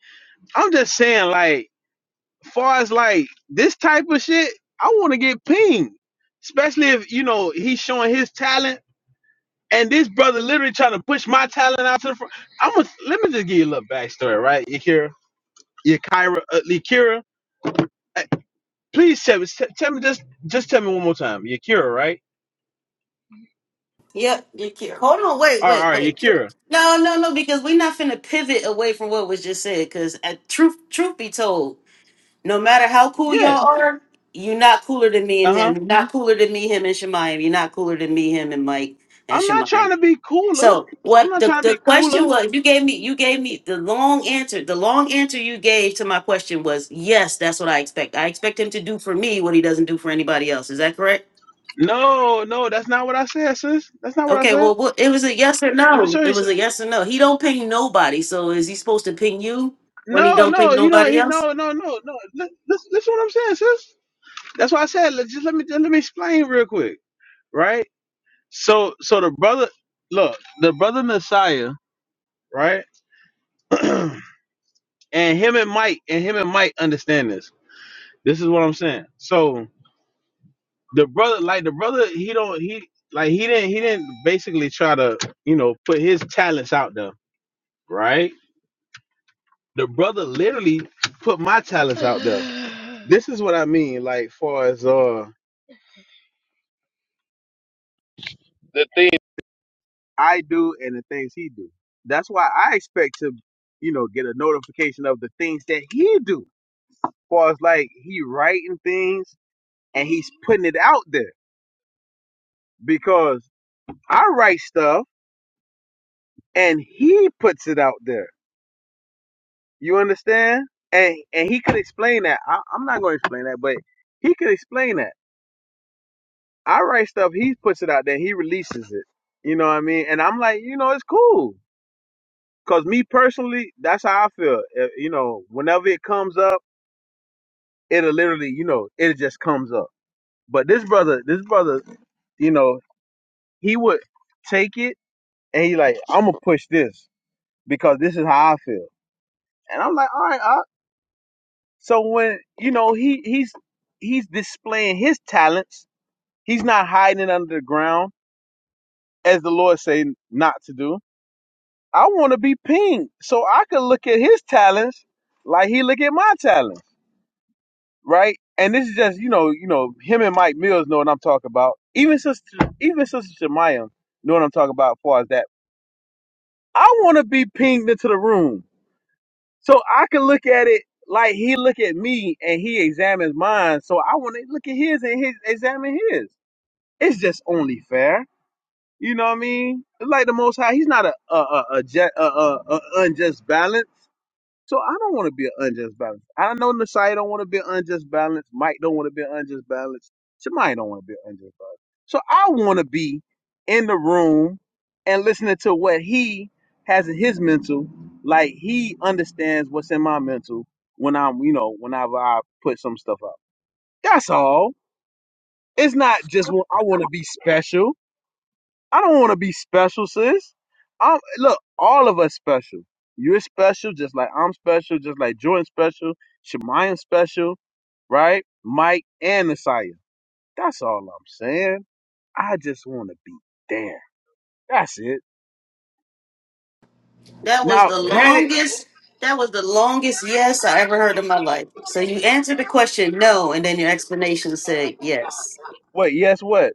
[SPEAKER 13] I'm just saying like far as like this type of shit, I want to get pinged, especially if you know he's showing his talent. And this brother literally trying to push my talent out to the front. I'm gonna let me just give you a little backstory, right? Yakira, Yakira, uh, Yakira. Please tell me, t- tell me just just tell me one more time. Yakira, right?
[SPEAKER 9] Yep, you can. Hold on, wait,
[SPEAKER 13] All right,
[SPEAKER 9] wait,
[SPEAKER 13] all right,
[SPEAKER 9] wait.
[SPEAKER 13] Yakira.
[SPEAKER 9] No, no, no, because we're not finna pivot away from what was just said. Because truth, truth be told, no matter how cool
[SPEAKER 13] Yeah.
[SPEAKER 9] y'all are, you're not cooler than me and
[SPEAKER 13] Uh
[SPEAKER 9] him.
[SPEAKER 13] huh.
[SPEAKER 9] You're not cooler than me, him and Shemayim. You're not cooler than me, him and Mike and
[SPEAKER 13] I'm not
[SPEAKER 9] Shemayim.
[SPEAKER 13] trying to be cooler.
[SPEAKER 9] So
[SPEAKER 13] I'm
[SPEAKER 9] what
[SPEAKER 13] not
[SPEAKER 9] the,
[SPEAKER 13] trying to
[SPEAKER 9] the
[SPEAKER 13] be cooler.
[SPEAKER 9] question was you gave me you gave me the long answer. The long answer you gave to my question was yes, that's what I expect. I expect him to do for me what he doesn't do for anybody else. Is that correct?
[SPEAKER 13] No, no, that's not what I said, sis. That's not what I
[SPEAKER 9] Okay,
[SPEAKER 13] said.
[SPEAKER 9] well what, it was a yes or
[SPEAKER 13] Let me
[SPEAKER 9] no.
[SPEAKER 13] show
[SPEAKER 9] It
[SPEAKER 13] you.
[SPEAKER 9] was
[SPEAKER 13] some-
[SPEAKER 9] a yes or no. He don't ping nobody. So is he supposed to ping you when he
[SPEAKER 13] No,
[SPEAKER 9] don't ping
[SPEAKER 13] no, he don't.
[SPEAKER 9] nobody
[SPEAKER 13] He
[SPEAKER 9] else?
[SPEAKER 13] no, no, no, no. Li- Listen, listen, what I'm saying, sis. That's why I said. Let, just let me let me explain real quick, right? So, so the brother, look, the brother Messiah, right? and him and Mike, and him and Mike understand this. This is what I'm saying. So the brother like the brother he don't he like he didn't he didn't basically try to you know put his talents out there right the brother literally put my talents out there this is what i mean like far as uh i do and the things he do that's why i expect to you know get a notification of the things that he do far as like he writing things and he's putting it out there because i write stuff and he puts it out there You understand? And and he could explain that. I, I'm not going to explain that, but he could explain that. I write stuff, he puts it out there, he releases it. You know what I mean? And I'm like, you know, it's cool. Cause me personally, that's how I feel. Uh, You know, whenever it comes up, it'll literally, you know, it just comes up. But this brother, this brother, you know, he would take it and he like, I'm gonna push this because this is how I feel. And I'm like, all right, So when you know he he's he's displaying his talents. He's not hiding it under the ground as the Lord say not to do. I want to be pinged so I could look at his talents like he look at my talents, right? And this is just you know you know him and Mike Mills know what I'm talking about. Even sister even sister Shemaya know what I'm talking about as far as that. I want to be pinged into the room So I can look at it like he look at me and he examines mine. So I want to look at his and his examine his. It's just only fair. You know what I mean? It's like the Most High. He's not a a a, a, ju- a, a, a unjust balance. So I don't want to be an unjust balance. I know Nasai don't want to be an unjust balance. Mike don't want to be an unjust balance. Somebody don't want to be an unjust balance. So I want to be in the room and listening to what he has in his mental, like he understands what's in my mental when I'm, you know, whenever I put some stuff out. That's all. It's not just well, I want to be special. I don't want to be special, sis. I'm look, all of us special. You're special, just like I'm special, just like Jordan special, Shemaya special, right? Mike and Nasiah. That's all I'm saying. I just want to be there. That's it.
[SPEAKER 9] That was
[SPEAKER 13] Now,
[SPEAKER 9] the
[SPEAKER 13] granted,
[SPEAKER 9] longest that was the longest yes I ever heard in my life. So you answered the question no and then your explanation said yes.
[SPEAKER 13] wait, yes, what?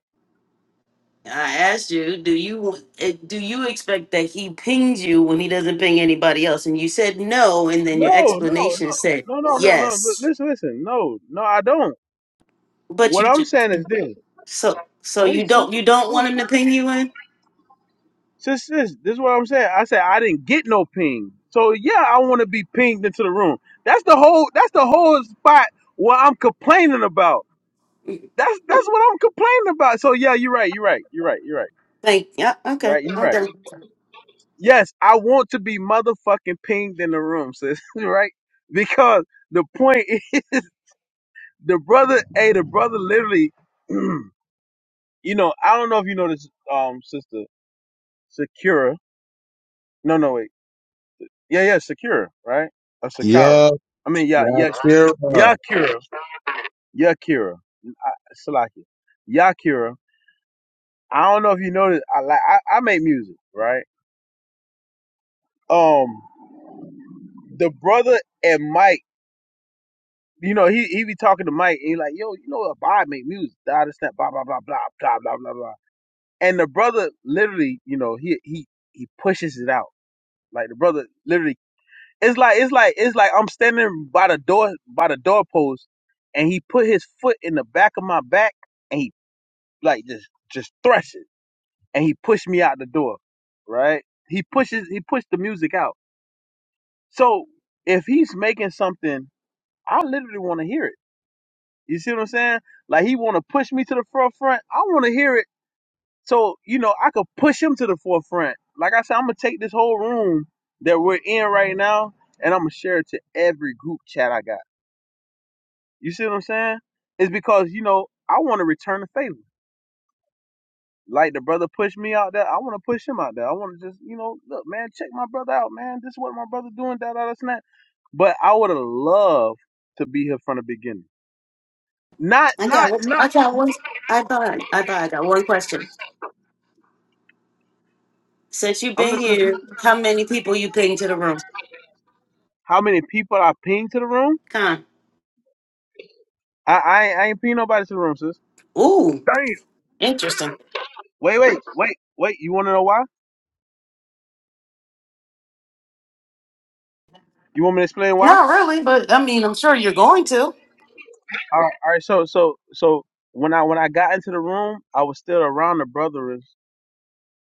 [SPEAKER 9] I asked you, do you eh, do you expect that he pings you when he doesn't ping anybody else? And you said no, and then your
[SPEAKER 13] No, no,
[SPEAKER 9] explanation
[SPEAKER 13] no,
[SPEAKER 9] said
[SPEAKER 13] no, no, no, no. But
[SPEAKER 9] yes.
[SPEAKER 13] listen, listen, no, no, I don't.
[SPEAKER 9] But
[SPEAKER 13] What
[SPEAKER 9] you
[SPEAKER 13] I'm
[SPEAKER 9] just,
[SPEAKER 13] saying is this.
[SPEAKER 9] so so you
[SPEAKER 13] Wait, sis.
[SPEAKER 9] don't you don't
[SPEAKER 13] sis.
[SPEAKER 9] want him to ping you in?
[SPEAKER 13] Since this, this is what I'm saying. I said I didn't get no ping. So yeah, I want to be pinged into the room. That's the whole. That's the whole spot what I'm complaining about. That's that's what I'm complaining about. So yeah, you're right. You're right. You're right. You're right.
[SPEAKER 9] Like yeah, okay,
[SPEAKER 13] Right. You're
[SPEAKER 9] I'm
[SPEAKER 13] right.
[SPEAKER 9] done.
[SPEAKER 13] Yes, I want to be motherfucking pinged in the room, sis. Right? Because the point is, the brother. Hey, the brother literally. you know, I don't know if you know this, um, sister Sakura. No, no, wait. Yeah, yeah, Sakura, right? Or Sakara.
[SPEAKER 1] Yeah,
[SPEAKER 13] I mean, yeah, yeah,
[SPEAKER 1] Akira.
[SPEAKER 13] Yakira, Yakira, Salaki, Yakira. I don't know if you noticed. I like I, I make music, right? Um, the brother and Mike, you know, he he be talking to Mike, and he like, yo, you know, what, Bob make music, da this that, blah blah blah blah blah blah blah blah. And the brother literally, you know, he he he pushes it out. Like the brother literally It's like it's like it's like I'm standing by the door by the doorpost, and he put his foot in the back of my back, and he like just just thrust it, and he pushed me out the door. Right? He pushes he pushed the music out. So if he's making something, I literally want to hear it. You see what I'm saying? Like he want to push me to the forefront. I want to hear it. So you know I could push him to the forefront. Like I said, I'm gonna take this whole room that we're in right now, and I'm gonna share it to every group chat I got. You see what I'm saying? It's because, you know, I want to return the favor. Like the brother pushed me out there, I want to push him out there. I want to just, you know, look, man, check my brother out, man. This is what my brother doing, da da da snap. But I would have loved to be here from the beginning. Not,
[SPEAKER 9] I got
[SPEAKER 13] not,
[SPEAKER 9] one-
[SPEAKER 13] not.
[SPEAKER 9] I got one. I thought I thought I got one question. Since you've
[SPEAKER 13] I'm
[SPEAKER 9] been
[SPEAKER 13] listening
[SPEAKER 9] here,
[SPEAKER 13] to
[SPEAKER 9] how many people you ping to the room?
[SPEAKER 13] how many people I pinged to the room.
[SPEAKER 9] Con.
[SPEAKER 13] I, I, ain't- I ain't pinged nobody to the room, sis.
[SPEAKER 9] Ooh,
[SPEAKER 3] Damn.
[SPEAKER 9] interesting.
[SPEAKER 13] Wait, wait, wait, wait. You want to know why? You want me to explain why?
[SPEAKER 9] Not really, but I mean, I'm sure you're going to.
[SPEAKER 13] All right, all right. So, so, so when I when I got into the room, I was still around the brothers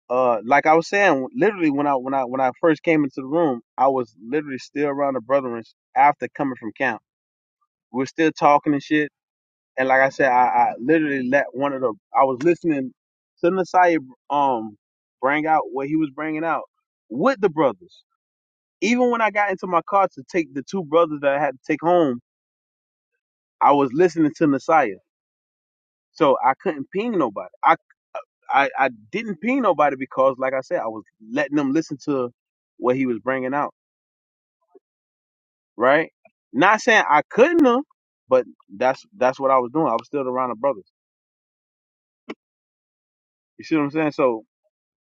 [SPEAKER 13] uh like I was saying, literally when I when I when I first came into the room, I was literally still around the brethren after coming from camp. We are still talking and shit. And like I said, I, I literally let one of the I was listening to Nasai um bring out what he was bringing out with the brothers. Even when I got into my car to take the two brothers that I had to take home, I was listening to Messiah. So I couldn't ping nobody. I, I I didn't ping nobody because, like I said, I was letting them listen to what he was bringing out. right? Not saying I couldn't have, but that's that's what I was doing. I was still around the brothers. You see what I'm saying? So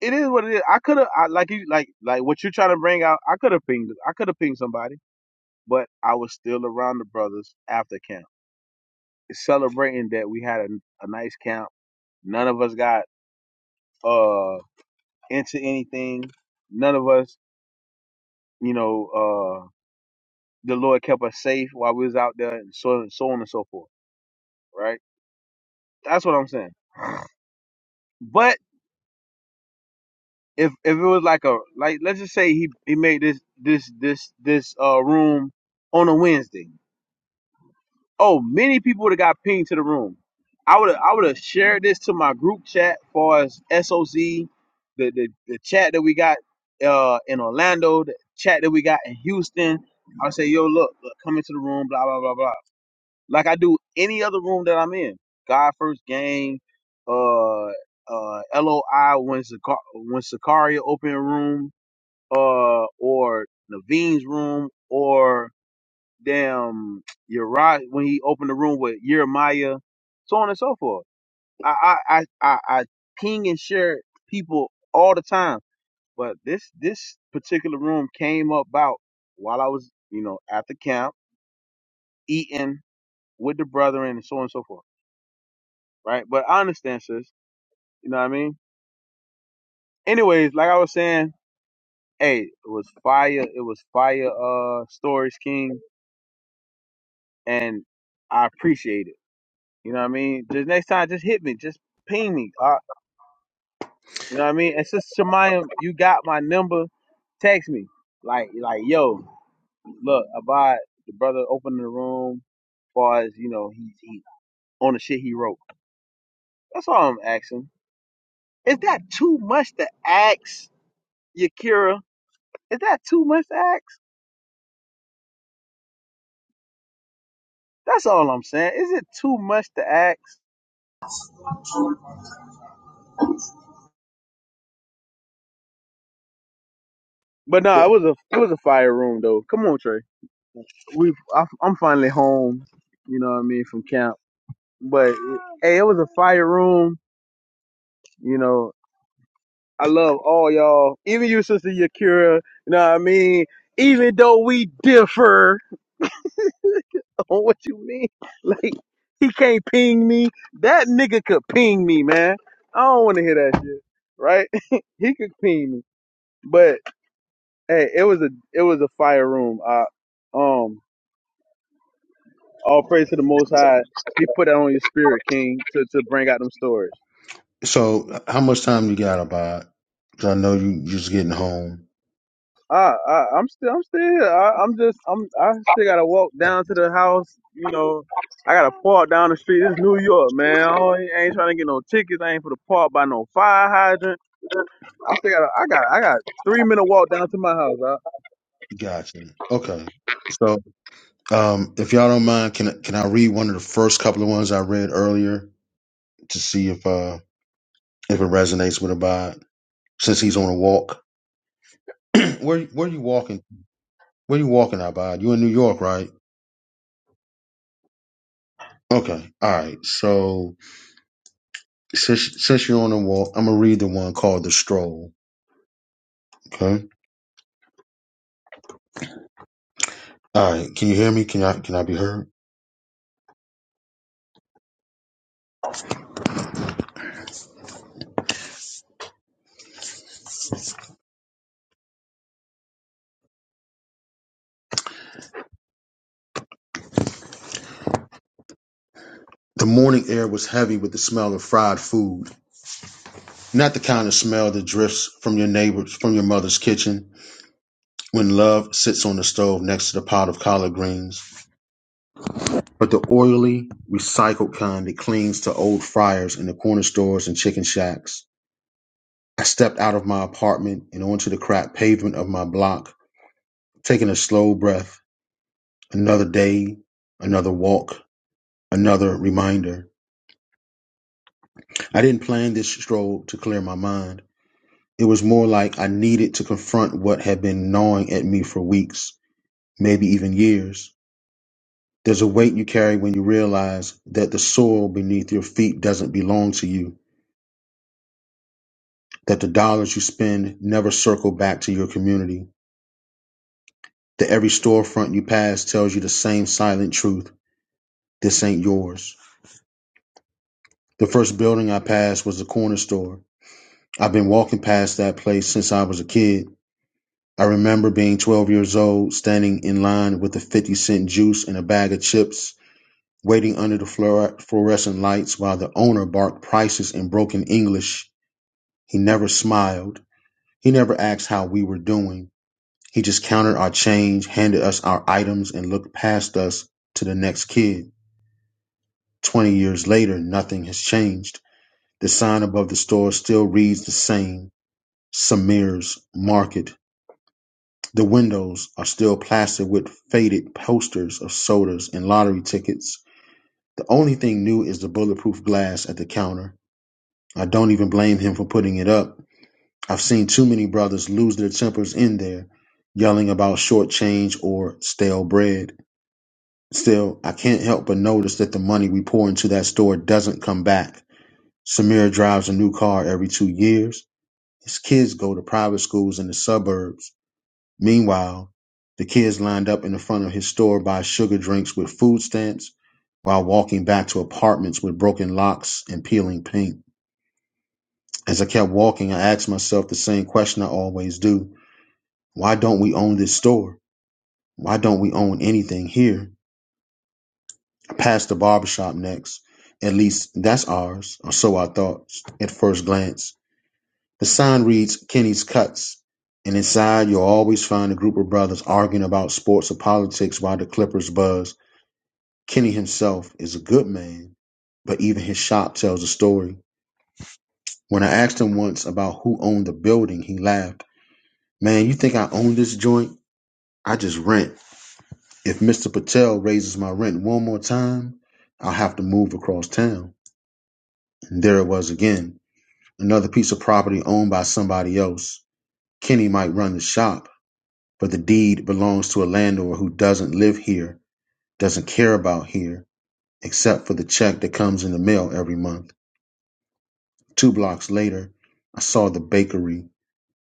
[SPEAKER 13] it is what it is. I could have, I, like you, like like what you're trying to bring out. I could have pinged, I could have pinged somebody, but I was still around the brothers after camp, celebrating that we had a, a nice camp. None of us got uh into anything. None of us, you know, uh the Lord kept us safe while we was out there, and so so on and so forth. Right? That's what I'm saying. But if if it was like a like let's just say he he made this this this this uh room on a Wednesday. Oh, many people would have got pinged to the room. I would I would have shared this to my group chat far as SOZ the the, the chat that we got uh in Orlando, the chat that we got in Houston. I'll say, yo, look, look, come into the room, blah blah blah blah. Like I do any other room that I'm in. God first game, uh uh LOI when Sicar- when Sicaria open room uh, or Naveen's room, or damn Uriah when he opened the room with Jeremiah, so on and so forth. I I I I, I ping and share people all the time, but this this particular room came about while I was you know at the camp eating with the brethren and so on and so forth, right? But I understand, sis. You know what I mean? Anyways, like I was saying, hey, it was fire. It was fire. Uh, stories, King. and I appreciate it. You know what I mean? Just next time, just hit me, just ping me. Uh, you know what I mean? And sister Shemayim, you got my number. Text me, like, like, yo, look, Abad, the brother opening the room. As Far as you know, he, he on the shit he wrote. That's all I'm asking. Is that too much to ask, Yakira? Is that too much to ask? That's all I'm saying. Is it too much to ask? But no, nah,
[SPEAKER 3] The,
[SPEAKER 13] it was a it was a fire room though. Come on, Trey. we I, I'm finally home. You know what I mean from camp. But hey, it was a fire room. You know, I love all y'all, even you, sister Yakira. You know what I mean. Even though we differ on what you mean, like he can't ping me. That nigga could ping me, man. I don't want to hear that shit. Right? he could ping me. But hey, it was a it was a fire room. I um. All praise to the Most High. He put that on your spirit, King, to, to bring out them stories.
[SPEAKER 1] So, how much time you got, about? Because I know you just getting home.
[SPEAKER 13] I, I I'm still I'm still here. I, I'm just I'm I still gotta walk down to the house. You know, I gotta park down the street. It's New York, man. I ain't, I ain't trying to get no tickets. I ain't for the park by no fire hydrant. I still got I got I got three minute walk down to my house. I,
[SPEAKER 1] Gotcha. Okay. So, um, if y'all don't mind, can can I read one of the first couple of ones I read earlier to see if uh if it resonates with Abad since he's on a walk? where where you walking? Where you walking, Abad? You in New York, right? Okay. All right. So since since you're on a walk, I'm gonna read the one called the Stroll. Okay. All right, can you hear me? Can I can I be heard? The morning air was heavy with the smell of fried food, not the kind of smell that drifts from your neighbor's from your mother's kitchen when love sits on the stove next to the pot of collard greens, but the oily, recycled kind that clings to old fryers in the corner stores and chicken shacks. I stepped out of my apartment and onto the cracked pavement of my block, taking a slow breath. Another day, another walk, another reminder. I didn't plan this stroll to clear my mind. It was more like I needed to confront what had been gnawing at me for weeks, maybe even years. There's a weight you carry when you realize that the soil beneath your feet doesn't belong to you, that the dollars you spend never circle back to your community, that every storefront you pass tells you the same silent truth this ain't yours. The first building I passed was a corner store. I've been walking past that place since I was a kid. I remember being 12 years old, standing in line with a 50 cent juice and a bag of chips waiting under the fluorescent lights while the owner barked prices in broken English. He never smiled. He never asked how we were doing. He just counted our change, handed us our items, and looked past us to the next kid. Twenty years later, nothing has changed. The sign above the store still reads the same Samir's Market. The windows are still plastered with faded posters of sodas and lottery tickets. The only thing new is the bulletproof glass at the counter. I don't even blame him for putting it up. I've seen too many brothers lose their tempers in there, yelling about short change or stale bread. Still, I can't help but notice that the money we pour into that store doesn't come back. Samir drives a new car every two years. His kids go to private schools in the suburbs. Meanwhile, the kids lined up in the front of his store buy sugar drinks with food stamps while walking back to apartments with broken locks and peeling paint. As I kept walking, I asked myself the same question I always do Why don't we own this store? Why don't we own anything here? I passed the barbershop next. At least that's ours, or so I thought at first glance. The sign reads Kenny's Cuts, and inside you'll always find a group of brothers arguing about sports or politics while the Clippers buzz. Kenny himself is a good man, but even his shop tells a story. When I asked him once about who owned the building, he laughed. Man, you think I own this joint? I just rent. If Mr. Patel raises my rent one more time, I'll have to move across town. And there it was again. Another piece of property owned by somebody else. Kenny might run the shop, but the deed belongs to a landlord who doesn't live here, doesn't care about here, except for the check that comes in the mail every month. Two blocks later, I saw the bakery.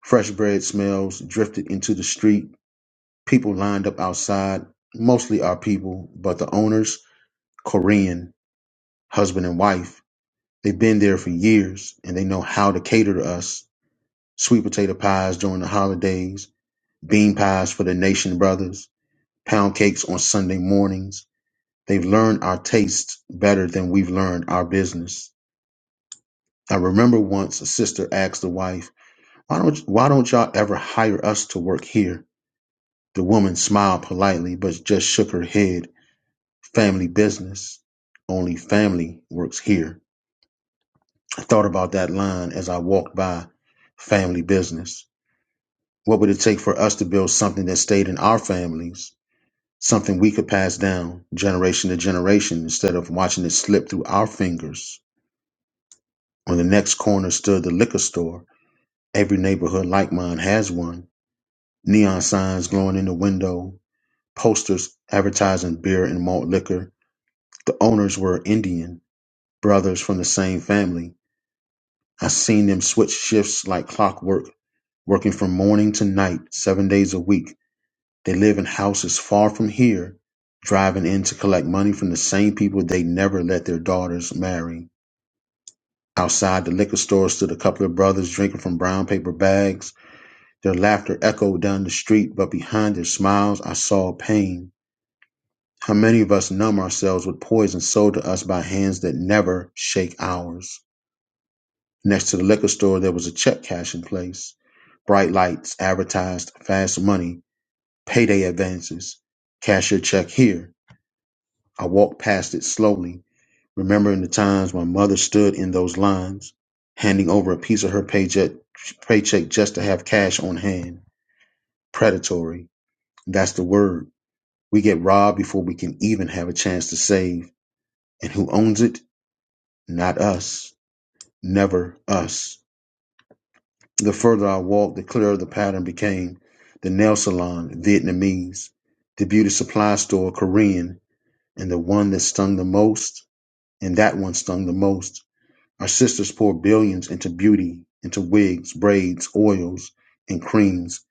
[SPEAKER 1] Fresh bread smells drifted into the street. People lined up outside, mostly our people, but the owners, Korean. husband and wife. They've been there for years and they know how to cater to us. Sweet potato pies during the holidays, bean pies for the nation brothers, pound cakes on Sunday mornings. They've learned our tastes better than we've learned our business. I remember once a sister asked the wife, why don't, why don't y'all ever hire us to work here? The woman smiled politely, but just shook her head. Family business. Only family works here. Thought about that line as I walked by family business. What would it take for us to build something that stayed in our families, something we could pass down generation to generation instead of watching it slip through our fingers? On the next corner stood the liquor store. Every neighborhood like mine has one. Neon signs glowing in the window, posters advertising beer and malt liquor. The owners were Indian, brothers from the same family. I seen them switch shifts like clockwork working from morning to night, seven days a week. They live in houses far from here, driving in to collect money from the same people they never let their daughters marry. Outside the liquor store stood a couple of brothers drinking from brown paper bags. Their laughter echoed down the street, but behind their smiles, I saw pain. How many of us numb ourselves with poison sold to us by hands that never shake ours? Next to the liquor store, there was a check cashing place. Bright lights advertised fast money Payday advances. Cash your check here. I walked past it slowly, remembering the times my mother stood in those lines, handing over a piece of her paycheck, paycheck just to have cash on hand. Predatory. That's the word. We get robbed before we can even have a chance to save. And who owns it? Not us. Never us. The further I walked, the clearer the pattern became. The nail salon, Vietnamese. The beauty supply store, Korean And the one that stung the most, and that one stung the most. Our sisters pour billions into beauty, into wigs, braids, oils, and creams,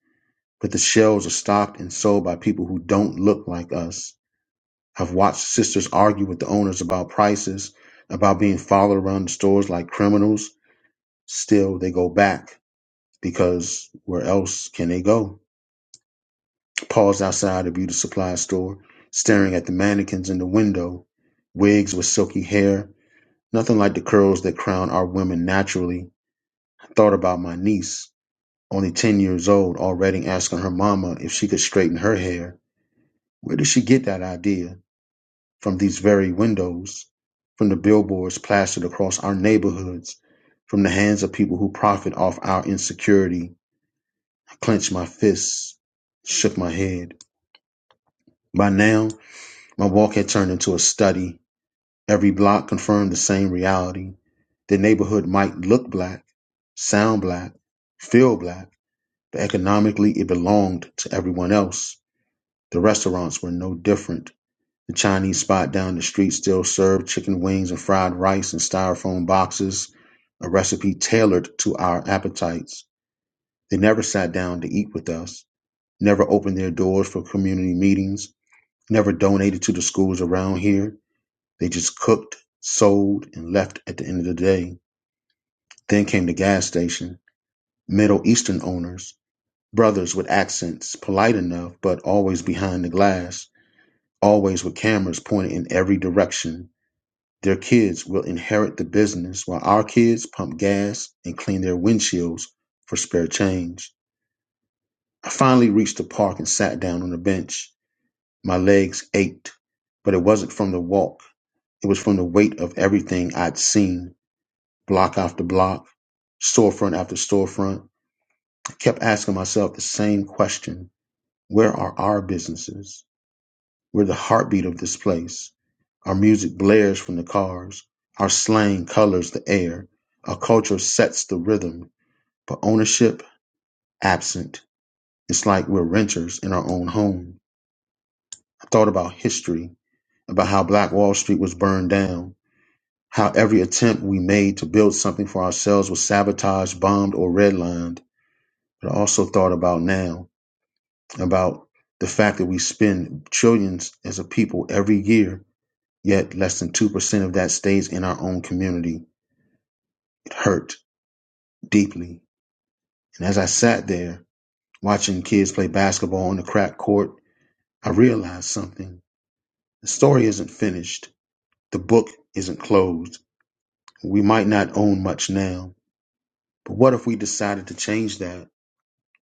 [SPEAKER 1] but the shells are stocked and sold by people who don't look like us. I've watched sisters argue with the owners about prices, about being followed around the stores like criminals. Still, they go back because where else can they go? Paused outside a beauty supply store, staring at the mannequins in the window, wigs with silky hair, Nothing like the curls that crown our women naturally. I thought about my niece, only 10 years old, already asking her mama if she could straighten her hair. Where did she get that idea? From these very windows, from the billboards plastered across our neighborhoods, from the hands of people who profit off our insecurity. I clenched my fists, shook my head. By now, my walk had turned into a study Every block confirmed the same reality. The neighborhood might look black, sound black, feel black, but economically it belonged to everyone else. The restaurants were no different. The Chinese spot down the street still served chicken wings and fried rice in styrofoam boxes, a recipe tailored to our appetites. They never sat down to eat with us, never opened their doors for community meetings, never donated to the schools around here. They just cooked, sold, and left at the end of the day. Then came the gas station. Middle Eastern owners, brothers with accents, polite enough, but always behind the glass, always with cameras pointed in every direction. Their kids will inherit the business while our kids pump gas and clean their windshields for spare change. I finally reached the park and sat down on a bench. My legs ached, but it wasn't from the walk. It was from the weight of everything I'd seen. block after block, storefront after storefront. I kept asking myself the same question Where are our businesses? We're the heartbeat of this place. Our music blares from the cars, our slang colors the air, our culture sets the rhythm, but ownership absent. It's like we're renters in our own home. I thought about history, about how Black Wall Street was burned down, how every attempt we made to build something for ourselves was sabotaged, bombed, or redlined. But I also thought about now about the fact that we spend trillions as a people every year, yet less than 2% of that stays in our own community. It hurt deeply. And as I sat there watching kids play basketball on the crack court, I realized something. The story isn't finished, the book isn't closed. We might not own much now, but what if we decided to change that?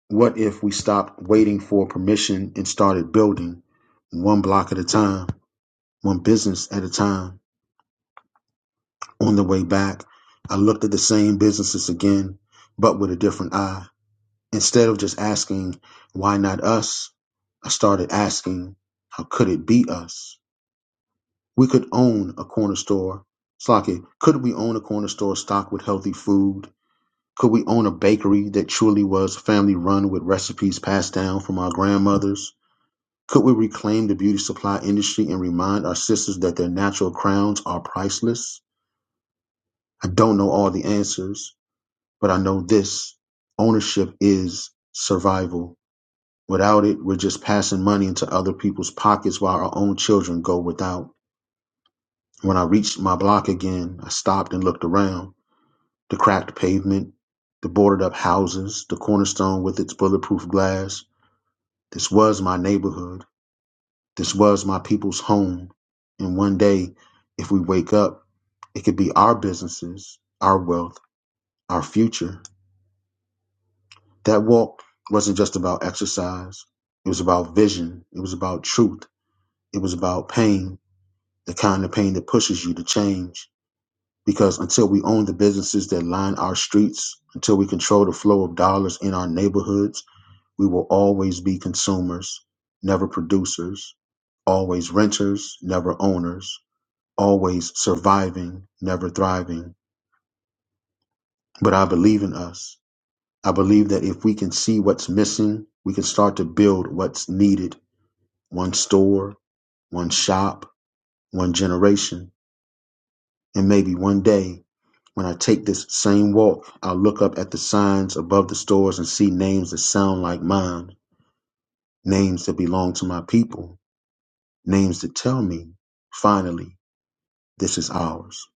[SPEAKER 1] What if we stopped waiting for permission and started building one block at a time? one business at a time. On the way back, I looked at the same businesses again, but with a different eye. Instead of just asking, why not us? I started asking, how could it be us? We could own a corner store. Slocky, could we own a corner store stocked with healthy food? Could we own a bakery that truly was family run with recipes passed down from our grandmothers? Could we reclaim the beauty supply industry and remind our sisters that their natural crowns are priceless? I don't know all the answers, but I know this ownership is survival. Without it, we're just passing money into other people's pockets while our own children go without. When I reached my block again, I stopped and looked around. The cracked pavement, the boarded up houses, the cornerstone with its bulletproof glass. This was my neighborhood. This was my people's home. And one day, if we wake up, it could be our businesses, our wealth, our future. That walk wasn't just about exercise. It was about vision. It was about truth. It was about pain, the kind of pain that pushes you to change. Because until we own the businesses that line our streets, until we control the flow of dollars in our neighborhoods, we will always be consumers, never producers, always renters, never owners, always surviving, never thriving. But I believe in us. I believe that if we can see what's missing, we can start to build what's needed one store, one shop, one generation, and maybe one day when I take this same walk, I'll look up at the signs above the stores and see names that sound like mine, names that belong to my people, names that tell me, finally, this is ours.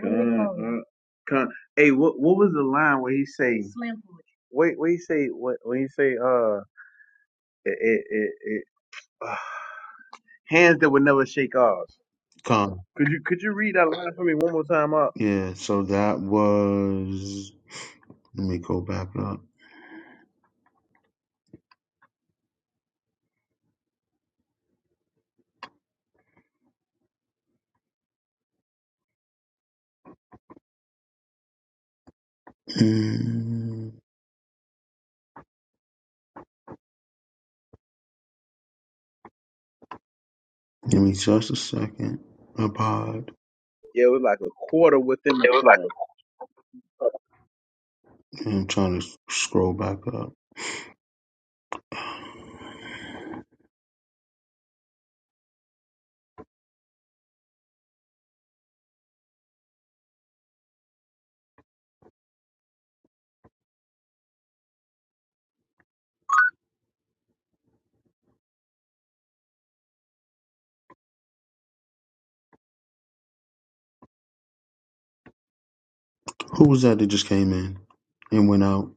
[SPEAKER 13] Come, uh, come. Hey, what what was the line where he say? Wait, what he say? What when he say? Uh, it it it, it uh, hands that would never shake off.
[SPEAKER 1] Come.
[SPEAKER 13] Could you could you read that line for me one more time? Up.
[SPEAKER 1] Yeah, so that was. Let me go back up. Mm, give me just a second. My pod.
[SPEAKER 13] Yeah, it was like a quarter within the poem.
[SPEAKER 1] I'm trying to scroll back up. Who was that that just came in and went out?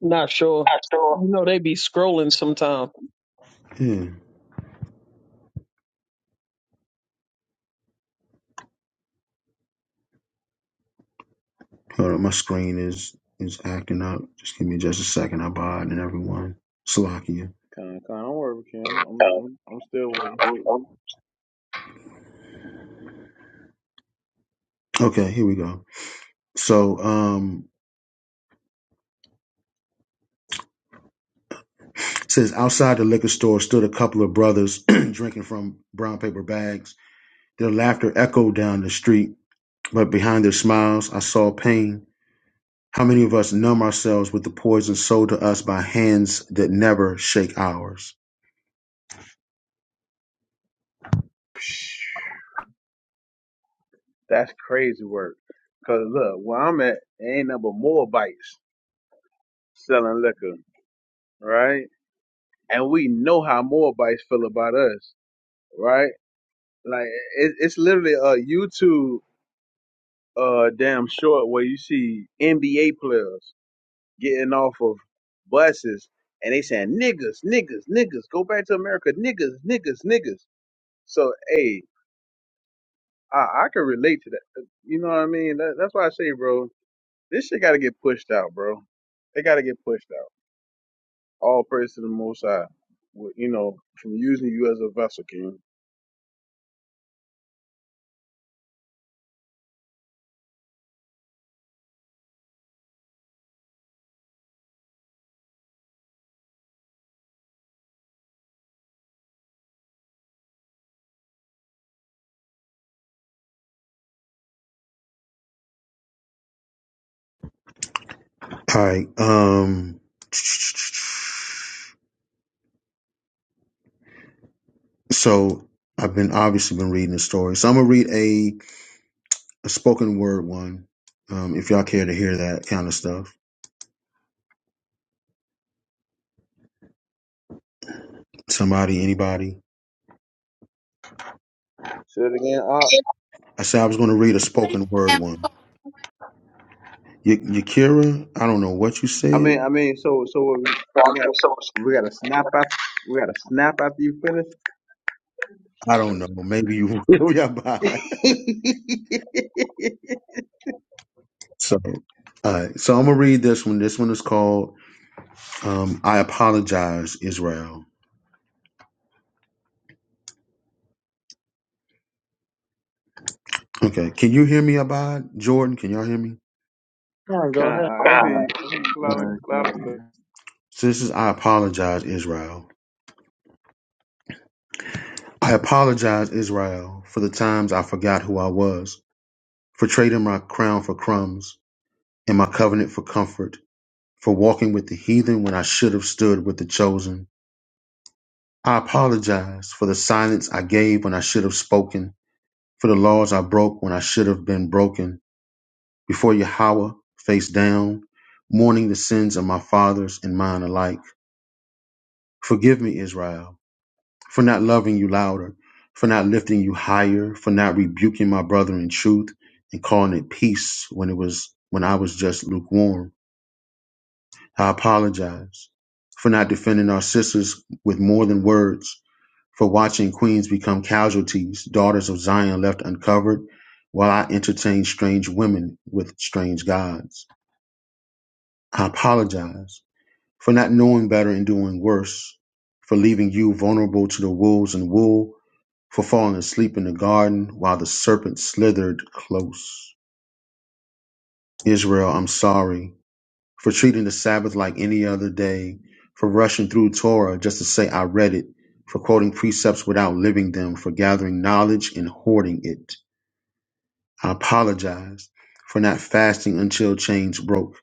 [SPEAKER 7] Not sure.
[SPEAKER 1] Not sure.
[SPEAKER 7] You know they be scrolling sometimes.
[SPEAKER 1] Yeah. Hold on, my screen is is acting up. Just give me just a second. I barred and everyone. Slovakia.
[SPEAKER 13] Con, con, don't worry, Ken. I'm,
[SPEAKER 1] Uh,
[SPEAKER 13] I'm, I'm still with you.
[SPEAKER 1] I'm, I'm, Okay, here we go. So um it says outside the liquor store stood a couple of brothers drinking from brown paper bags. Their laughter echoed down the street, but behind their smiles I saw pain. How many of us numb ourselves with the poison sold to us by hands that never shake ours?
[SPEAKER 13] That's crazy work. Cause look, where I'm at, there ain't number more bites selling liquor, right? And we know how more bites feel about us, right? Like it, it's literally a YouTube uh damn short where you see NBA players. getting off of buses and they saying niggas, niggas, niggas, go back to America, niggas, niggas, niggas. So hey, I, I can relate to that. Uh, You know what I mean? That, that's why I say, bro, this shit got to get pushed out, bro. They got to get pushed out. All praise to the Most High. with- You know, from using you as a vessel, King.
[SPEAKER 1] All right. Um. So I've been obviously been reading the story. So I'm gonna read a, a spoken word one. Um, if y'all care to hear that kind of stuff, somebody, anybody.
[SPEAKER 13] Say it again. Uh,
[SPEAKER 1] I said I was gonna read a spoken word one. Y- Yakira, I don't know what you
[SPEAKER 13] I mean,
[SPEAKER 1] said.
[SPEAKER 13] I mean, so so what we, we got we got to snap after we got to snap after you
[SPEAKER 1] I don't know. Maybe you will. Yeah, bye.
[SPEAKER 13] finish.
[SPEAKER 1] So, all right. So I'm gonna read this one. This one is called um, "I Apologize, Israel." Okay. Can you hear me, Abad? Jordan, can y'all hear me?
[SPEAKER 3] come on,
[SPEAKER 13] Con-
[SPEAKER 3] go ahead.
[SPEAKER 13] I hear
[SPEAKER 1] Ah,
[SPEAKER 3] Oh,
[SPEAKER 13] you. I hear you loud
[SPEAKER 1] Okay.
[SPEAKER 13] and- loud and clear.
[SPEAKER 3] Salakia.
[SPEAKER 1] Sisters, I apologize, Israel. I apologize, Israel, for the times I forgot who I was, for trading my crown for crumbs and my covenant for comfort, for walking with the heathen when I should have stood with the chosen. I apologize for the silence I gave when I should have spoken, for the laws I broke when I should have been broken, before Yahweh, face down, mourning the sins of my fathers and mine alike. Forgive me, Israel. for not loving you louder, for not lifting you higher, for not rebuking my brother in truth and calling it peace when it was when I was just lukewarm. I apologize for not defending our sisters with more than words, for watching queens become casualties, daughters of Zion left uncovered, while I entertain strange women with strange gods. I apologize for not knowing better and doing worse, for leaving you vulnerable to the wolves and wool for falling asleep in the garden while the serpent slithered close. Israel, I'm sorry for treating the Sabbath like any other day, for rushing through Torah just to say I read it, for quoting precepts without living them, for gathering knowledge and hoarding it. I apologize for not fasting until chains broke,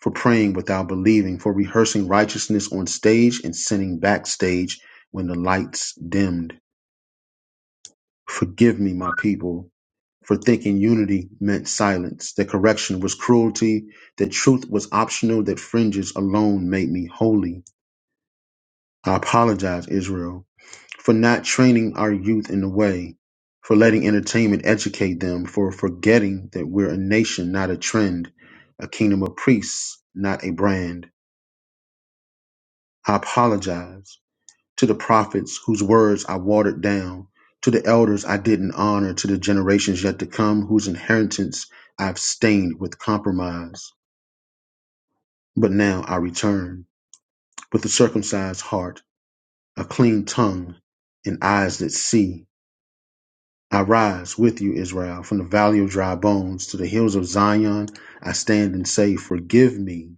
[SPEAKER 1] for praying without believing, for rehearsing righteousness on stage and sinning backstage when the lights dimmed. Forgive me, my people, for thinking unity meant silence, that correction was cruelty, that truth was optional, that fringes alone made me holy. I apologize, Israel, for not training our youth in the way, for letting entertainment educate them, for forgetting that we're a nation, not a trend, a kingdom of priests, not a brand. I apologize. to the prophets whose words I watered down, to the elders I didn't honor, to the generations yet to come whose inheritance I've stained with compromise. But now I return with a circumcised heart, a clean tongue, and eyes that see. I rise with you, Israel, from the valley of dry bones to the hills of Zion. I stand and say, Forgive me,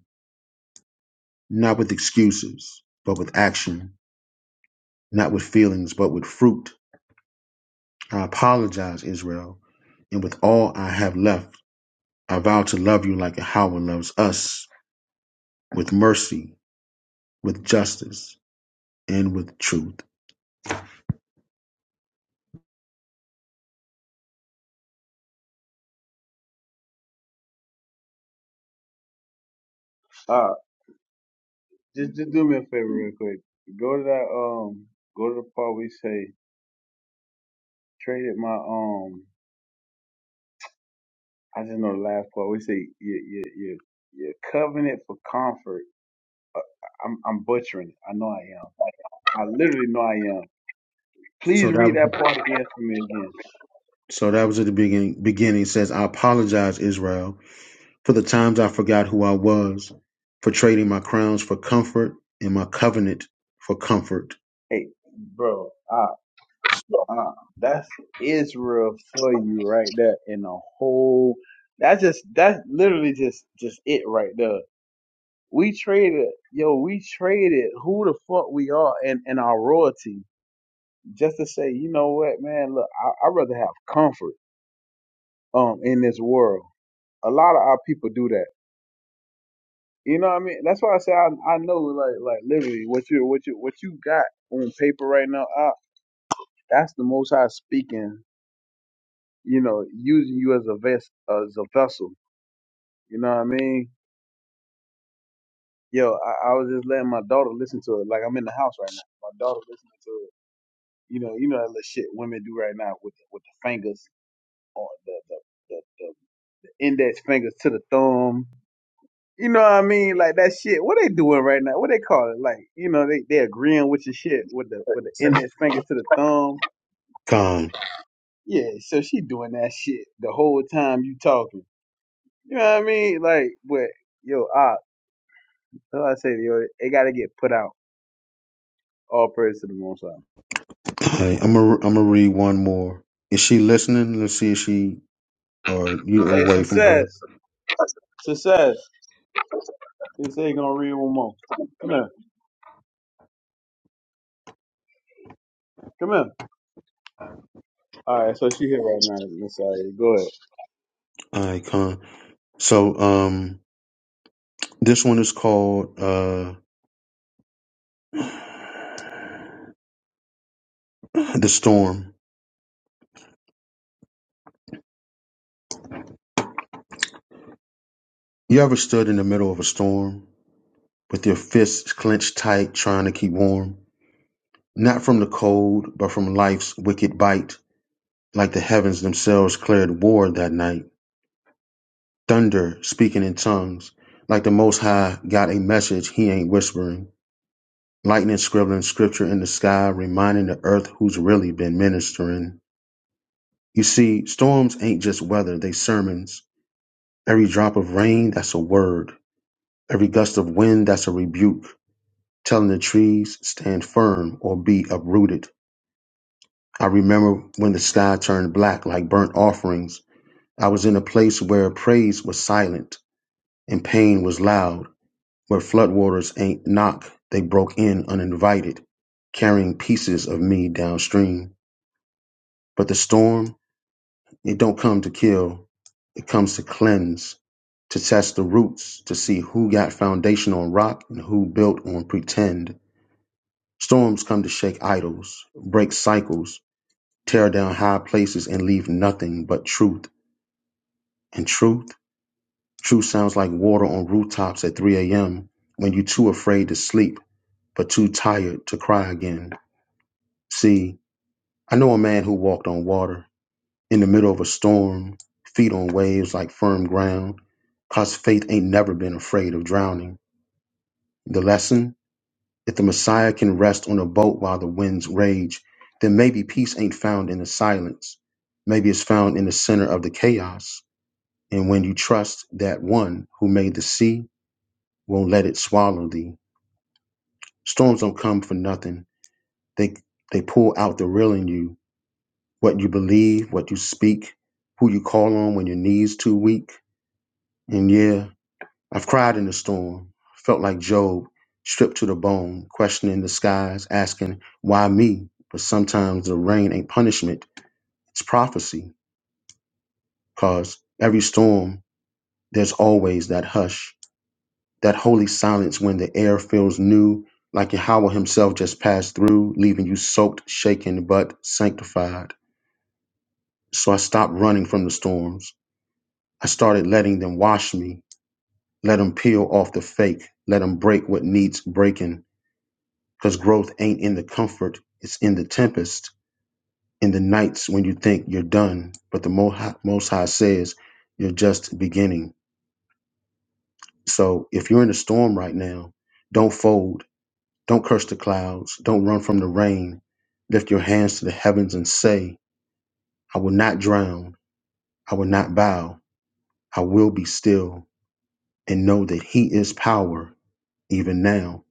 [SPEAKER 1] not with excuses, but with action, not with feelings, but with fruit. I apologize, Israel, and with all I have left, I vow to love you like Yahweh loves us, with mercy, with justice, and with truth.
[SPEAKER 13] Uh, just, just do me a favor real quick. Go to that, um, go to the part we say, traded my, um, I just know the last part. We say, your, your, your, your covenant for comfort. Uh, I'm, I'm butchering it. I know I am. I literally know I am.
[SPEAKER 1] So
[SPEAKER 13] Please
[SPEAKER 1] that
[SPEAKER 13] read
[SPEAKER 1] was
[SPEAKER 13] that part again for me again.
[SPEAKER 1] so that was at the beginning. Beginning It says, I apologize, Israel, for the times I forgot who I was, for trading my crowns for comfort and my covenant for comfort.
[SPEAKER 13] Hey, bro, uh, uh, that's Israel for you right there in the whole that's just that's literally just just it right there. we traded, yo, we traded who the fuck we are and, and our royalty just to say, you know what, man, look, I, I'd rather have comfort um in this world. A lot of our people do that. You know what I mean? That's why I say I, I know like like literally what you what you what you got on paper right now, uh, that's the most high speaking, you know, using you as a vest as a vessel. You know what I mean? Yo, I, I was just letting my daughter listen to it. Like I'm in the house right now. My daughter listening to it You know, you know that little shit women do right now with the, with the fingers on the the, the, the, the index fingers to the thumb. You know what I mean? Like that shit. What they doing right now? What they call it? Like you know they they agreeing with your shit with the with the index finger to the thumb.
[SPEAKER 1] Con,
[SPEAKER 13] Yeah, so she doing that shit the whole time you talking. You know what I mean? Like, but yo, I so I say to yo, it gotta get put out. All praise to the Most High.
[SPEAKER 1] I, I'm gonna I'm gonna read one more. Is she listening? Let's see if she or you
[SPEAKER 13] Hey,
[SPEAKER 1] away from her.
[SPEAKER 13] success, success. They say you gonna read one more. Come here, come here. All right, so she here right now, Messiah. Go
[SPEAKER 1] All right, con. So um, this one is called uh, The Storm. You ever stood in the middle of a storm with your fists clenched tight trying to keep warm? Not from the cold, but from life's wicked bite, like the heavens themselves cleared war that night. Thunder speaking in tongues, like the Most High got a message he ain't whispering. Lightning scribbling scripture in the sky, reminding the earth who's really been ministering. You see, storms ain't just weather, they sermons Every drop of rain, that's a word. Every gust of wind, that's a rebuke, telling the trees, stand firm or be uprooted. I remember when the sky turned black like burnt offerings. I was in a place where praise was silent and pain was loud, where floodwaters ain't knock, they broke in uninvited, carrying pieces of me downstream. But the storm, It don't come to kill, it comes to cleanse, to test the roots, to see who got foundation on rock and who built on pretend. Storms come to shake idols, break cycles, tear down high places, and leave nothing but truth. And truth? Truth sounds like water on rooftops at 3 a.m. when you're too afraid to sleep, but too tired to cry again. See, I know a man who walked on water. in the middle of a storm, feet on waves like firm ground, cause faith ain't never been afraid of drowning. The lesson? If the Messiah can rest on a boat while the winds rage, then maybe peace ain't found in the silence. Maybe it's found in the center of the chaos. And when you trust that one who made the sea won't let it swallow thee. Storms don't come for nothing. They they pull out the real in you, what you believe, what you speak, who you call on when your knees too weak. And yeah, I've cried in the storm, felt like Job, stripped to the bone, questioning the skies, asking, why me? But sometimes the rain ain't punishment, it's prophecy. Cause every storm, there's always that hush, that holy silence when the air feels new, like Yahweh himself just passed through, leaving you soaked, shaken, but sanctified. So I stopped running from the storms. I started letting them wash me, let them peel off the fake, let them break what needs breaking Because growth ain't in the comfort, it's in the tempest, in the nights when you think you're done, but the Mo- Hi- Most High says you're just beginning. So if you're in a storm right now, don't fold, don't curse the clouds, don't run from the rain. Lift your hands to the heavens and say, I will not drown, I will not bow, I will be still and know that He is power even now.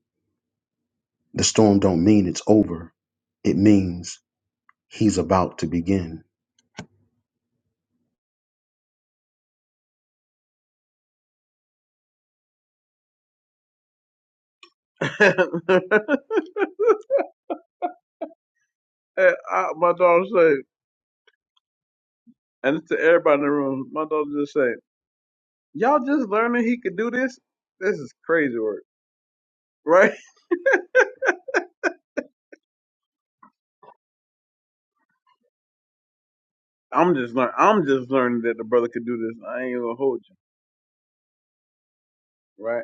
[SPEAKER 1] The storm don't mean it's over, it means He's about to begin.
[SPEAKER 13] ahead. and I, my daughter said, and it's to everybody in the room, my daughter just said, y'all just learning he could do this? This is crazy work, right? I'm just learn. I'm just learning that the brother could do this. I ain't gonna hold you, right?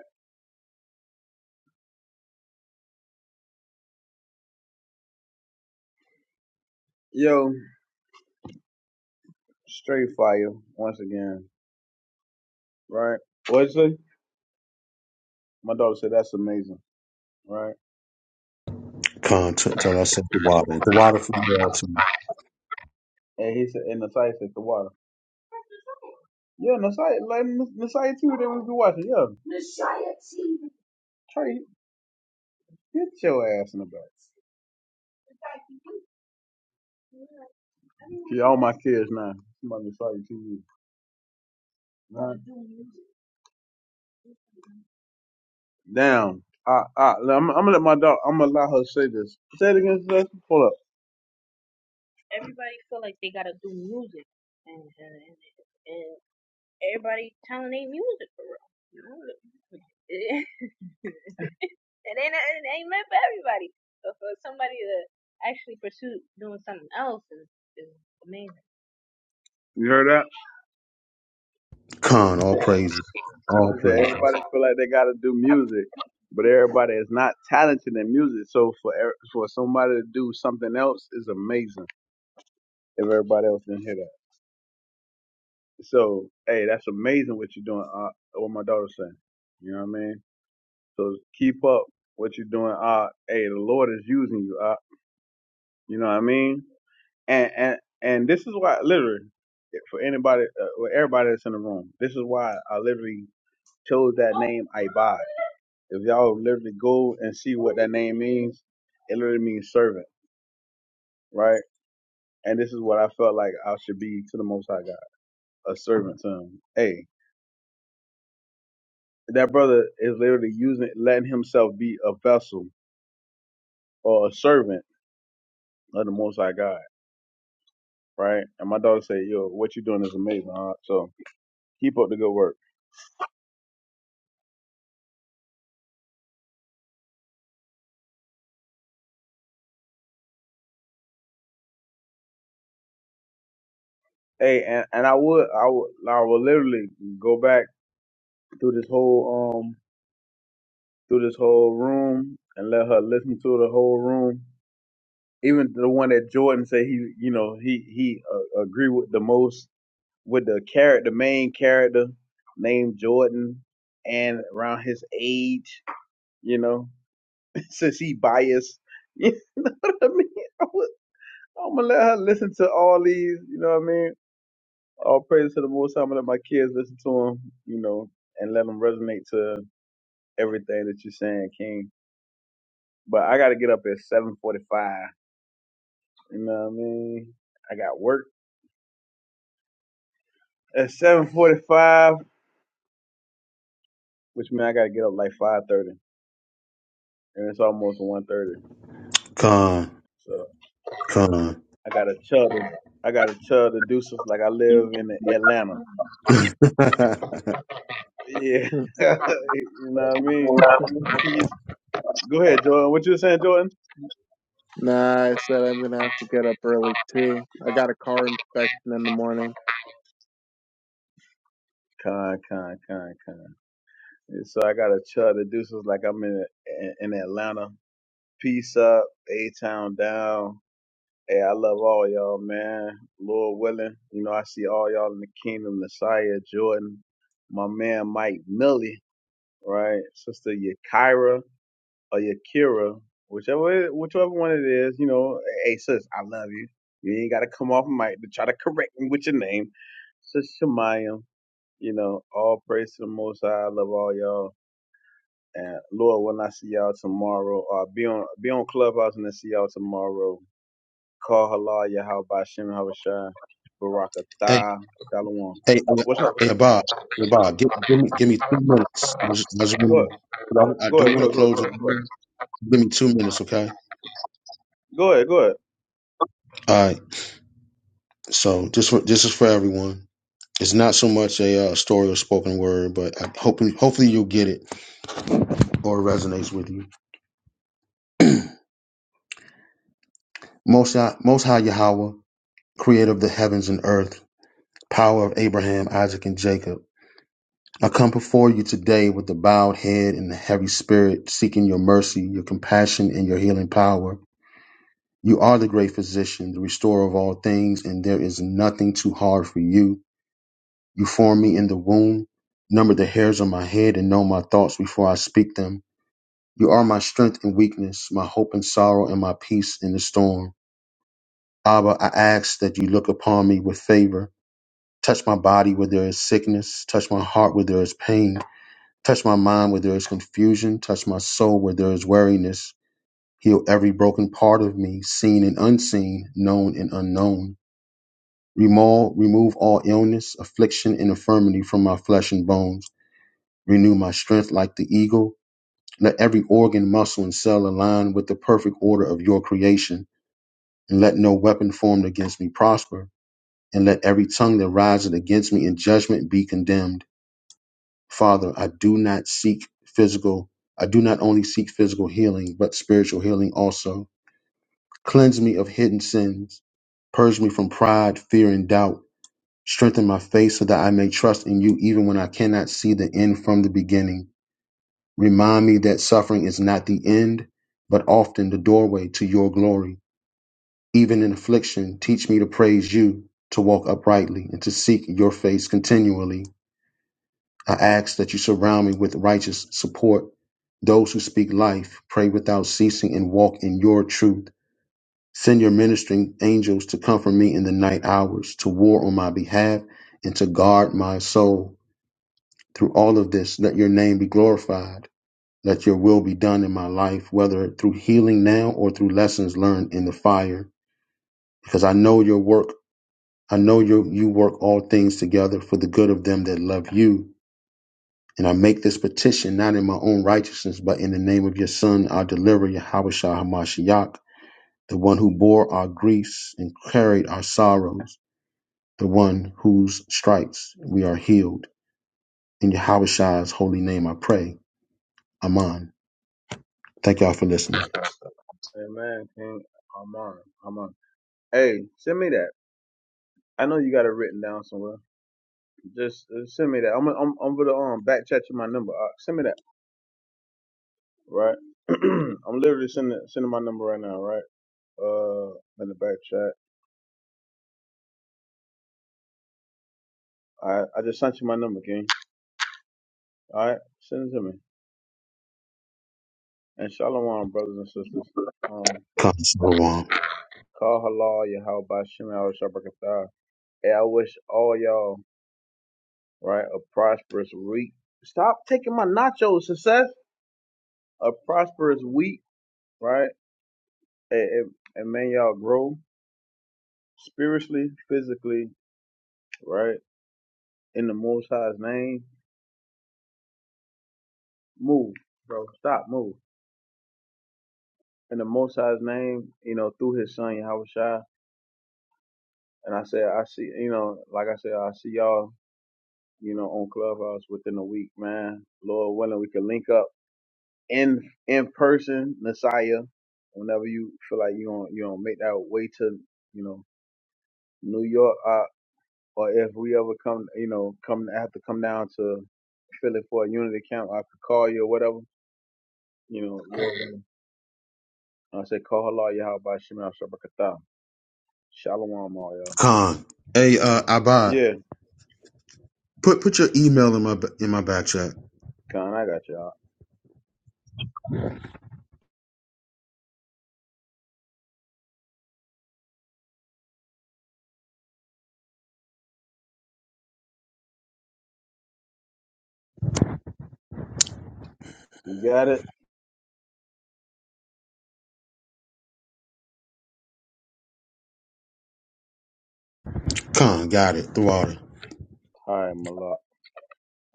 [SPEAKER 13] Yo, straight fire once again, right? What'd you say? My daughter said that's amazing, right?
[SPEAKER 1] Con, t- tell us said the water. The water from the altar.
[SPEAKER 13] And he said, and Nasai said the water. Yeah, Nasai, like Nasai too. That we be watching. Yeah, Trey, get your ass in the back. See, all my kids now. Somebody sorry to you. Right? Damn. I, I, I'm, I'm gonna let my dog. I'm gonna allow her to say this. Say it again, sis. Hold up. You heard that?
[SPEAKER 1] Con, all praises.
[SPEAKER 13] She
[SPEAKER 1] All
[SPEAKER 13] said
[SPEAKER 1] praises.
[SPEAKER 13] everybody feel like they gotta do music, but everybody is not talented in music. So for er- for somebody to do something else is amazing. If everybody else didn't hear that, so hey, that's amazing what you're doing. Uh, what my daughter's saying. You know what I mean? So keep up what you're doing. Uh, hey, the Lord is using you. Uh, you know what I mean? and and and this is why literally for anybody uh, for everybody that's in the room this is why i literally chose that name ibad if y'all literally go and see what that name means it literally means servant right and this is what i felt like i should be to the most high god a servant to him hey that brother is literally using letting himself be a vessel or a servant of the most high god right and my daughter said yo what you doing is amazing huh? so keep up the good work Hey, and, and I would, I would, I would literally go back through this whole, um, through this whole room and let her listen to the whole room. Even the one that Jordan said he, you know, he he uh, agree with the most with the character, the main character named Jordan, and around his age, you know, since he biased, you know what I mean. I would, I'm gonna let her listen to all these, you know what I mean. All praise to the Most High. I'm gonna let my kids listen to him, you know, and let them resonate to everything that you're saying, King. But I gotta get up at 7:45. You know what I mean? I got work at 7:45, which means I gotta get up like 5:30, and it's almost one thirty.
[SPEAKER 1] Con,
[SPEAKER 13] So
[SPEAKER 1] con.
[SPEAKER 13] I gotta tell the I gotta tell the deuces like I live in Atlanta.
[SPEAKER 1] hey,
[SPEAKER 13] Yeah, you know what I mean. Peace. Go ahead, Jordan. What you were saying, Jordan?
[SPEAKER 3] Nah, I said I'm gonna have to get up early too. I got a car inspection in the morning.
[SPEAKER 13] Con, con, con, con. And so I got a chart that do so it's like I'm in in Atlanta. Peace up, A Town down. Hey, I love all y'all, man. Lord willing, you know I see all y'all in the kingdom. Messiah Jordan, my man Mike Millie, right? Sister Yakira or Yakira, whichever it- whichever one it is. You know, hey sis, I love you. You ain't gotta come off mic to try to correct me with your name. Sis Shemayim, you know, all praise to the Most High. I love all y'all and Lord, when I see y'all tomorrow, uh, be on be on Clubhouse and then see y'all tomorrow. Call Halal Yahal Bashim Havashai Baraka
[SPEAKER 1] hey,
[SPEAKER 13] Tha Shalom.
[SPEAKER 1] hey,
[SPEAKER 13] What's up?
[SPEAKER 1] hey, Bob. Hey, Bob, give, give me give me two minutes. I, just, I, just want I I
[SPEAKER 13] Go
[SPEAKER 1] do
[SPEAKER 13] ahead. Go ahead. Go
[SPEAKER 1] want to
[SPEAKER 13] ahead. Go ahead. Go
[SPEAKER 1] close it.
[SPEAKER 13] ahead.
[SPEAKER 1] Give me two minutes, okay?
[SPEAKER 13] Go ahead. Go ahead.
[SPEAKER 1] All right. So this wa- this is for everyone. It's not so much a uh, story or spoken word, but I hope hopefully you'll get it. or resonates with you. Most, High- Most High Yahweh, creator of the heavens and earth, power of Abraham, Isaac, and Jacob. I come before you today with the bowed head and the heavy spirit, seeking your mercy, your compassion, and your healing power. You are the great physician, the restorer of all things, and there is nothing too hard for you. You formed me in the womb, number the hairs on my head, and know my thoughts before I speak them. You are my strength and weakness, my hope and sorrow, and my peace in the storm. Abba, I ask that you look upon me with favor. Touch my body where there is sickness. Touch my heart where there is pain. Touch my mind where there is confusion. Touch my soul where there is weariness. Heal every broken part of me, seen and unseen, known and unknown. Remove, remove all illness, affliction, and infirmity from my flesh and bones. Renew my strength like the eagle. Let every organ, muscle, and cell align with the perfect order of your creation, and let no weapon formed against me prosper. and let every tongue that riseth against me in judgment be condemned. Father, I do not seek physical, I do not only seek physical healing, but spiritual healing also. Cleanse me of hidden sins, purge me from pride, fear, and doubt. Strengthen my faith so that I may trust in you even when I cannot see the end from the beginning. Remind me that suffering is not the end, but often the doorway to your glory. Even in affliction, teach me to praise you, to walk uprightly, and to seek your face continually. I ask that you surround me with righteous support, those who speak life, pray without ceasing, and walk in your truth. Send your ministering angels to comfort me in the night hours, to war on my behalf, and to guard my soul. Through all of this, let your name be glorified. Let your will be done in my life, whether through healing now or through lessons learned in the fire. Because I know your work, I know your, you work all things together for the good of them that love you And I make this petition not in my own righteousness, but in the name of your Son, our deliverer, Yahushua Hamashiach, the one who bore our griefs and carried our sorrows, the one whose stripes we are healed. In Yahushua's holy name, I pray. Amen. Thank y'all for listening.
[SPEAKER 13] Amen. King Aman. Aman. Hey, send me that. I know you got it written down somewhere. Just uh, send me that. I'm I'm I'm gonna um back chat you my number. Uh, send me that. Right. I'm literally sending sending my number right now. Right. Uh, in the back chat. I I just sent you my number, King. All right, send it to me. And shalom, brothers and sisters. Um,
[SPEAKER 1] Khan, Salawam.
[SPEAKER 13] call halal Yahweh by Shem Al Shabrakatah. Hey, I wish all y'all, right, a prosperous week. Stop taking my nachos, success. A prosperous week, right? And, and, and may y'all grow spiritually, physically, right? In the Most High's name. Move, bro. Stop, move. In the Most High's name, you know, through his son, Yahweh Shai. And I said, I see, you know, like I said, I see y'all you know, on Clubhouse within a week, man. Lord willing, we can link up in in person, Messiah. Whenever you feel like you don't you don't make that way to you know New York, uh, or if we ever come, you know, come I have to come down to Philly for a unity camp, I could call you or whatever. You know, Lord willing. I say call halal Yahweh by Shema Shabakata. Shalom, all y'all.
[SPEAKER 1] Khan. Hey, uh, Abad,
[SPEAKER 13] Yeah,
[SPEAKER 1] put put your email in my in my back chat.
[SPEAKER 13] Khan, I got y'all. You got it?
[SPEAKER 1] Khan, got it. The water.
[SPEAKER 13] All right, Malak.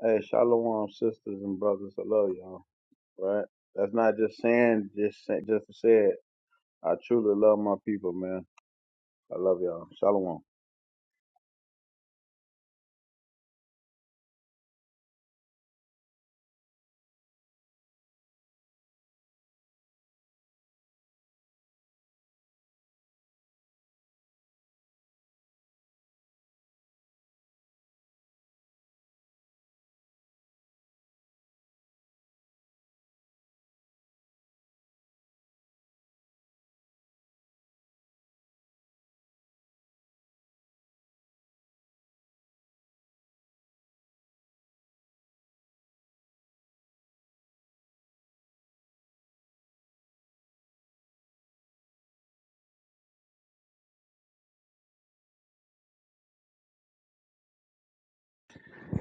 [SPEAKER 13] Hey, shalom, sisters and brothers. I love y'all. Right? That's not just saying, just say, just to say it. I truly love my people, man. I love y'all. Shalom.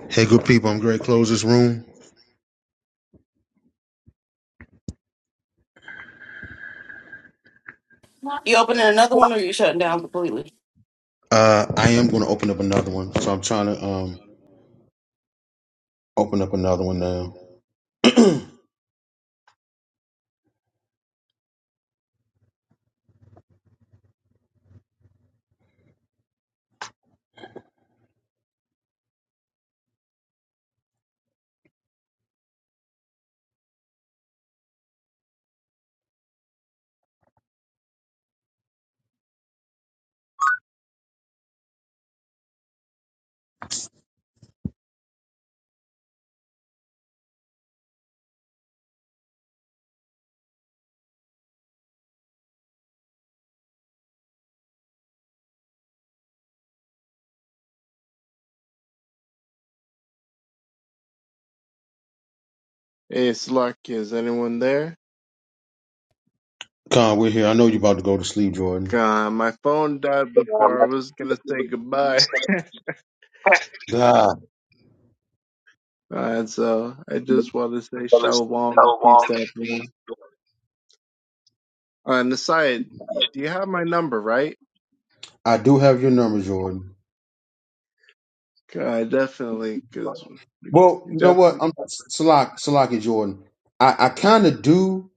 [SPEAKER 1] Hey, good people, I'm going to close this room.
[SPEAKER 9] You opening another one, or you shutting down completely?
[SPEAKER 1] Uh, I am going to open up another one, so I'm trying to um Open up another one now.
[SPEAKER 3] Hey, Slovakia, is anyone there?
[SPEAKER 1] Con, we're here. I know you're about to go to sleep, Jordan.
[SPEAKER 3] God, my phone died
[SPEAKER 1] Um,
[SPEAKER 3] before I was gonna say goodbye.
[SPEAKER 1] God,
[SPEAKER 3] All right, so I just want to say shalom and peace to everyone. On the side, do you have my number, right?
[SPEAKER 1] I do have your number, Jordan.
[SPEAKER 3] God, definitely, because you
[SPEAKER 1] Well, you know what?
[SPEAKER 3] definitely.
[SPEAKER 1] I'm Salak, Salak and Jordan. I, I kind of do,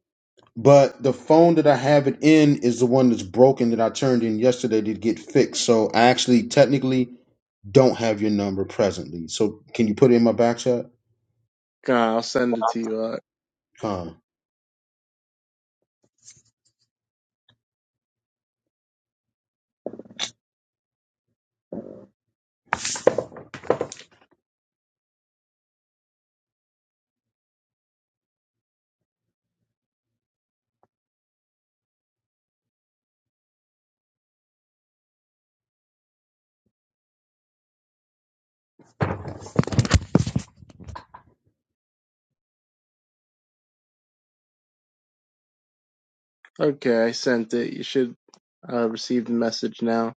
[SPEAKER 1] but the phone that I have it in is the one that's broken that I turned in yesterday to get fixed. So I actually technically don't have your number presently. So can you put it in my back chat?
[SPEAKER 3] God, I'll send it to you. Uh,
[SPEAKER 1] Con.
[SPEAKER 3] okay, I sent it. You should uh, receive the message now.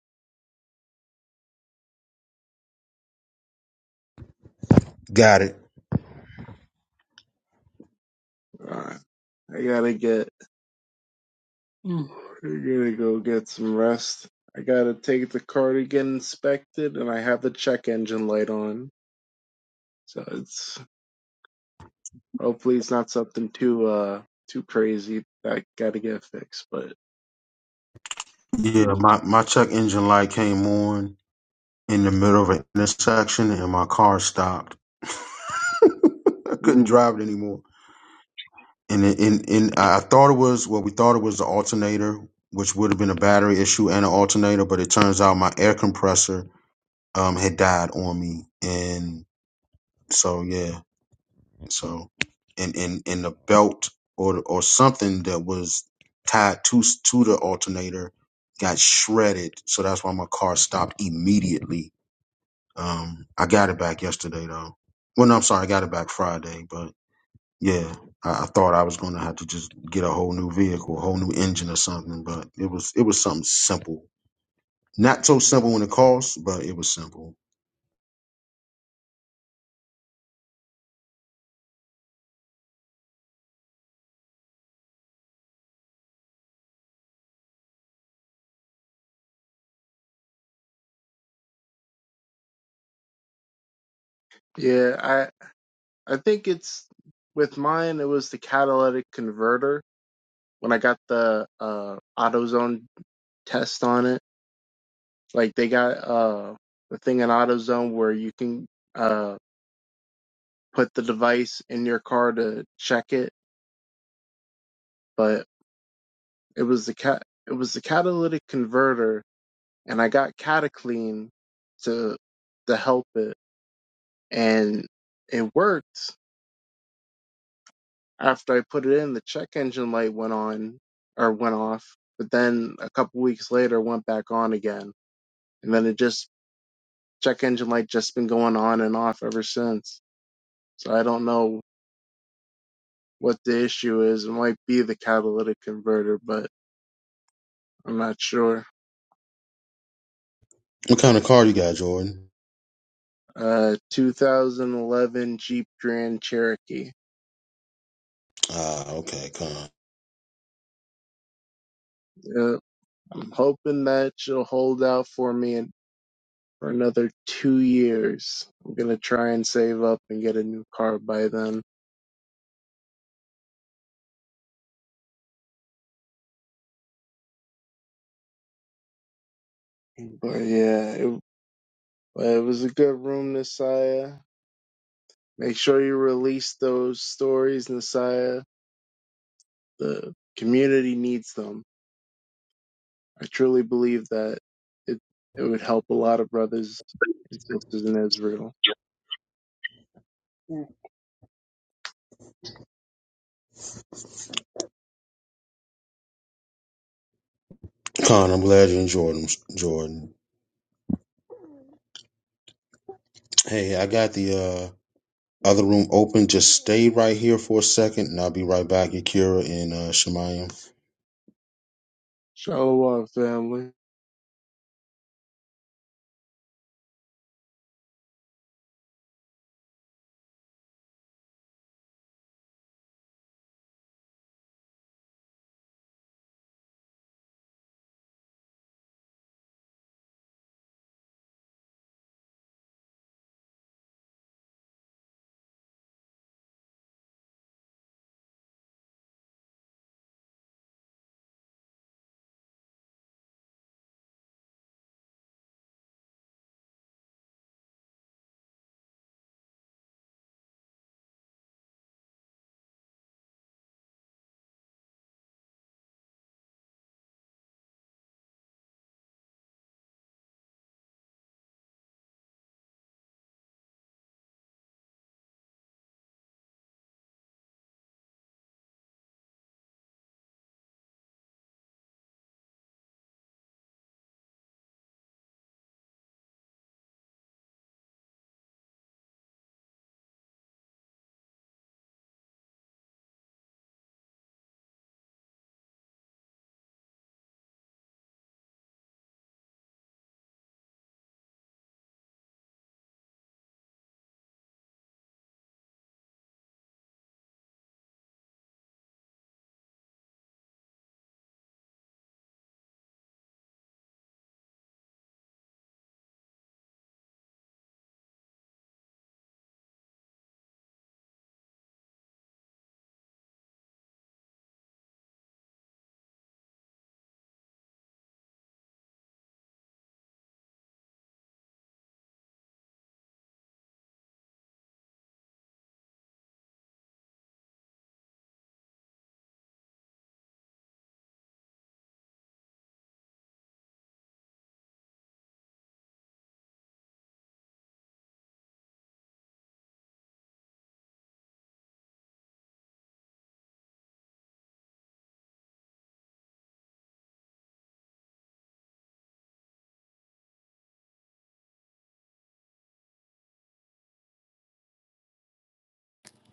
[SPEAKER 1] Got it.
[SPEAKER 3] Uh, I gotta get. I gotta go get some rest. I gotta take the car to get inspected, and I have the check engine light on. So it's Hopefully, it's not something too uh too crazy that got to get fixed. But
[SPEAKER 1] Yeah, my, my check engine light came on in the middle of an intersection and my car stopped. I couldn't
[SPEAKER 3] Mhm.
[SPEAKER 1] drive it anymore. And it, and, and I I thought it was, well, we thought it was the alternator, which would have been a battery issue and an alternator, but it turns out my air compressor um, had died on me. And so, yeah, so, and, and, and the belt or, or something that was tied to, to the alternator got shredded. So that's why my car stopped immediately Um, I got it back yesterday though. Well, no, I'm sorry, I got it back Friday. But yeah, I, I thought I was gonna have to just get a whole new vehicle, a whole new engine or something. But it was it was something simple. Not so simple when it costs, but it was simple.
[SPEAKER 3] yeah, I I think it's with mine. It was the catalytic converter when I got the uh AutoZone test on it. Like they got uh the thing in AutoZone where you can uh put the device in your car to check it, but it was the cat it was the catalytic converter, and I got Cataclean to to help it and it worked after I put it in. The check engine light went on or went off, but then a couple weeks later went back on again, and then it just check engine light just been going on and off ever since. So I don't know what the issue is. It might be the catalytic converter, but I'm not sure.
[SPEAKER 1] What kind of car you got, Jordan?
[SPEAKER 3] Uh, 2011 Jeep Grand Cherokee.
[SPEAKER 1] Ah, okay, Con.
[SPEAKER 3] Uh, I'm hoping that she'll hold out for me for another two years. I'm gonna try and save up and get a new car by then. But yeah, it, it was a good room, Nasiah. Make sure you release those stories, Nasiah. The community needs them. I truly believe that it it would help a lot of brothers and sisters in Israel. Yeah.
[SPEAKER 1] Con, I'm glad you enjoyed 'em, Jordan. Hey, I got the. uh, Other room open. Just stay right here for a second, and I'll be right back, Yakira and uh, Shemayim.
[SPEAKER 3] Shalom, family.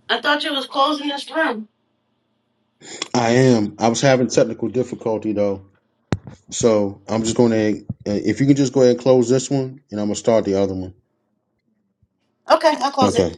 [SPEAKER 9] I thought you was closing this room.
[SPEAKER 1] I am. I was having technical difficulty though, so I'm just going to. If you can just go ahead and close this one, and I'm gonna start the other one.
[SPEAKER 9] Okay, I'll close it.
[SPEAKER 1] Okay.